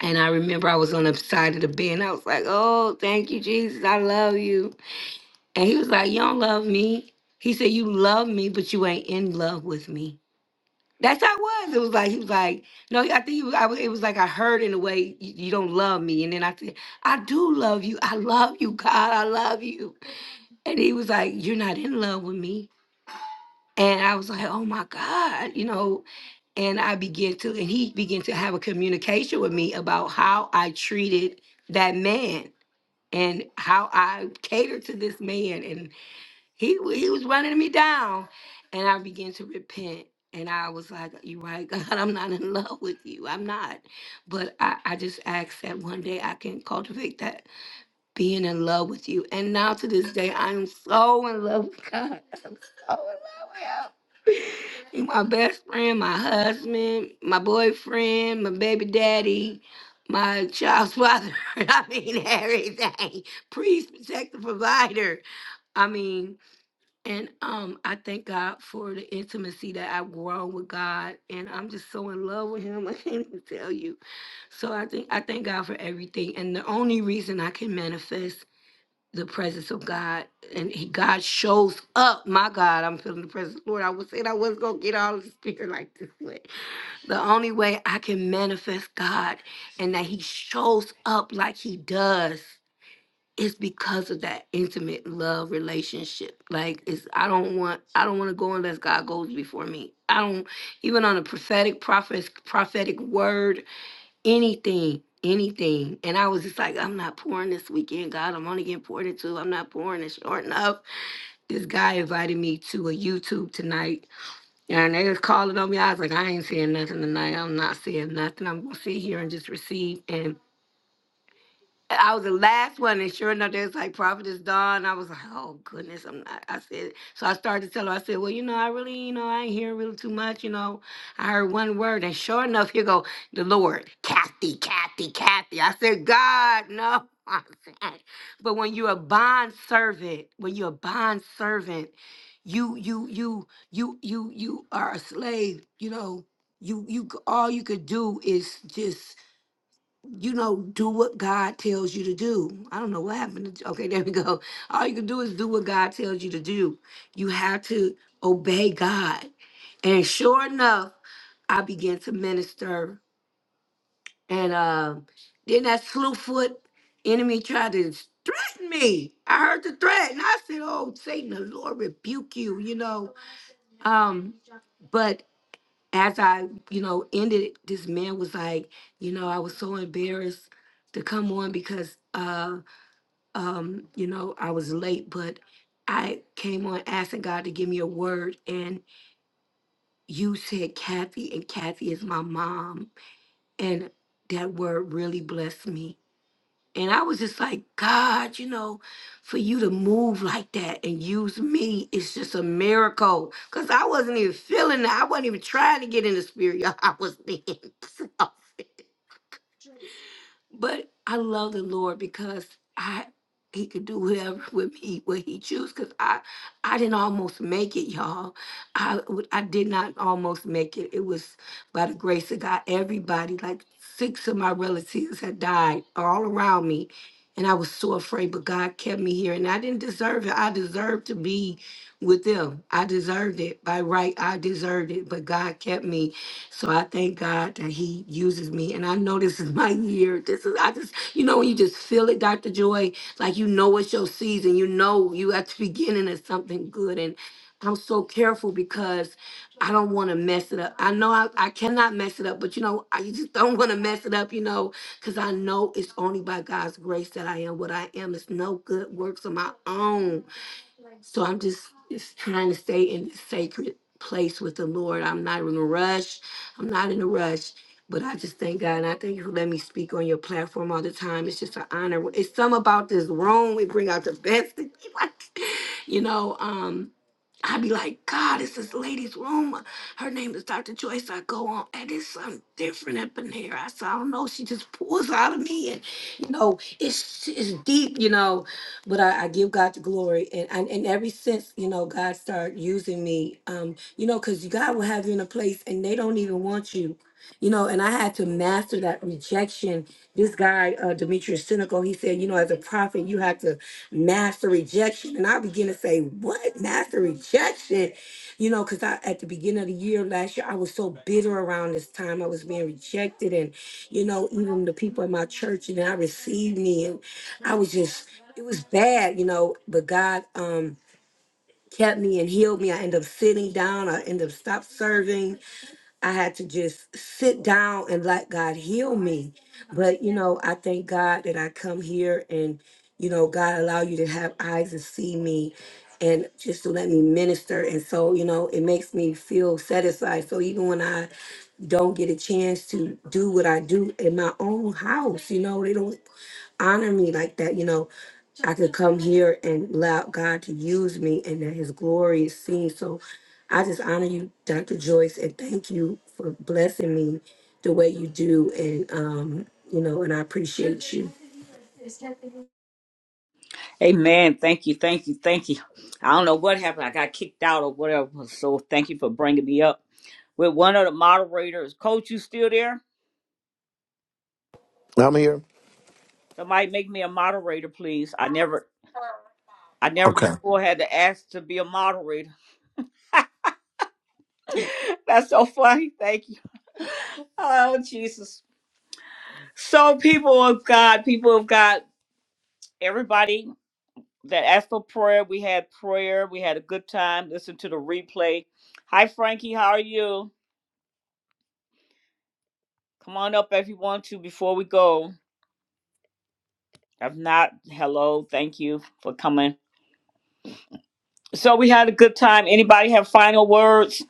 and I remember I was on the side of the bed and I was like, oh, thank you, Jesus. I love you and he was like, You don't love me. He said, You love me, but you ain't in love with me. That's how it was. It was like, he was like, No, I think he was, I, was- it was like, I heard in a way, you, you don't love me. And then I said, I do love you. I love you, God. I love you. And he was like, You're not in love with me. And I was like, Oh my God, you know. And I began to, and he began to have a communication with me about how I treated that man and how I catered to this man and. He wa- he was running me down, and I began to repent. And I was like, "You're right, God. I'm not in love with you. I'm not." But I I just ask that one day I can cultivate that being in love with you. And now to this day, I am so in love with God. I'm so in love with Him. He my best friend, my husband, my boyfriend, my baby daddy, my child's father. I mean everything. Priest, protector, provider. I mean. And um, I thank God for the intimacy that I've grown with God, and I'm just so in love with Him. I can't even tell you. So I think I thank God for everything. And the only reason I can manifest the presence of God, and He God shows up. My God, I'm feeling the presence, Lord. I was saying I was gonna get all the spirit like this way. The only way I can manifest God, and that He shows up like He does it's because of that intimate love relationship. Like it's I don't want I don't want to go unless God goes before me. I don't even on a prophetic prophet prophetic word, anything, anything. And I was just like, I'm not pouring this weekend, God. I'm only getting poured into. I'm not pouring it short enough. This guy invited me to a YouTube tonight and they was calling on me. I was like, I ain't saying nothing tonight. I'm not saying nothing. I'm gonna sit here and just receive. and. I was the last one, and sure enough, they was like, "Prophet is done." I was like, "Oh goodness, I'm not." I said, so I started to tell her. I said, "Well, you know, I really, you know, I ain't hearing really too much. You know, I heard one word, and sure enough, here go the Lord, Kathy, Kathy, Kathy." I said, "God, no." I said, But when you're a bond servant, when you're a bond servant, you, you, you, you, you, you are a slave. You know, you, you, all you could do is just you know, do what God tells you to do. I don't know what happened. To, okay, there we go. All you can do is do what God tells you to do. You have to obey God. And sure enough, I began to minister. And uh, then that slewfoot enemy tried to threaten me. I heard the threat, and I said, "Oh, Satan, the Lord rebuke you." You know. Um, as I, you know, ended, it, this man was like, you know, I was so embarrassed to come on because, uh, um, you know, I was late, but I came on asking God to give me a word, and you said Kathy, and Kathy is my mom, and that word really blessed me and I was just like, God, you know, for you to move like that and use me, it's just a miracle. Cause I wasn't even feeling it. I wasn't even trying to get in the spirit. y'all. I was being selfish. But I love the Lord because I he could do whatever with me what he choose because I I didn't almost make it, y'all. I w- I did not almost make it. It was by the grace of God. Everybody, like six of my relatives had died all around me. And I was so afraid, but God kept me here. And I didn't deserve it. I deserved to be with them. I deserved it. By right, I deserved it. But God kept me. So I thank God that He uses me. And I know this is my year. This is, I just, you know, when you just feel it, Dr. Joy, like you know it's your season. You know you at the beginning of something good. And I'm so careful because I don't want to mess it up. I know I, I cannot mess it up, but you know, I just don't want to mess it up, you know, because I know it's only by God's grace that I am what I am. It's no good works of my own. So I'm just just trying to stay in this sacred place with the Lord. I'm not in a rush. I'm not in a rush. But I just thank God and I thank you for letting me speak on your platform all the time. It's just an honor. It's some about this room. We bring out the best in people. You know, um, I'd be like, God, it's this lady's room. Her name is Dr. Joyce. I go on, and it's something different up in here. I said, I don't know. She just pulls out of me, and you know, it's it's deep, you know but I, I give God the glory. And, and and ever since, you know, God started using me, um, you know, because God will have you in a place and they don't even want you. You know, and I had to master that rejection. This guy, uh, Demetrius Cynical, he said, you know, as a prophet, you have to master rejection. And I begin to say, what? Master rejection? You know, because I at the beginning of the year last year, I was so bitter around this time. I was being rejected and, you know, even the people in my church, and I received me. And I was just it was bad, you know, but God um kept me and healed me. I ended up sitting down, I ended up stop serving. I had to just sit down and let God heal me. But you know, I thank God that I come here and you know, God allow you to have eyes to see me and just to let me minister. And so, you know, it makes me feel satisfied. So even when I don't get a chance to do what I do in my own house. You know, they don't honor me like that. You know, I could come here and allow God to use me and that his glory is seen. So I just honor you, Dr. Joyce, and thank you for blessing me the way you do. And, um, you know, and I appreciate you. Amen. Thank you. Thank you. Thank you. I don't know what happened. I got kicked out or whatever. So thank you for bringing me up with one of the moderators. Coach, you still there? I'm here. Somebody make me a moderator, please. I never, I never Okay. before had to ask to be a moderator. That's so funny. Thank you. oh Jesus. So people of God, people of God, everybody that asked for prayer, we had prayer. We had a good time. Listen to the replay. Hi Frankie, how are you? Come on up if you want to before we go. If not, hello. Thank you for coming. So we had a good time. Anybody have final words?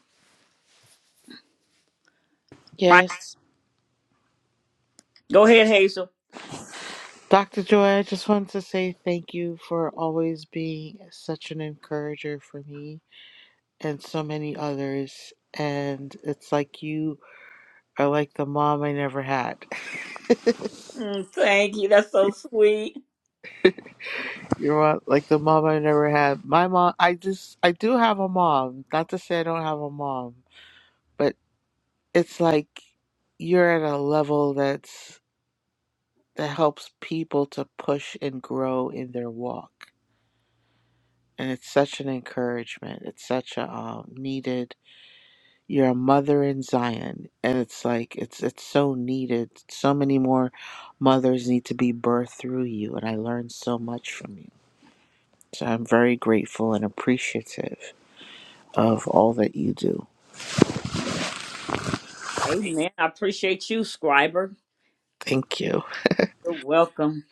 Fine. Yes. Go ahead, Hazel. Dr. Joy, I just wanted to say thank you for always being such an encourager for me and so many others. And it's like you are like the mom I never had. Mm, thank you. That's so sweet. You know what? Like the mom I never had. My mom, I just, I do have a mom. Not to say I don't have a mom, but it's like you're at a level that's that helps people to push and grow in their walk, and it's such an encouragement. It's such a um, needed. You're a mother in Zion, and it's like it's it's so needed. So many more mothers need to be birthed through you, and I learned so much from you. So I'm very grateful and appreciative. of all that you do. Amen. I appreciate you, Scriber. Thank you. You're welcome.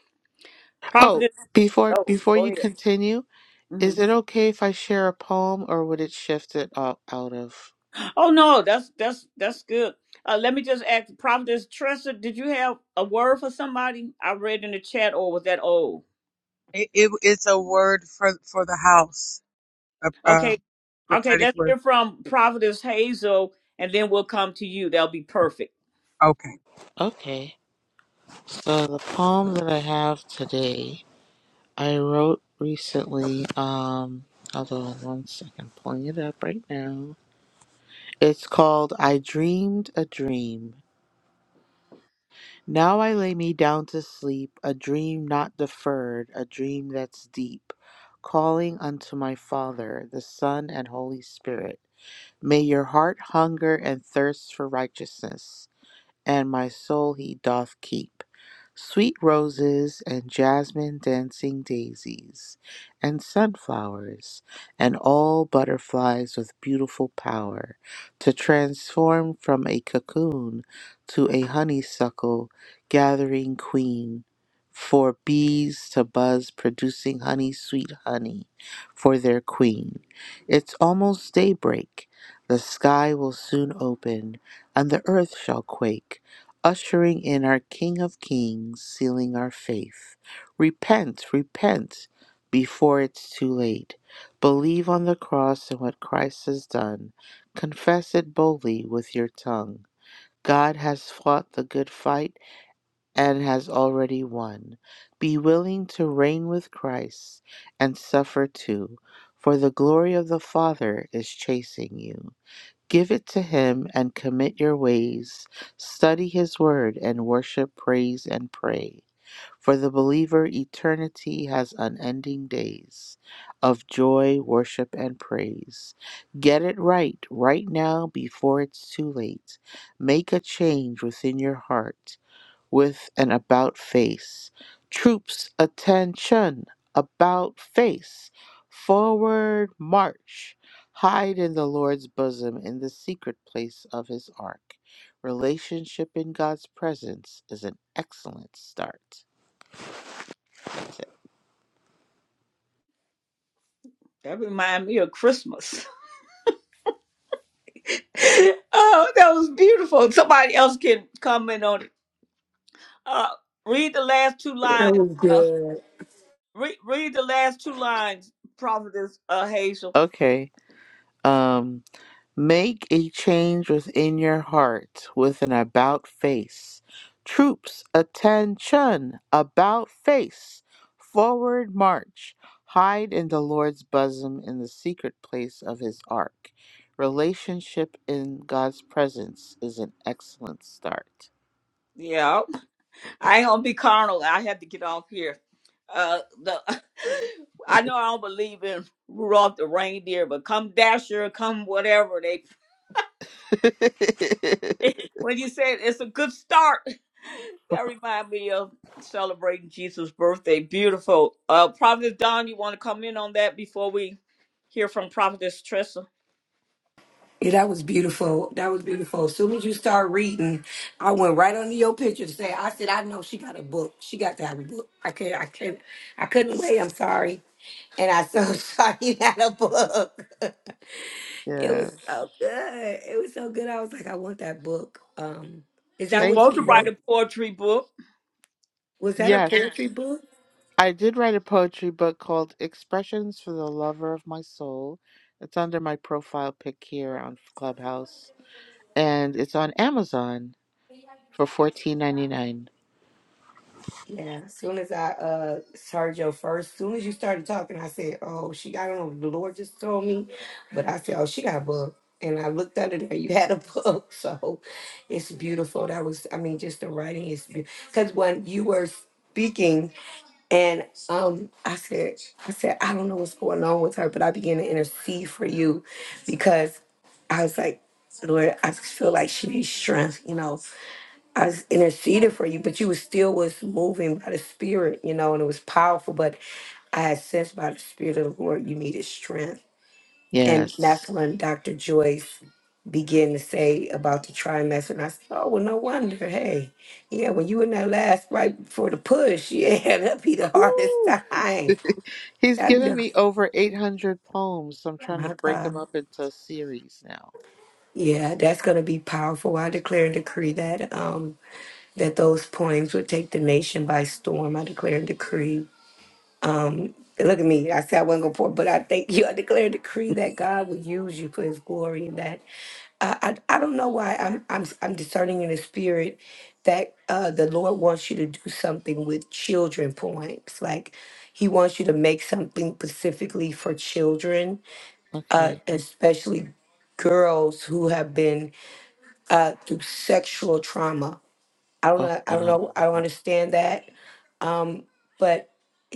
Oh, Providence. before Oh, before go you ahead. continue, hmm is it okay if I share a poem or would it shift it out, out of? Oh no, that's that's that's good. Uh, let me just ask Providence Tressa, did you have a word for somebody? I read in the chat, or was that old? It, it, it's a word for, for the house, a, a Okay, Okay, prophetic let's word. hear from Prophetess Hazel, and then we'll come to you. That'll be perfect. Okay. Okay. So the poem that I have today, I wrote recently. Um, hold on one second, pulling it up right now. It's called "I Dreamed a Dream." Now I lay me down to sleep, a dream not deferred, a dream that's deep, calling unto my Father, the Son, and Holy Spirit. May your heart hunger and thirst for righteousness and my soul he doth keep. Sweet roses and jasmine dancing daisies and sunflowers and all butterflies with beautiful power to transform from a cocoon to a honeysuckle gathering queen. For bees to buzz, producing honey, sweet honey for their queen. It's almost daybreak. The sky will soon open and the earth shall quake, ushering in our King of Kings, sealing our faith. Repent, repent, before it's too late. Believe on the cross and what Christ has done. Confess it boldly with your tongue. God has fought the good fight and has already won. Be willing to reign with Christ and suffer too, for the glory of the Father is chasing you. Give it to him and commit your ways. Study his word and worship, praise, and pray. For the believer, eternity has unending days of joy, worship, and praise. Get it right, right now, before it's too late. Make a change within your heart with an about face. Troops, attention, about face. Forward march. Hide in the Lord's bosom in the secret place of his ark. Relationship in God's presence is an excellent start. That reminds me of Christmas. oh, that was beautiful. Somebody else can comment on it. Uh, read the last two That lines. was Uh, good. re- read the last two lines, Prophetess uh, Hazel. Okay. um Make a change within your heart with an about face. Troops, attention, about face. Forward march. Hide in the Lord's bosom in the secret place of his ark. Relationship in God's presence is an excellent start. Yeah, I ain't gonna be carnal. I had to get off here. Uh, the I know I don't believe in Rudolph the reindeer, but come Dasher, come whatever. they. when you said it's a good start, that reminds me of celebrating Jesus' birthday. Beautiful. Uh, Prophetess Don, you want to come in on that before we hear from Prophetess Tressa? Yeah, that was beautiful. That was beautiful. As soon as you start reading, I went right under your picture to say, I said, I know she got a book. She got to have a book. I can't. I can't. I couldn't wait. I'm sorry. And I so sorry you had a book. it was yes. so good. It was so good. I was like, I want that book. Um, is She's that what supposed Thank to you write you. wrote? a poetry book. Was that a Yes. poetry book? I did write a poetry book called Expressions for the Lover of My Soul. It's under my profile pic here on Clubhouse, and it's on Amazon for fourteen ninety nine. Yeah, as soon as I uh heard your first, as soon as you started talking, I said, "Oh, she got on." The Lord just told me, but I said, "Oh, she got a bug," and I looked under there. You had a bug, so it's beautiful. That was, I mean, just the writing is because when you were speaking, and um, I said, I said, I don't know what's going on with her, but I began to intercede for you because I was like, Lord, I just feel like she needs strength, you know. I s- interceded for you, but you was still was moving by the spirit, you know, and it was powerful. But I had sensed by the spirit of the Lord, you needed strength, and Yes. that's when Dr. Joyce began to say about the trimester, and I said, "Oh, well, no wonder. Hey, yeah, when you in that last right before the push, yeah, that'd be the hardest Woo! time. He's That'd be given the, me over eight hundred poems, so I'm Oh trying to my break them God, up into a series now. yeah, that's gonna be powerful. I declare and decree that um that those poems would take the nation by storm. I declare and decree." Um, look at me. I said I wasn't gonna pour, but I thank you. I declare a decree that God will use you for His glory, and that I I, I don't know why I'm I'm I'm discerning in the spirit that uh, the Lord wants you to do something with children poems. Like He wants you to make something specifically for children, uh, Okay. especially girls who have been uh, through sexual trauma. I don't Oh know. I don't wow. know. I don't Oh, understand that. Um, but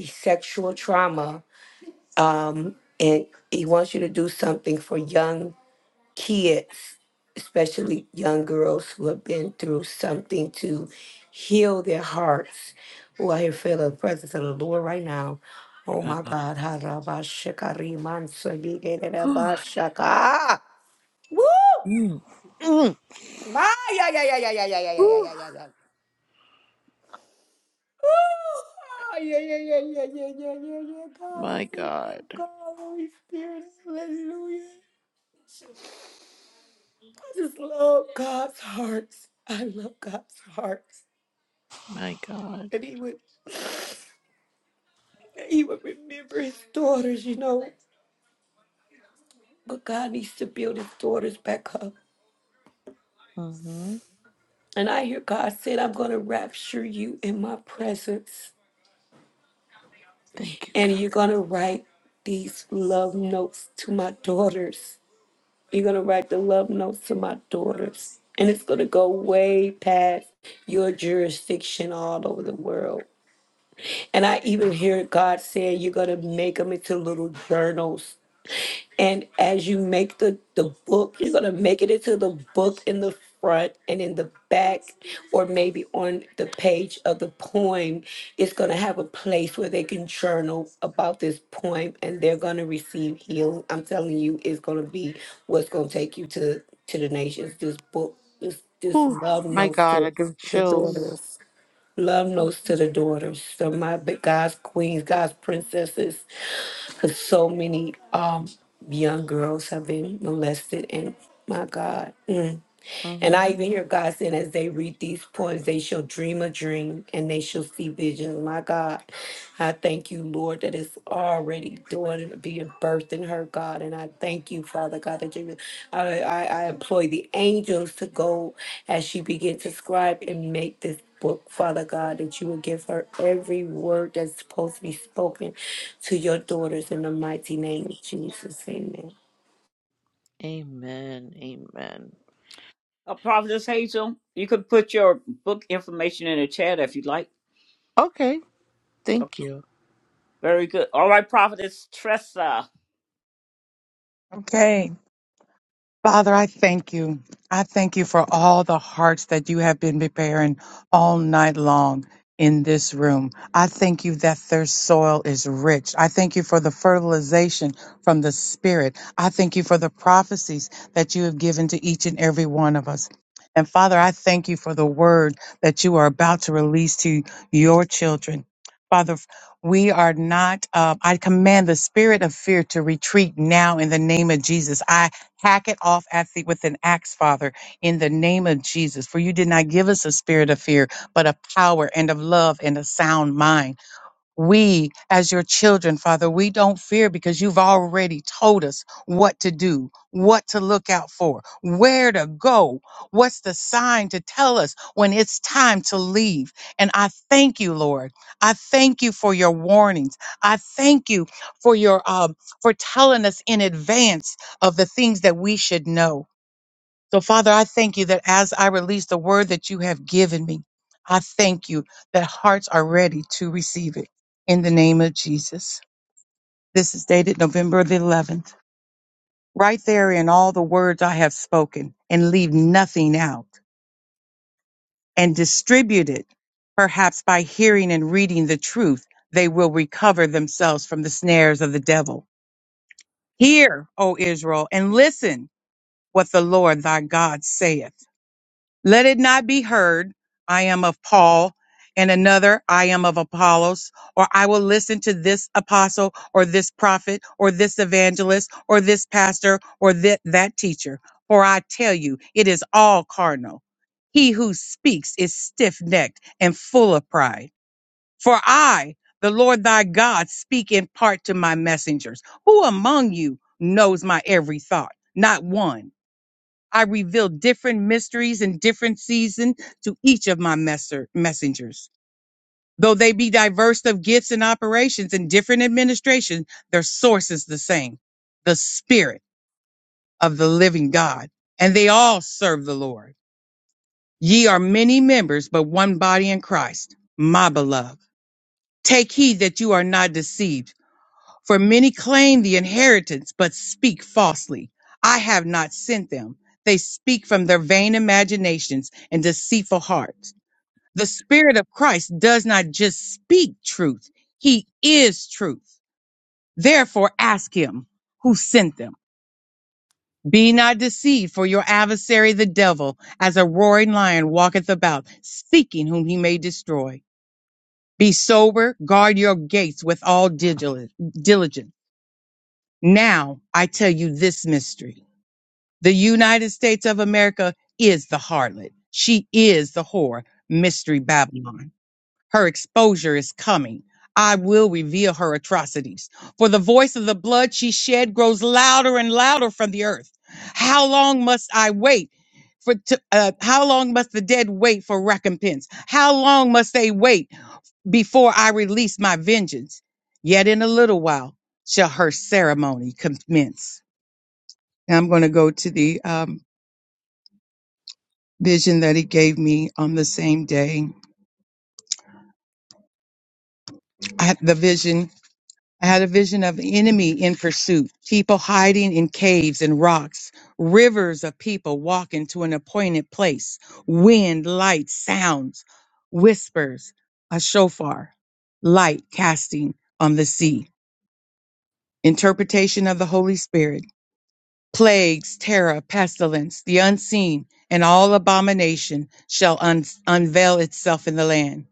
sexual trauma um, and he wants you to do something for young kids, especially young girls who have been through something to heal their hearts. Oh, I here feel the presence of the Lord right now. Oh my Wow. God. Whew. Harabashakarimansabigerabashaka. Woo! Mm. Mm. My, yeah, yeah, yeah, yeah, yeah, yeah, yeah, yeah, yeah, Whew. yeah, yeah, yeah. Ooh, ah, yeah, yeah, yeah, yeah, yeah, yeah, yeah, yeah. God, I My thank you, God. God, Holy Spirit, hallelujah. I just love God's hearts. I love God's hearts. My God. And he would he would remember his daughters, you know. But God needs to build his daughters back up. hmm And I hear God said, I'm gonna rapture you in my presence. Thank you, And you're gonna write these love notes to my daughters. You're gonna write the love notes to my daughters. And it's gonna go way past your jurisdiction all over the world And I even hear God saying, You're going to make them into little journals. And as you make the, the book, you're going to make it into the book in the front and in the back, or maybe on the page of the poem. It's going to have a place where they can journal about this poem and they're going to receive healing. I'm telling you, it's going to be what's going to take you to, to the nations. This book, this, this Ooh, love my notes God, I to give the chills. daughters. Love notes to the daughters, So my b- God's queens, God's princesses, because so many um young girls have been molested, and my God. Uh And huh. I even hear God saying, as they read these poems, they shall dream a dream and they shall see visions. My God, I thank you, Lord, that it's already doing, being birthed in her, God. And I thank you, Father God, that you, I, I, I employ the angels to go as she begins to scribe and make this book, Father God, that you will give her every word that's supposed to be spoken to your daughters in the mighty name of Jesus. Amen. Amen. Amen. Uh, Prophetess Hazel, you could put your book information in the chat if you'd like. Okay, Okay. thank you. Very good. All right, Prophetess Tressa. I- Okay. Father, I thank you. I thank you for all the hearts that you have been preparing all night long in this room. I thank you that their soil is rich. I thank you for the fertilization from the Spirit. I thank you for the prophecies that you have given to each and every one of us. And Father, I thank you for the word that you are about to release to your children. Father, we are not, uh, I command the spirit of fear to retreat now in the name of Jesus. I Hack it off at the, with an axe, Father, in the name of Jesus. For you did not give us a spirit of fear, but of power and of love and a sound mind. We, as your children, Father, we don't fear because you've already told us what to do, what to look out for, where to go, what's the sign to tell us when it's time to leave. And I thank you, Lord. I thank you for your warnings. I thank you for your um, for telling us in advance of the things that we should know. So, Father, I thank you that as I release the word that you have given me, I thank you that hearts are ready to receive it in the name of Jesus. This is dated November the 11th. Write there in all the words I have spoken and leave nothing out and distribute it. Perhaps by hearing and reading the truth, they will recover themselves from the snares of the devil. Hear, O Israel, and listen what the Lord thy God saith. Let it not be heard, I am of Paul, and another, I am of Apollos, or I will listen to this apostle, or this prophet, or this evangelist, or this pastor, or that, that teacher. For I tell you, it is all carnal. He who speaks is stiff necked and full of pride. For I, the Lord thy God, speak in part to my messengers. Who among you knows my every thought? Not one. I reveal different mysteries and different seasons to each of my messer, messengers. Though they be diverse of gifts and operations in different administrations, their source is the same, the spirit of the living God. And they all serve the Lord. Ye are many members, but one body in Christ, my beloved. Take heed that you are not deceived. For many claim the inheritance, but speak falsely. I have not sent them. They speak from their vain imaginations and deceitful hearts. The Spirit of Christ does not just speak truth, He is truth. Therefore, ask Him who sent them. Be not deceived, for your adversary, the devil, as a roaring lion, walketh about, seeking whom he may destroy. Be sober, guard your gates with all digil- diligence Now I tell you this mystery. The United States of America is the harlot. She is the whore, Mystery Babylon. Her exposure is coming. I will reveal her atrocities. For the voice of the blood she shed grows louder and louder from the earth. How long must I wait? For to, uh, how long must the dead wait for recompense? How long must they wait before I release my vengeance? Yet in a little while shall her ceremony commence. And I'm going to go to the um, vision that he gave me on the same day. I had the vision. I had a vision of the enemy in pursuit, people hiding in caves and rocks, rivers of people walking to an appointed place, wind, light, sounds, whispers, a shofar, light casting on the sea. Interpretation of the Holy Spirit. plagues, terror, pestilence, the unseen, and all abomination shall un- unveil itself in the land.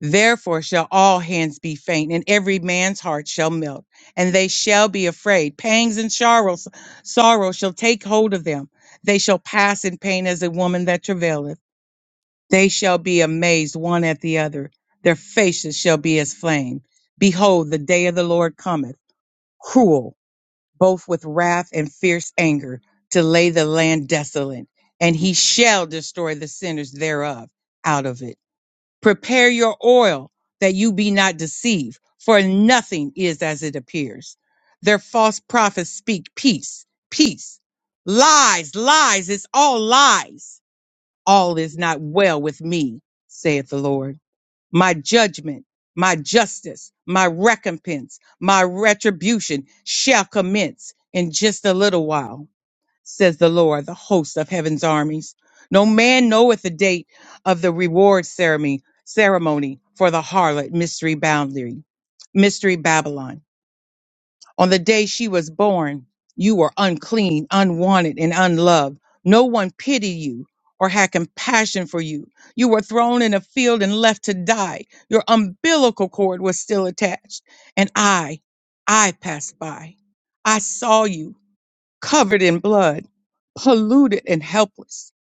Therefore shall all hands be faint, and every man's heart shall melt, and they shall be afraid. Pangs and sorrows, sorrow shall take hold of them. They shall pass in pain as a woman that travaileth. They shall be amazed one at the other. Their faces shall be as flame. Behold, the day of the Lord cometh, cruel both with wrath and fierce anger, to lay the land desolate, and he shall destroy the sinners thereof out of it. Prepare your oil that you be not deceived, for nothing is as it appears. Their false prophets speak peace, peace, lies, lies, it's all lies. All is not well with me, saith the Lord my judgment, my justice, my recompense, my retribution shall commence in just a little while, says the Lord, the host of heaven's armies. No man knoweth the date of the reward ceremony, ceremony for the harlot mystery boundary, mystery Babylon. On the day she was born, you were unclean, unwanted, and unloved. No one pitied you or had compassion for you. You were thrown in a field and left to die. Your umbilical cord was still attached. And I, I passed by. I saw you covered in blood, polluted and helpless.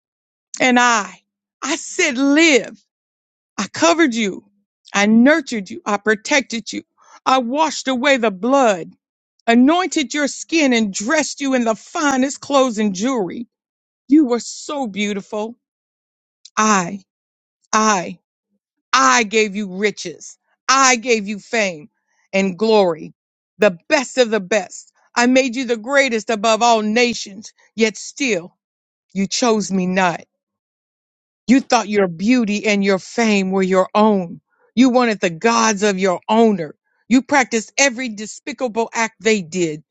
And I, I said, live. I covered you. I nurtured you. I protected you. I washed away the blood anointed your skin and dressed you in the finest clothes and jewelry. You were so beautiful. I, I, I gave you riches. I gave you fame and glory, the best of the best. I made you the greatest above all nations, yet still you chose me not. You thought your beauty and your fame were your own. You wanted the gods of your owner. You practiced every despicable act they did.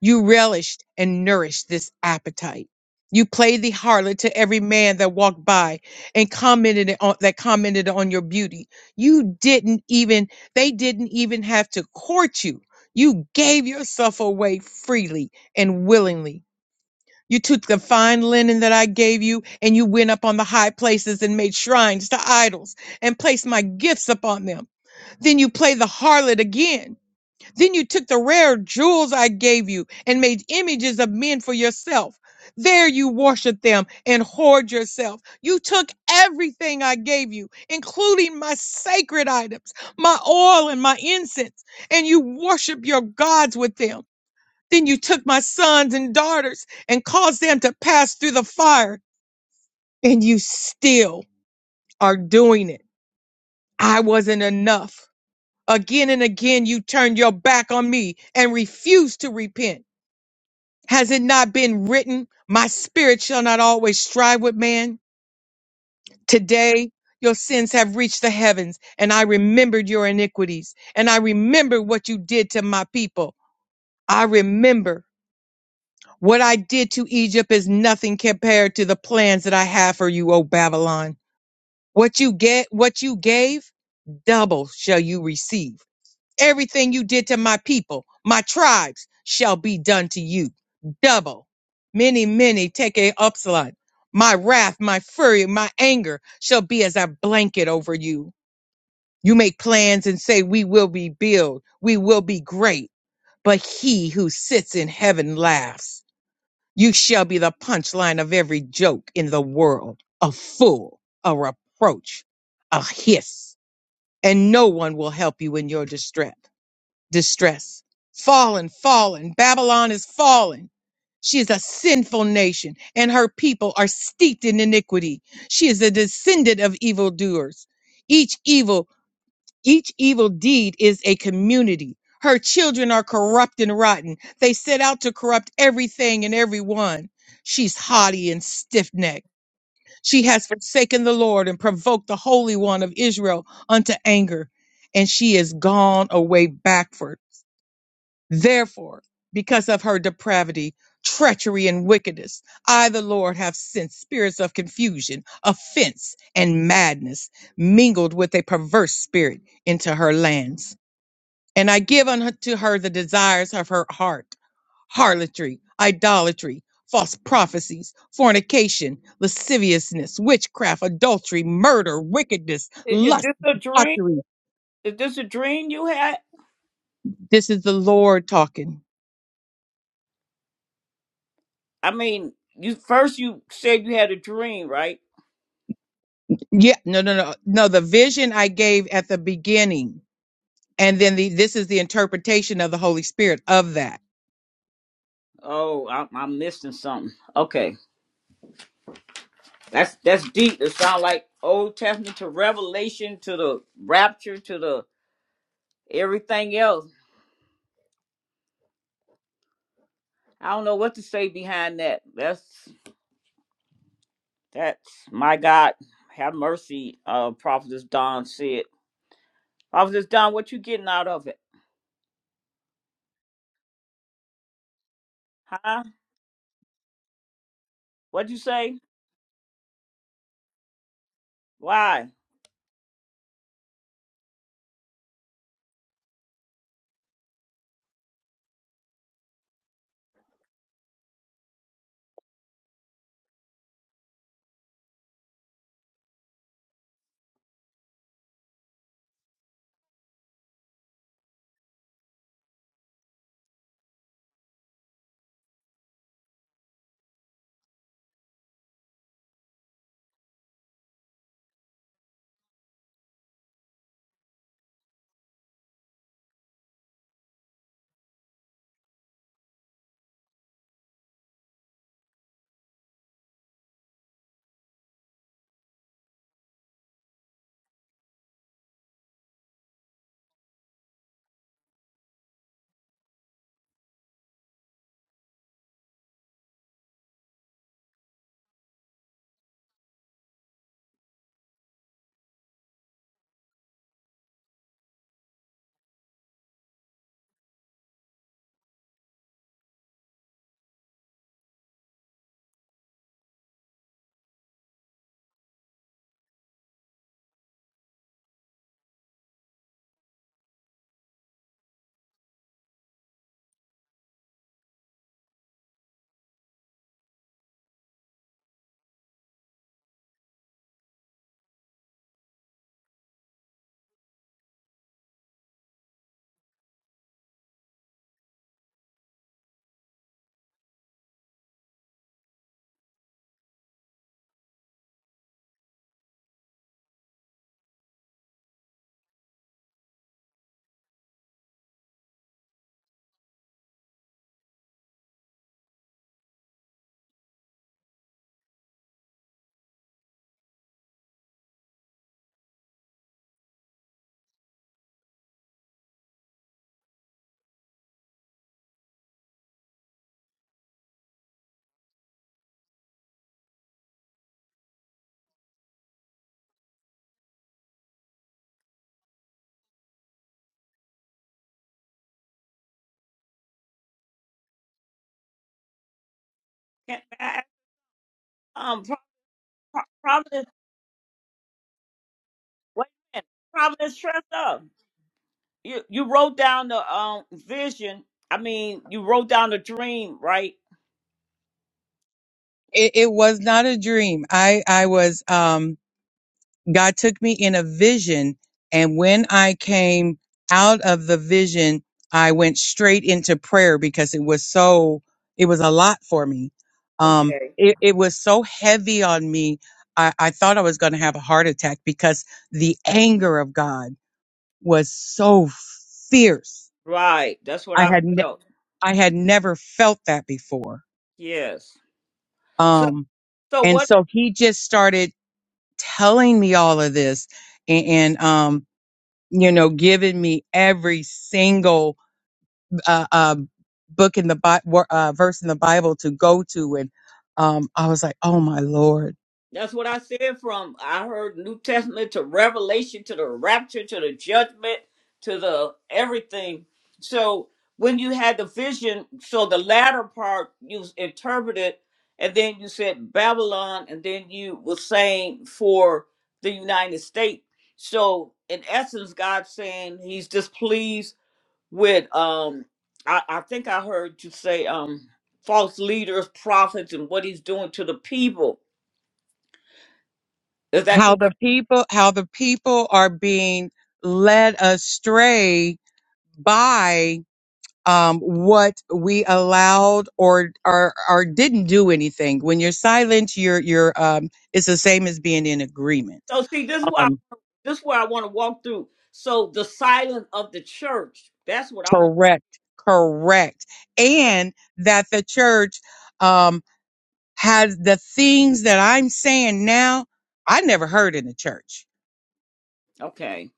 You relished and nourished this appetite. You played the harlot to every man that walked by and commented on, that commented on your beauty. You didn't even, they didn't even have to court you. You gave yourself away freely and willingly you took the fine linen that I gave you, and you went up on the high places and made shrines to idols, and placed my gifts upon them. Then you play the harlot again. Then you took the rare jewels I gave you, and made images of men for yourself. There you worship them and hoard yourself. You took everything I gave you, including my sacred items, my oil and my incense, and you worship your gods with them. Then you took my sons and daughters and caused them to pass through the fire, and you still are doing it. I wasn't enough. Again and again, you turned your back on me and refused to repent. Has it not been written, My spirit shall not always strive with man? Today, your sins have reached the heavens, and I remembered your iniquities, and I remembered what you did to my people. I remember What I did to Egypt is nothing compared to the plans that I have for you, O Babylon. What you get, what you gave, double shall you receive. Everything you did to my people, my tribes, shall be done to you. Double. Many, many take a upslot. My wrath, my fury, my anger shall be as a blanket over you. You make plans and say, we will be built, we will be great. But he who sits in heaven laughs. You shall be the punchline of every joke in the world, a fool, a reproach, a hiss, and no one will help you in your distress. Distress. Fallen, fallen, Babylon is fallen. She is a sinful nation, and her people are steeped in iniquity. She is a descendant of evildoers. Each evil each evil deed is a community. Her children are corrupt and rotten. They set out to corrupt everything and everyone. She's haughty and stiff necked. She has forsaken the Lord and provoked the Holy One of Israel unto anger, and she is gone away backward. Therefore, because of her depravity, treachery, and wickedness, I, the Lord, have sent spirits of confusion, offense, and madness mingled with a perverse spirit into her lands and I give unto her the desires of her heart, harlotry, idolatry, false prophecies, fornication, lasciviousness, witchcraft, adultery, murder, wickedness, Is, lust, this a dream? uttery. Is this a dream you had? This is the Lord talking. I mean, you first you said you had a dream, right? Yeah, no, no, no, no. The vision I gave at the beginning, and then the this is the interpretation of the Holy Spirit of that. Oh, I, I'm missing something. Okay. That's that's deep. It sounds like Old Testament to Revelation to the rapture to the everything else. I don't know what to say behind that. That's that's my God. Have mercy, uh Prophetess Don said. Prophetess Don, what you getting out of it? Huh? What'd you say? Why? Can't- I- I- Um Pro- Pro- Prophetess wait a minute. Prophetess Tressa. You you wrote down the um vision. I mean you wrote down the dream, right? It, it was not a dream. I I was um God took me in a vision. And when I came out of the vision, I went straight into prayer because it was so, it was a lot for me. Um, Okay. it, it was so heavy on me. I, I thought I was going to have a heart attack because the anger of God was so fierce. Right. That's what I I had, ne- felt. I had never felt that before. Yes. So Um, so and what so he just started telling me all of this. And, um, you know, giving me every single uh, um, book in the Bi- wor- uh, verse in the Bible to go to, and um, I was like, oh my lord, that's what I said from I heard New Testament to Revelation to the rapture to the judgment to the everything. So when you had the vision, so the latter part you interpreted and then you said Babylon and then you were saying for the United States. So in essence, God's saying he's displeased with um I, I think I heard you say um false leaders, prophets, and what he's doing to the people. Is that how the correct? people, how the people are being led astray by um, what we allowed or or or didn't do anything. When you're silent, you're you're um, it's the same as being in agreement. So see this is why Um, this is where I want to walk through. So the silence of the church. That's what I want correct, correct, to see. and that the church. Um, has the things that I'm saying now, I never heard in the church. Okay.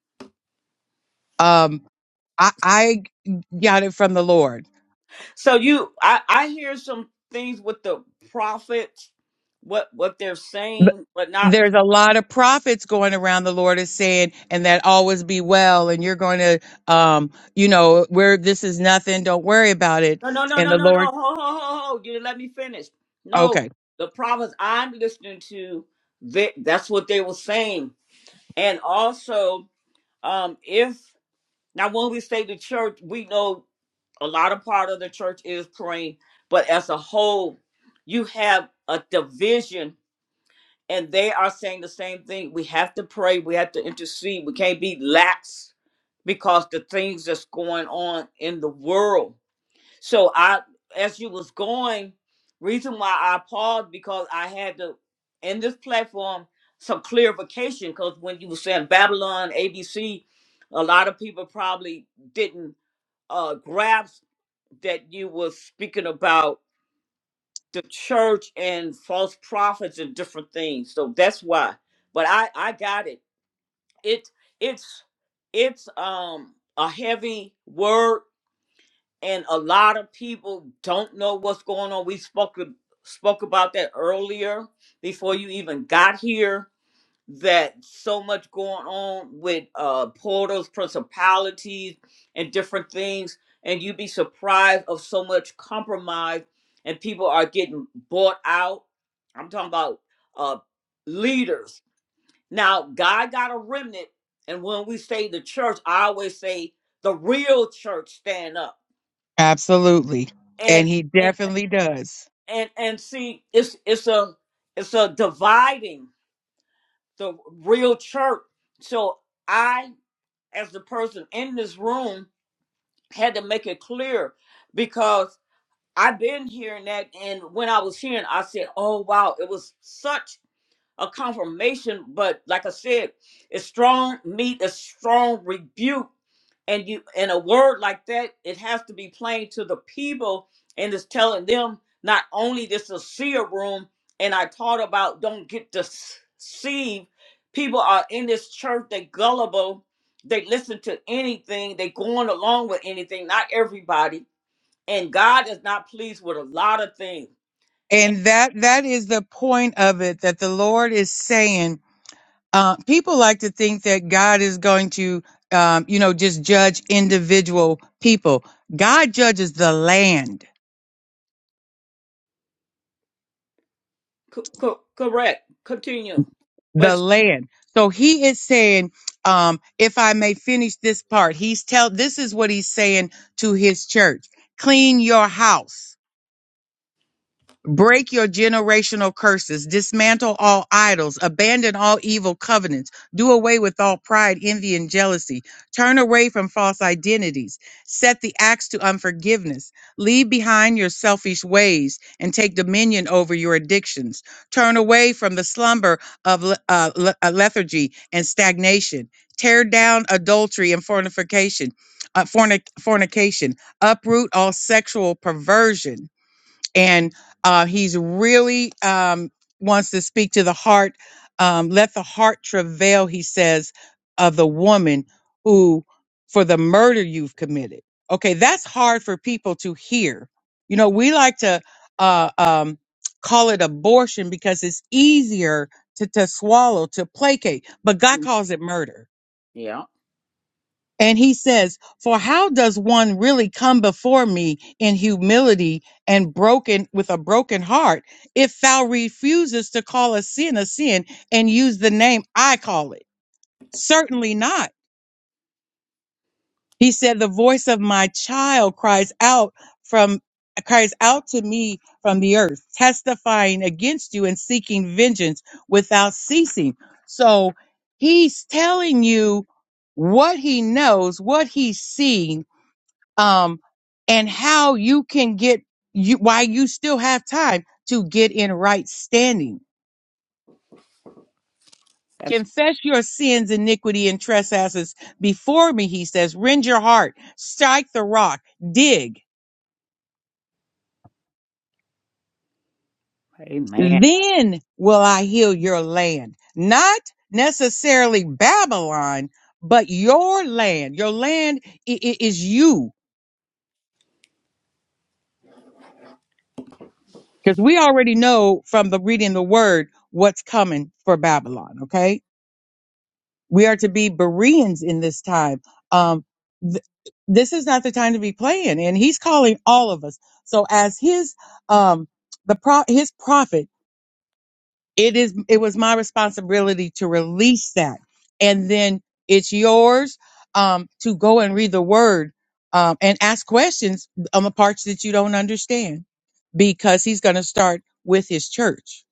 Um, I, I got it from the Lord. So you I, I hear some things with the prophets, what what they're But saying, but not There's a lot of prophets going around. The Lord is saying, and that always be well, and you're going to, um, you know, where this is nothing, don't worry about it. no no no And no the no no Lord, ho ho ho ho you didn't let me finish. No, okay, the prophets I'm listening to, they, that's what they were saying And also, um, if now when we say the church, we know a lot of part of the church is praying, but as a whole, you have a division, and they are saying the same thing. We have to pray, we have to intercede, we can't be lax because the things that's going on in the world. So I, as you was going, reason why I paused because I had to in this platform some clarification because when you were saying Babylon ABC, a lot of people probably didn't uh, grasp that you were speaking about the church and false prophets and different things. So that's why. But I I got it. It it's it's um a heavy word and a lot of people don't know what's going on. We spoke spoke about that earlier before you even got here. That so much going on with uh, portals, principalities, and different things, and you'd be surprised of so much compromise, and people are getting bought out. I'm talking about uh, leaders. Now, God got a remnant, and when we say the church, I always say the real church stand up absolutely, and and He and definitely does. and and see it's it's a it's a dividing the real church so i as the person in this room had to make it clear because i've been hearing that and when i was hearing i said oh wow it was such a confirmation, but like I said, it's strong meat, a strong rebuke. And you and a word like that, it has to be plain to the people and it's telling them not only this is a seer room, and I taught about don't get deceived. People are in this church, they gullible, they listen to anything, they going along with anything, not everybody. And God is not pleased with a lot of things. And that that is the point of it that the Lord is saying. uh, people like to think that God is going to, um, you know, just judge individual people. God judges the land, Co- co- correct. Continue. the But land. So he is saying, um, if I may finish this part, he's tell this is what he's saying to his church: clean your house Break your generational curses. Dismantle all idols. Abandon all evil covenants. Do away with all pride, envy, and jealousy. Turn away from false identities. Set the axe to unforgiveness. Leave behind your selfish ways and take dominion over your addictions. Turn away from the slumber of le- uh, le- uh, lethargy and stagnation. Tear down adultery and fornication. Uh, fornic- fornication. Uproot all sexual perversion and uh, he's really um, wants to speak to the heart. Um, Let the heart travail, he says, of the woman who, for the murder you've committed. Okay, that's hard for people to hear. You know, we like to uh, um, call it abortion because it's easier to, to swallow, to placate, but God calls it murder Yeah, and he says, For how does one really come before me in humility and broken with a broken heart if thou refuses to call a sin a sin and use the name I call it? Certainly not. He said, The voice of my child cries out from cries out to me from the earth, testifying against you and seeking vengeance without ceasing. So he's telling you what he knows, what he's seen um, and how you can get you why you still have time to get in right standing. that's Confess your sins, iniquity, and trespasses before me, he says. Rend your heart, strike the rock, dig. amen. Then will I heal your land. Not necessarily Babylon, but your land. Your land i- i- is you. Because we already know from the reading the word what's coming for Babylon, okay? We are to be Bereans in this time. Um, th- this is not the time to be playing, and He's calling all of us. So, as His um, the pro- His prophet, it is it was my responsibility to release that, and then it's yours um, to go and read the Word um, and ask questions on the parts that you don't understand, because He's going to start with His church.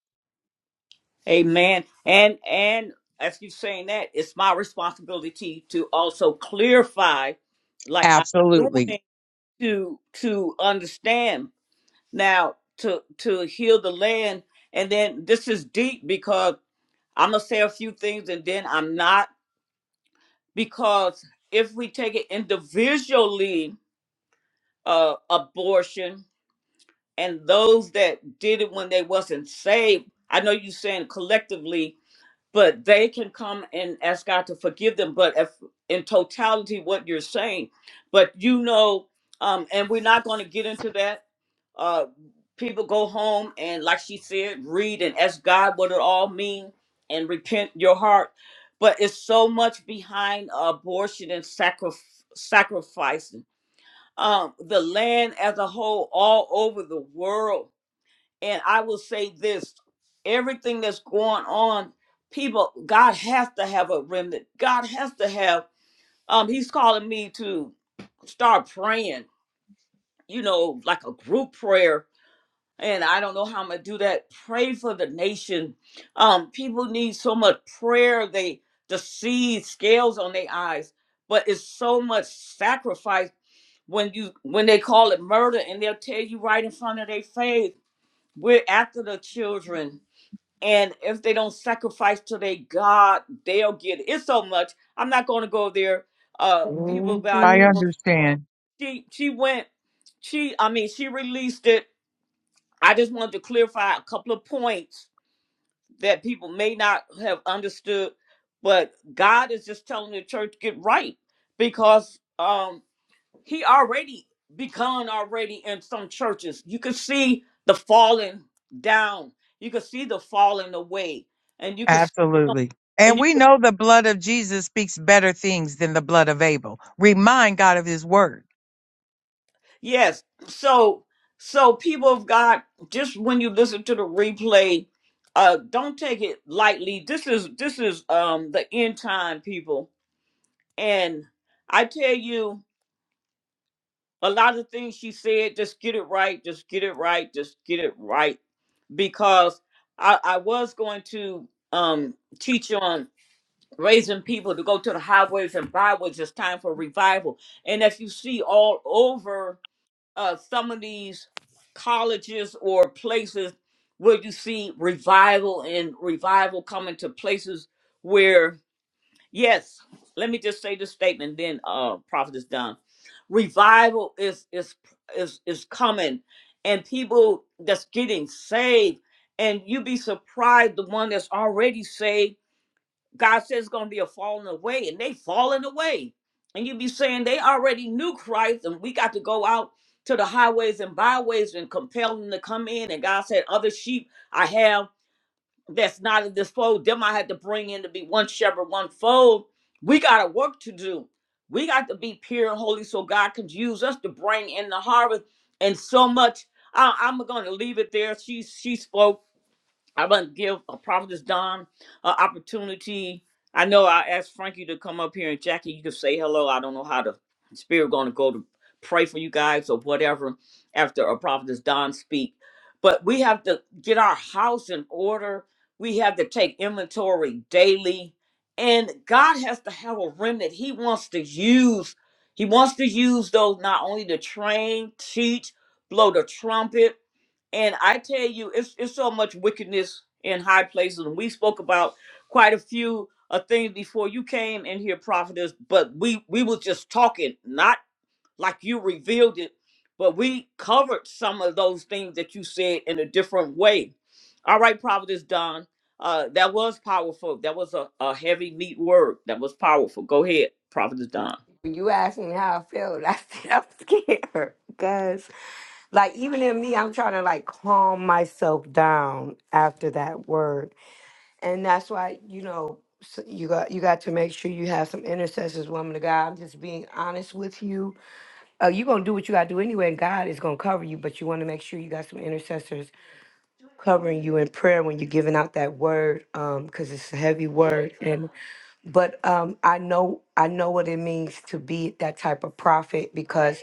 Amen. And and as you saying that, it's my responsibility to also clarify, like I'm Absolutely, doing to to understand now to to heal the land. And then this is deep because I'm gonna say a few things and then I'm not because if we take it individually, uh, abortion and those that did it when they wasn't saved. I know you are saying collectively, but they can come and ask God to forgive them. But if in totality, what you're saying, but you know, um, and we're not going to get into that. Uh, people go home and, like she said, read and ask God what it all means and repent your heart. But it's so much behind abortion and sacrif- sacrificing um, the land as a whole, all over the world and I will say this everything that's going on, people, God has to have a remnant. God has to have, um, He's calling me to start praying, you know, like a group prayer. And I don't know how I'm gonna do that. Pray for the nation. Um, people need so much prayer, they the seed scales on their eyes, but it's so much sacrifice when you when they call it murder and they'll tell you right in front of their face, we're after the children and if they don't sacrifice to their God, they'll get it. It's so much. I'm not going to go there. Uh, people got I the Mhm. word. understand. She she went. She I mean she released it. I just wanted to clarify a couple of points that people may not have understood, but God is just telling the church get right because um He already begun already in some churches. You can see the falling down. You can see the falling away, and you can. Absolutely. And And you, we know the blood of Jesus speaks better things than the blood of Abel. Remind God of his word. yes. So, so people of God, just when you listen to the replay, uh, don't take it lightly. This is this is um the end time, people. And I tell you, a lot of things she said, just get it right, just get it right, just get it right. Because I, I was going to um teach on raising people to go to the highways and byways. It's time for revival. And as you see all over uh, some of these colleges or places where you see revival and revival coming to places where, yes, let me just say this statement, then uh, prophet is done. Revival is is is is coming, and people that's getting saved, and you be surprised the one that's already saved God says it's going to be a falling away, and they falling away. And you be saying they already knew Christ, and we got to go out to the highways and byways and compel them to come in. And God said, Other sheep I have that's not in this fold, them I had to bring in to be one shepherd, one fold. We got a work to do. We got to be pure and holy so God can use us to bring in the harvest. And so much, I, I'm going to leave it there. She, she spoke. I'm gonna give a prophetess Don an opportunity. I know I asked Frankie to come up here and Jackie, you can say hello. I don't know how the spirit gonna go to pray for you guys or whatever after a prophetess Don speak. But we have to get our house in order. We have to take inventory daily. And God has to have a remnant He wants to use. He wants to use those not only to train, teach, blow the trumpet, and I tell you, it's it's so much wickedness in high places. And we spoke about quite a few uh, things before you came in here, prophetess. But we we was just talking, not like you revealed it, but we covered some of those things that you said in a different way. All right, prophetess Don, uh, that was powerful. That was a, a heavy, neat word. That was powerful. Go ahead, prophetess Don. When you asked me how I felt, I said I'm scared. Cause like even in me, I'm trying to like calm myself down after that word, and that's why you know s- you got you got to make sure you have some intercessors, woman of God. I'm just being honest with you. Uh, you're gonna do what you gotta do anyway, and God is gonna cover you, but you want to make sure you got some intercessors covering you in prayer when you're giving out that word, um, because it's a heavy word, but um, I know I know what it means to be that type of prophet because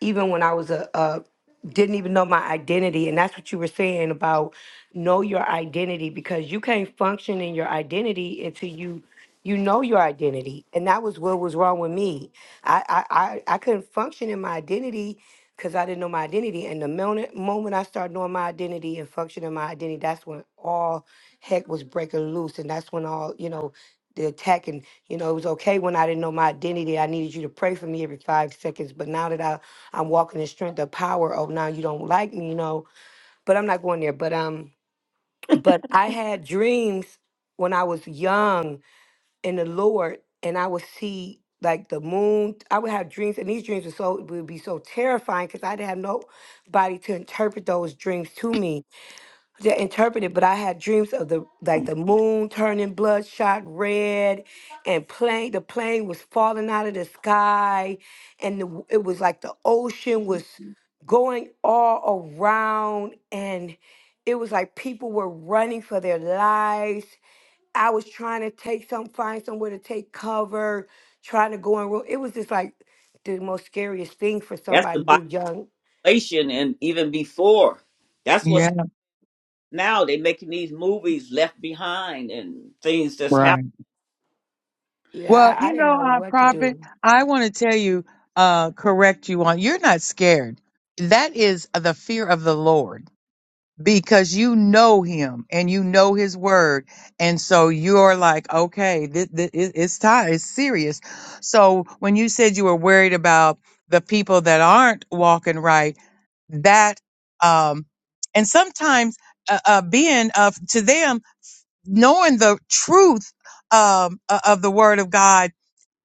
even when I was a, a didn't even know my identity, and that's what you were saying about know your identity because you can't function in your identity until you you know your identity, and that was what was wrong with me. I I I, I couldn't function in my identity. Cause I didn't know my identity, and the moment moment I started knowing my identity and functioning in my identity, that's when all heck was breaking loose, and that's when all you know the attack and you know it was okay when i didn't know my identity i needed you to pray for me every five seconds but now that I, i'm walking in strength of power oh now you don't like me you know but i'm not going there but um but i had dreams when i was young in the lord and i would see like the moon i would have dreams and these dreams were so would be so terrifying because i didn't have nobody to interpret those dreams to me to interpret it, but I had dreams of the like the moon turning bloodshot red, and plane the plane was falling out of the sky, and the, it was like the ocean was going all around, and it was like people were running for their lives. I was trying to take some find somewhere to take cover, trying to go in room. It was just like the most scariest thing for That's somebody the who's young. Revelation and even before. That's what's Yeah, happening now. They're making these movies left behind and things that's happening. right. Well, Yeah, I, I you didn't know, know uh, what to prophet, do. I want to tell you, uh, correct you on, you're not scared. That is the fear of the Lord. because you know him and you know his word and so you're like okay this, this, it's time it's serious so when you said you were worried about the people that aren't walking right that um and sometimes uh, uh being of to them knowing the truth um o- of the word of god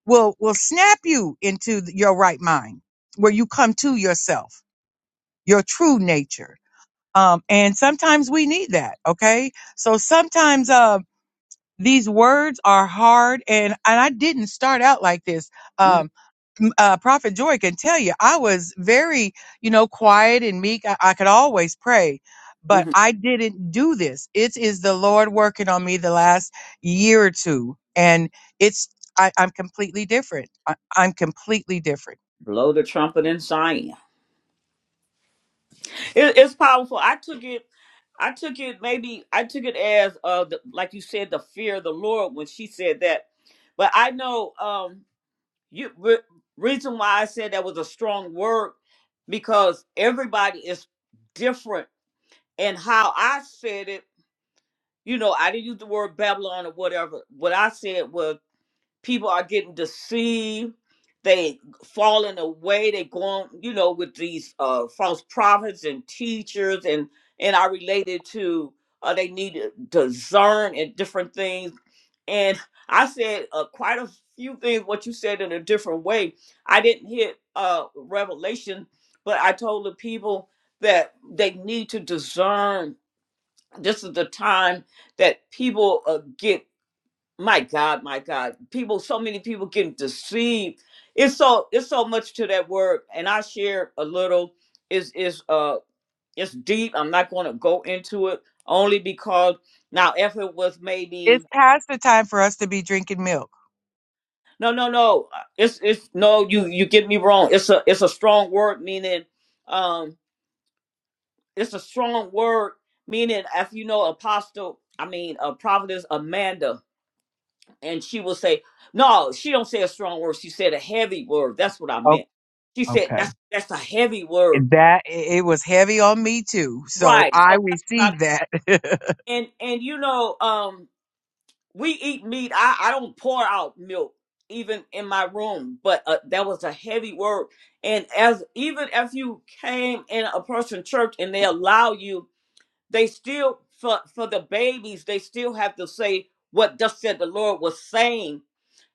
will will snap you into your right mind where you come to yourself your true nature um, and sometimes we need that. Okay. So sometimes, uh, these words are hard and, and I didn't start out like this. Mhm, Um, m- uh, Prophet Joy can tell you, I was very, you know, quiet and meek. I, I could always pray, but mhm. I didn't do this. It is the Lord working on me the last year or two. And it's, I, I'm completely different. I, I'm completely different. Blow the trumpet in Zion. It, it's powerful. I took it. I took it. Maybe I took it as uh, the, like you said, the fear of the Lord when she said that. But I know um, you. Re- reason why I said that was a strong word because everybody is different in how I said it you know, I didn't use the word Babylon or whatever. What I said was people are getting deceived. They falling away. They going, you know, with these uh, false prophets and teachers, and and I related to uh, they need to discern and different things. And I said uh, quite a few things. What you said in a different way. I didn't hit uh, revelation, but I told the people that they need to discern this is the time that people uh, get my god my god people so many people get deceived it's so it's so much to that word and i share a little is is uh it's deep i'm not going to go into it only because now if it was It's maybe past the time for us to be drinking milk. no no no uh, it's it's no you you get me wrong it's a it's a strong word meaning um it's a strong word meaning if you know apostle i mean a prophetess amanda and she will say, "No, she don't say a strong word. She said a heavy word. That's what I Oh, meant." She okay. said, "That's that's a heavy word, That it was heavy on me too. So right?" I So that's what I received that. and and you know, um, we eat meat. I I don't pour out milk even in my room, but uh, that was a heavy word. And as even if you came in a person church and they allow you They still for for the babies, they still have to say what thus said the Lord was saying.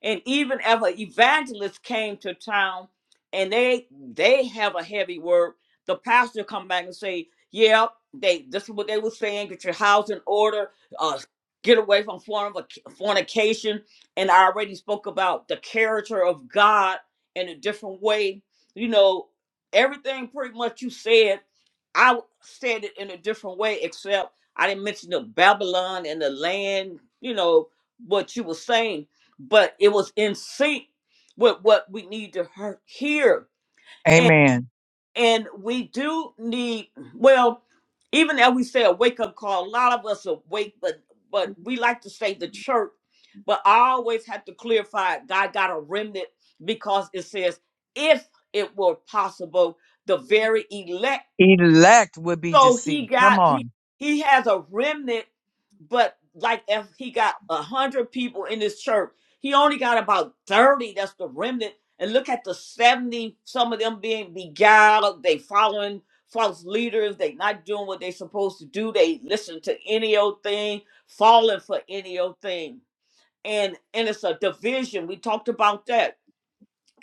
And even if an evangelist came to town and they they have a heavy word, the pastor come back and say, Yeah, they this is what they were saying, get your house in order, uh get away from fornic- fornication. And I already spoke about the character of God in a different way. You know, everything pretty much you said I said it in a different way, except I didn't mention the Babylon and the land, you know, what you were saying, but it was in sync with what we need to hear. hear. And, Amen. and we do need, well, even as we say a wake up call, a lot of us awake, but but we like to say the church, but I always have to clarify God got a remnant because it says, if it were possible, the very elect Elect would be so he deceived. got Come he, on. he has a remnant, but like if he got a hundred people in his church, he only got about thirty. That's the remnant. And look at the seventy. Some of them being beguiled. They following false leaders. They not doing what they supposed to do. They listen to any old thing, falling for any old thing. And and it's a division. We talked about that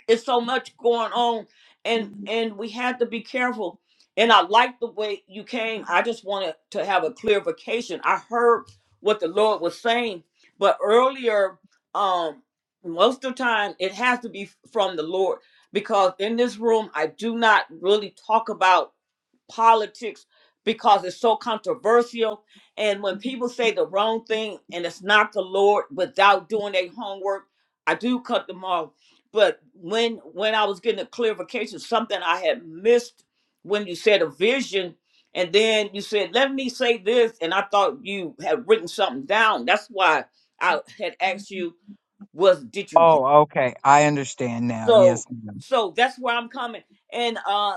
it's so much going on and and we have to be careful and i like the way you came i just wanted to have a clarification i heard what the lord was saying but earlier um most of the time it has to be from the lord because in this room i do not really talk about politics because it's so controversial. And when people say the wrong thing and it's not the Lord without doing their homework, I do cut them off. But when when I was getting a clarification, something I had missed when you said a vision, and then you said, "Let me say this," and I thought you had written something down. That's why I had asked you, "Was did you write?" Oh, okay. I understand now. So Yes. ma'am. so that's where I'm coming. And uh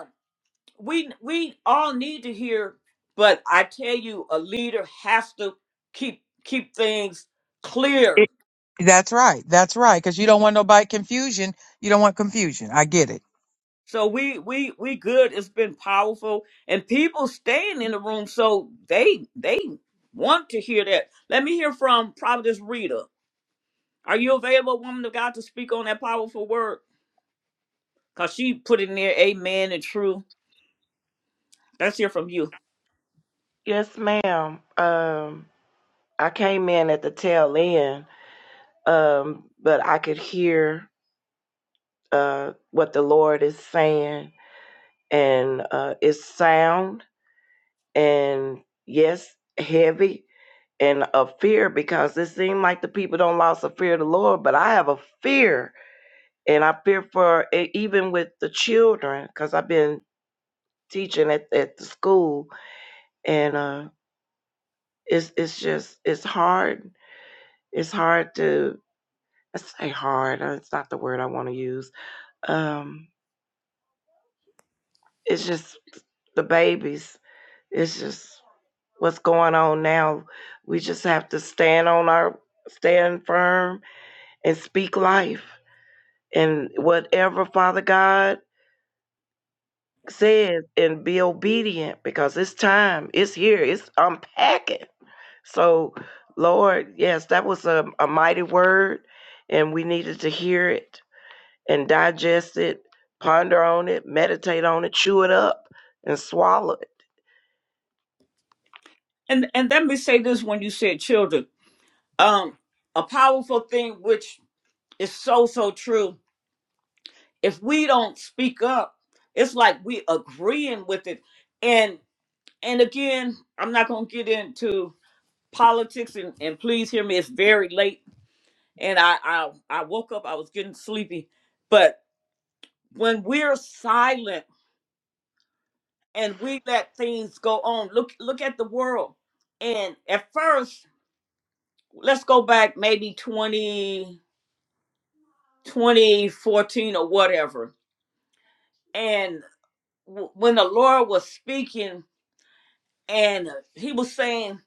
we we all need to hear but i tell you a leader has to keep keep things clear It, that's right. That's right. Because you don't want nobody confusion. You don't want confusion. I get it. so we we we good it's been powerful and people staying in the room so they they want to hear that let me hear from providence rita are you available woman of god to speak on that powerful word because she put in there amen and true let's hear from you Yes, ma'am. Um, I came in at the tail end, um, but I could hear uh, what the Lord is saying, and uh, it's sound and yes, heavy and a fear because it seemed like the people don't lost a fear of the Lord, but I have a fear, and I fear for e- even with the children because I've been teaching at, at the school, and uh, it's it's just it's hard. It's hard to I say hard. uh, It's not the word I want to use. Um, it's just the babies. It's just what's going on now. We just have to stand on our stand firm and speak life and whatever Father God says and be obedient because it's time. It's here. It's unpacking. So, Lord, yes, that was a, a mighty word, and we needed to hear it and digest it, ponder on it, meditate on it, chew it up, and swallow it. and and let me say this when you said children um a powerful thing which is so so true if we don't speak up it's like we agreeing with it and and again i'm not gonna get into politics and, and please hear me it's very late and I, I i woke up i was getting sleepy but when we're silent and we let things go on look look at the world and at first let's go back maybe 20 2014 or whatever and w- when the lord was speaking and uh, he was saying,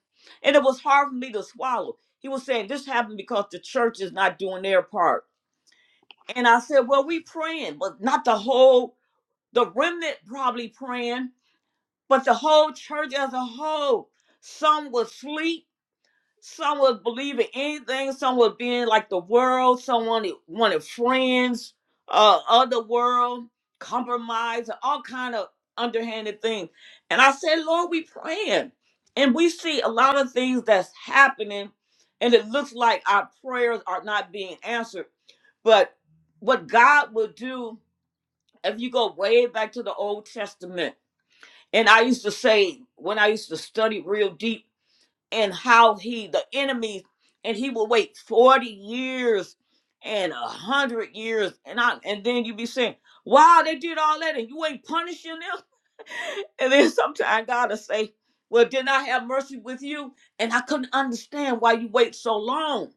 and it was hard for me to swallow. He was saying this happened because the church is not doing their part. And I said, well, we praying, but not the whole, the remnant probably praying, but the whole church as a whole. Some was asleep, some was believing anything. Some was being like the world. Some wanted, wanted friends uh, of the world, compromise, and all kind of underhanded things. And I said, Lord, we praying. And we see a lot of things that's happening. And it looks like our prayers are not being answered. But what God will do, if you go way back to the Old Testament, and I used to say, when I used to study real deep, and how he the enemies and he will wait 40 years and a hundred years and I and then you be saying, Wow, they did all that and you ain't punishing them. and then sometimes God'll say, Well, didn't I have mercy with you? And I couldn't understand why you wait so long.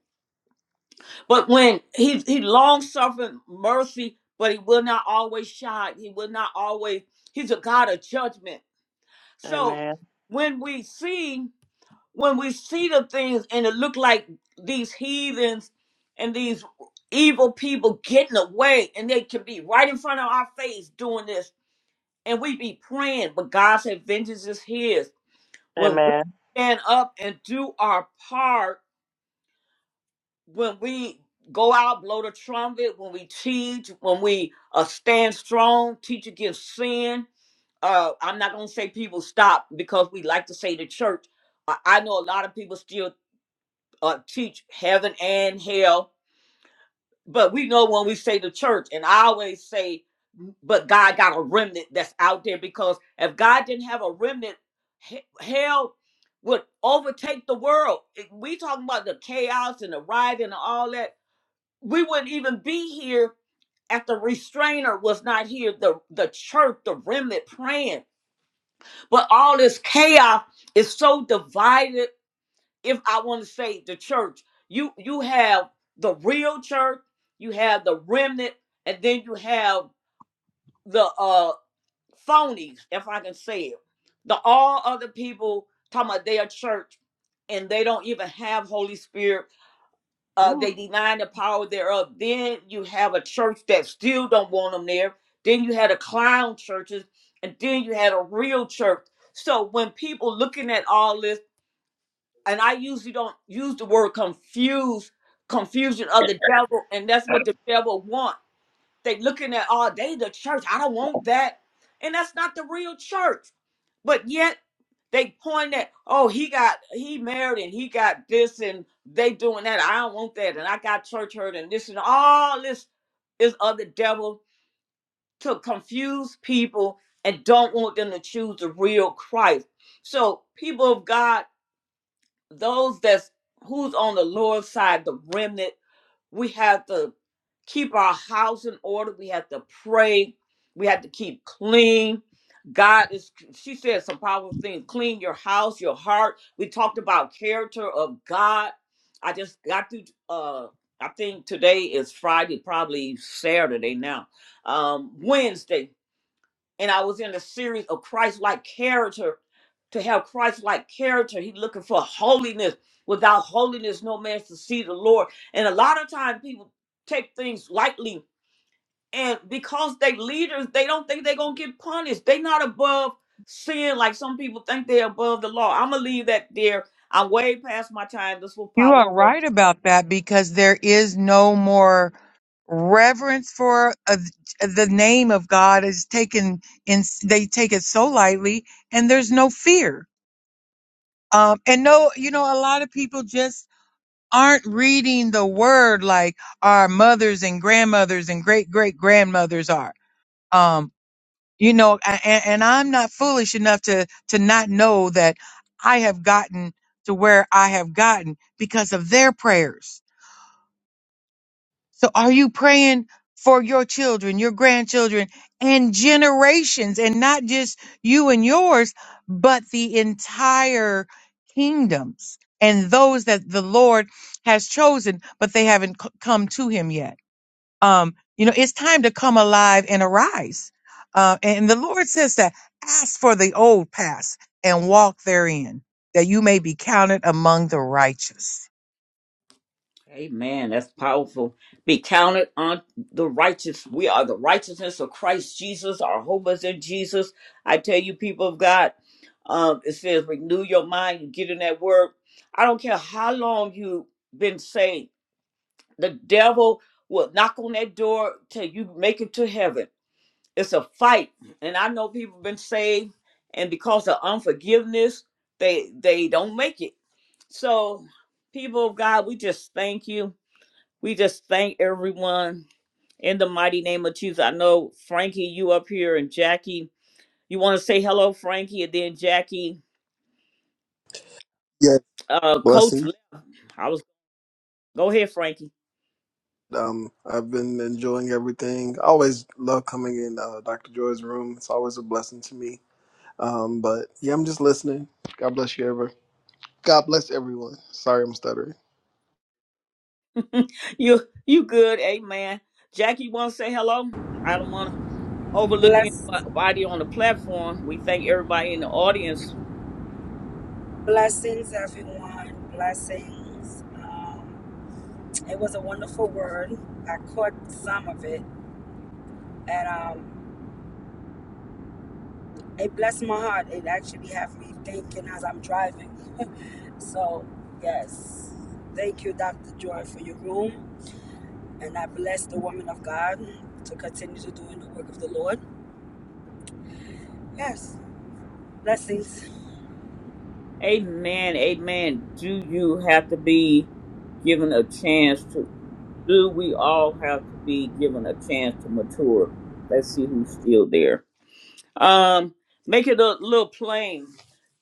But when he he long suffering mercy, but he will not always shine. He will not always he's a God of judgment. So Amen. when we see when we see the things and it look like these heathens and these evil people getting away and they can be right in front of our face doing this and we be praying but god said vengeance is his when we Amen. stand up and do our part when we go out blow the trumpet when we teach when we uh, stand strong teach against sin uh, i'm not going to say people stop because we like to say the church I I know a lot of people still uh, teach heaven and hell. But we know when we say the church, and I always say, but God got a remnant that's out there because if God didn't have a remnant, he- hell would overtake the world. If we talking about the chaos and the riot and all that. We wouldn't even be here if the restrainer was not here. The the church, the remnant praying, but all this chaos is so divided if I want to say the church, you you have the real church, you have the remnant, and then you have the uh phonies, if I can say it. The all other people talking about their church and they don't even have Holy Spirit. Uh, Ooh, they deny the power thereof. Then you have a church that still don't want them there. Then you had a clown churches, and then you had a real church. So when people looking at all this and I usually don't use the word confuse, confusion of the devil, and that's what the devil want. They looking at all day the church. I don't want that, and that's not the real church. But yet they point at, oh, he got he married and he got this and they doing that. I don't want that, and I got church hurt and this and all this is of the devil to confuse people and don't want them to choose the real Christ. So people of God those that's who's on the lower side, the remnant, we have to keep our house in order. We have to pray. We have to keep clean. God is, she said some powerful things. Clean your house, your heart. We talked about character of God. I just got to, uh, I think today is Friday, probably Saturday now, um, Wednesday and I was in a series of Christ-like character. To have Christ-like character, He's looking for holiness. Without holiness, no man shall see the Lord. And a lot of times, people take things lightly, and because they leaders, they don't think they're gonna get punished. They not above sin like some people think they're above the law. I'm gonna leave that there. I'm way past my time. This was You are powerful. right about that because there is no more reverence for uh, the name of God is taken in they take it so lightly and there's no fear. Um and no, you know a lot of people just aren't reading the word like our mothers and grandmothers and great great grandmothers are. Um you know and, and I'm not foolish enough to to not know that I have gotten to where I have gotten because of their prayers So are you praying for your children, your grandchildren, and generations, and not just you and yours, but the entire kingdoms and those that the Lord has chosen, but they haven't c- come to him yet? Um, you know, it's time to come alive and arise. Uh, and the Lord says that ask for the old paths and walk therein, that you may be counted among the righteous. Amen. That's powerful. Be counted on the righteous. We are the righteousness of Christ Jesus. Our hope is in Jesus. I tell you, people of God, um, it says renew your mind. You get in that word. I don't care how long you've been saved. The devil will knock on that door till you make it to heaven. It's a fight. And I know people been saved, and because of unforgiveness, they they don't make it. So, people of God, we just thank you. We just thank everyone in the mighty name of Jesus. I know Frankie, you up here, and Jackie. You want to say hello, Frankie, and then Jackie, Yes, uh, Coach. blessings. Lynn. I was go ahead, Frankie. Um, I've been enjoying everything. I always love coming in uh, Dr. Joy's room. It's always a blessing to me. Um, but yeah, I'm just listening. God bless you, ever. God bless everyone. Sorry, I'm stuttering. you you good, Amen. Jackie, you want to say hello? I don't want to overlook Bless, anybody on the platform. We thank everybody in the audience. blessings, everyone. Blessings. Um, it was a wonderful word. I caught some of it, and um, it blessed my heart. It actually had me thinking as I'm driving. So, yes, thank you, Dr. Joy, for your room, and I bless the woman of God to continue to doing the work of the Lord. Yes, blessings. Amen, amen. Do you have to be given a chance to? Do we all have to be given a chance to mature? Let's see who's still there. Um, make it a little plain.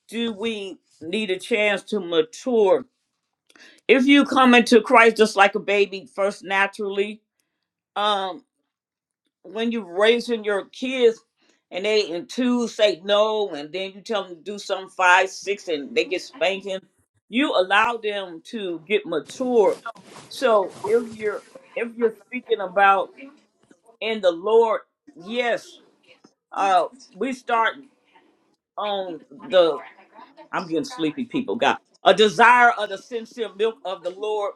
Do we need a chance to mature? If you come into Christ just like a baby, first naturally, um, when you're raising your kids and they in two say no, and then you tell them to do something five, six, and they get spanking, you allow them to get mature. So if you're if you're speaking about in the Lord. Yes, uh, we start on the. I'm getting sleepy, people. God, a desire of the sincere milk of the Lord,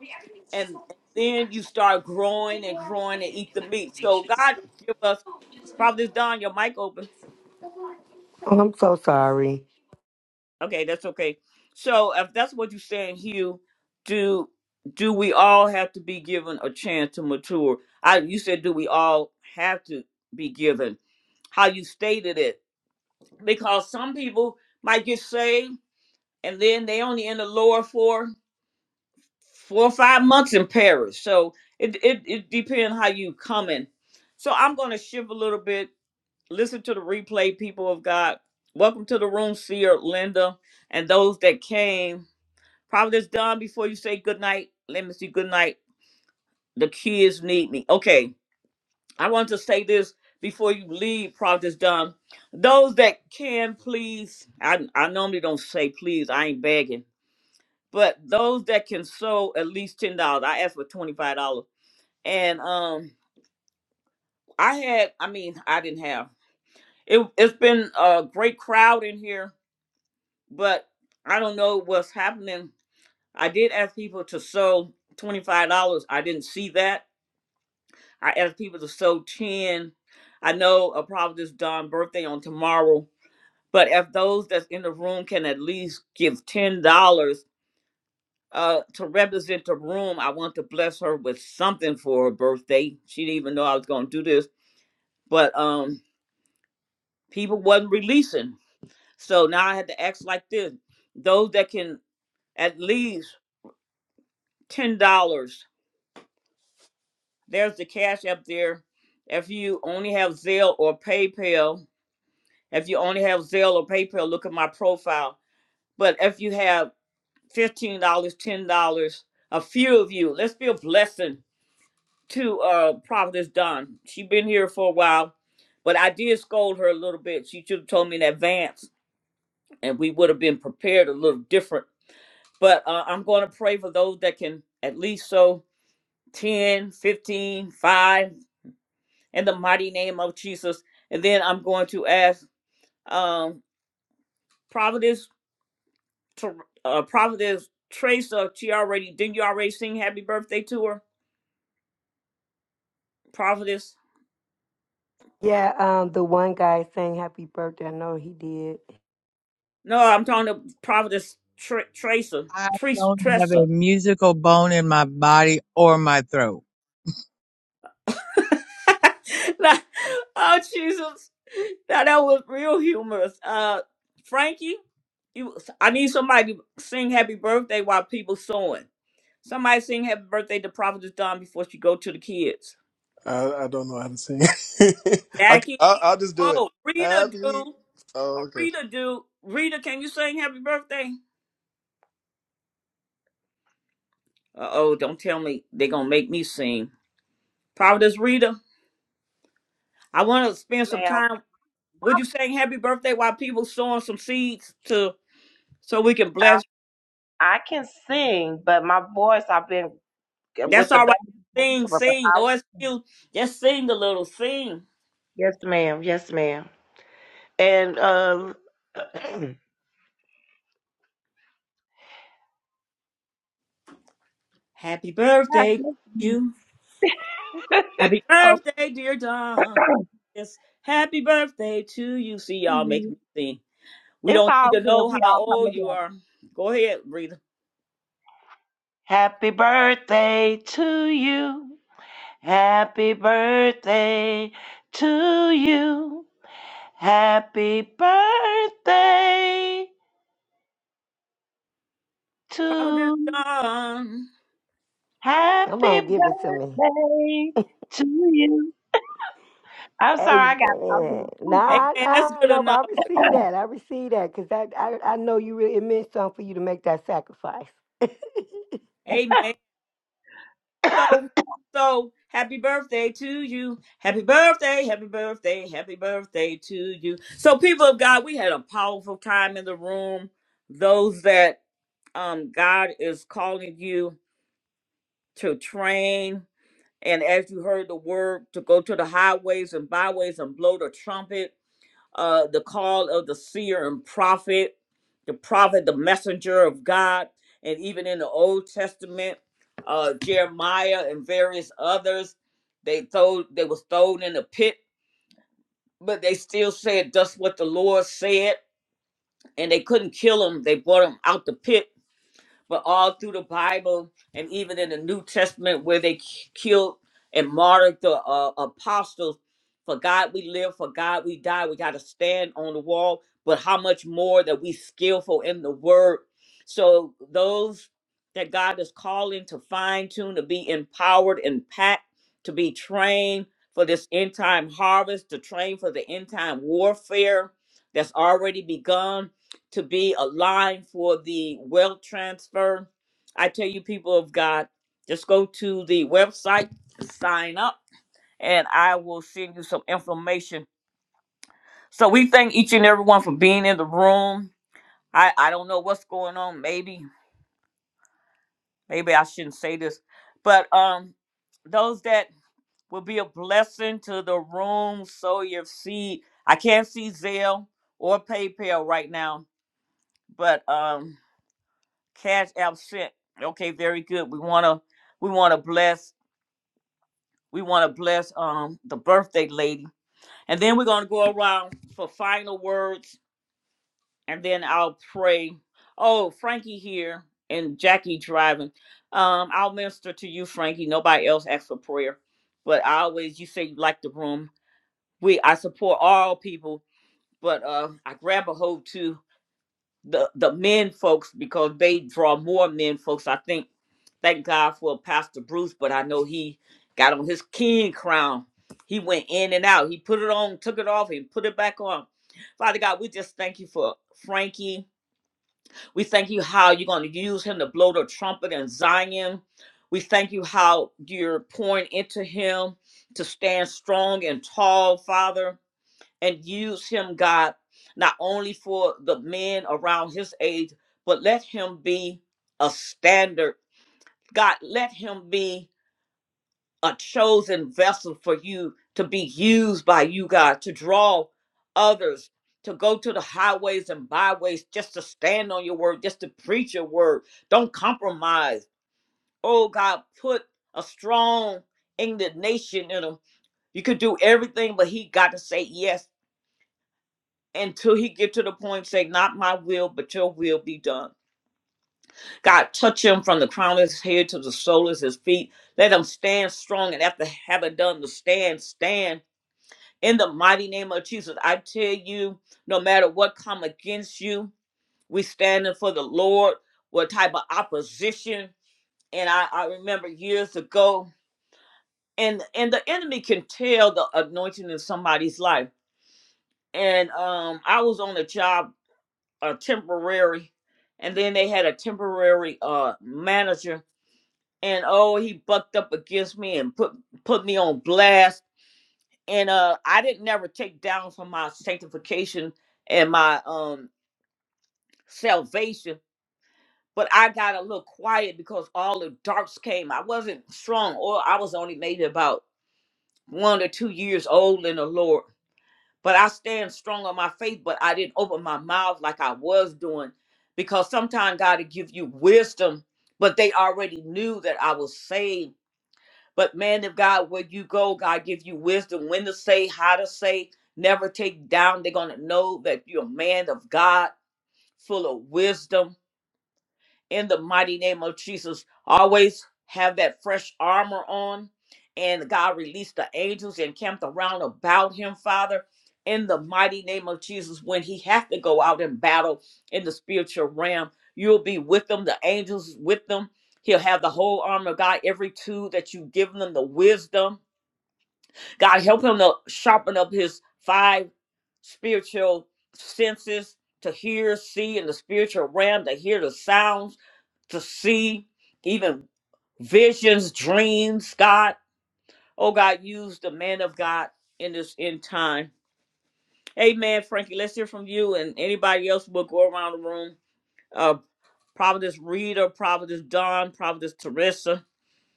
and then you start growing and growing and eat the meat. So God give us. Probably Don, your mic open. Oh, I'm so sorry. Okay, that's okay. So if that's what you're saying, Hugh, do do we all have to be given a chance to mature? I you said do we all have to be given? How you stated it because some people might get saved and then they only in the Lord for four or five months in parish. So it it, it depends how you coming. So I'm gonna shift a little bit. Listen to the replay, people of God. Welcome to the room, Seer, Linda, and those that came. Probably it's done before you say good night. Let me see good night. The kids need me. Okay. I want to say this before you leave, Prophetess Don. Those that can please, I, I normally don't say please, I ain't begging, but those that can sew at least ten dollars. I asked for twenty five dollars, and um, I had, I mean, I didn't have. It, it's been a great crowd in here, but I don't know what's happening. I did ask people to sew twenty five dollars. I didn't see that. I asked people to sew ten. I know a Providence Don birthday on tomorrow But if those that's in the room can at least give ten dollars uh, to represent the room, I want to bless her with something for her birthday. She didn't even know I was going to do this, but um, people wasn't releasing, so now I had to act like this. Those that can at least ten dollars, there's the cash up there. If you only have Zelle or PayPal, if you only have Zelle or PayPal, look at my profile. But if you have fifteen dollars, ten dollars. A few of you. Let's be a blessing to uh Providence Don. She been here for a while, but I did scold her a little bit. She should have told me in advance, and we would have been prepared a little different. But uh, I'm going to pray for those that can at least sow 10, 15, 5. in the mighty name of Jesus. And then I'm going to ask um, Providence, Ter- uh, Providence Tracer. She already, didn't you already sing happy birthday to her? Providence? Yeah, um, the one guy saying happy birthday. I know he did. No, I'm talking to Prophetess Tr- Tracer. I Trace don't have Tressa. a musical bone in my body or my throat. Nah, oh Jesus. Now that was real humorous. Uh Frankie, you I need somebody to sing happy birthday while people sewing. Somebody sing happy birthday to Prophetess Dawn before she go to the kids. I, I don't know how to sing. I, will Jackie. I'll I'll just do it. Oh, Rita do. Happy. Uh, Oh, okay. Rita do. Rita, can you sing happy birthday? Uh oh, don't tell me they are gonna make me sing. Providence Rita. I wanna spend some ma'am, time. Would you sing happy birthday while people sowing some seeds to so we can bless? I can sing, but my voice, I've been uh, with That's the all right. baby. Sing, But sing. I, No excuse. Just sing a little. Sing. yes, ma'am. Yes, ma'am. And uh, oh, Happy birthday to you. Happy birthday, dear Don. Yes. Happy birthday to you. See y'all making me sing. We it's don't all need to good. know We how all come old you together. are. Go ahead, breathe. Happy birthday to you. Happy birthday to you. Happy birthday Prophet is to done. Come happy on, give it to me. birthday to you. I'm sorry, I got I'm Amen. being Nah, stupid. Amen. That's nah, good no, but enough. I receive that. I receive that because I, I, I know you really, it meant something for you to make that sacrifice. Amen. So, so happy birthday to you. Happy birthday, happy birthday, happy birthday to you. So, people of God, we had a powerful time in the room. Those that um God is calling you to train, and as you heard the word, to go to the highways and byways and blow the trumpet uh, the call of the seer and prophet, the prophet, the messenger of God, and even in the Old Testament, uh, Jeremiah and various others, they throw they was thrown in the pit, but they still said, "That's what the Lord said," and they couldn't kill them. They brought them out the pit but all through the Bible and even in the New Testament where they k- killed and martyred the uh, apostles. For God we live, for God we die. We got to stand on the wall. But how much more that we skillful in the word. So those that God is calling to fine tune, to be empowered and packed, to be trained for this end time harvest, to train for the end time warfare that's already begun to be a line for the wealth transfer. I tell you, people of God, just go to the website, sign up, and I will send you some information. So we thank each and everyone for being in the room. I, I don't know what's going on. Maybe, maybe I shouldn't say this, but um, those that will be a blessing to the room, sow your seed. I can't see Zelle or PayPal right now, but um, Cash App sent. Okay, very good. We wanna we wanna bless we wanna bless um the birthday lady. And then we're gonna go around for final words and then I'll pray. Oh, Frankie here and Jackie driving. Um, I'll minister to you, Frankie. Nobody else asked for prayer. But I always you say you like the room. We I support all people, but uh I grab a hold too the the men folks because they draw more men folks. I think thank God for Pastor Bruce, but I know he got on his king crown. He went in and out. He put it on, took it off, and put it back on. Father God, we just thank you for Frankie. We thank you how you're going to use him to blow the trumpet in Zion. We thank you how you're pouring into him to stand strong and tall, Father and use him, God, not only for the men around his age, but let him be a standard. God, let him be a chosen vessel for you to be used by you, God, to draw others, to go to the highways and byways just to stand on your word, just to preach your word. Don't compromise. Oh, God, put a strong indignation in him. You could do everything, but he got to say yes until he get to the point say not my will but your will be done god touch him from the crown of his head to the sole of his feet let him stand strong and after having done the stand stand in the mighty name of jesus i tell you no matter what come against you we standing for the lord what type of opposition and i, I remember years ago and and the enemy can tell the anointing in somebody's life and um i was on a job a temporary, and then they had a temporary uh manager, and oh, he bucked up against me and put put me on blast, and uh, I didn't never take down from my sanctification and my um salvation, but I got a little quiet because all the darks came. I wasn't strong, or I was only maybe about one or two years old in the Lord But I stand strong on my faith, but I didn't open my mouth like I was doing because sometimes God will give you wisdom, but they already knew that I was saved. But man of God, where you go, God give you wisdom when to say, how to say, never take down. They're gonna know that you're a man of God, full of wisdom in the mighty name of Jesus. Always have that fresh armor on. And God released the angels and camped around about him, Father, in the mighty name of Jesus. When he has to go out and battle in the spiritual realm, you'll be with them, the angels with them. He'll have the whole armor of God, every tool that you've given them, the wisdom. God, help him to sharpen up his five spiritual senses to hear, see in the spiritual realm, to hear the sounds to see even visions, dreams, God. Oh, God, use the man of God in this end time. Amen, Frankie. Let's hear from you and anybody else. will go around the room. Uh, Providence Reader, Providence Don, Providence Teresa,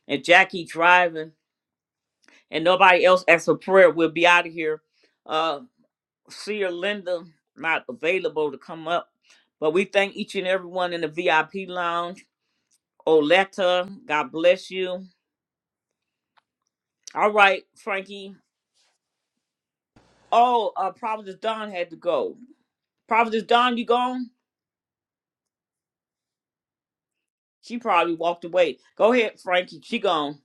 and Jackie driving, and nobody else asks for prayer. We'll be out of here. Uh, Seer Linda not available to come up, but we thank each and everyone in the VIP lounge. Oleta, God bless you. All right, Frankie. Oh, uh, Providence Don had to go. Providence Don, you gone? She probably walked away. Go ahead, Frankie. She gone.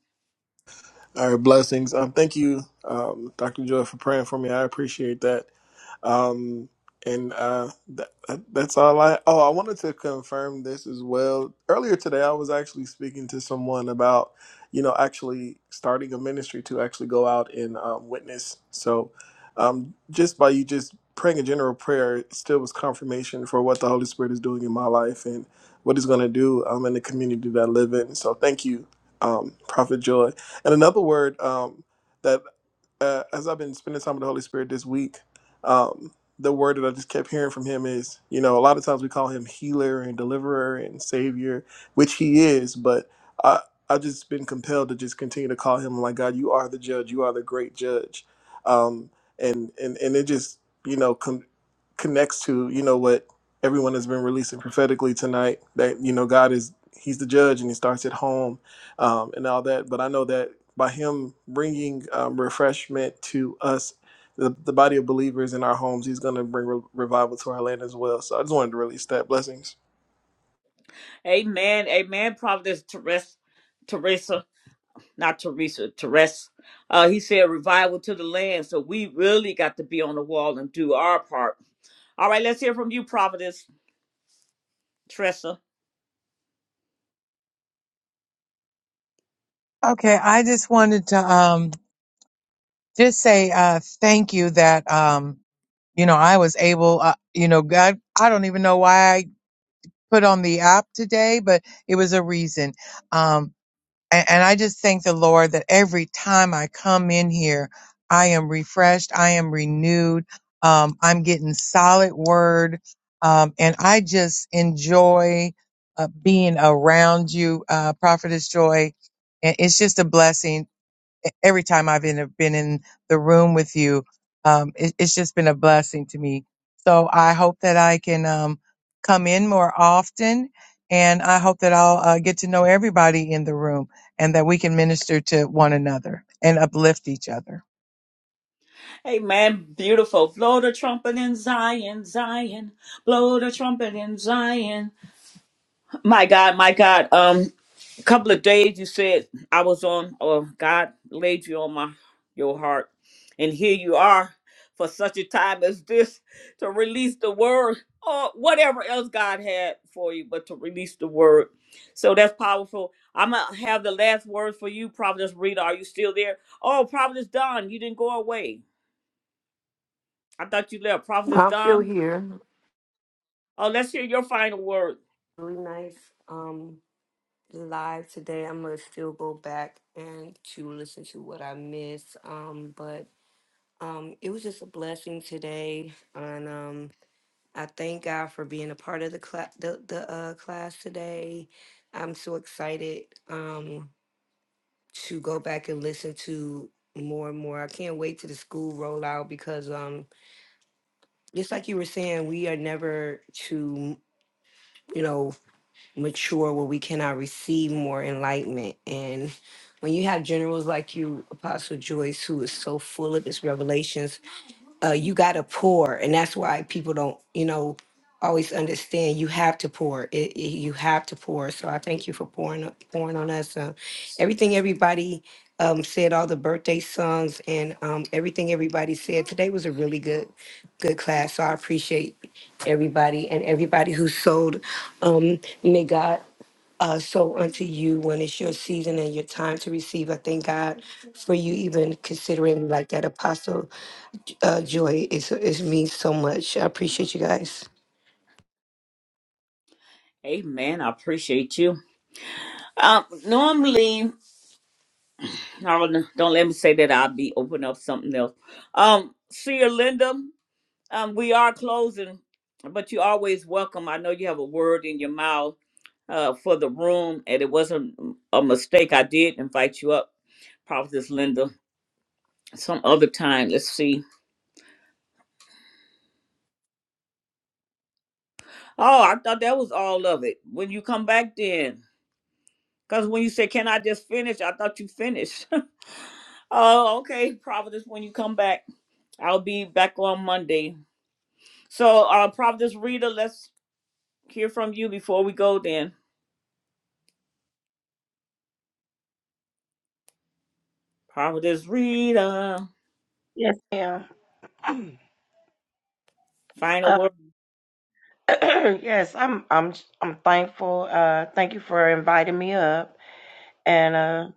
All right, blessings. Um, thank you, um, Dr. Joy, for praying for me. I appreciate that. Um, and uh, that, that's all I. Oh, I wanted to confirm this as well. Earlier today, I was actually speaking to someone about, you know, actually starting a ministry to actually go out and um, witness. So, um, just by you just praying a general prayer, it still was confirmation for what the Holy Spirit is doing in my life and what He's going to do um, in the community that I live in. So, thank you, um, Prophet Joy. And another word um, that, uh, as I've been spending time with the Holy Spirit this week, um, the word that I just kept hearing from Him is, you know, a lot of times we call Him healer and deliverer and savior, which He is, but I, I've just been compelled to just continue to call Him like, God, you are the judge, you are the great judge. Um, and, and, and it just, you know, con connects to, you know, what everyone has been releasing prophetically tonight that, you know, God is, He's the judge and He starts at home um, and all that. But I know that by him bringing um, refreshment to us, the, the body of believers in our homes, he's going to bring re- revival to our land as well. So I just wanted to release that. Blessings. Amen. Amen. Providence Teresa. Teresa, not Teresa, Teresa. Uh, he said revival to the land. So we really got to be on the wall and do our part. All right, let's hear from you, Providence Teresa. Okay, I just wanted to um just say uh thank you that um you know I was able uh, you know God I don't even know why I put on the app today but it was a reason. Um And, and I just thank the Lord that every time I come in here, I am refreshed, I am renewed, um, I'm getting solid word, um, and I just enjoy uh, being around you, uh, Prophetess Joy. And it's just a blessing e-, every time I've been been in the room with you. Um, it, it's just been a blessing to me. So I hope that I can um, come in more often, and I hope that I'll uh, get to know everybody in the room, and that we can minister to one another and uplift each other. Amen. Beautiful. Blow the trumpet in Zion, Zion. Blow the trumpet in Zion. My God, my God. Um, a couple of days you said I was on, or God laid you on my your heart, and here you are for such a time as this to release the word or whatever else God had for you, but to release the word. So that's powerful. I'm gonna have the last word for you, Providence Rita. Are you still there? Oh, Providence Don, you didn't go away. I thought you left. Providence I'm still Don. here. Oh, let's hear your final word. Really nice um live today. I'm gonna still go back and to listen to what I missed. Um, but um, it was just a blessing today, and um, I thank God for being a part of the class, the, the uh, class today. I'm so excited um, to go back and listen to more and more. I can't wait to the school rollout because, um, just like you were saying, we are never to you know mature where we cannot receive more enlightenment. And when you have generals like you, Apostle Joyce, who is so full of his revelations uh, you got to pour, and that's why people don't, you know, always understand. You have to pour. It, it- you have to pour. So I thank you for pouring, pouring on us. Uh, everything everybody um, said, all the birthday songs, and um, everything everybody said today was a really good, good class. So I appreciate everybody and everybody who sold. Um, may God. Uh, sow unto you when it's your season and your time to receive. I thank God for you even considering like that apostle uh, joy. It's, it means so much. I appreciate you guys. Amen. I appreciate you. Um, normally. Oh, no, don't let me say that. I'll be opening up something else. Um, see Linda. Um, we are closing, but you're always welcome. I know you have a word in your mouth uh, for the room, and it wasn't a mistake. I did invite you up, Prophetess Linda, some other time. Let's see. Oh, I thought that was all of it. When you come back, then. Because when you said, Can I just finish? I thought you finished. oh, okay, Providence, when you come back. I'll be back on Monday. So, uh, Providence Rita, let's hear from you before we go then. Providence Rita, Yes, ma'am. final Uh, word. yes, I'm I'm I'm thankful. Uh thank you for inviting me up. And uh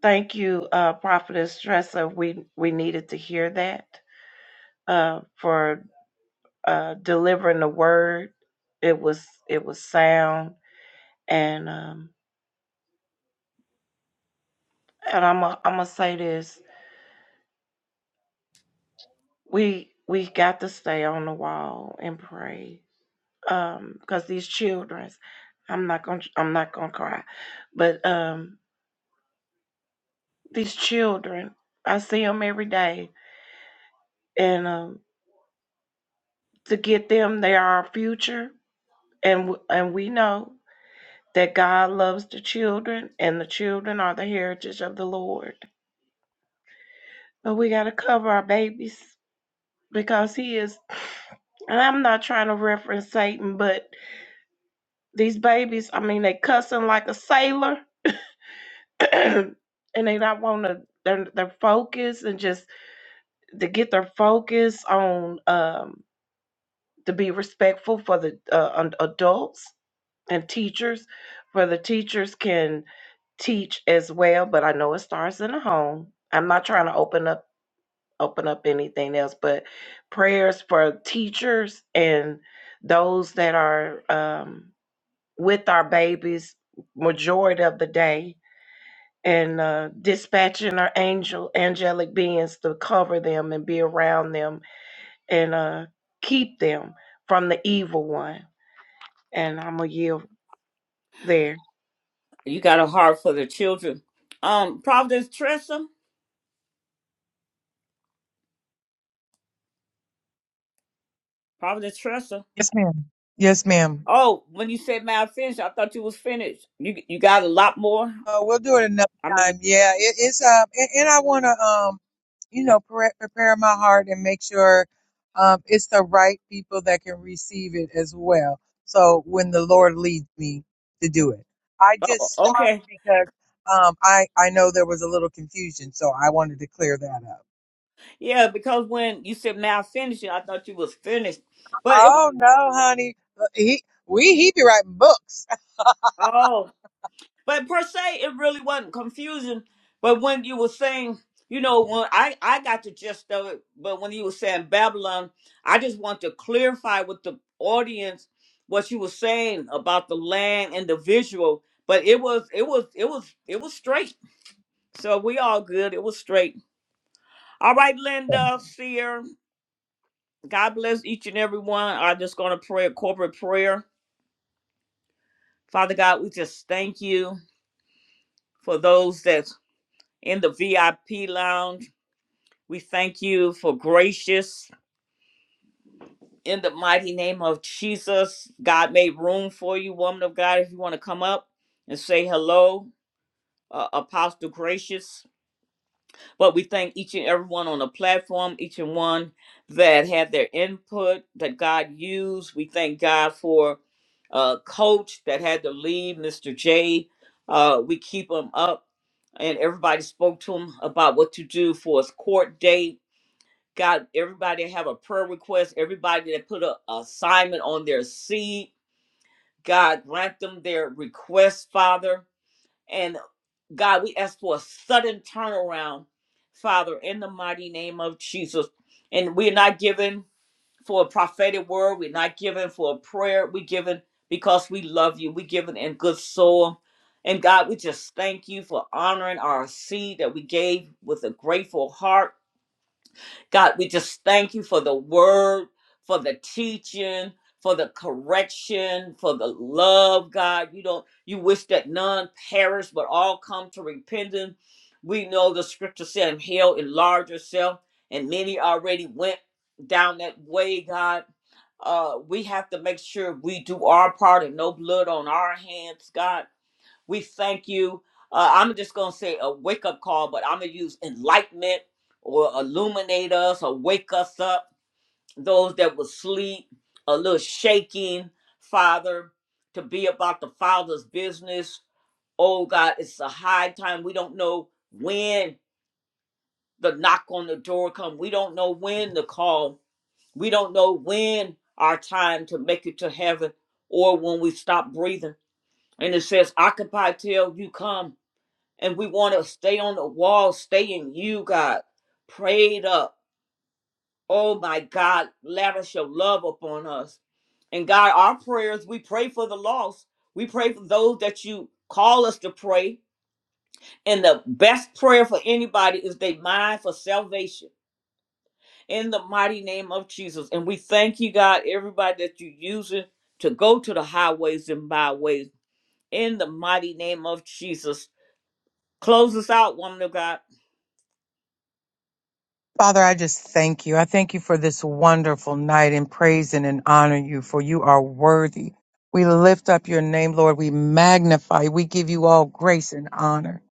thank you, uh Prophetess Tressa. We we needed to hear that uh for uh delivering the word. It was it was sound. And um And I'm i am gonna i gonna say this: we we got to stay on the wall and pray, um, because these children, I'm not gonna I'm not gonna cry, but um, these children, I see them every day, and um, to get them, they are our future, and w- and we know that God loves the children, and the children are the heritage of the Lord. But we gotta cover our babies because He is, and I'm not trying to reference Satan, but These babies, I mean, they cussing like a sailor, and they not want to. Their their focus and just to get their focus on um to be respectful for the uh, un- adults and teachers, where the teachers can teach as well. But I know it starts in the home. I'm not trying to open up open up anything else, but prayers for teachers and those that are um, with our babies majority of the day and uh, dispatching our angel angelic beings to cover them and be around them and uh, keep them from the evil one. And I'm gonna yield there. You got a heart for the children. Um, Providence Tressa, Providence Tressa. Yes, ma'am. Yes, ma'am. Oh, when you said man I finished, I thought you was finished. You you got a lot more. Uh, we'll do it another I mean, you, time. Yeah, it, it's uh, and, and I want to um, you know, pre- prepare my heart and make sure um, it's the right people that can receive it as well. So when the oh, Lord leads me to do it, I oh, just stopped okay, because um, I I know there was a little confusion, so I wanted to clear that up. yeah, because when you said man I finished, I thought you was finished, but it Oh no, honey, Uh, he we he be writing books. was. But per se, it really wasn't confusing. But when you were saying, you know, when I I got the gist of it, but when you were saying Babylon, I just want to clarify with the audience what you were saying about the land and the visual. But it was it was it was it was straight. So we all good. It was straight. All right, Linda, Seer, God bless each and every one. I'm just gonna pray a corporate prayer. Father God, we just thank you for those that's in the VIP lounge We thank you for gracious in the mighty name of Jesus. God made room for you, woman of God, if you want to come up and say hello, uh, Apostle Gracious. But we thank each and everyone on the platform, each and one that had their input that God used. We thank God for uh, Coach that had to leave, Mr. J. Uh, we keep him up, and everybody spoke to him about what to do for his court date God, everybody have a prayer request, everybody that put a assignment on their seed. God, grant them their request, Father. And God, we ask for a sudden turnaround, Father, in the mighty name of Jesus. And we're not giving for a prophetic word. We're not giving for a prayer. We're giving because we love you. We're giving in good soul. And God, we just thank you for honoring our seed that we gave with a grateful heart. God, we just thank you for the word, for the teaching, for the correction, for the love, God. You don't you wish that none perish, but all come to repentance. We know the scripture said, "And hell enlarge yourself, and many already went down that way, God. Uh, we have to make sure we do our part and no blood on our hands, God we thank you. Uh, I'm just going to say a wake up call, but I'm going to use enlightenment or illuminate us or wake us up. Those that will sleep, a little shaking, Father, to be about the Father's business. Oh God, it's a high time. We don't know when the knock on the door come. We don't know when the call. We don't know when our time to make it to heaven or when we stop breathing. And it says, occupy till you come and we want to stay on the wall, stay in you, God. Prayed up. Oh my God, lavish your love upon us. And God, our prayers, we pray for the lost. We pray for those that you call us to pray. And the best prayer for anybody is they mind for salvation in the mighty name of Jesus. And we thank you, God, everybody that you using to go to the highways and byways in the mighty name of Jesus. Close us out, woman of God. Father, I just thank you. I thank you for this wonderful night and praise and, and honor you, for you are worthy. We lift up your name, Lord. We magnify. We give you all grace and honor.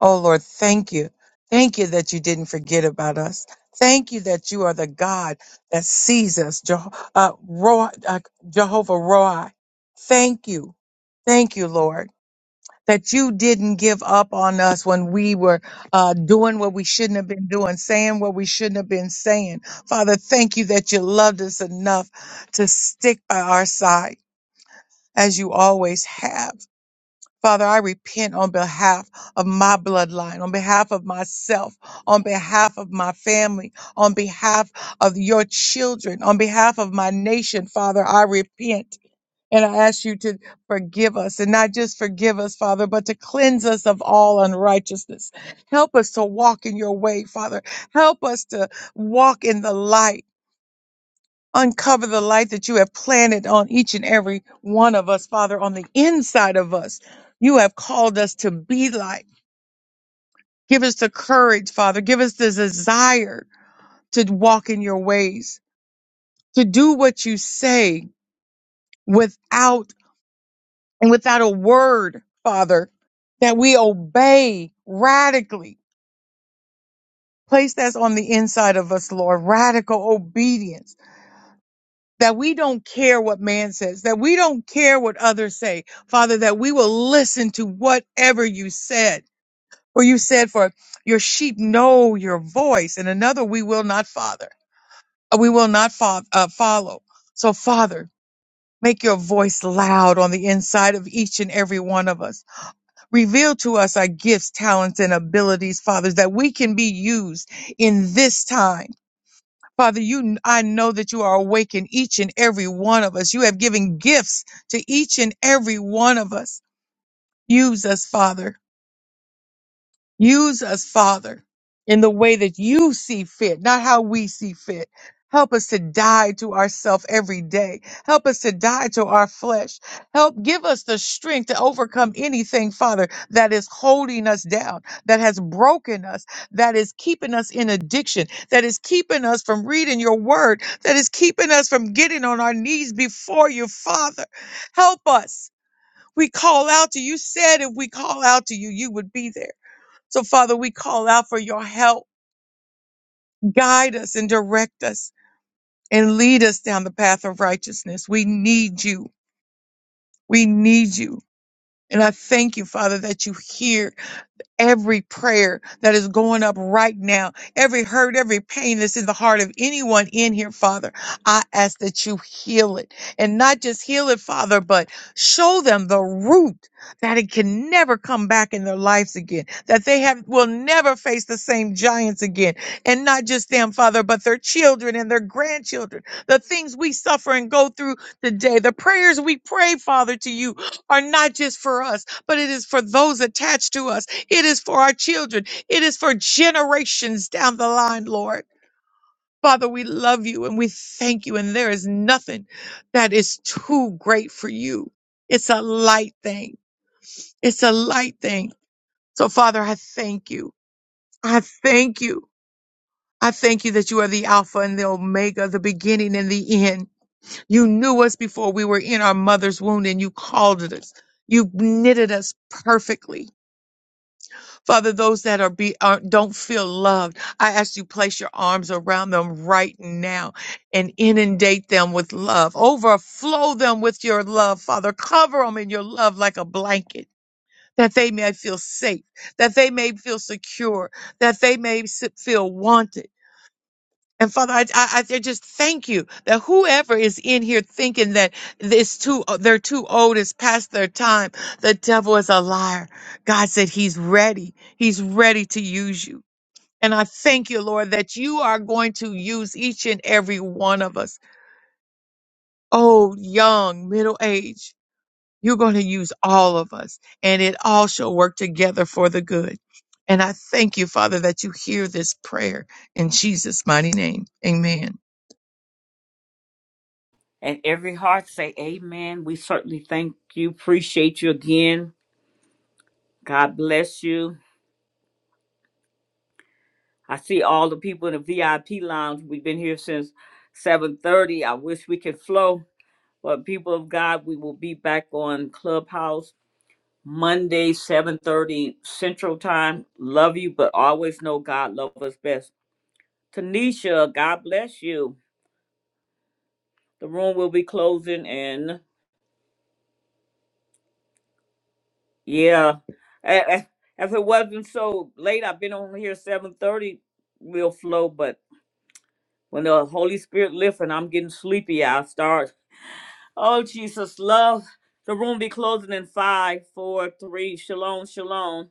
Oh, Lord, thank you. Thank you that you didn't forget about us. Thank you that you are the God that sees us, Jeho- uh, Ro- uh, Jehovah Roi. Thank you. Thank you, Lord that you didn't give up on us when we were uh, doing what we shouldn't have been doing, saying what we shouldn't have been saying. Father, thank you that you loved us enough to stick by our side as you always have. Father, I repent on behalf of my bloodline, on behalf of myself, on behalf of my family, on behalf of your children, on behalf of my nation. Father, I repent. And I ask you to forgive us and not just forgive us, Father, but to cleanse us of all unrighteousness. Help us to walk in your way, Father. Help us to walk in the light. Uncover the light that you have planted on each and every one of us, Father, on the inside of us. You have called us to be light. Give us the courage, Father. Give us the desire to walk in your ways, to do what you say without and without a word, Father, that we obey radically. Place that on the inside of us, Lord, radical obedience, that we don't care what man says, that we don't care what others say, Father, that we will listen to whatever you said. For you said, for your sheep know your voice, and another we will not father, uh, we will not fo- uh, follow. So, Father, make your voice loud on the inside of each and every one of us Reveal to us our gifts, talents, and abilities, Father, that we can be used in this time. Father, you, I know that you are awakening each and every one of us. You have given gifts to each and every one of us. Use us, Father Use us, Father, in the way that you see fit, not how we see fit. Help us to die to ourselves every day. Help us to die to our flesh. Help give us the strength to overcome anything, Father, that is holding us down, that has broken us, that is keeping us in addiction, that is keeping us from reading your word, that is keeping us from getting on our knees before you, Father. Help us. We call out to you. You Said if we call out to you, you would be there. So, Father, we call out for your help. Guide us and direct us and lead us down the path of righteousness. We need you. We need you. And I thank you, Father, that you hear. every prayer that is going up right now, every hurt, every pain that's in the heart of anyone in here, Father, I ask that you heal it and not just heal it, Father, but show them the root that it can never come back in their lives again, that they have will never face the same giants again. And not just them, Father, but their children and their grandchildren, the things we suffer and go through today, the prayers we pray, Father, to you are not just for us, but it is for those attached to us it is for our children. It is for generations down the line, Lord. Father, we love you and we thank you. And there is nothing that is too great for you. It's a light thing. It's a light thing. So, Father, I thank you. I thank you. I thank you that you are the Alpha and the Omega, the beginning and the end. You knew us before we were in our mother's womb and you called it us. You knitted us perfectly Father, those that are be aren't, don't feel loved, I ask you place your arms around them right now and inundate them with love. Overflow them with your love, Father. Cover them in your love like a blanket. That they may feel safe, that they may feel secure, that they may s- feel wanted and Father, I, I, I just thank you that whoever is in here thinking that this too, they're too old, it's past their time. The devil is a liar. God said he's ready. He's ready to use you. And I thank you, Lord, that you are going to use each and every one of us, old, young, middle age. You're going to use all of us, and it all shall work together for the good. And I thank you, Father, that you hear this prayer in Jesus' mighty name. Amen. And every heart say, Amen. We certainly thank you. Appreciate you again. God bless you. I see all the people in the VIP lounge. We've been here since 7:30. I wish we could flow. But people of God, we will be back on Clubhouse Monday, 7:30 Central Time. Love you, but always know God loves us best. Tanisha, God bless you. The room will be closing in. Yeah. Eh, eh, If it wasn't so late, I've been on here seven thirty. We'll flow, but when the Holy Spirit lifts and I'm getting sleepy, I start. Oh Jesus, love. The room be closing in five, four, three. Shalom, shalom.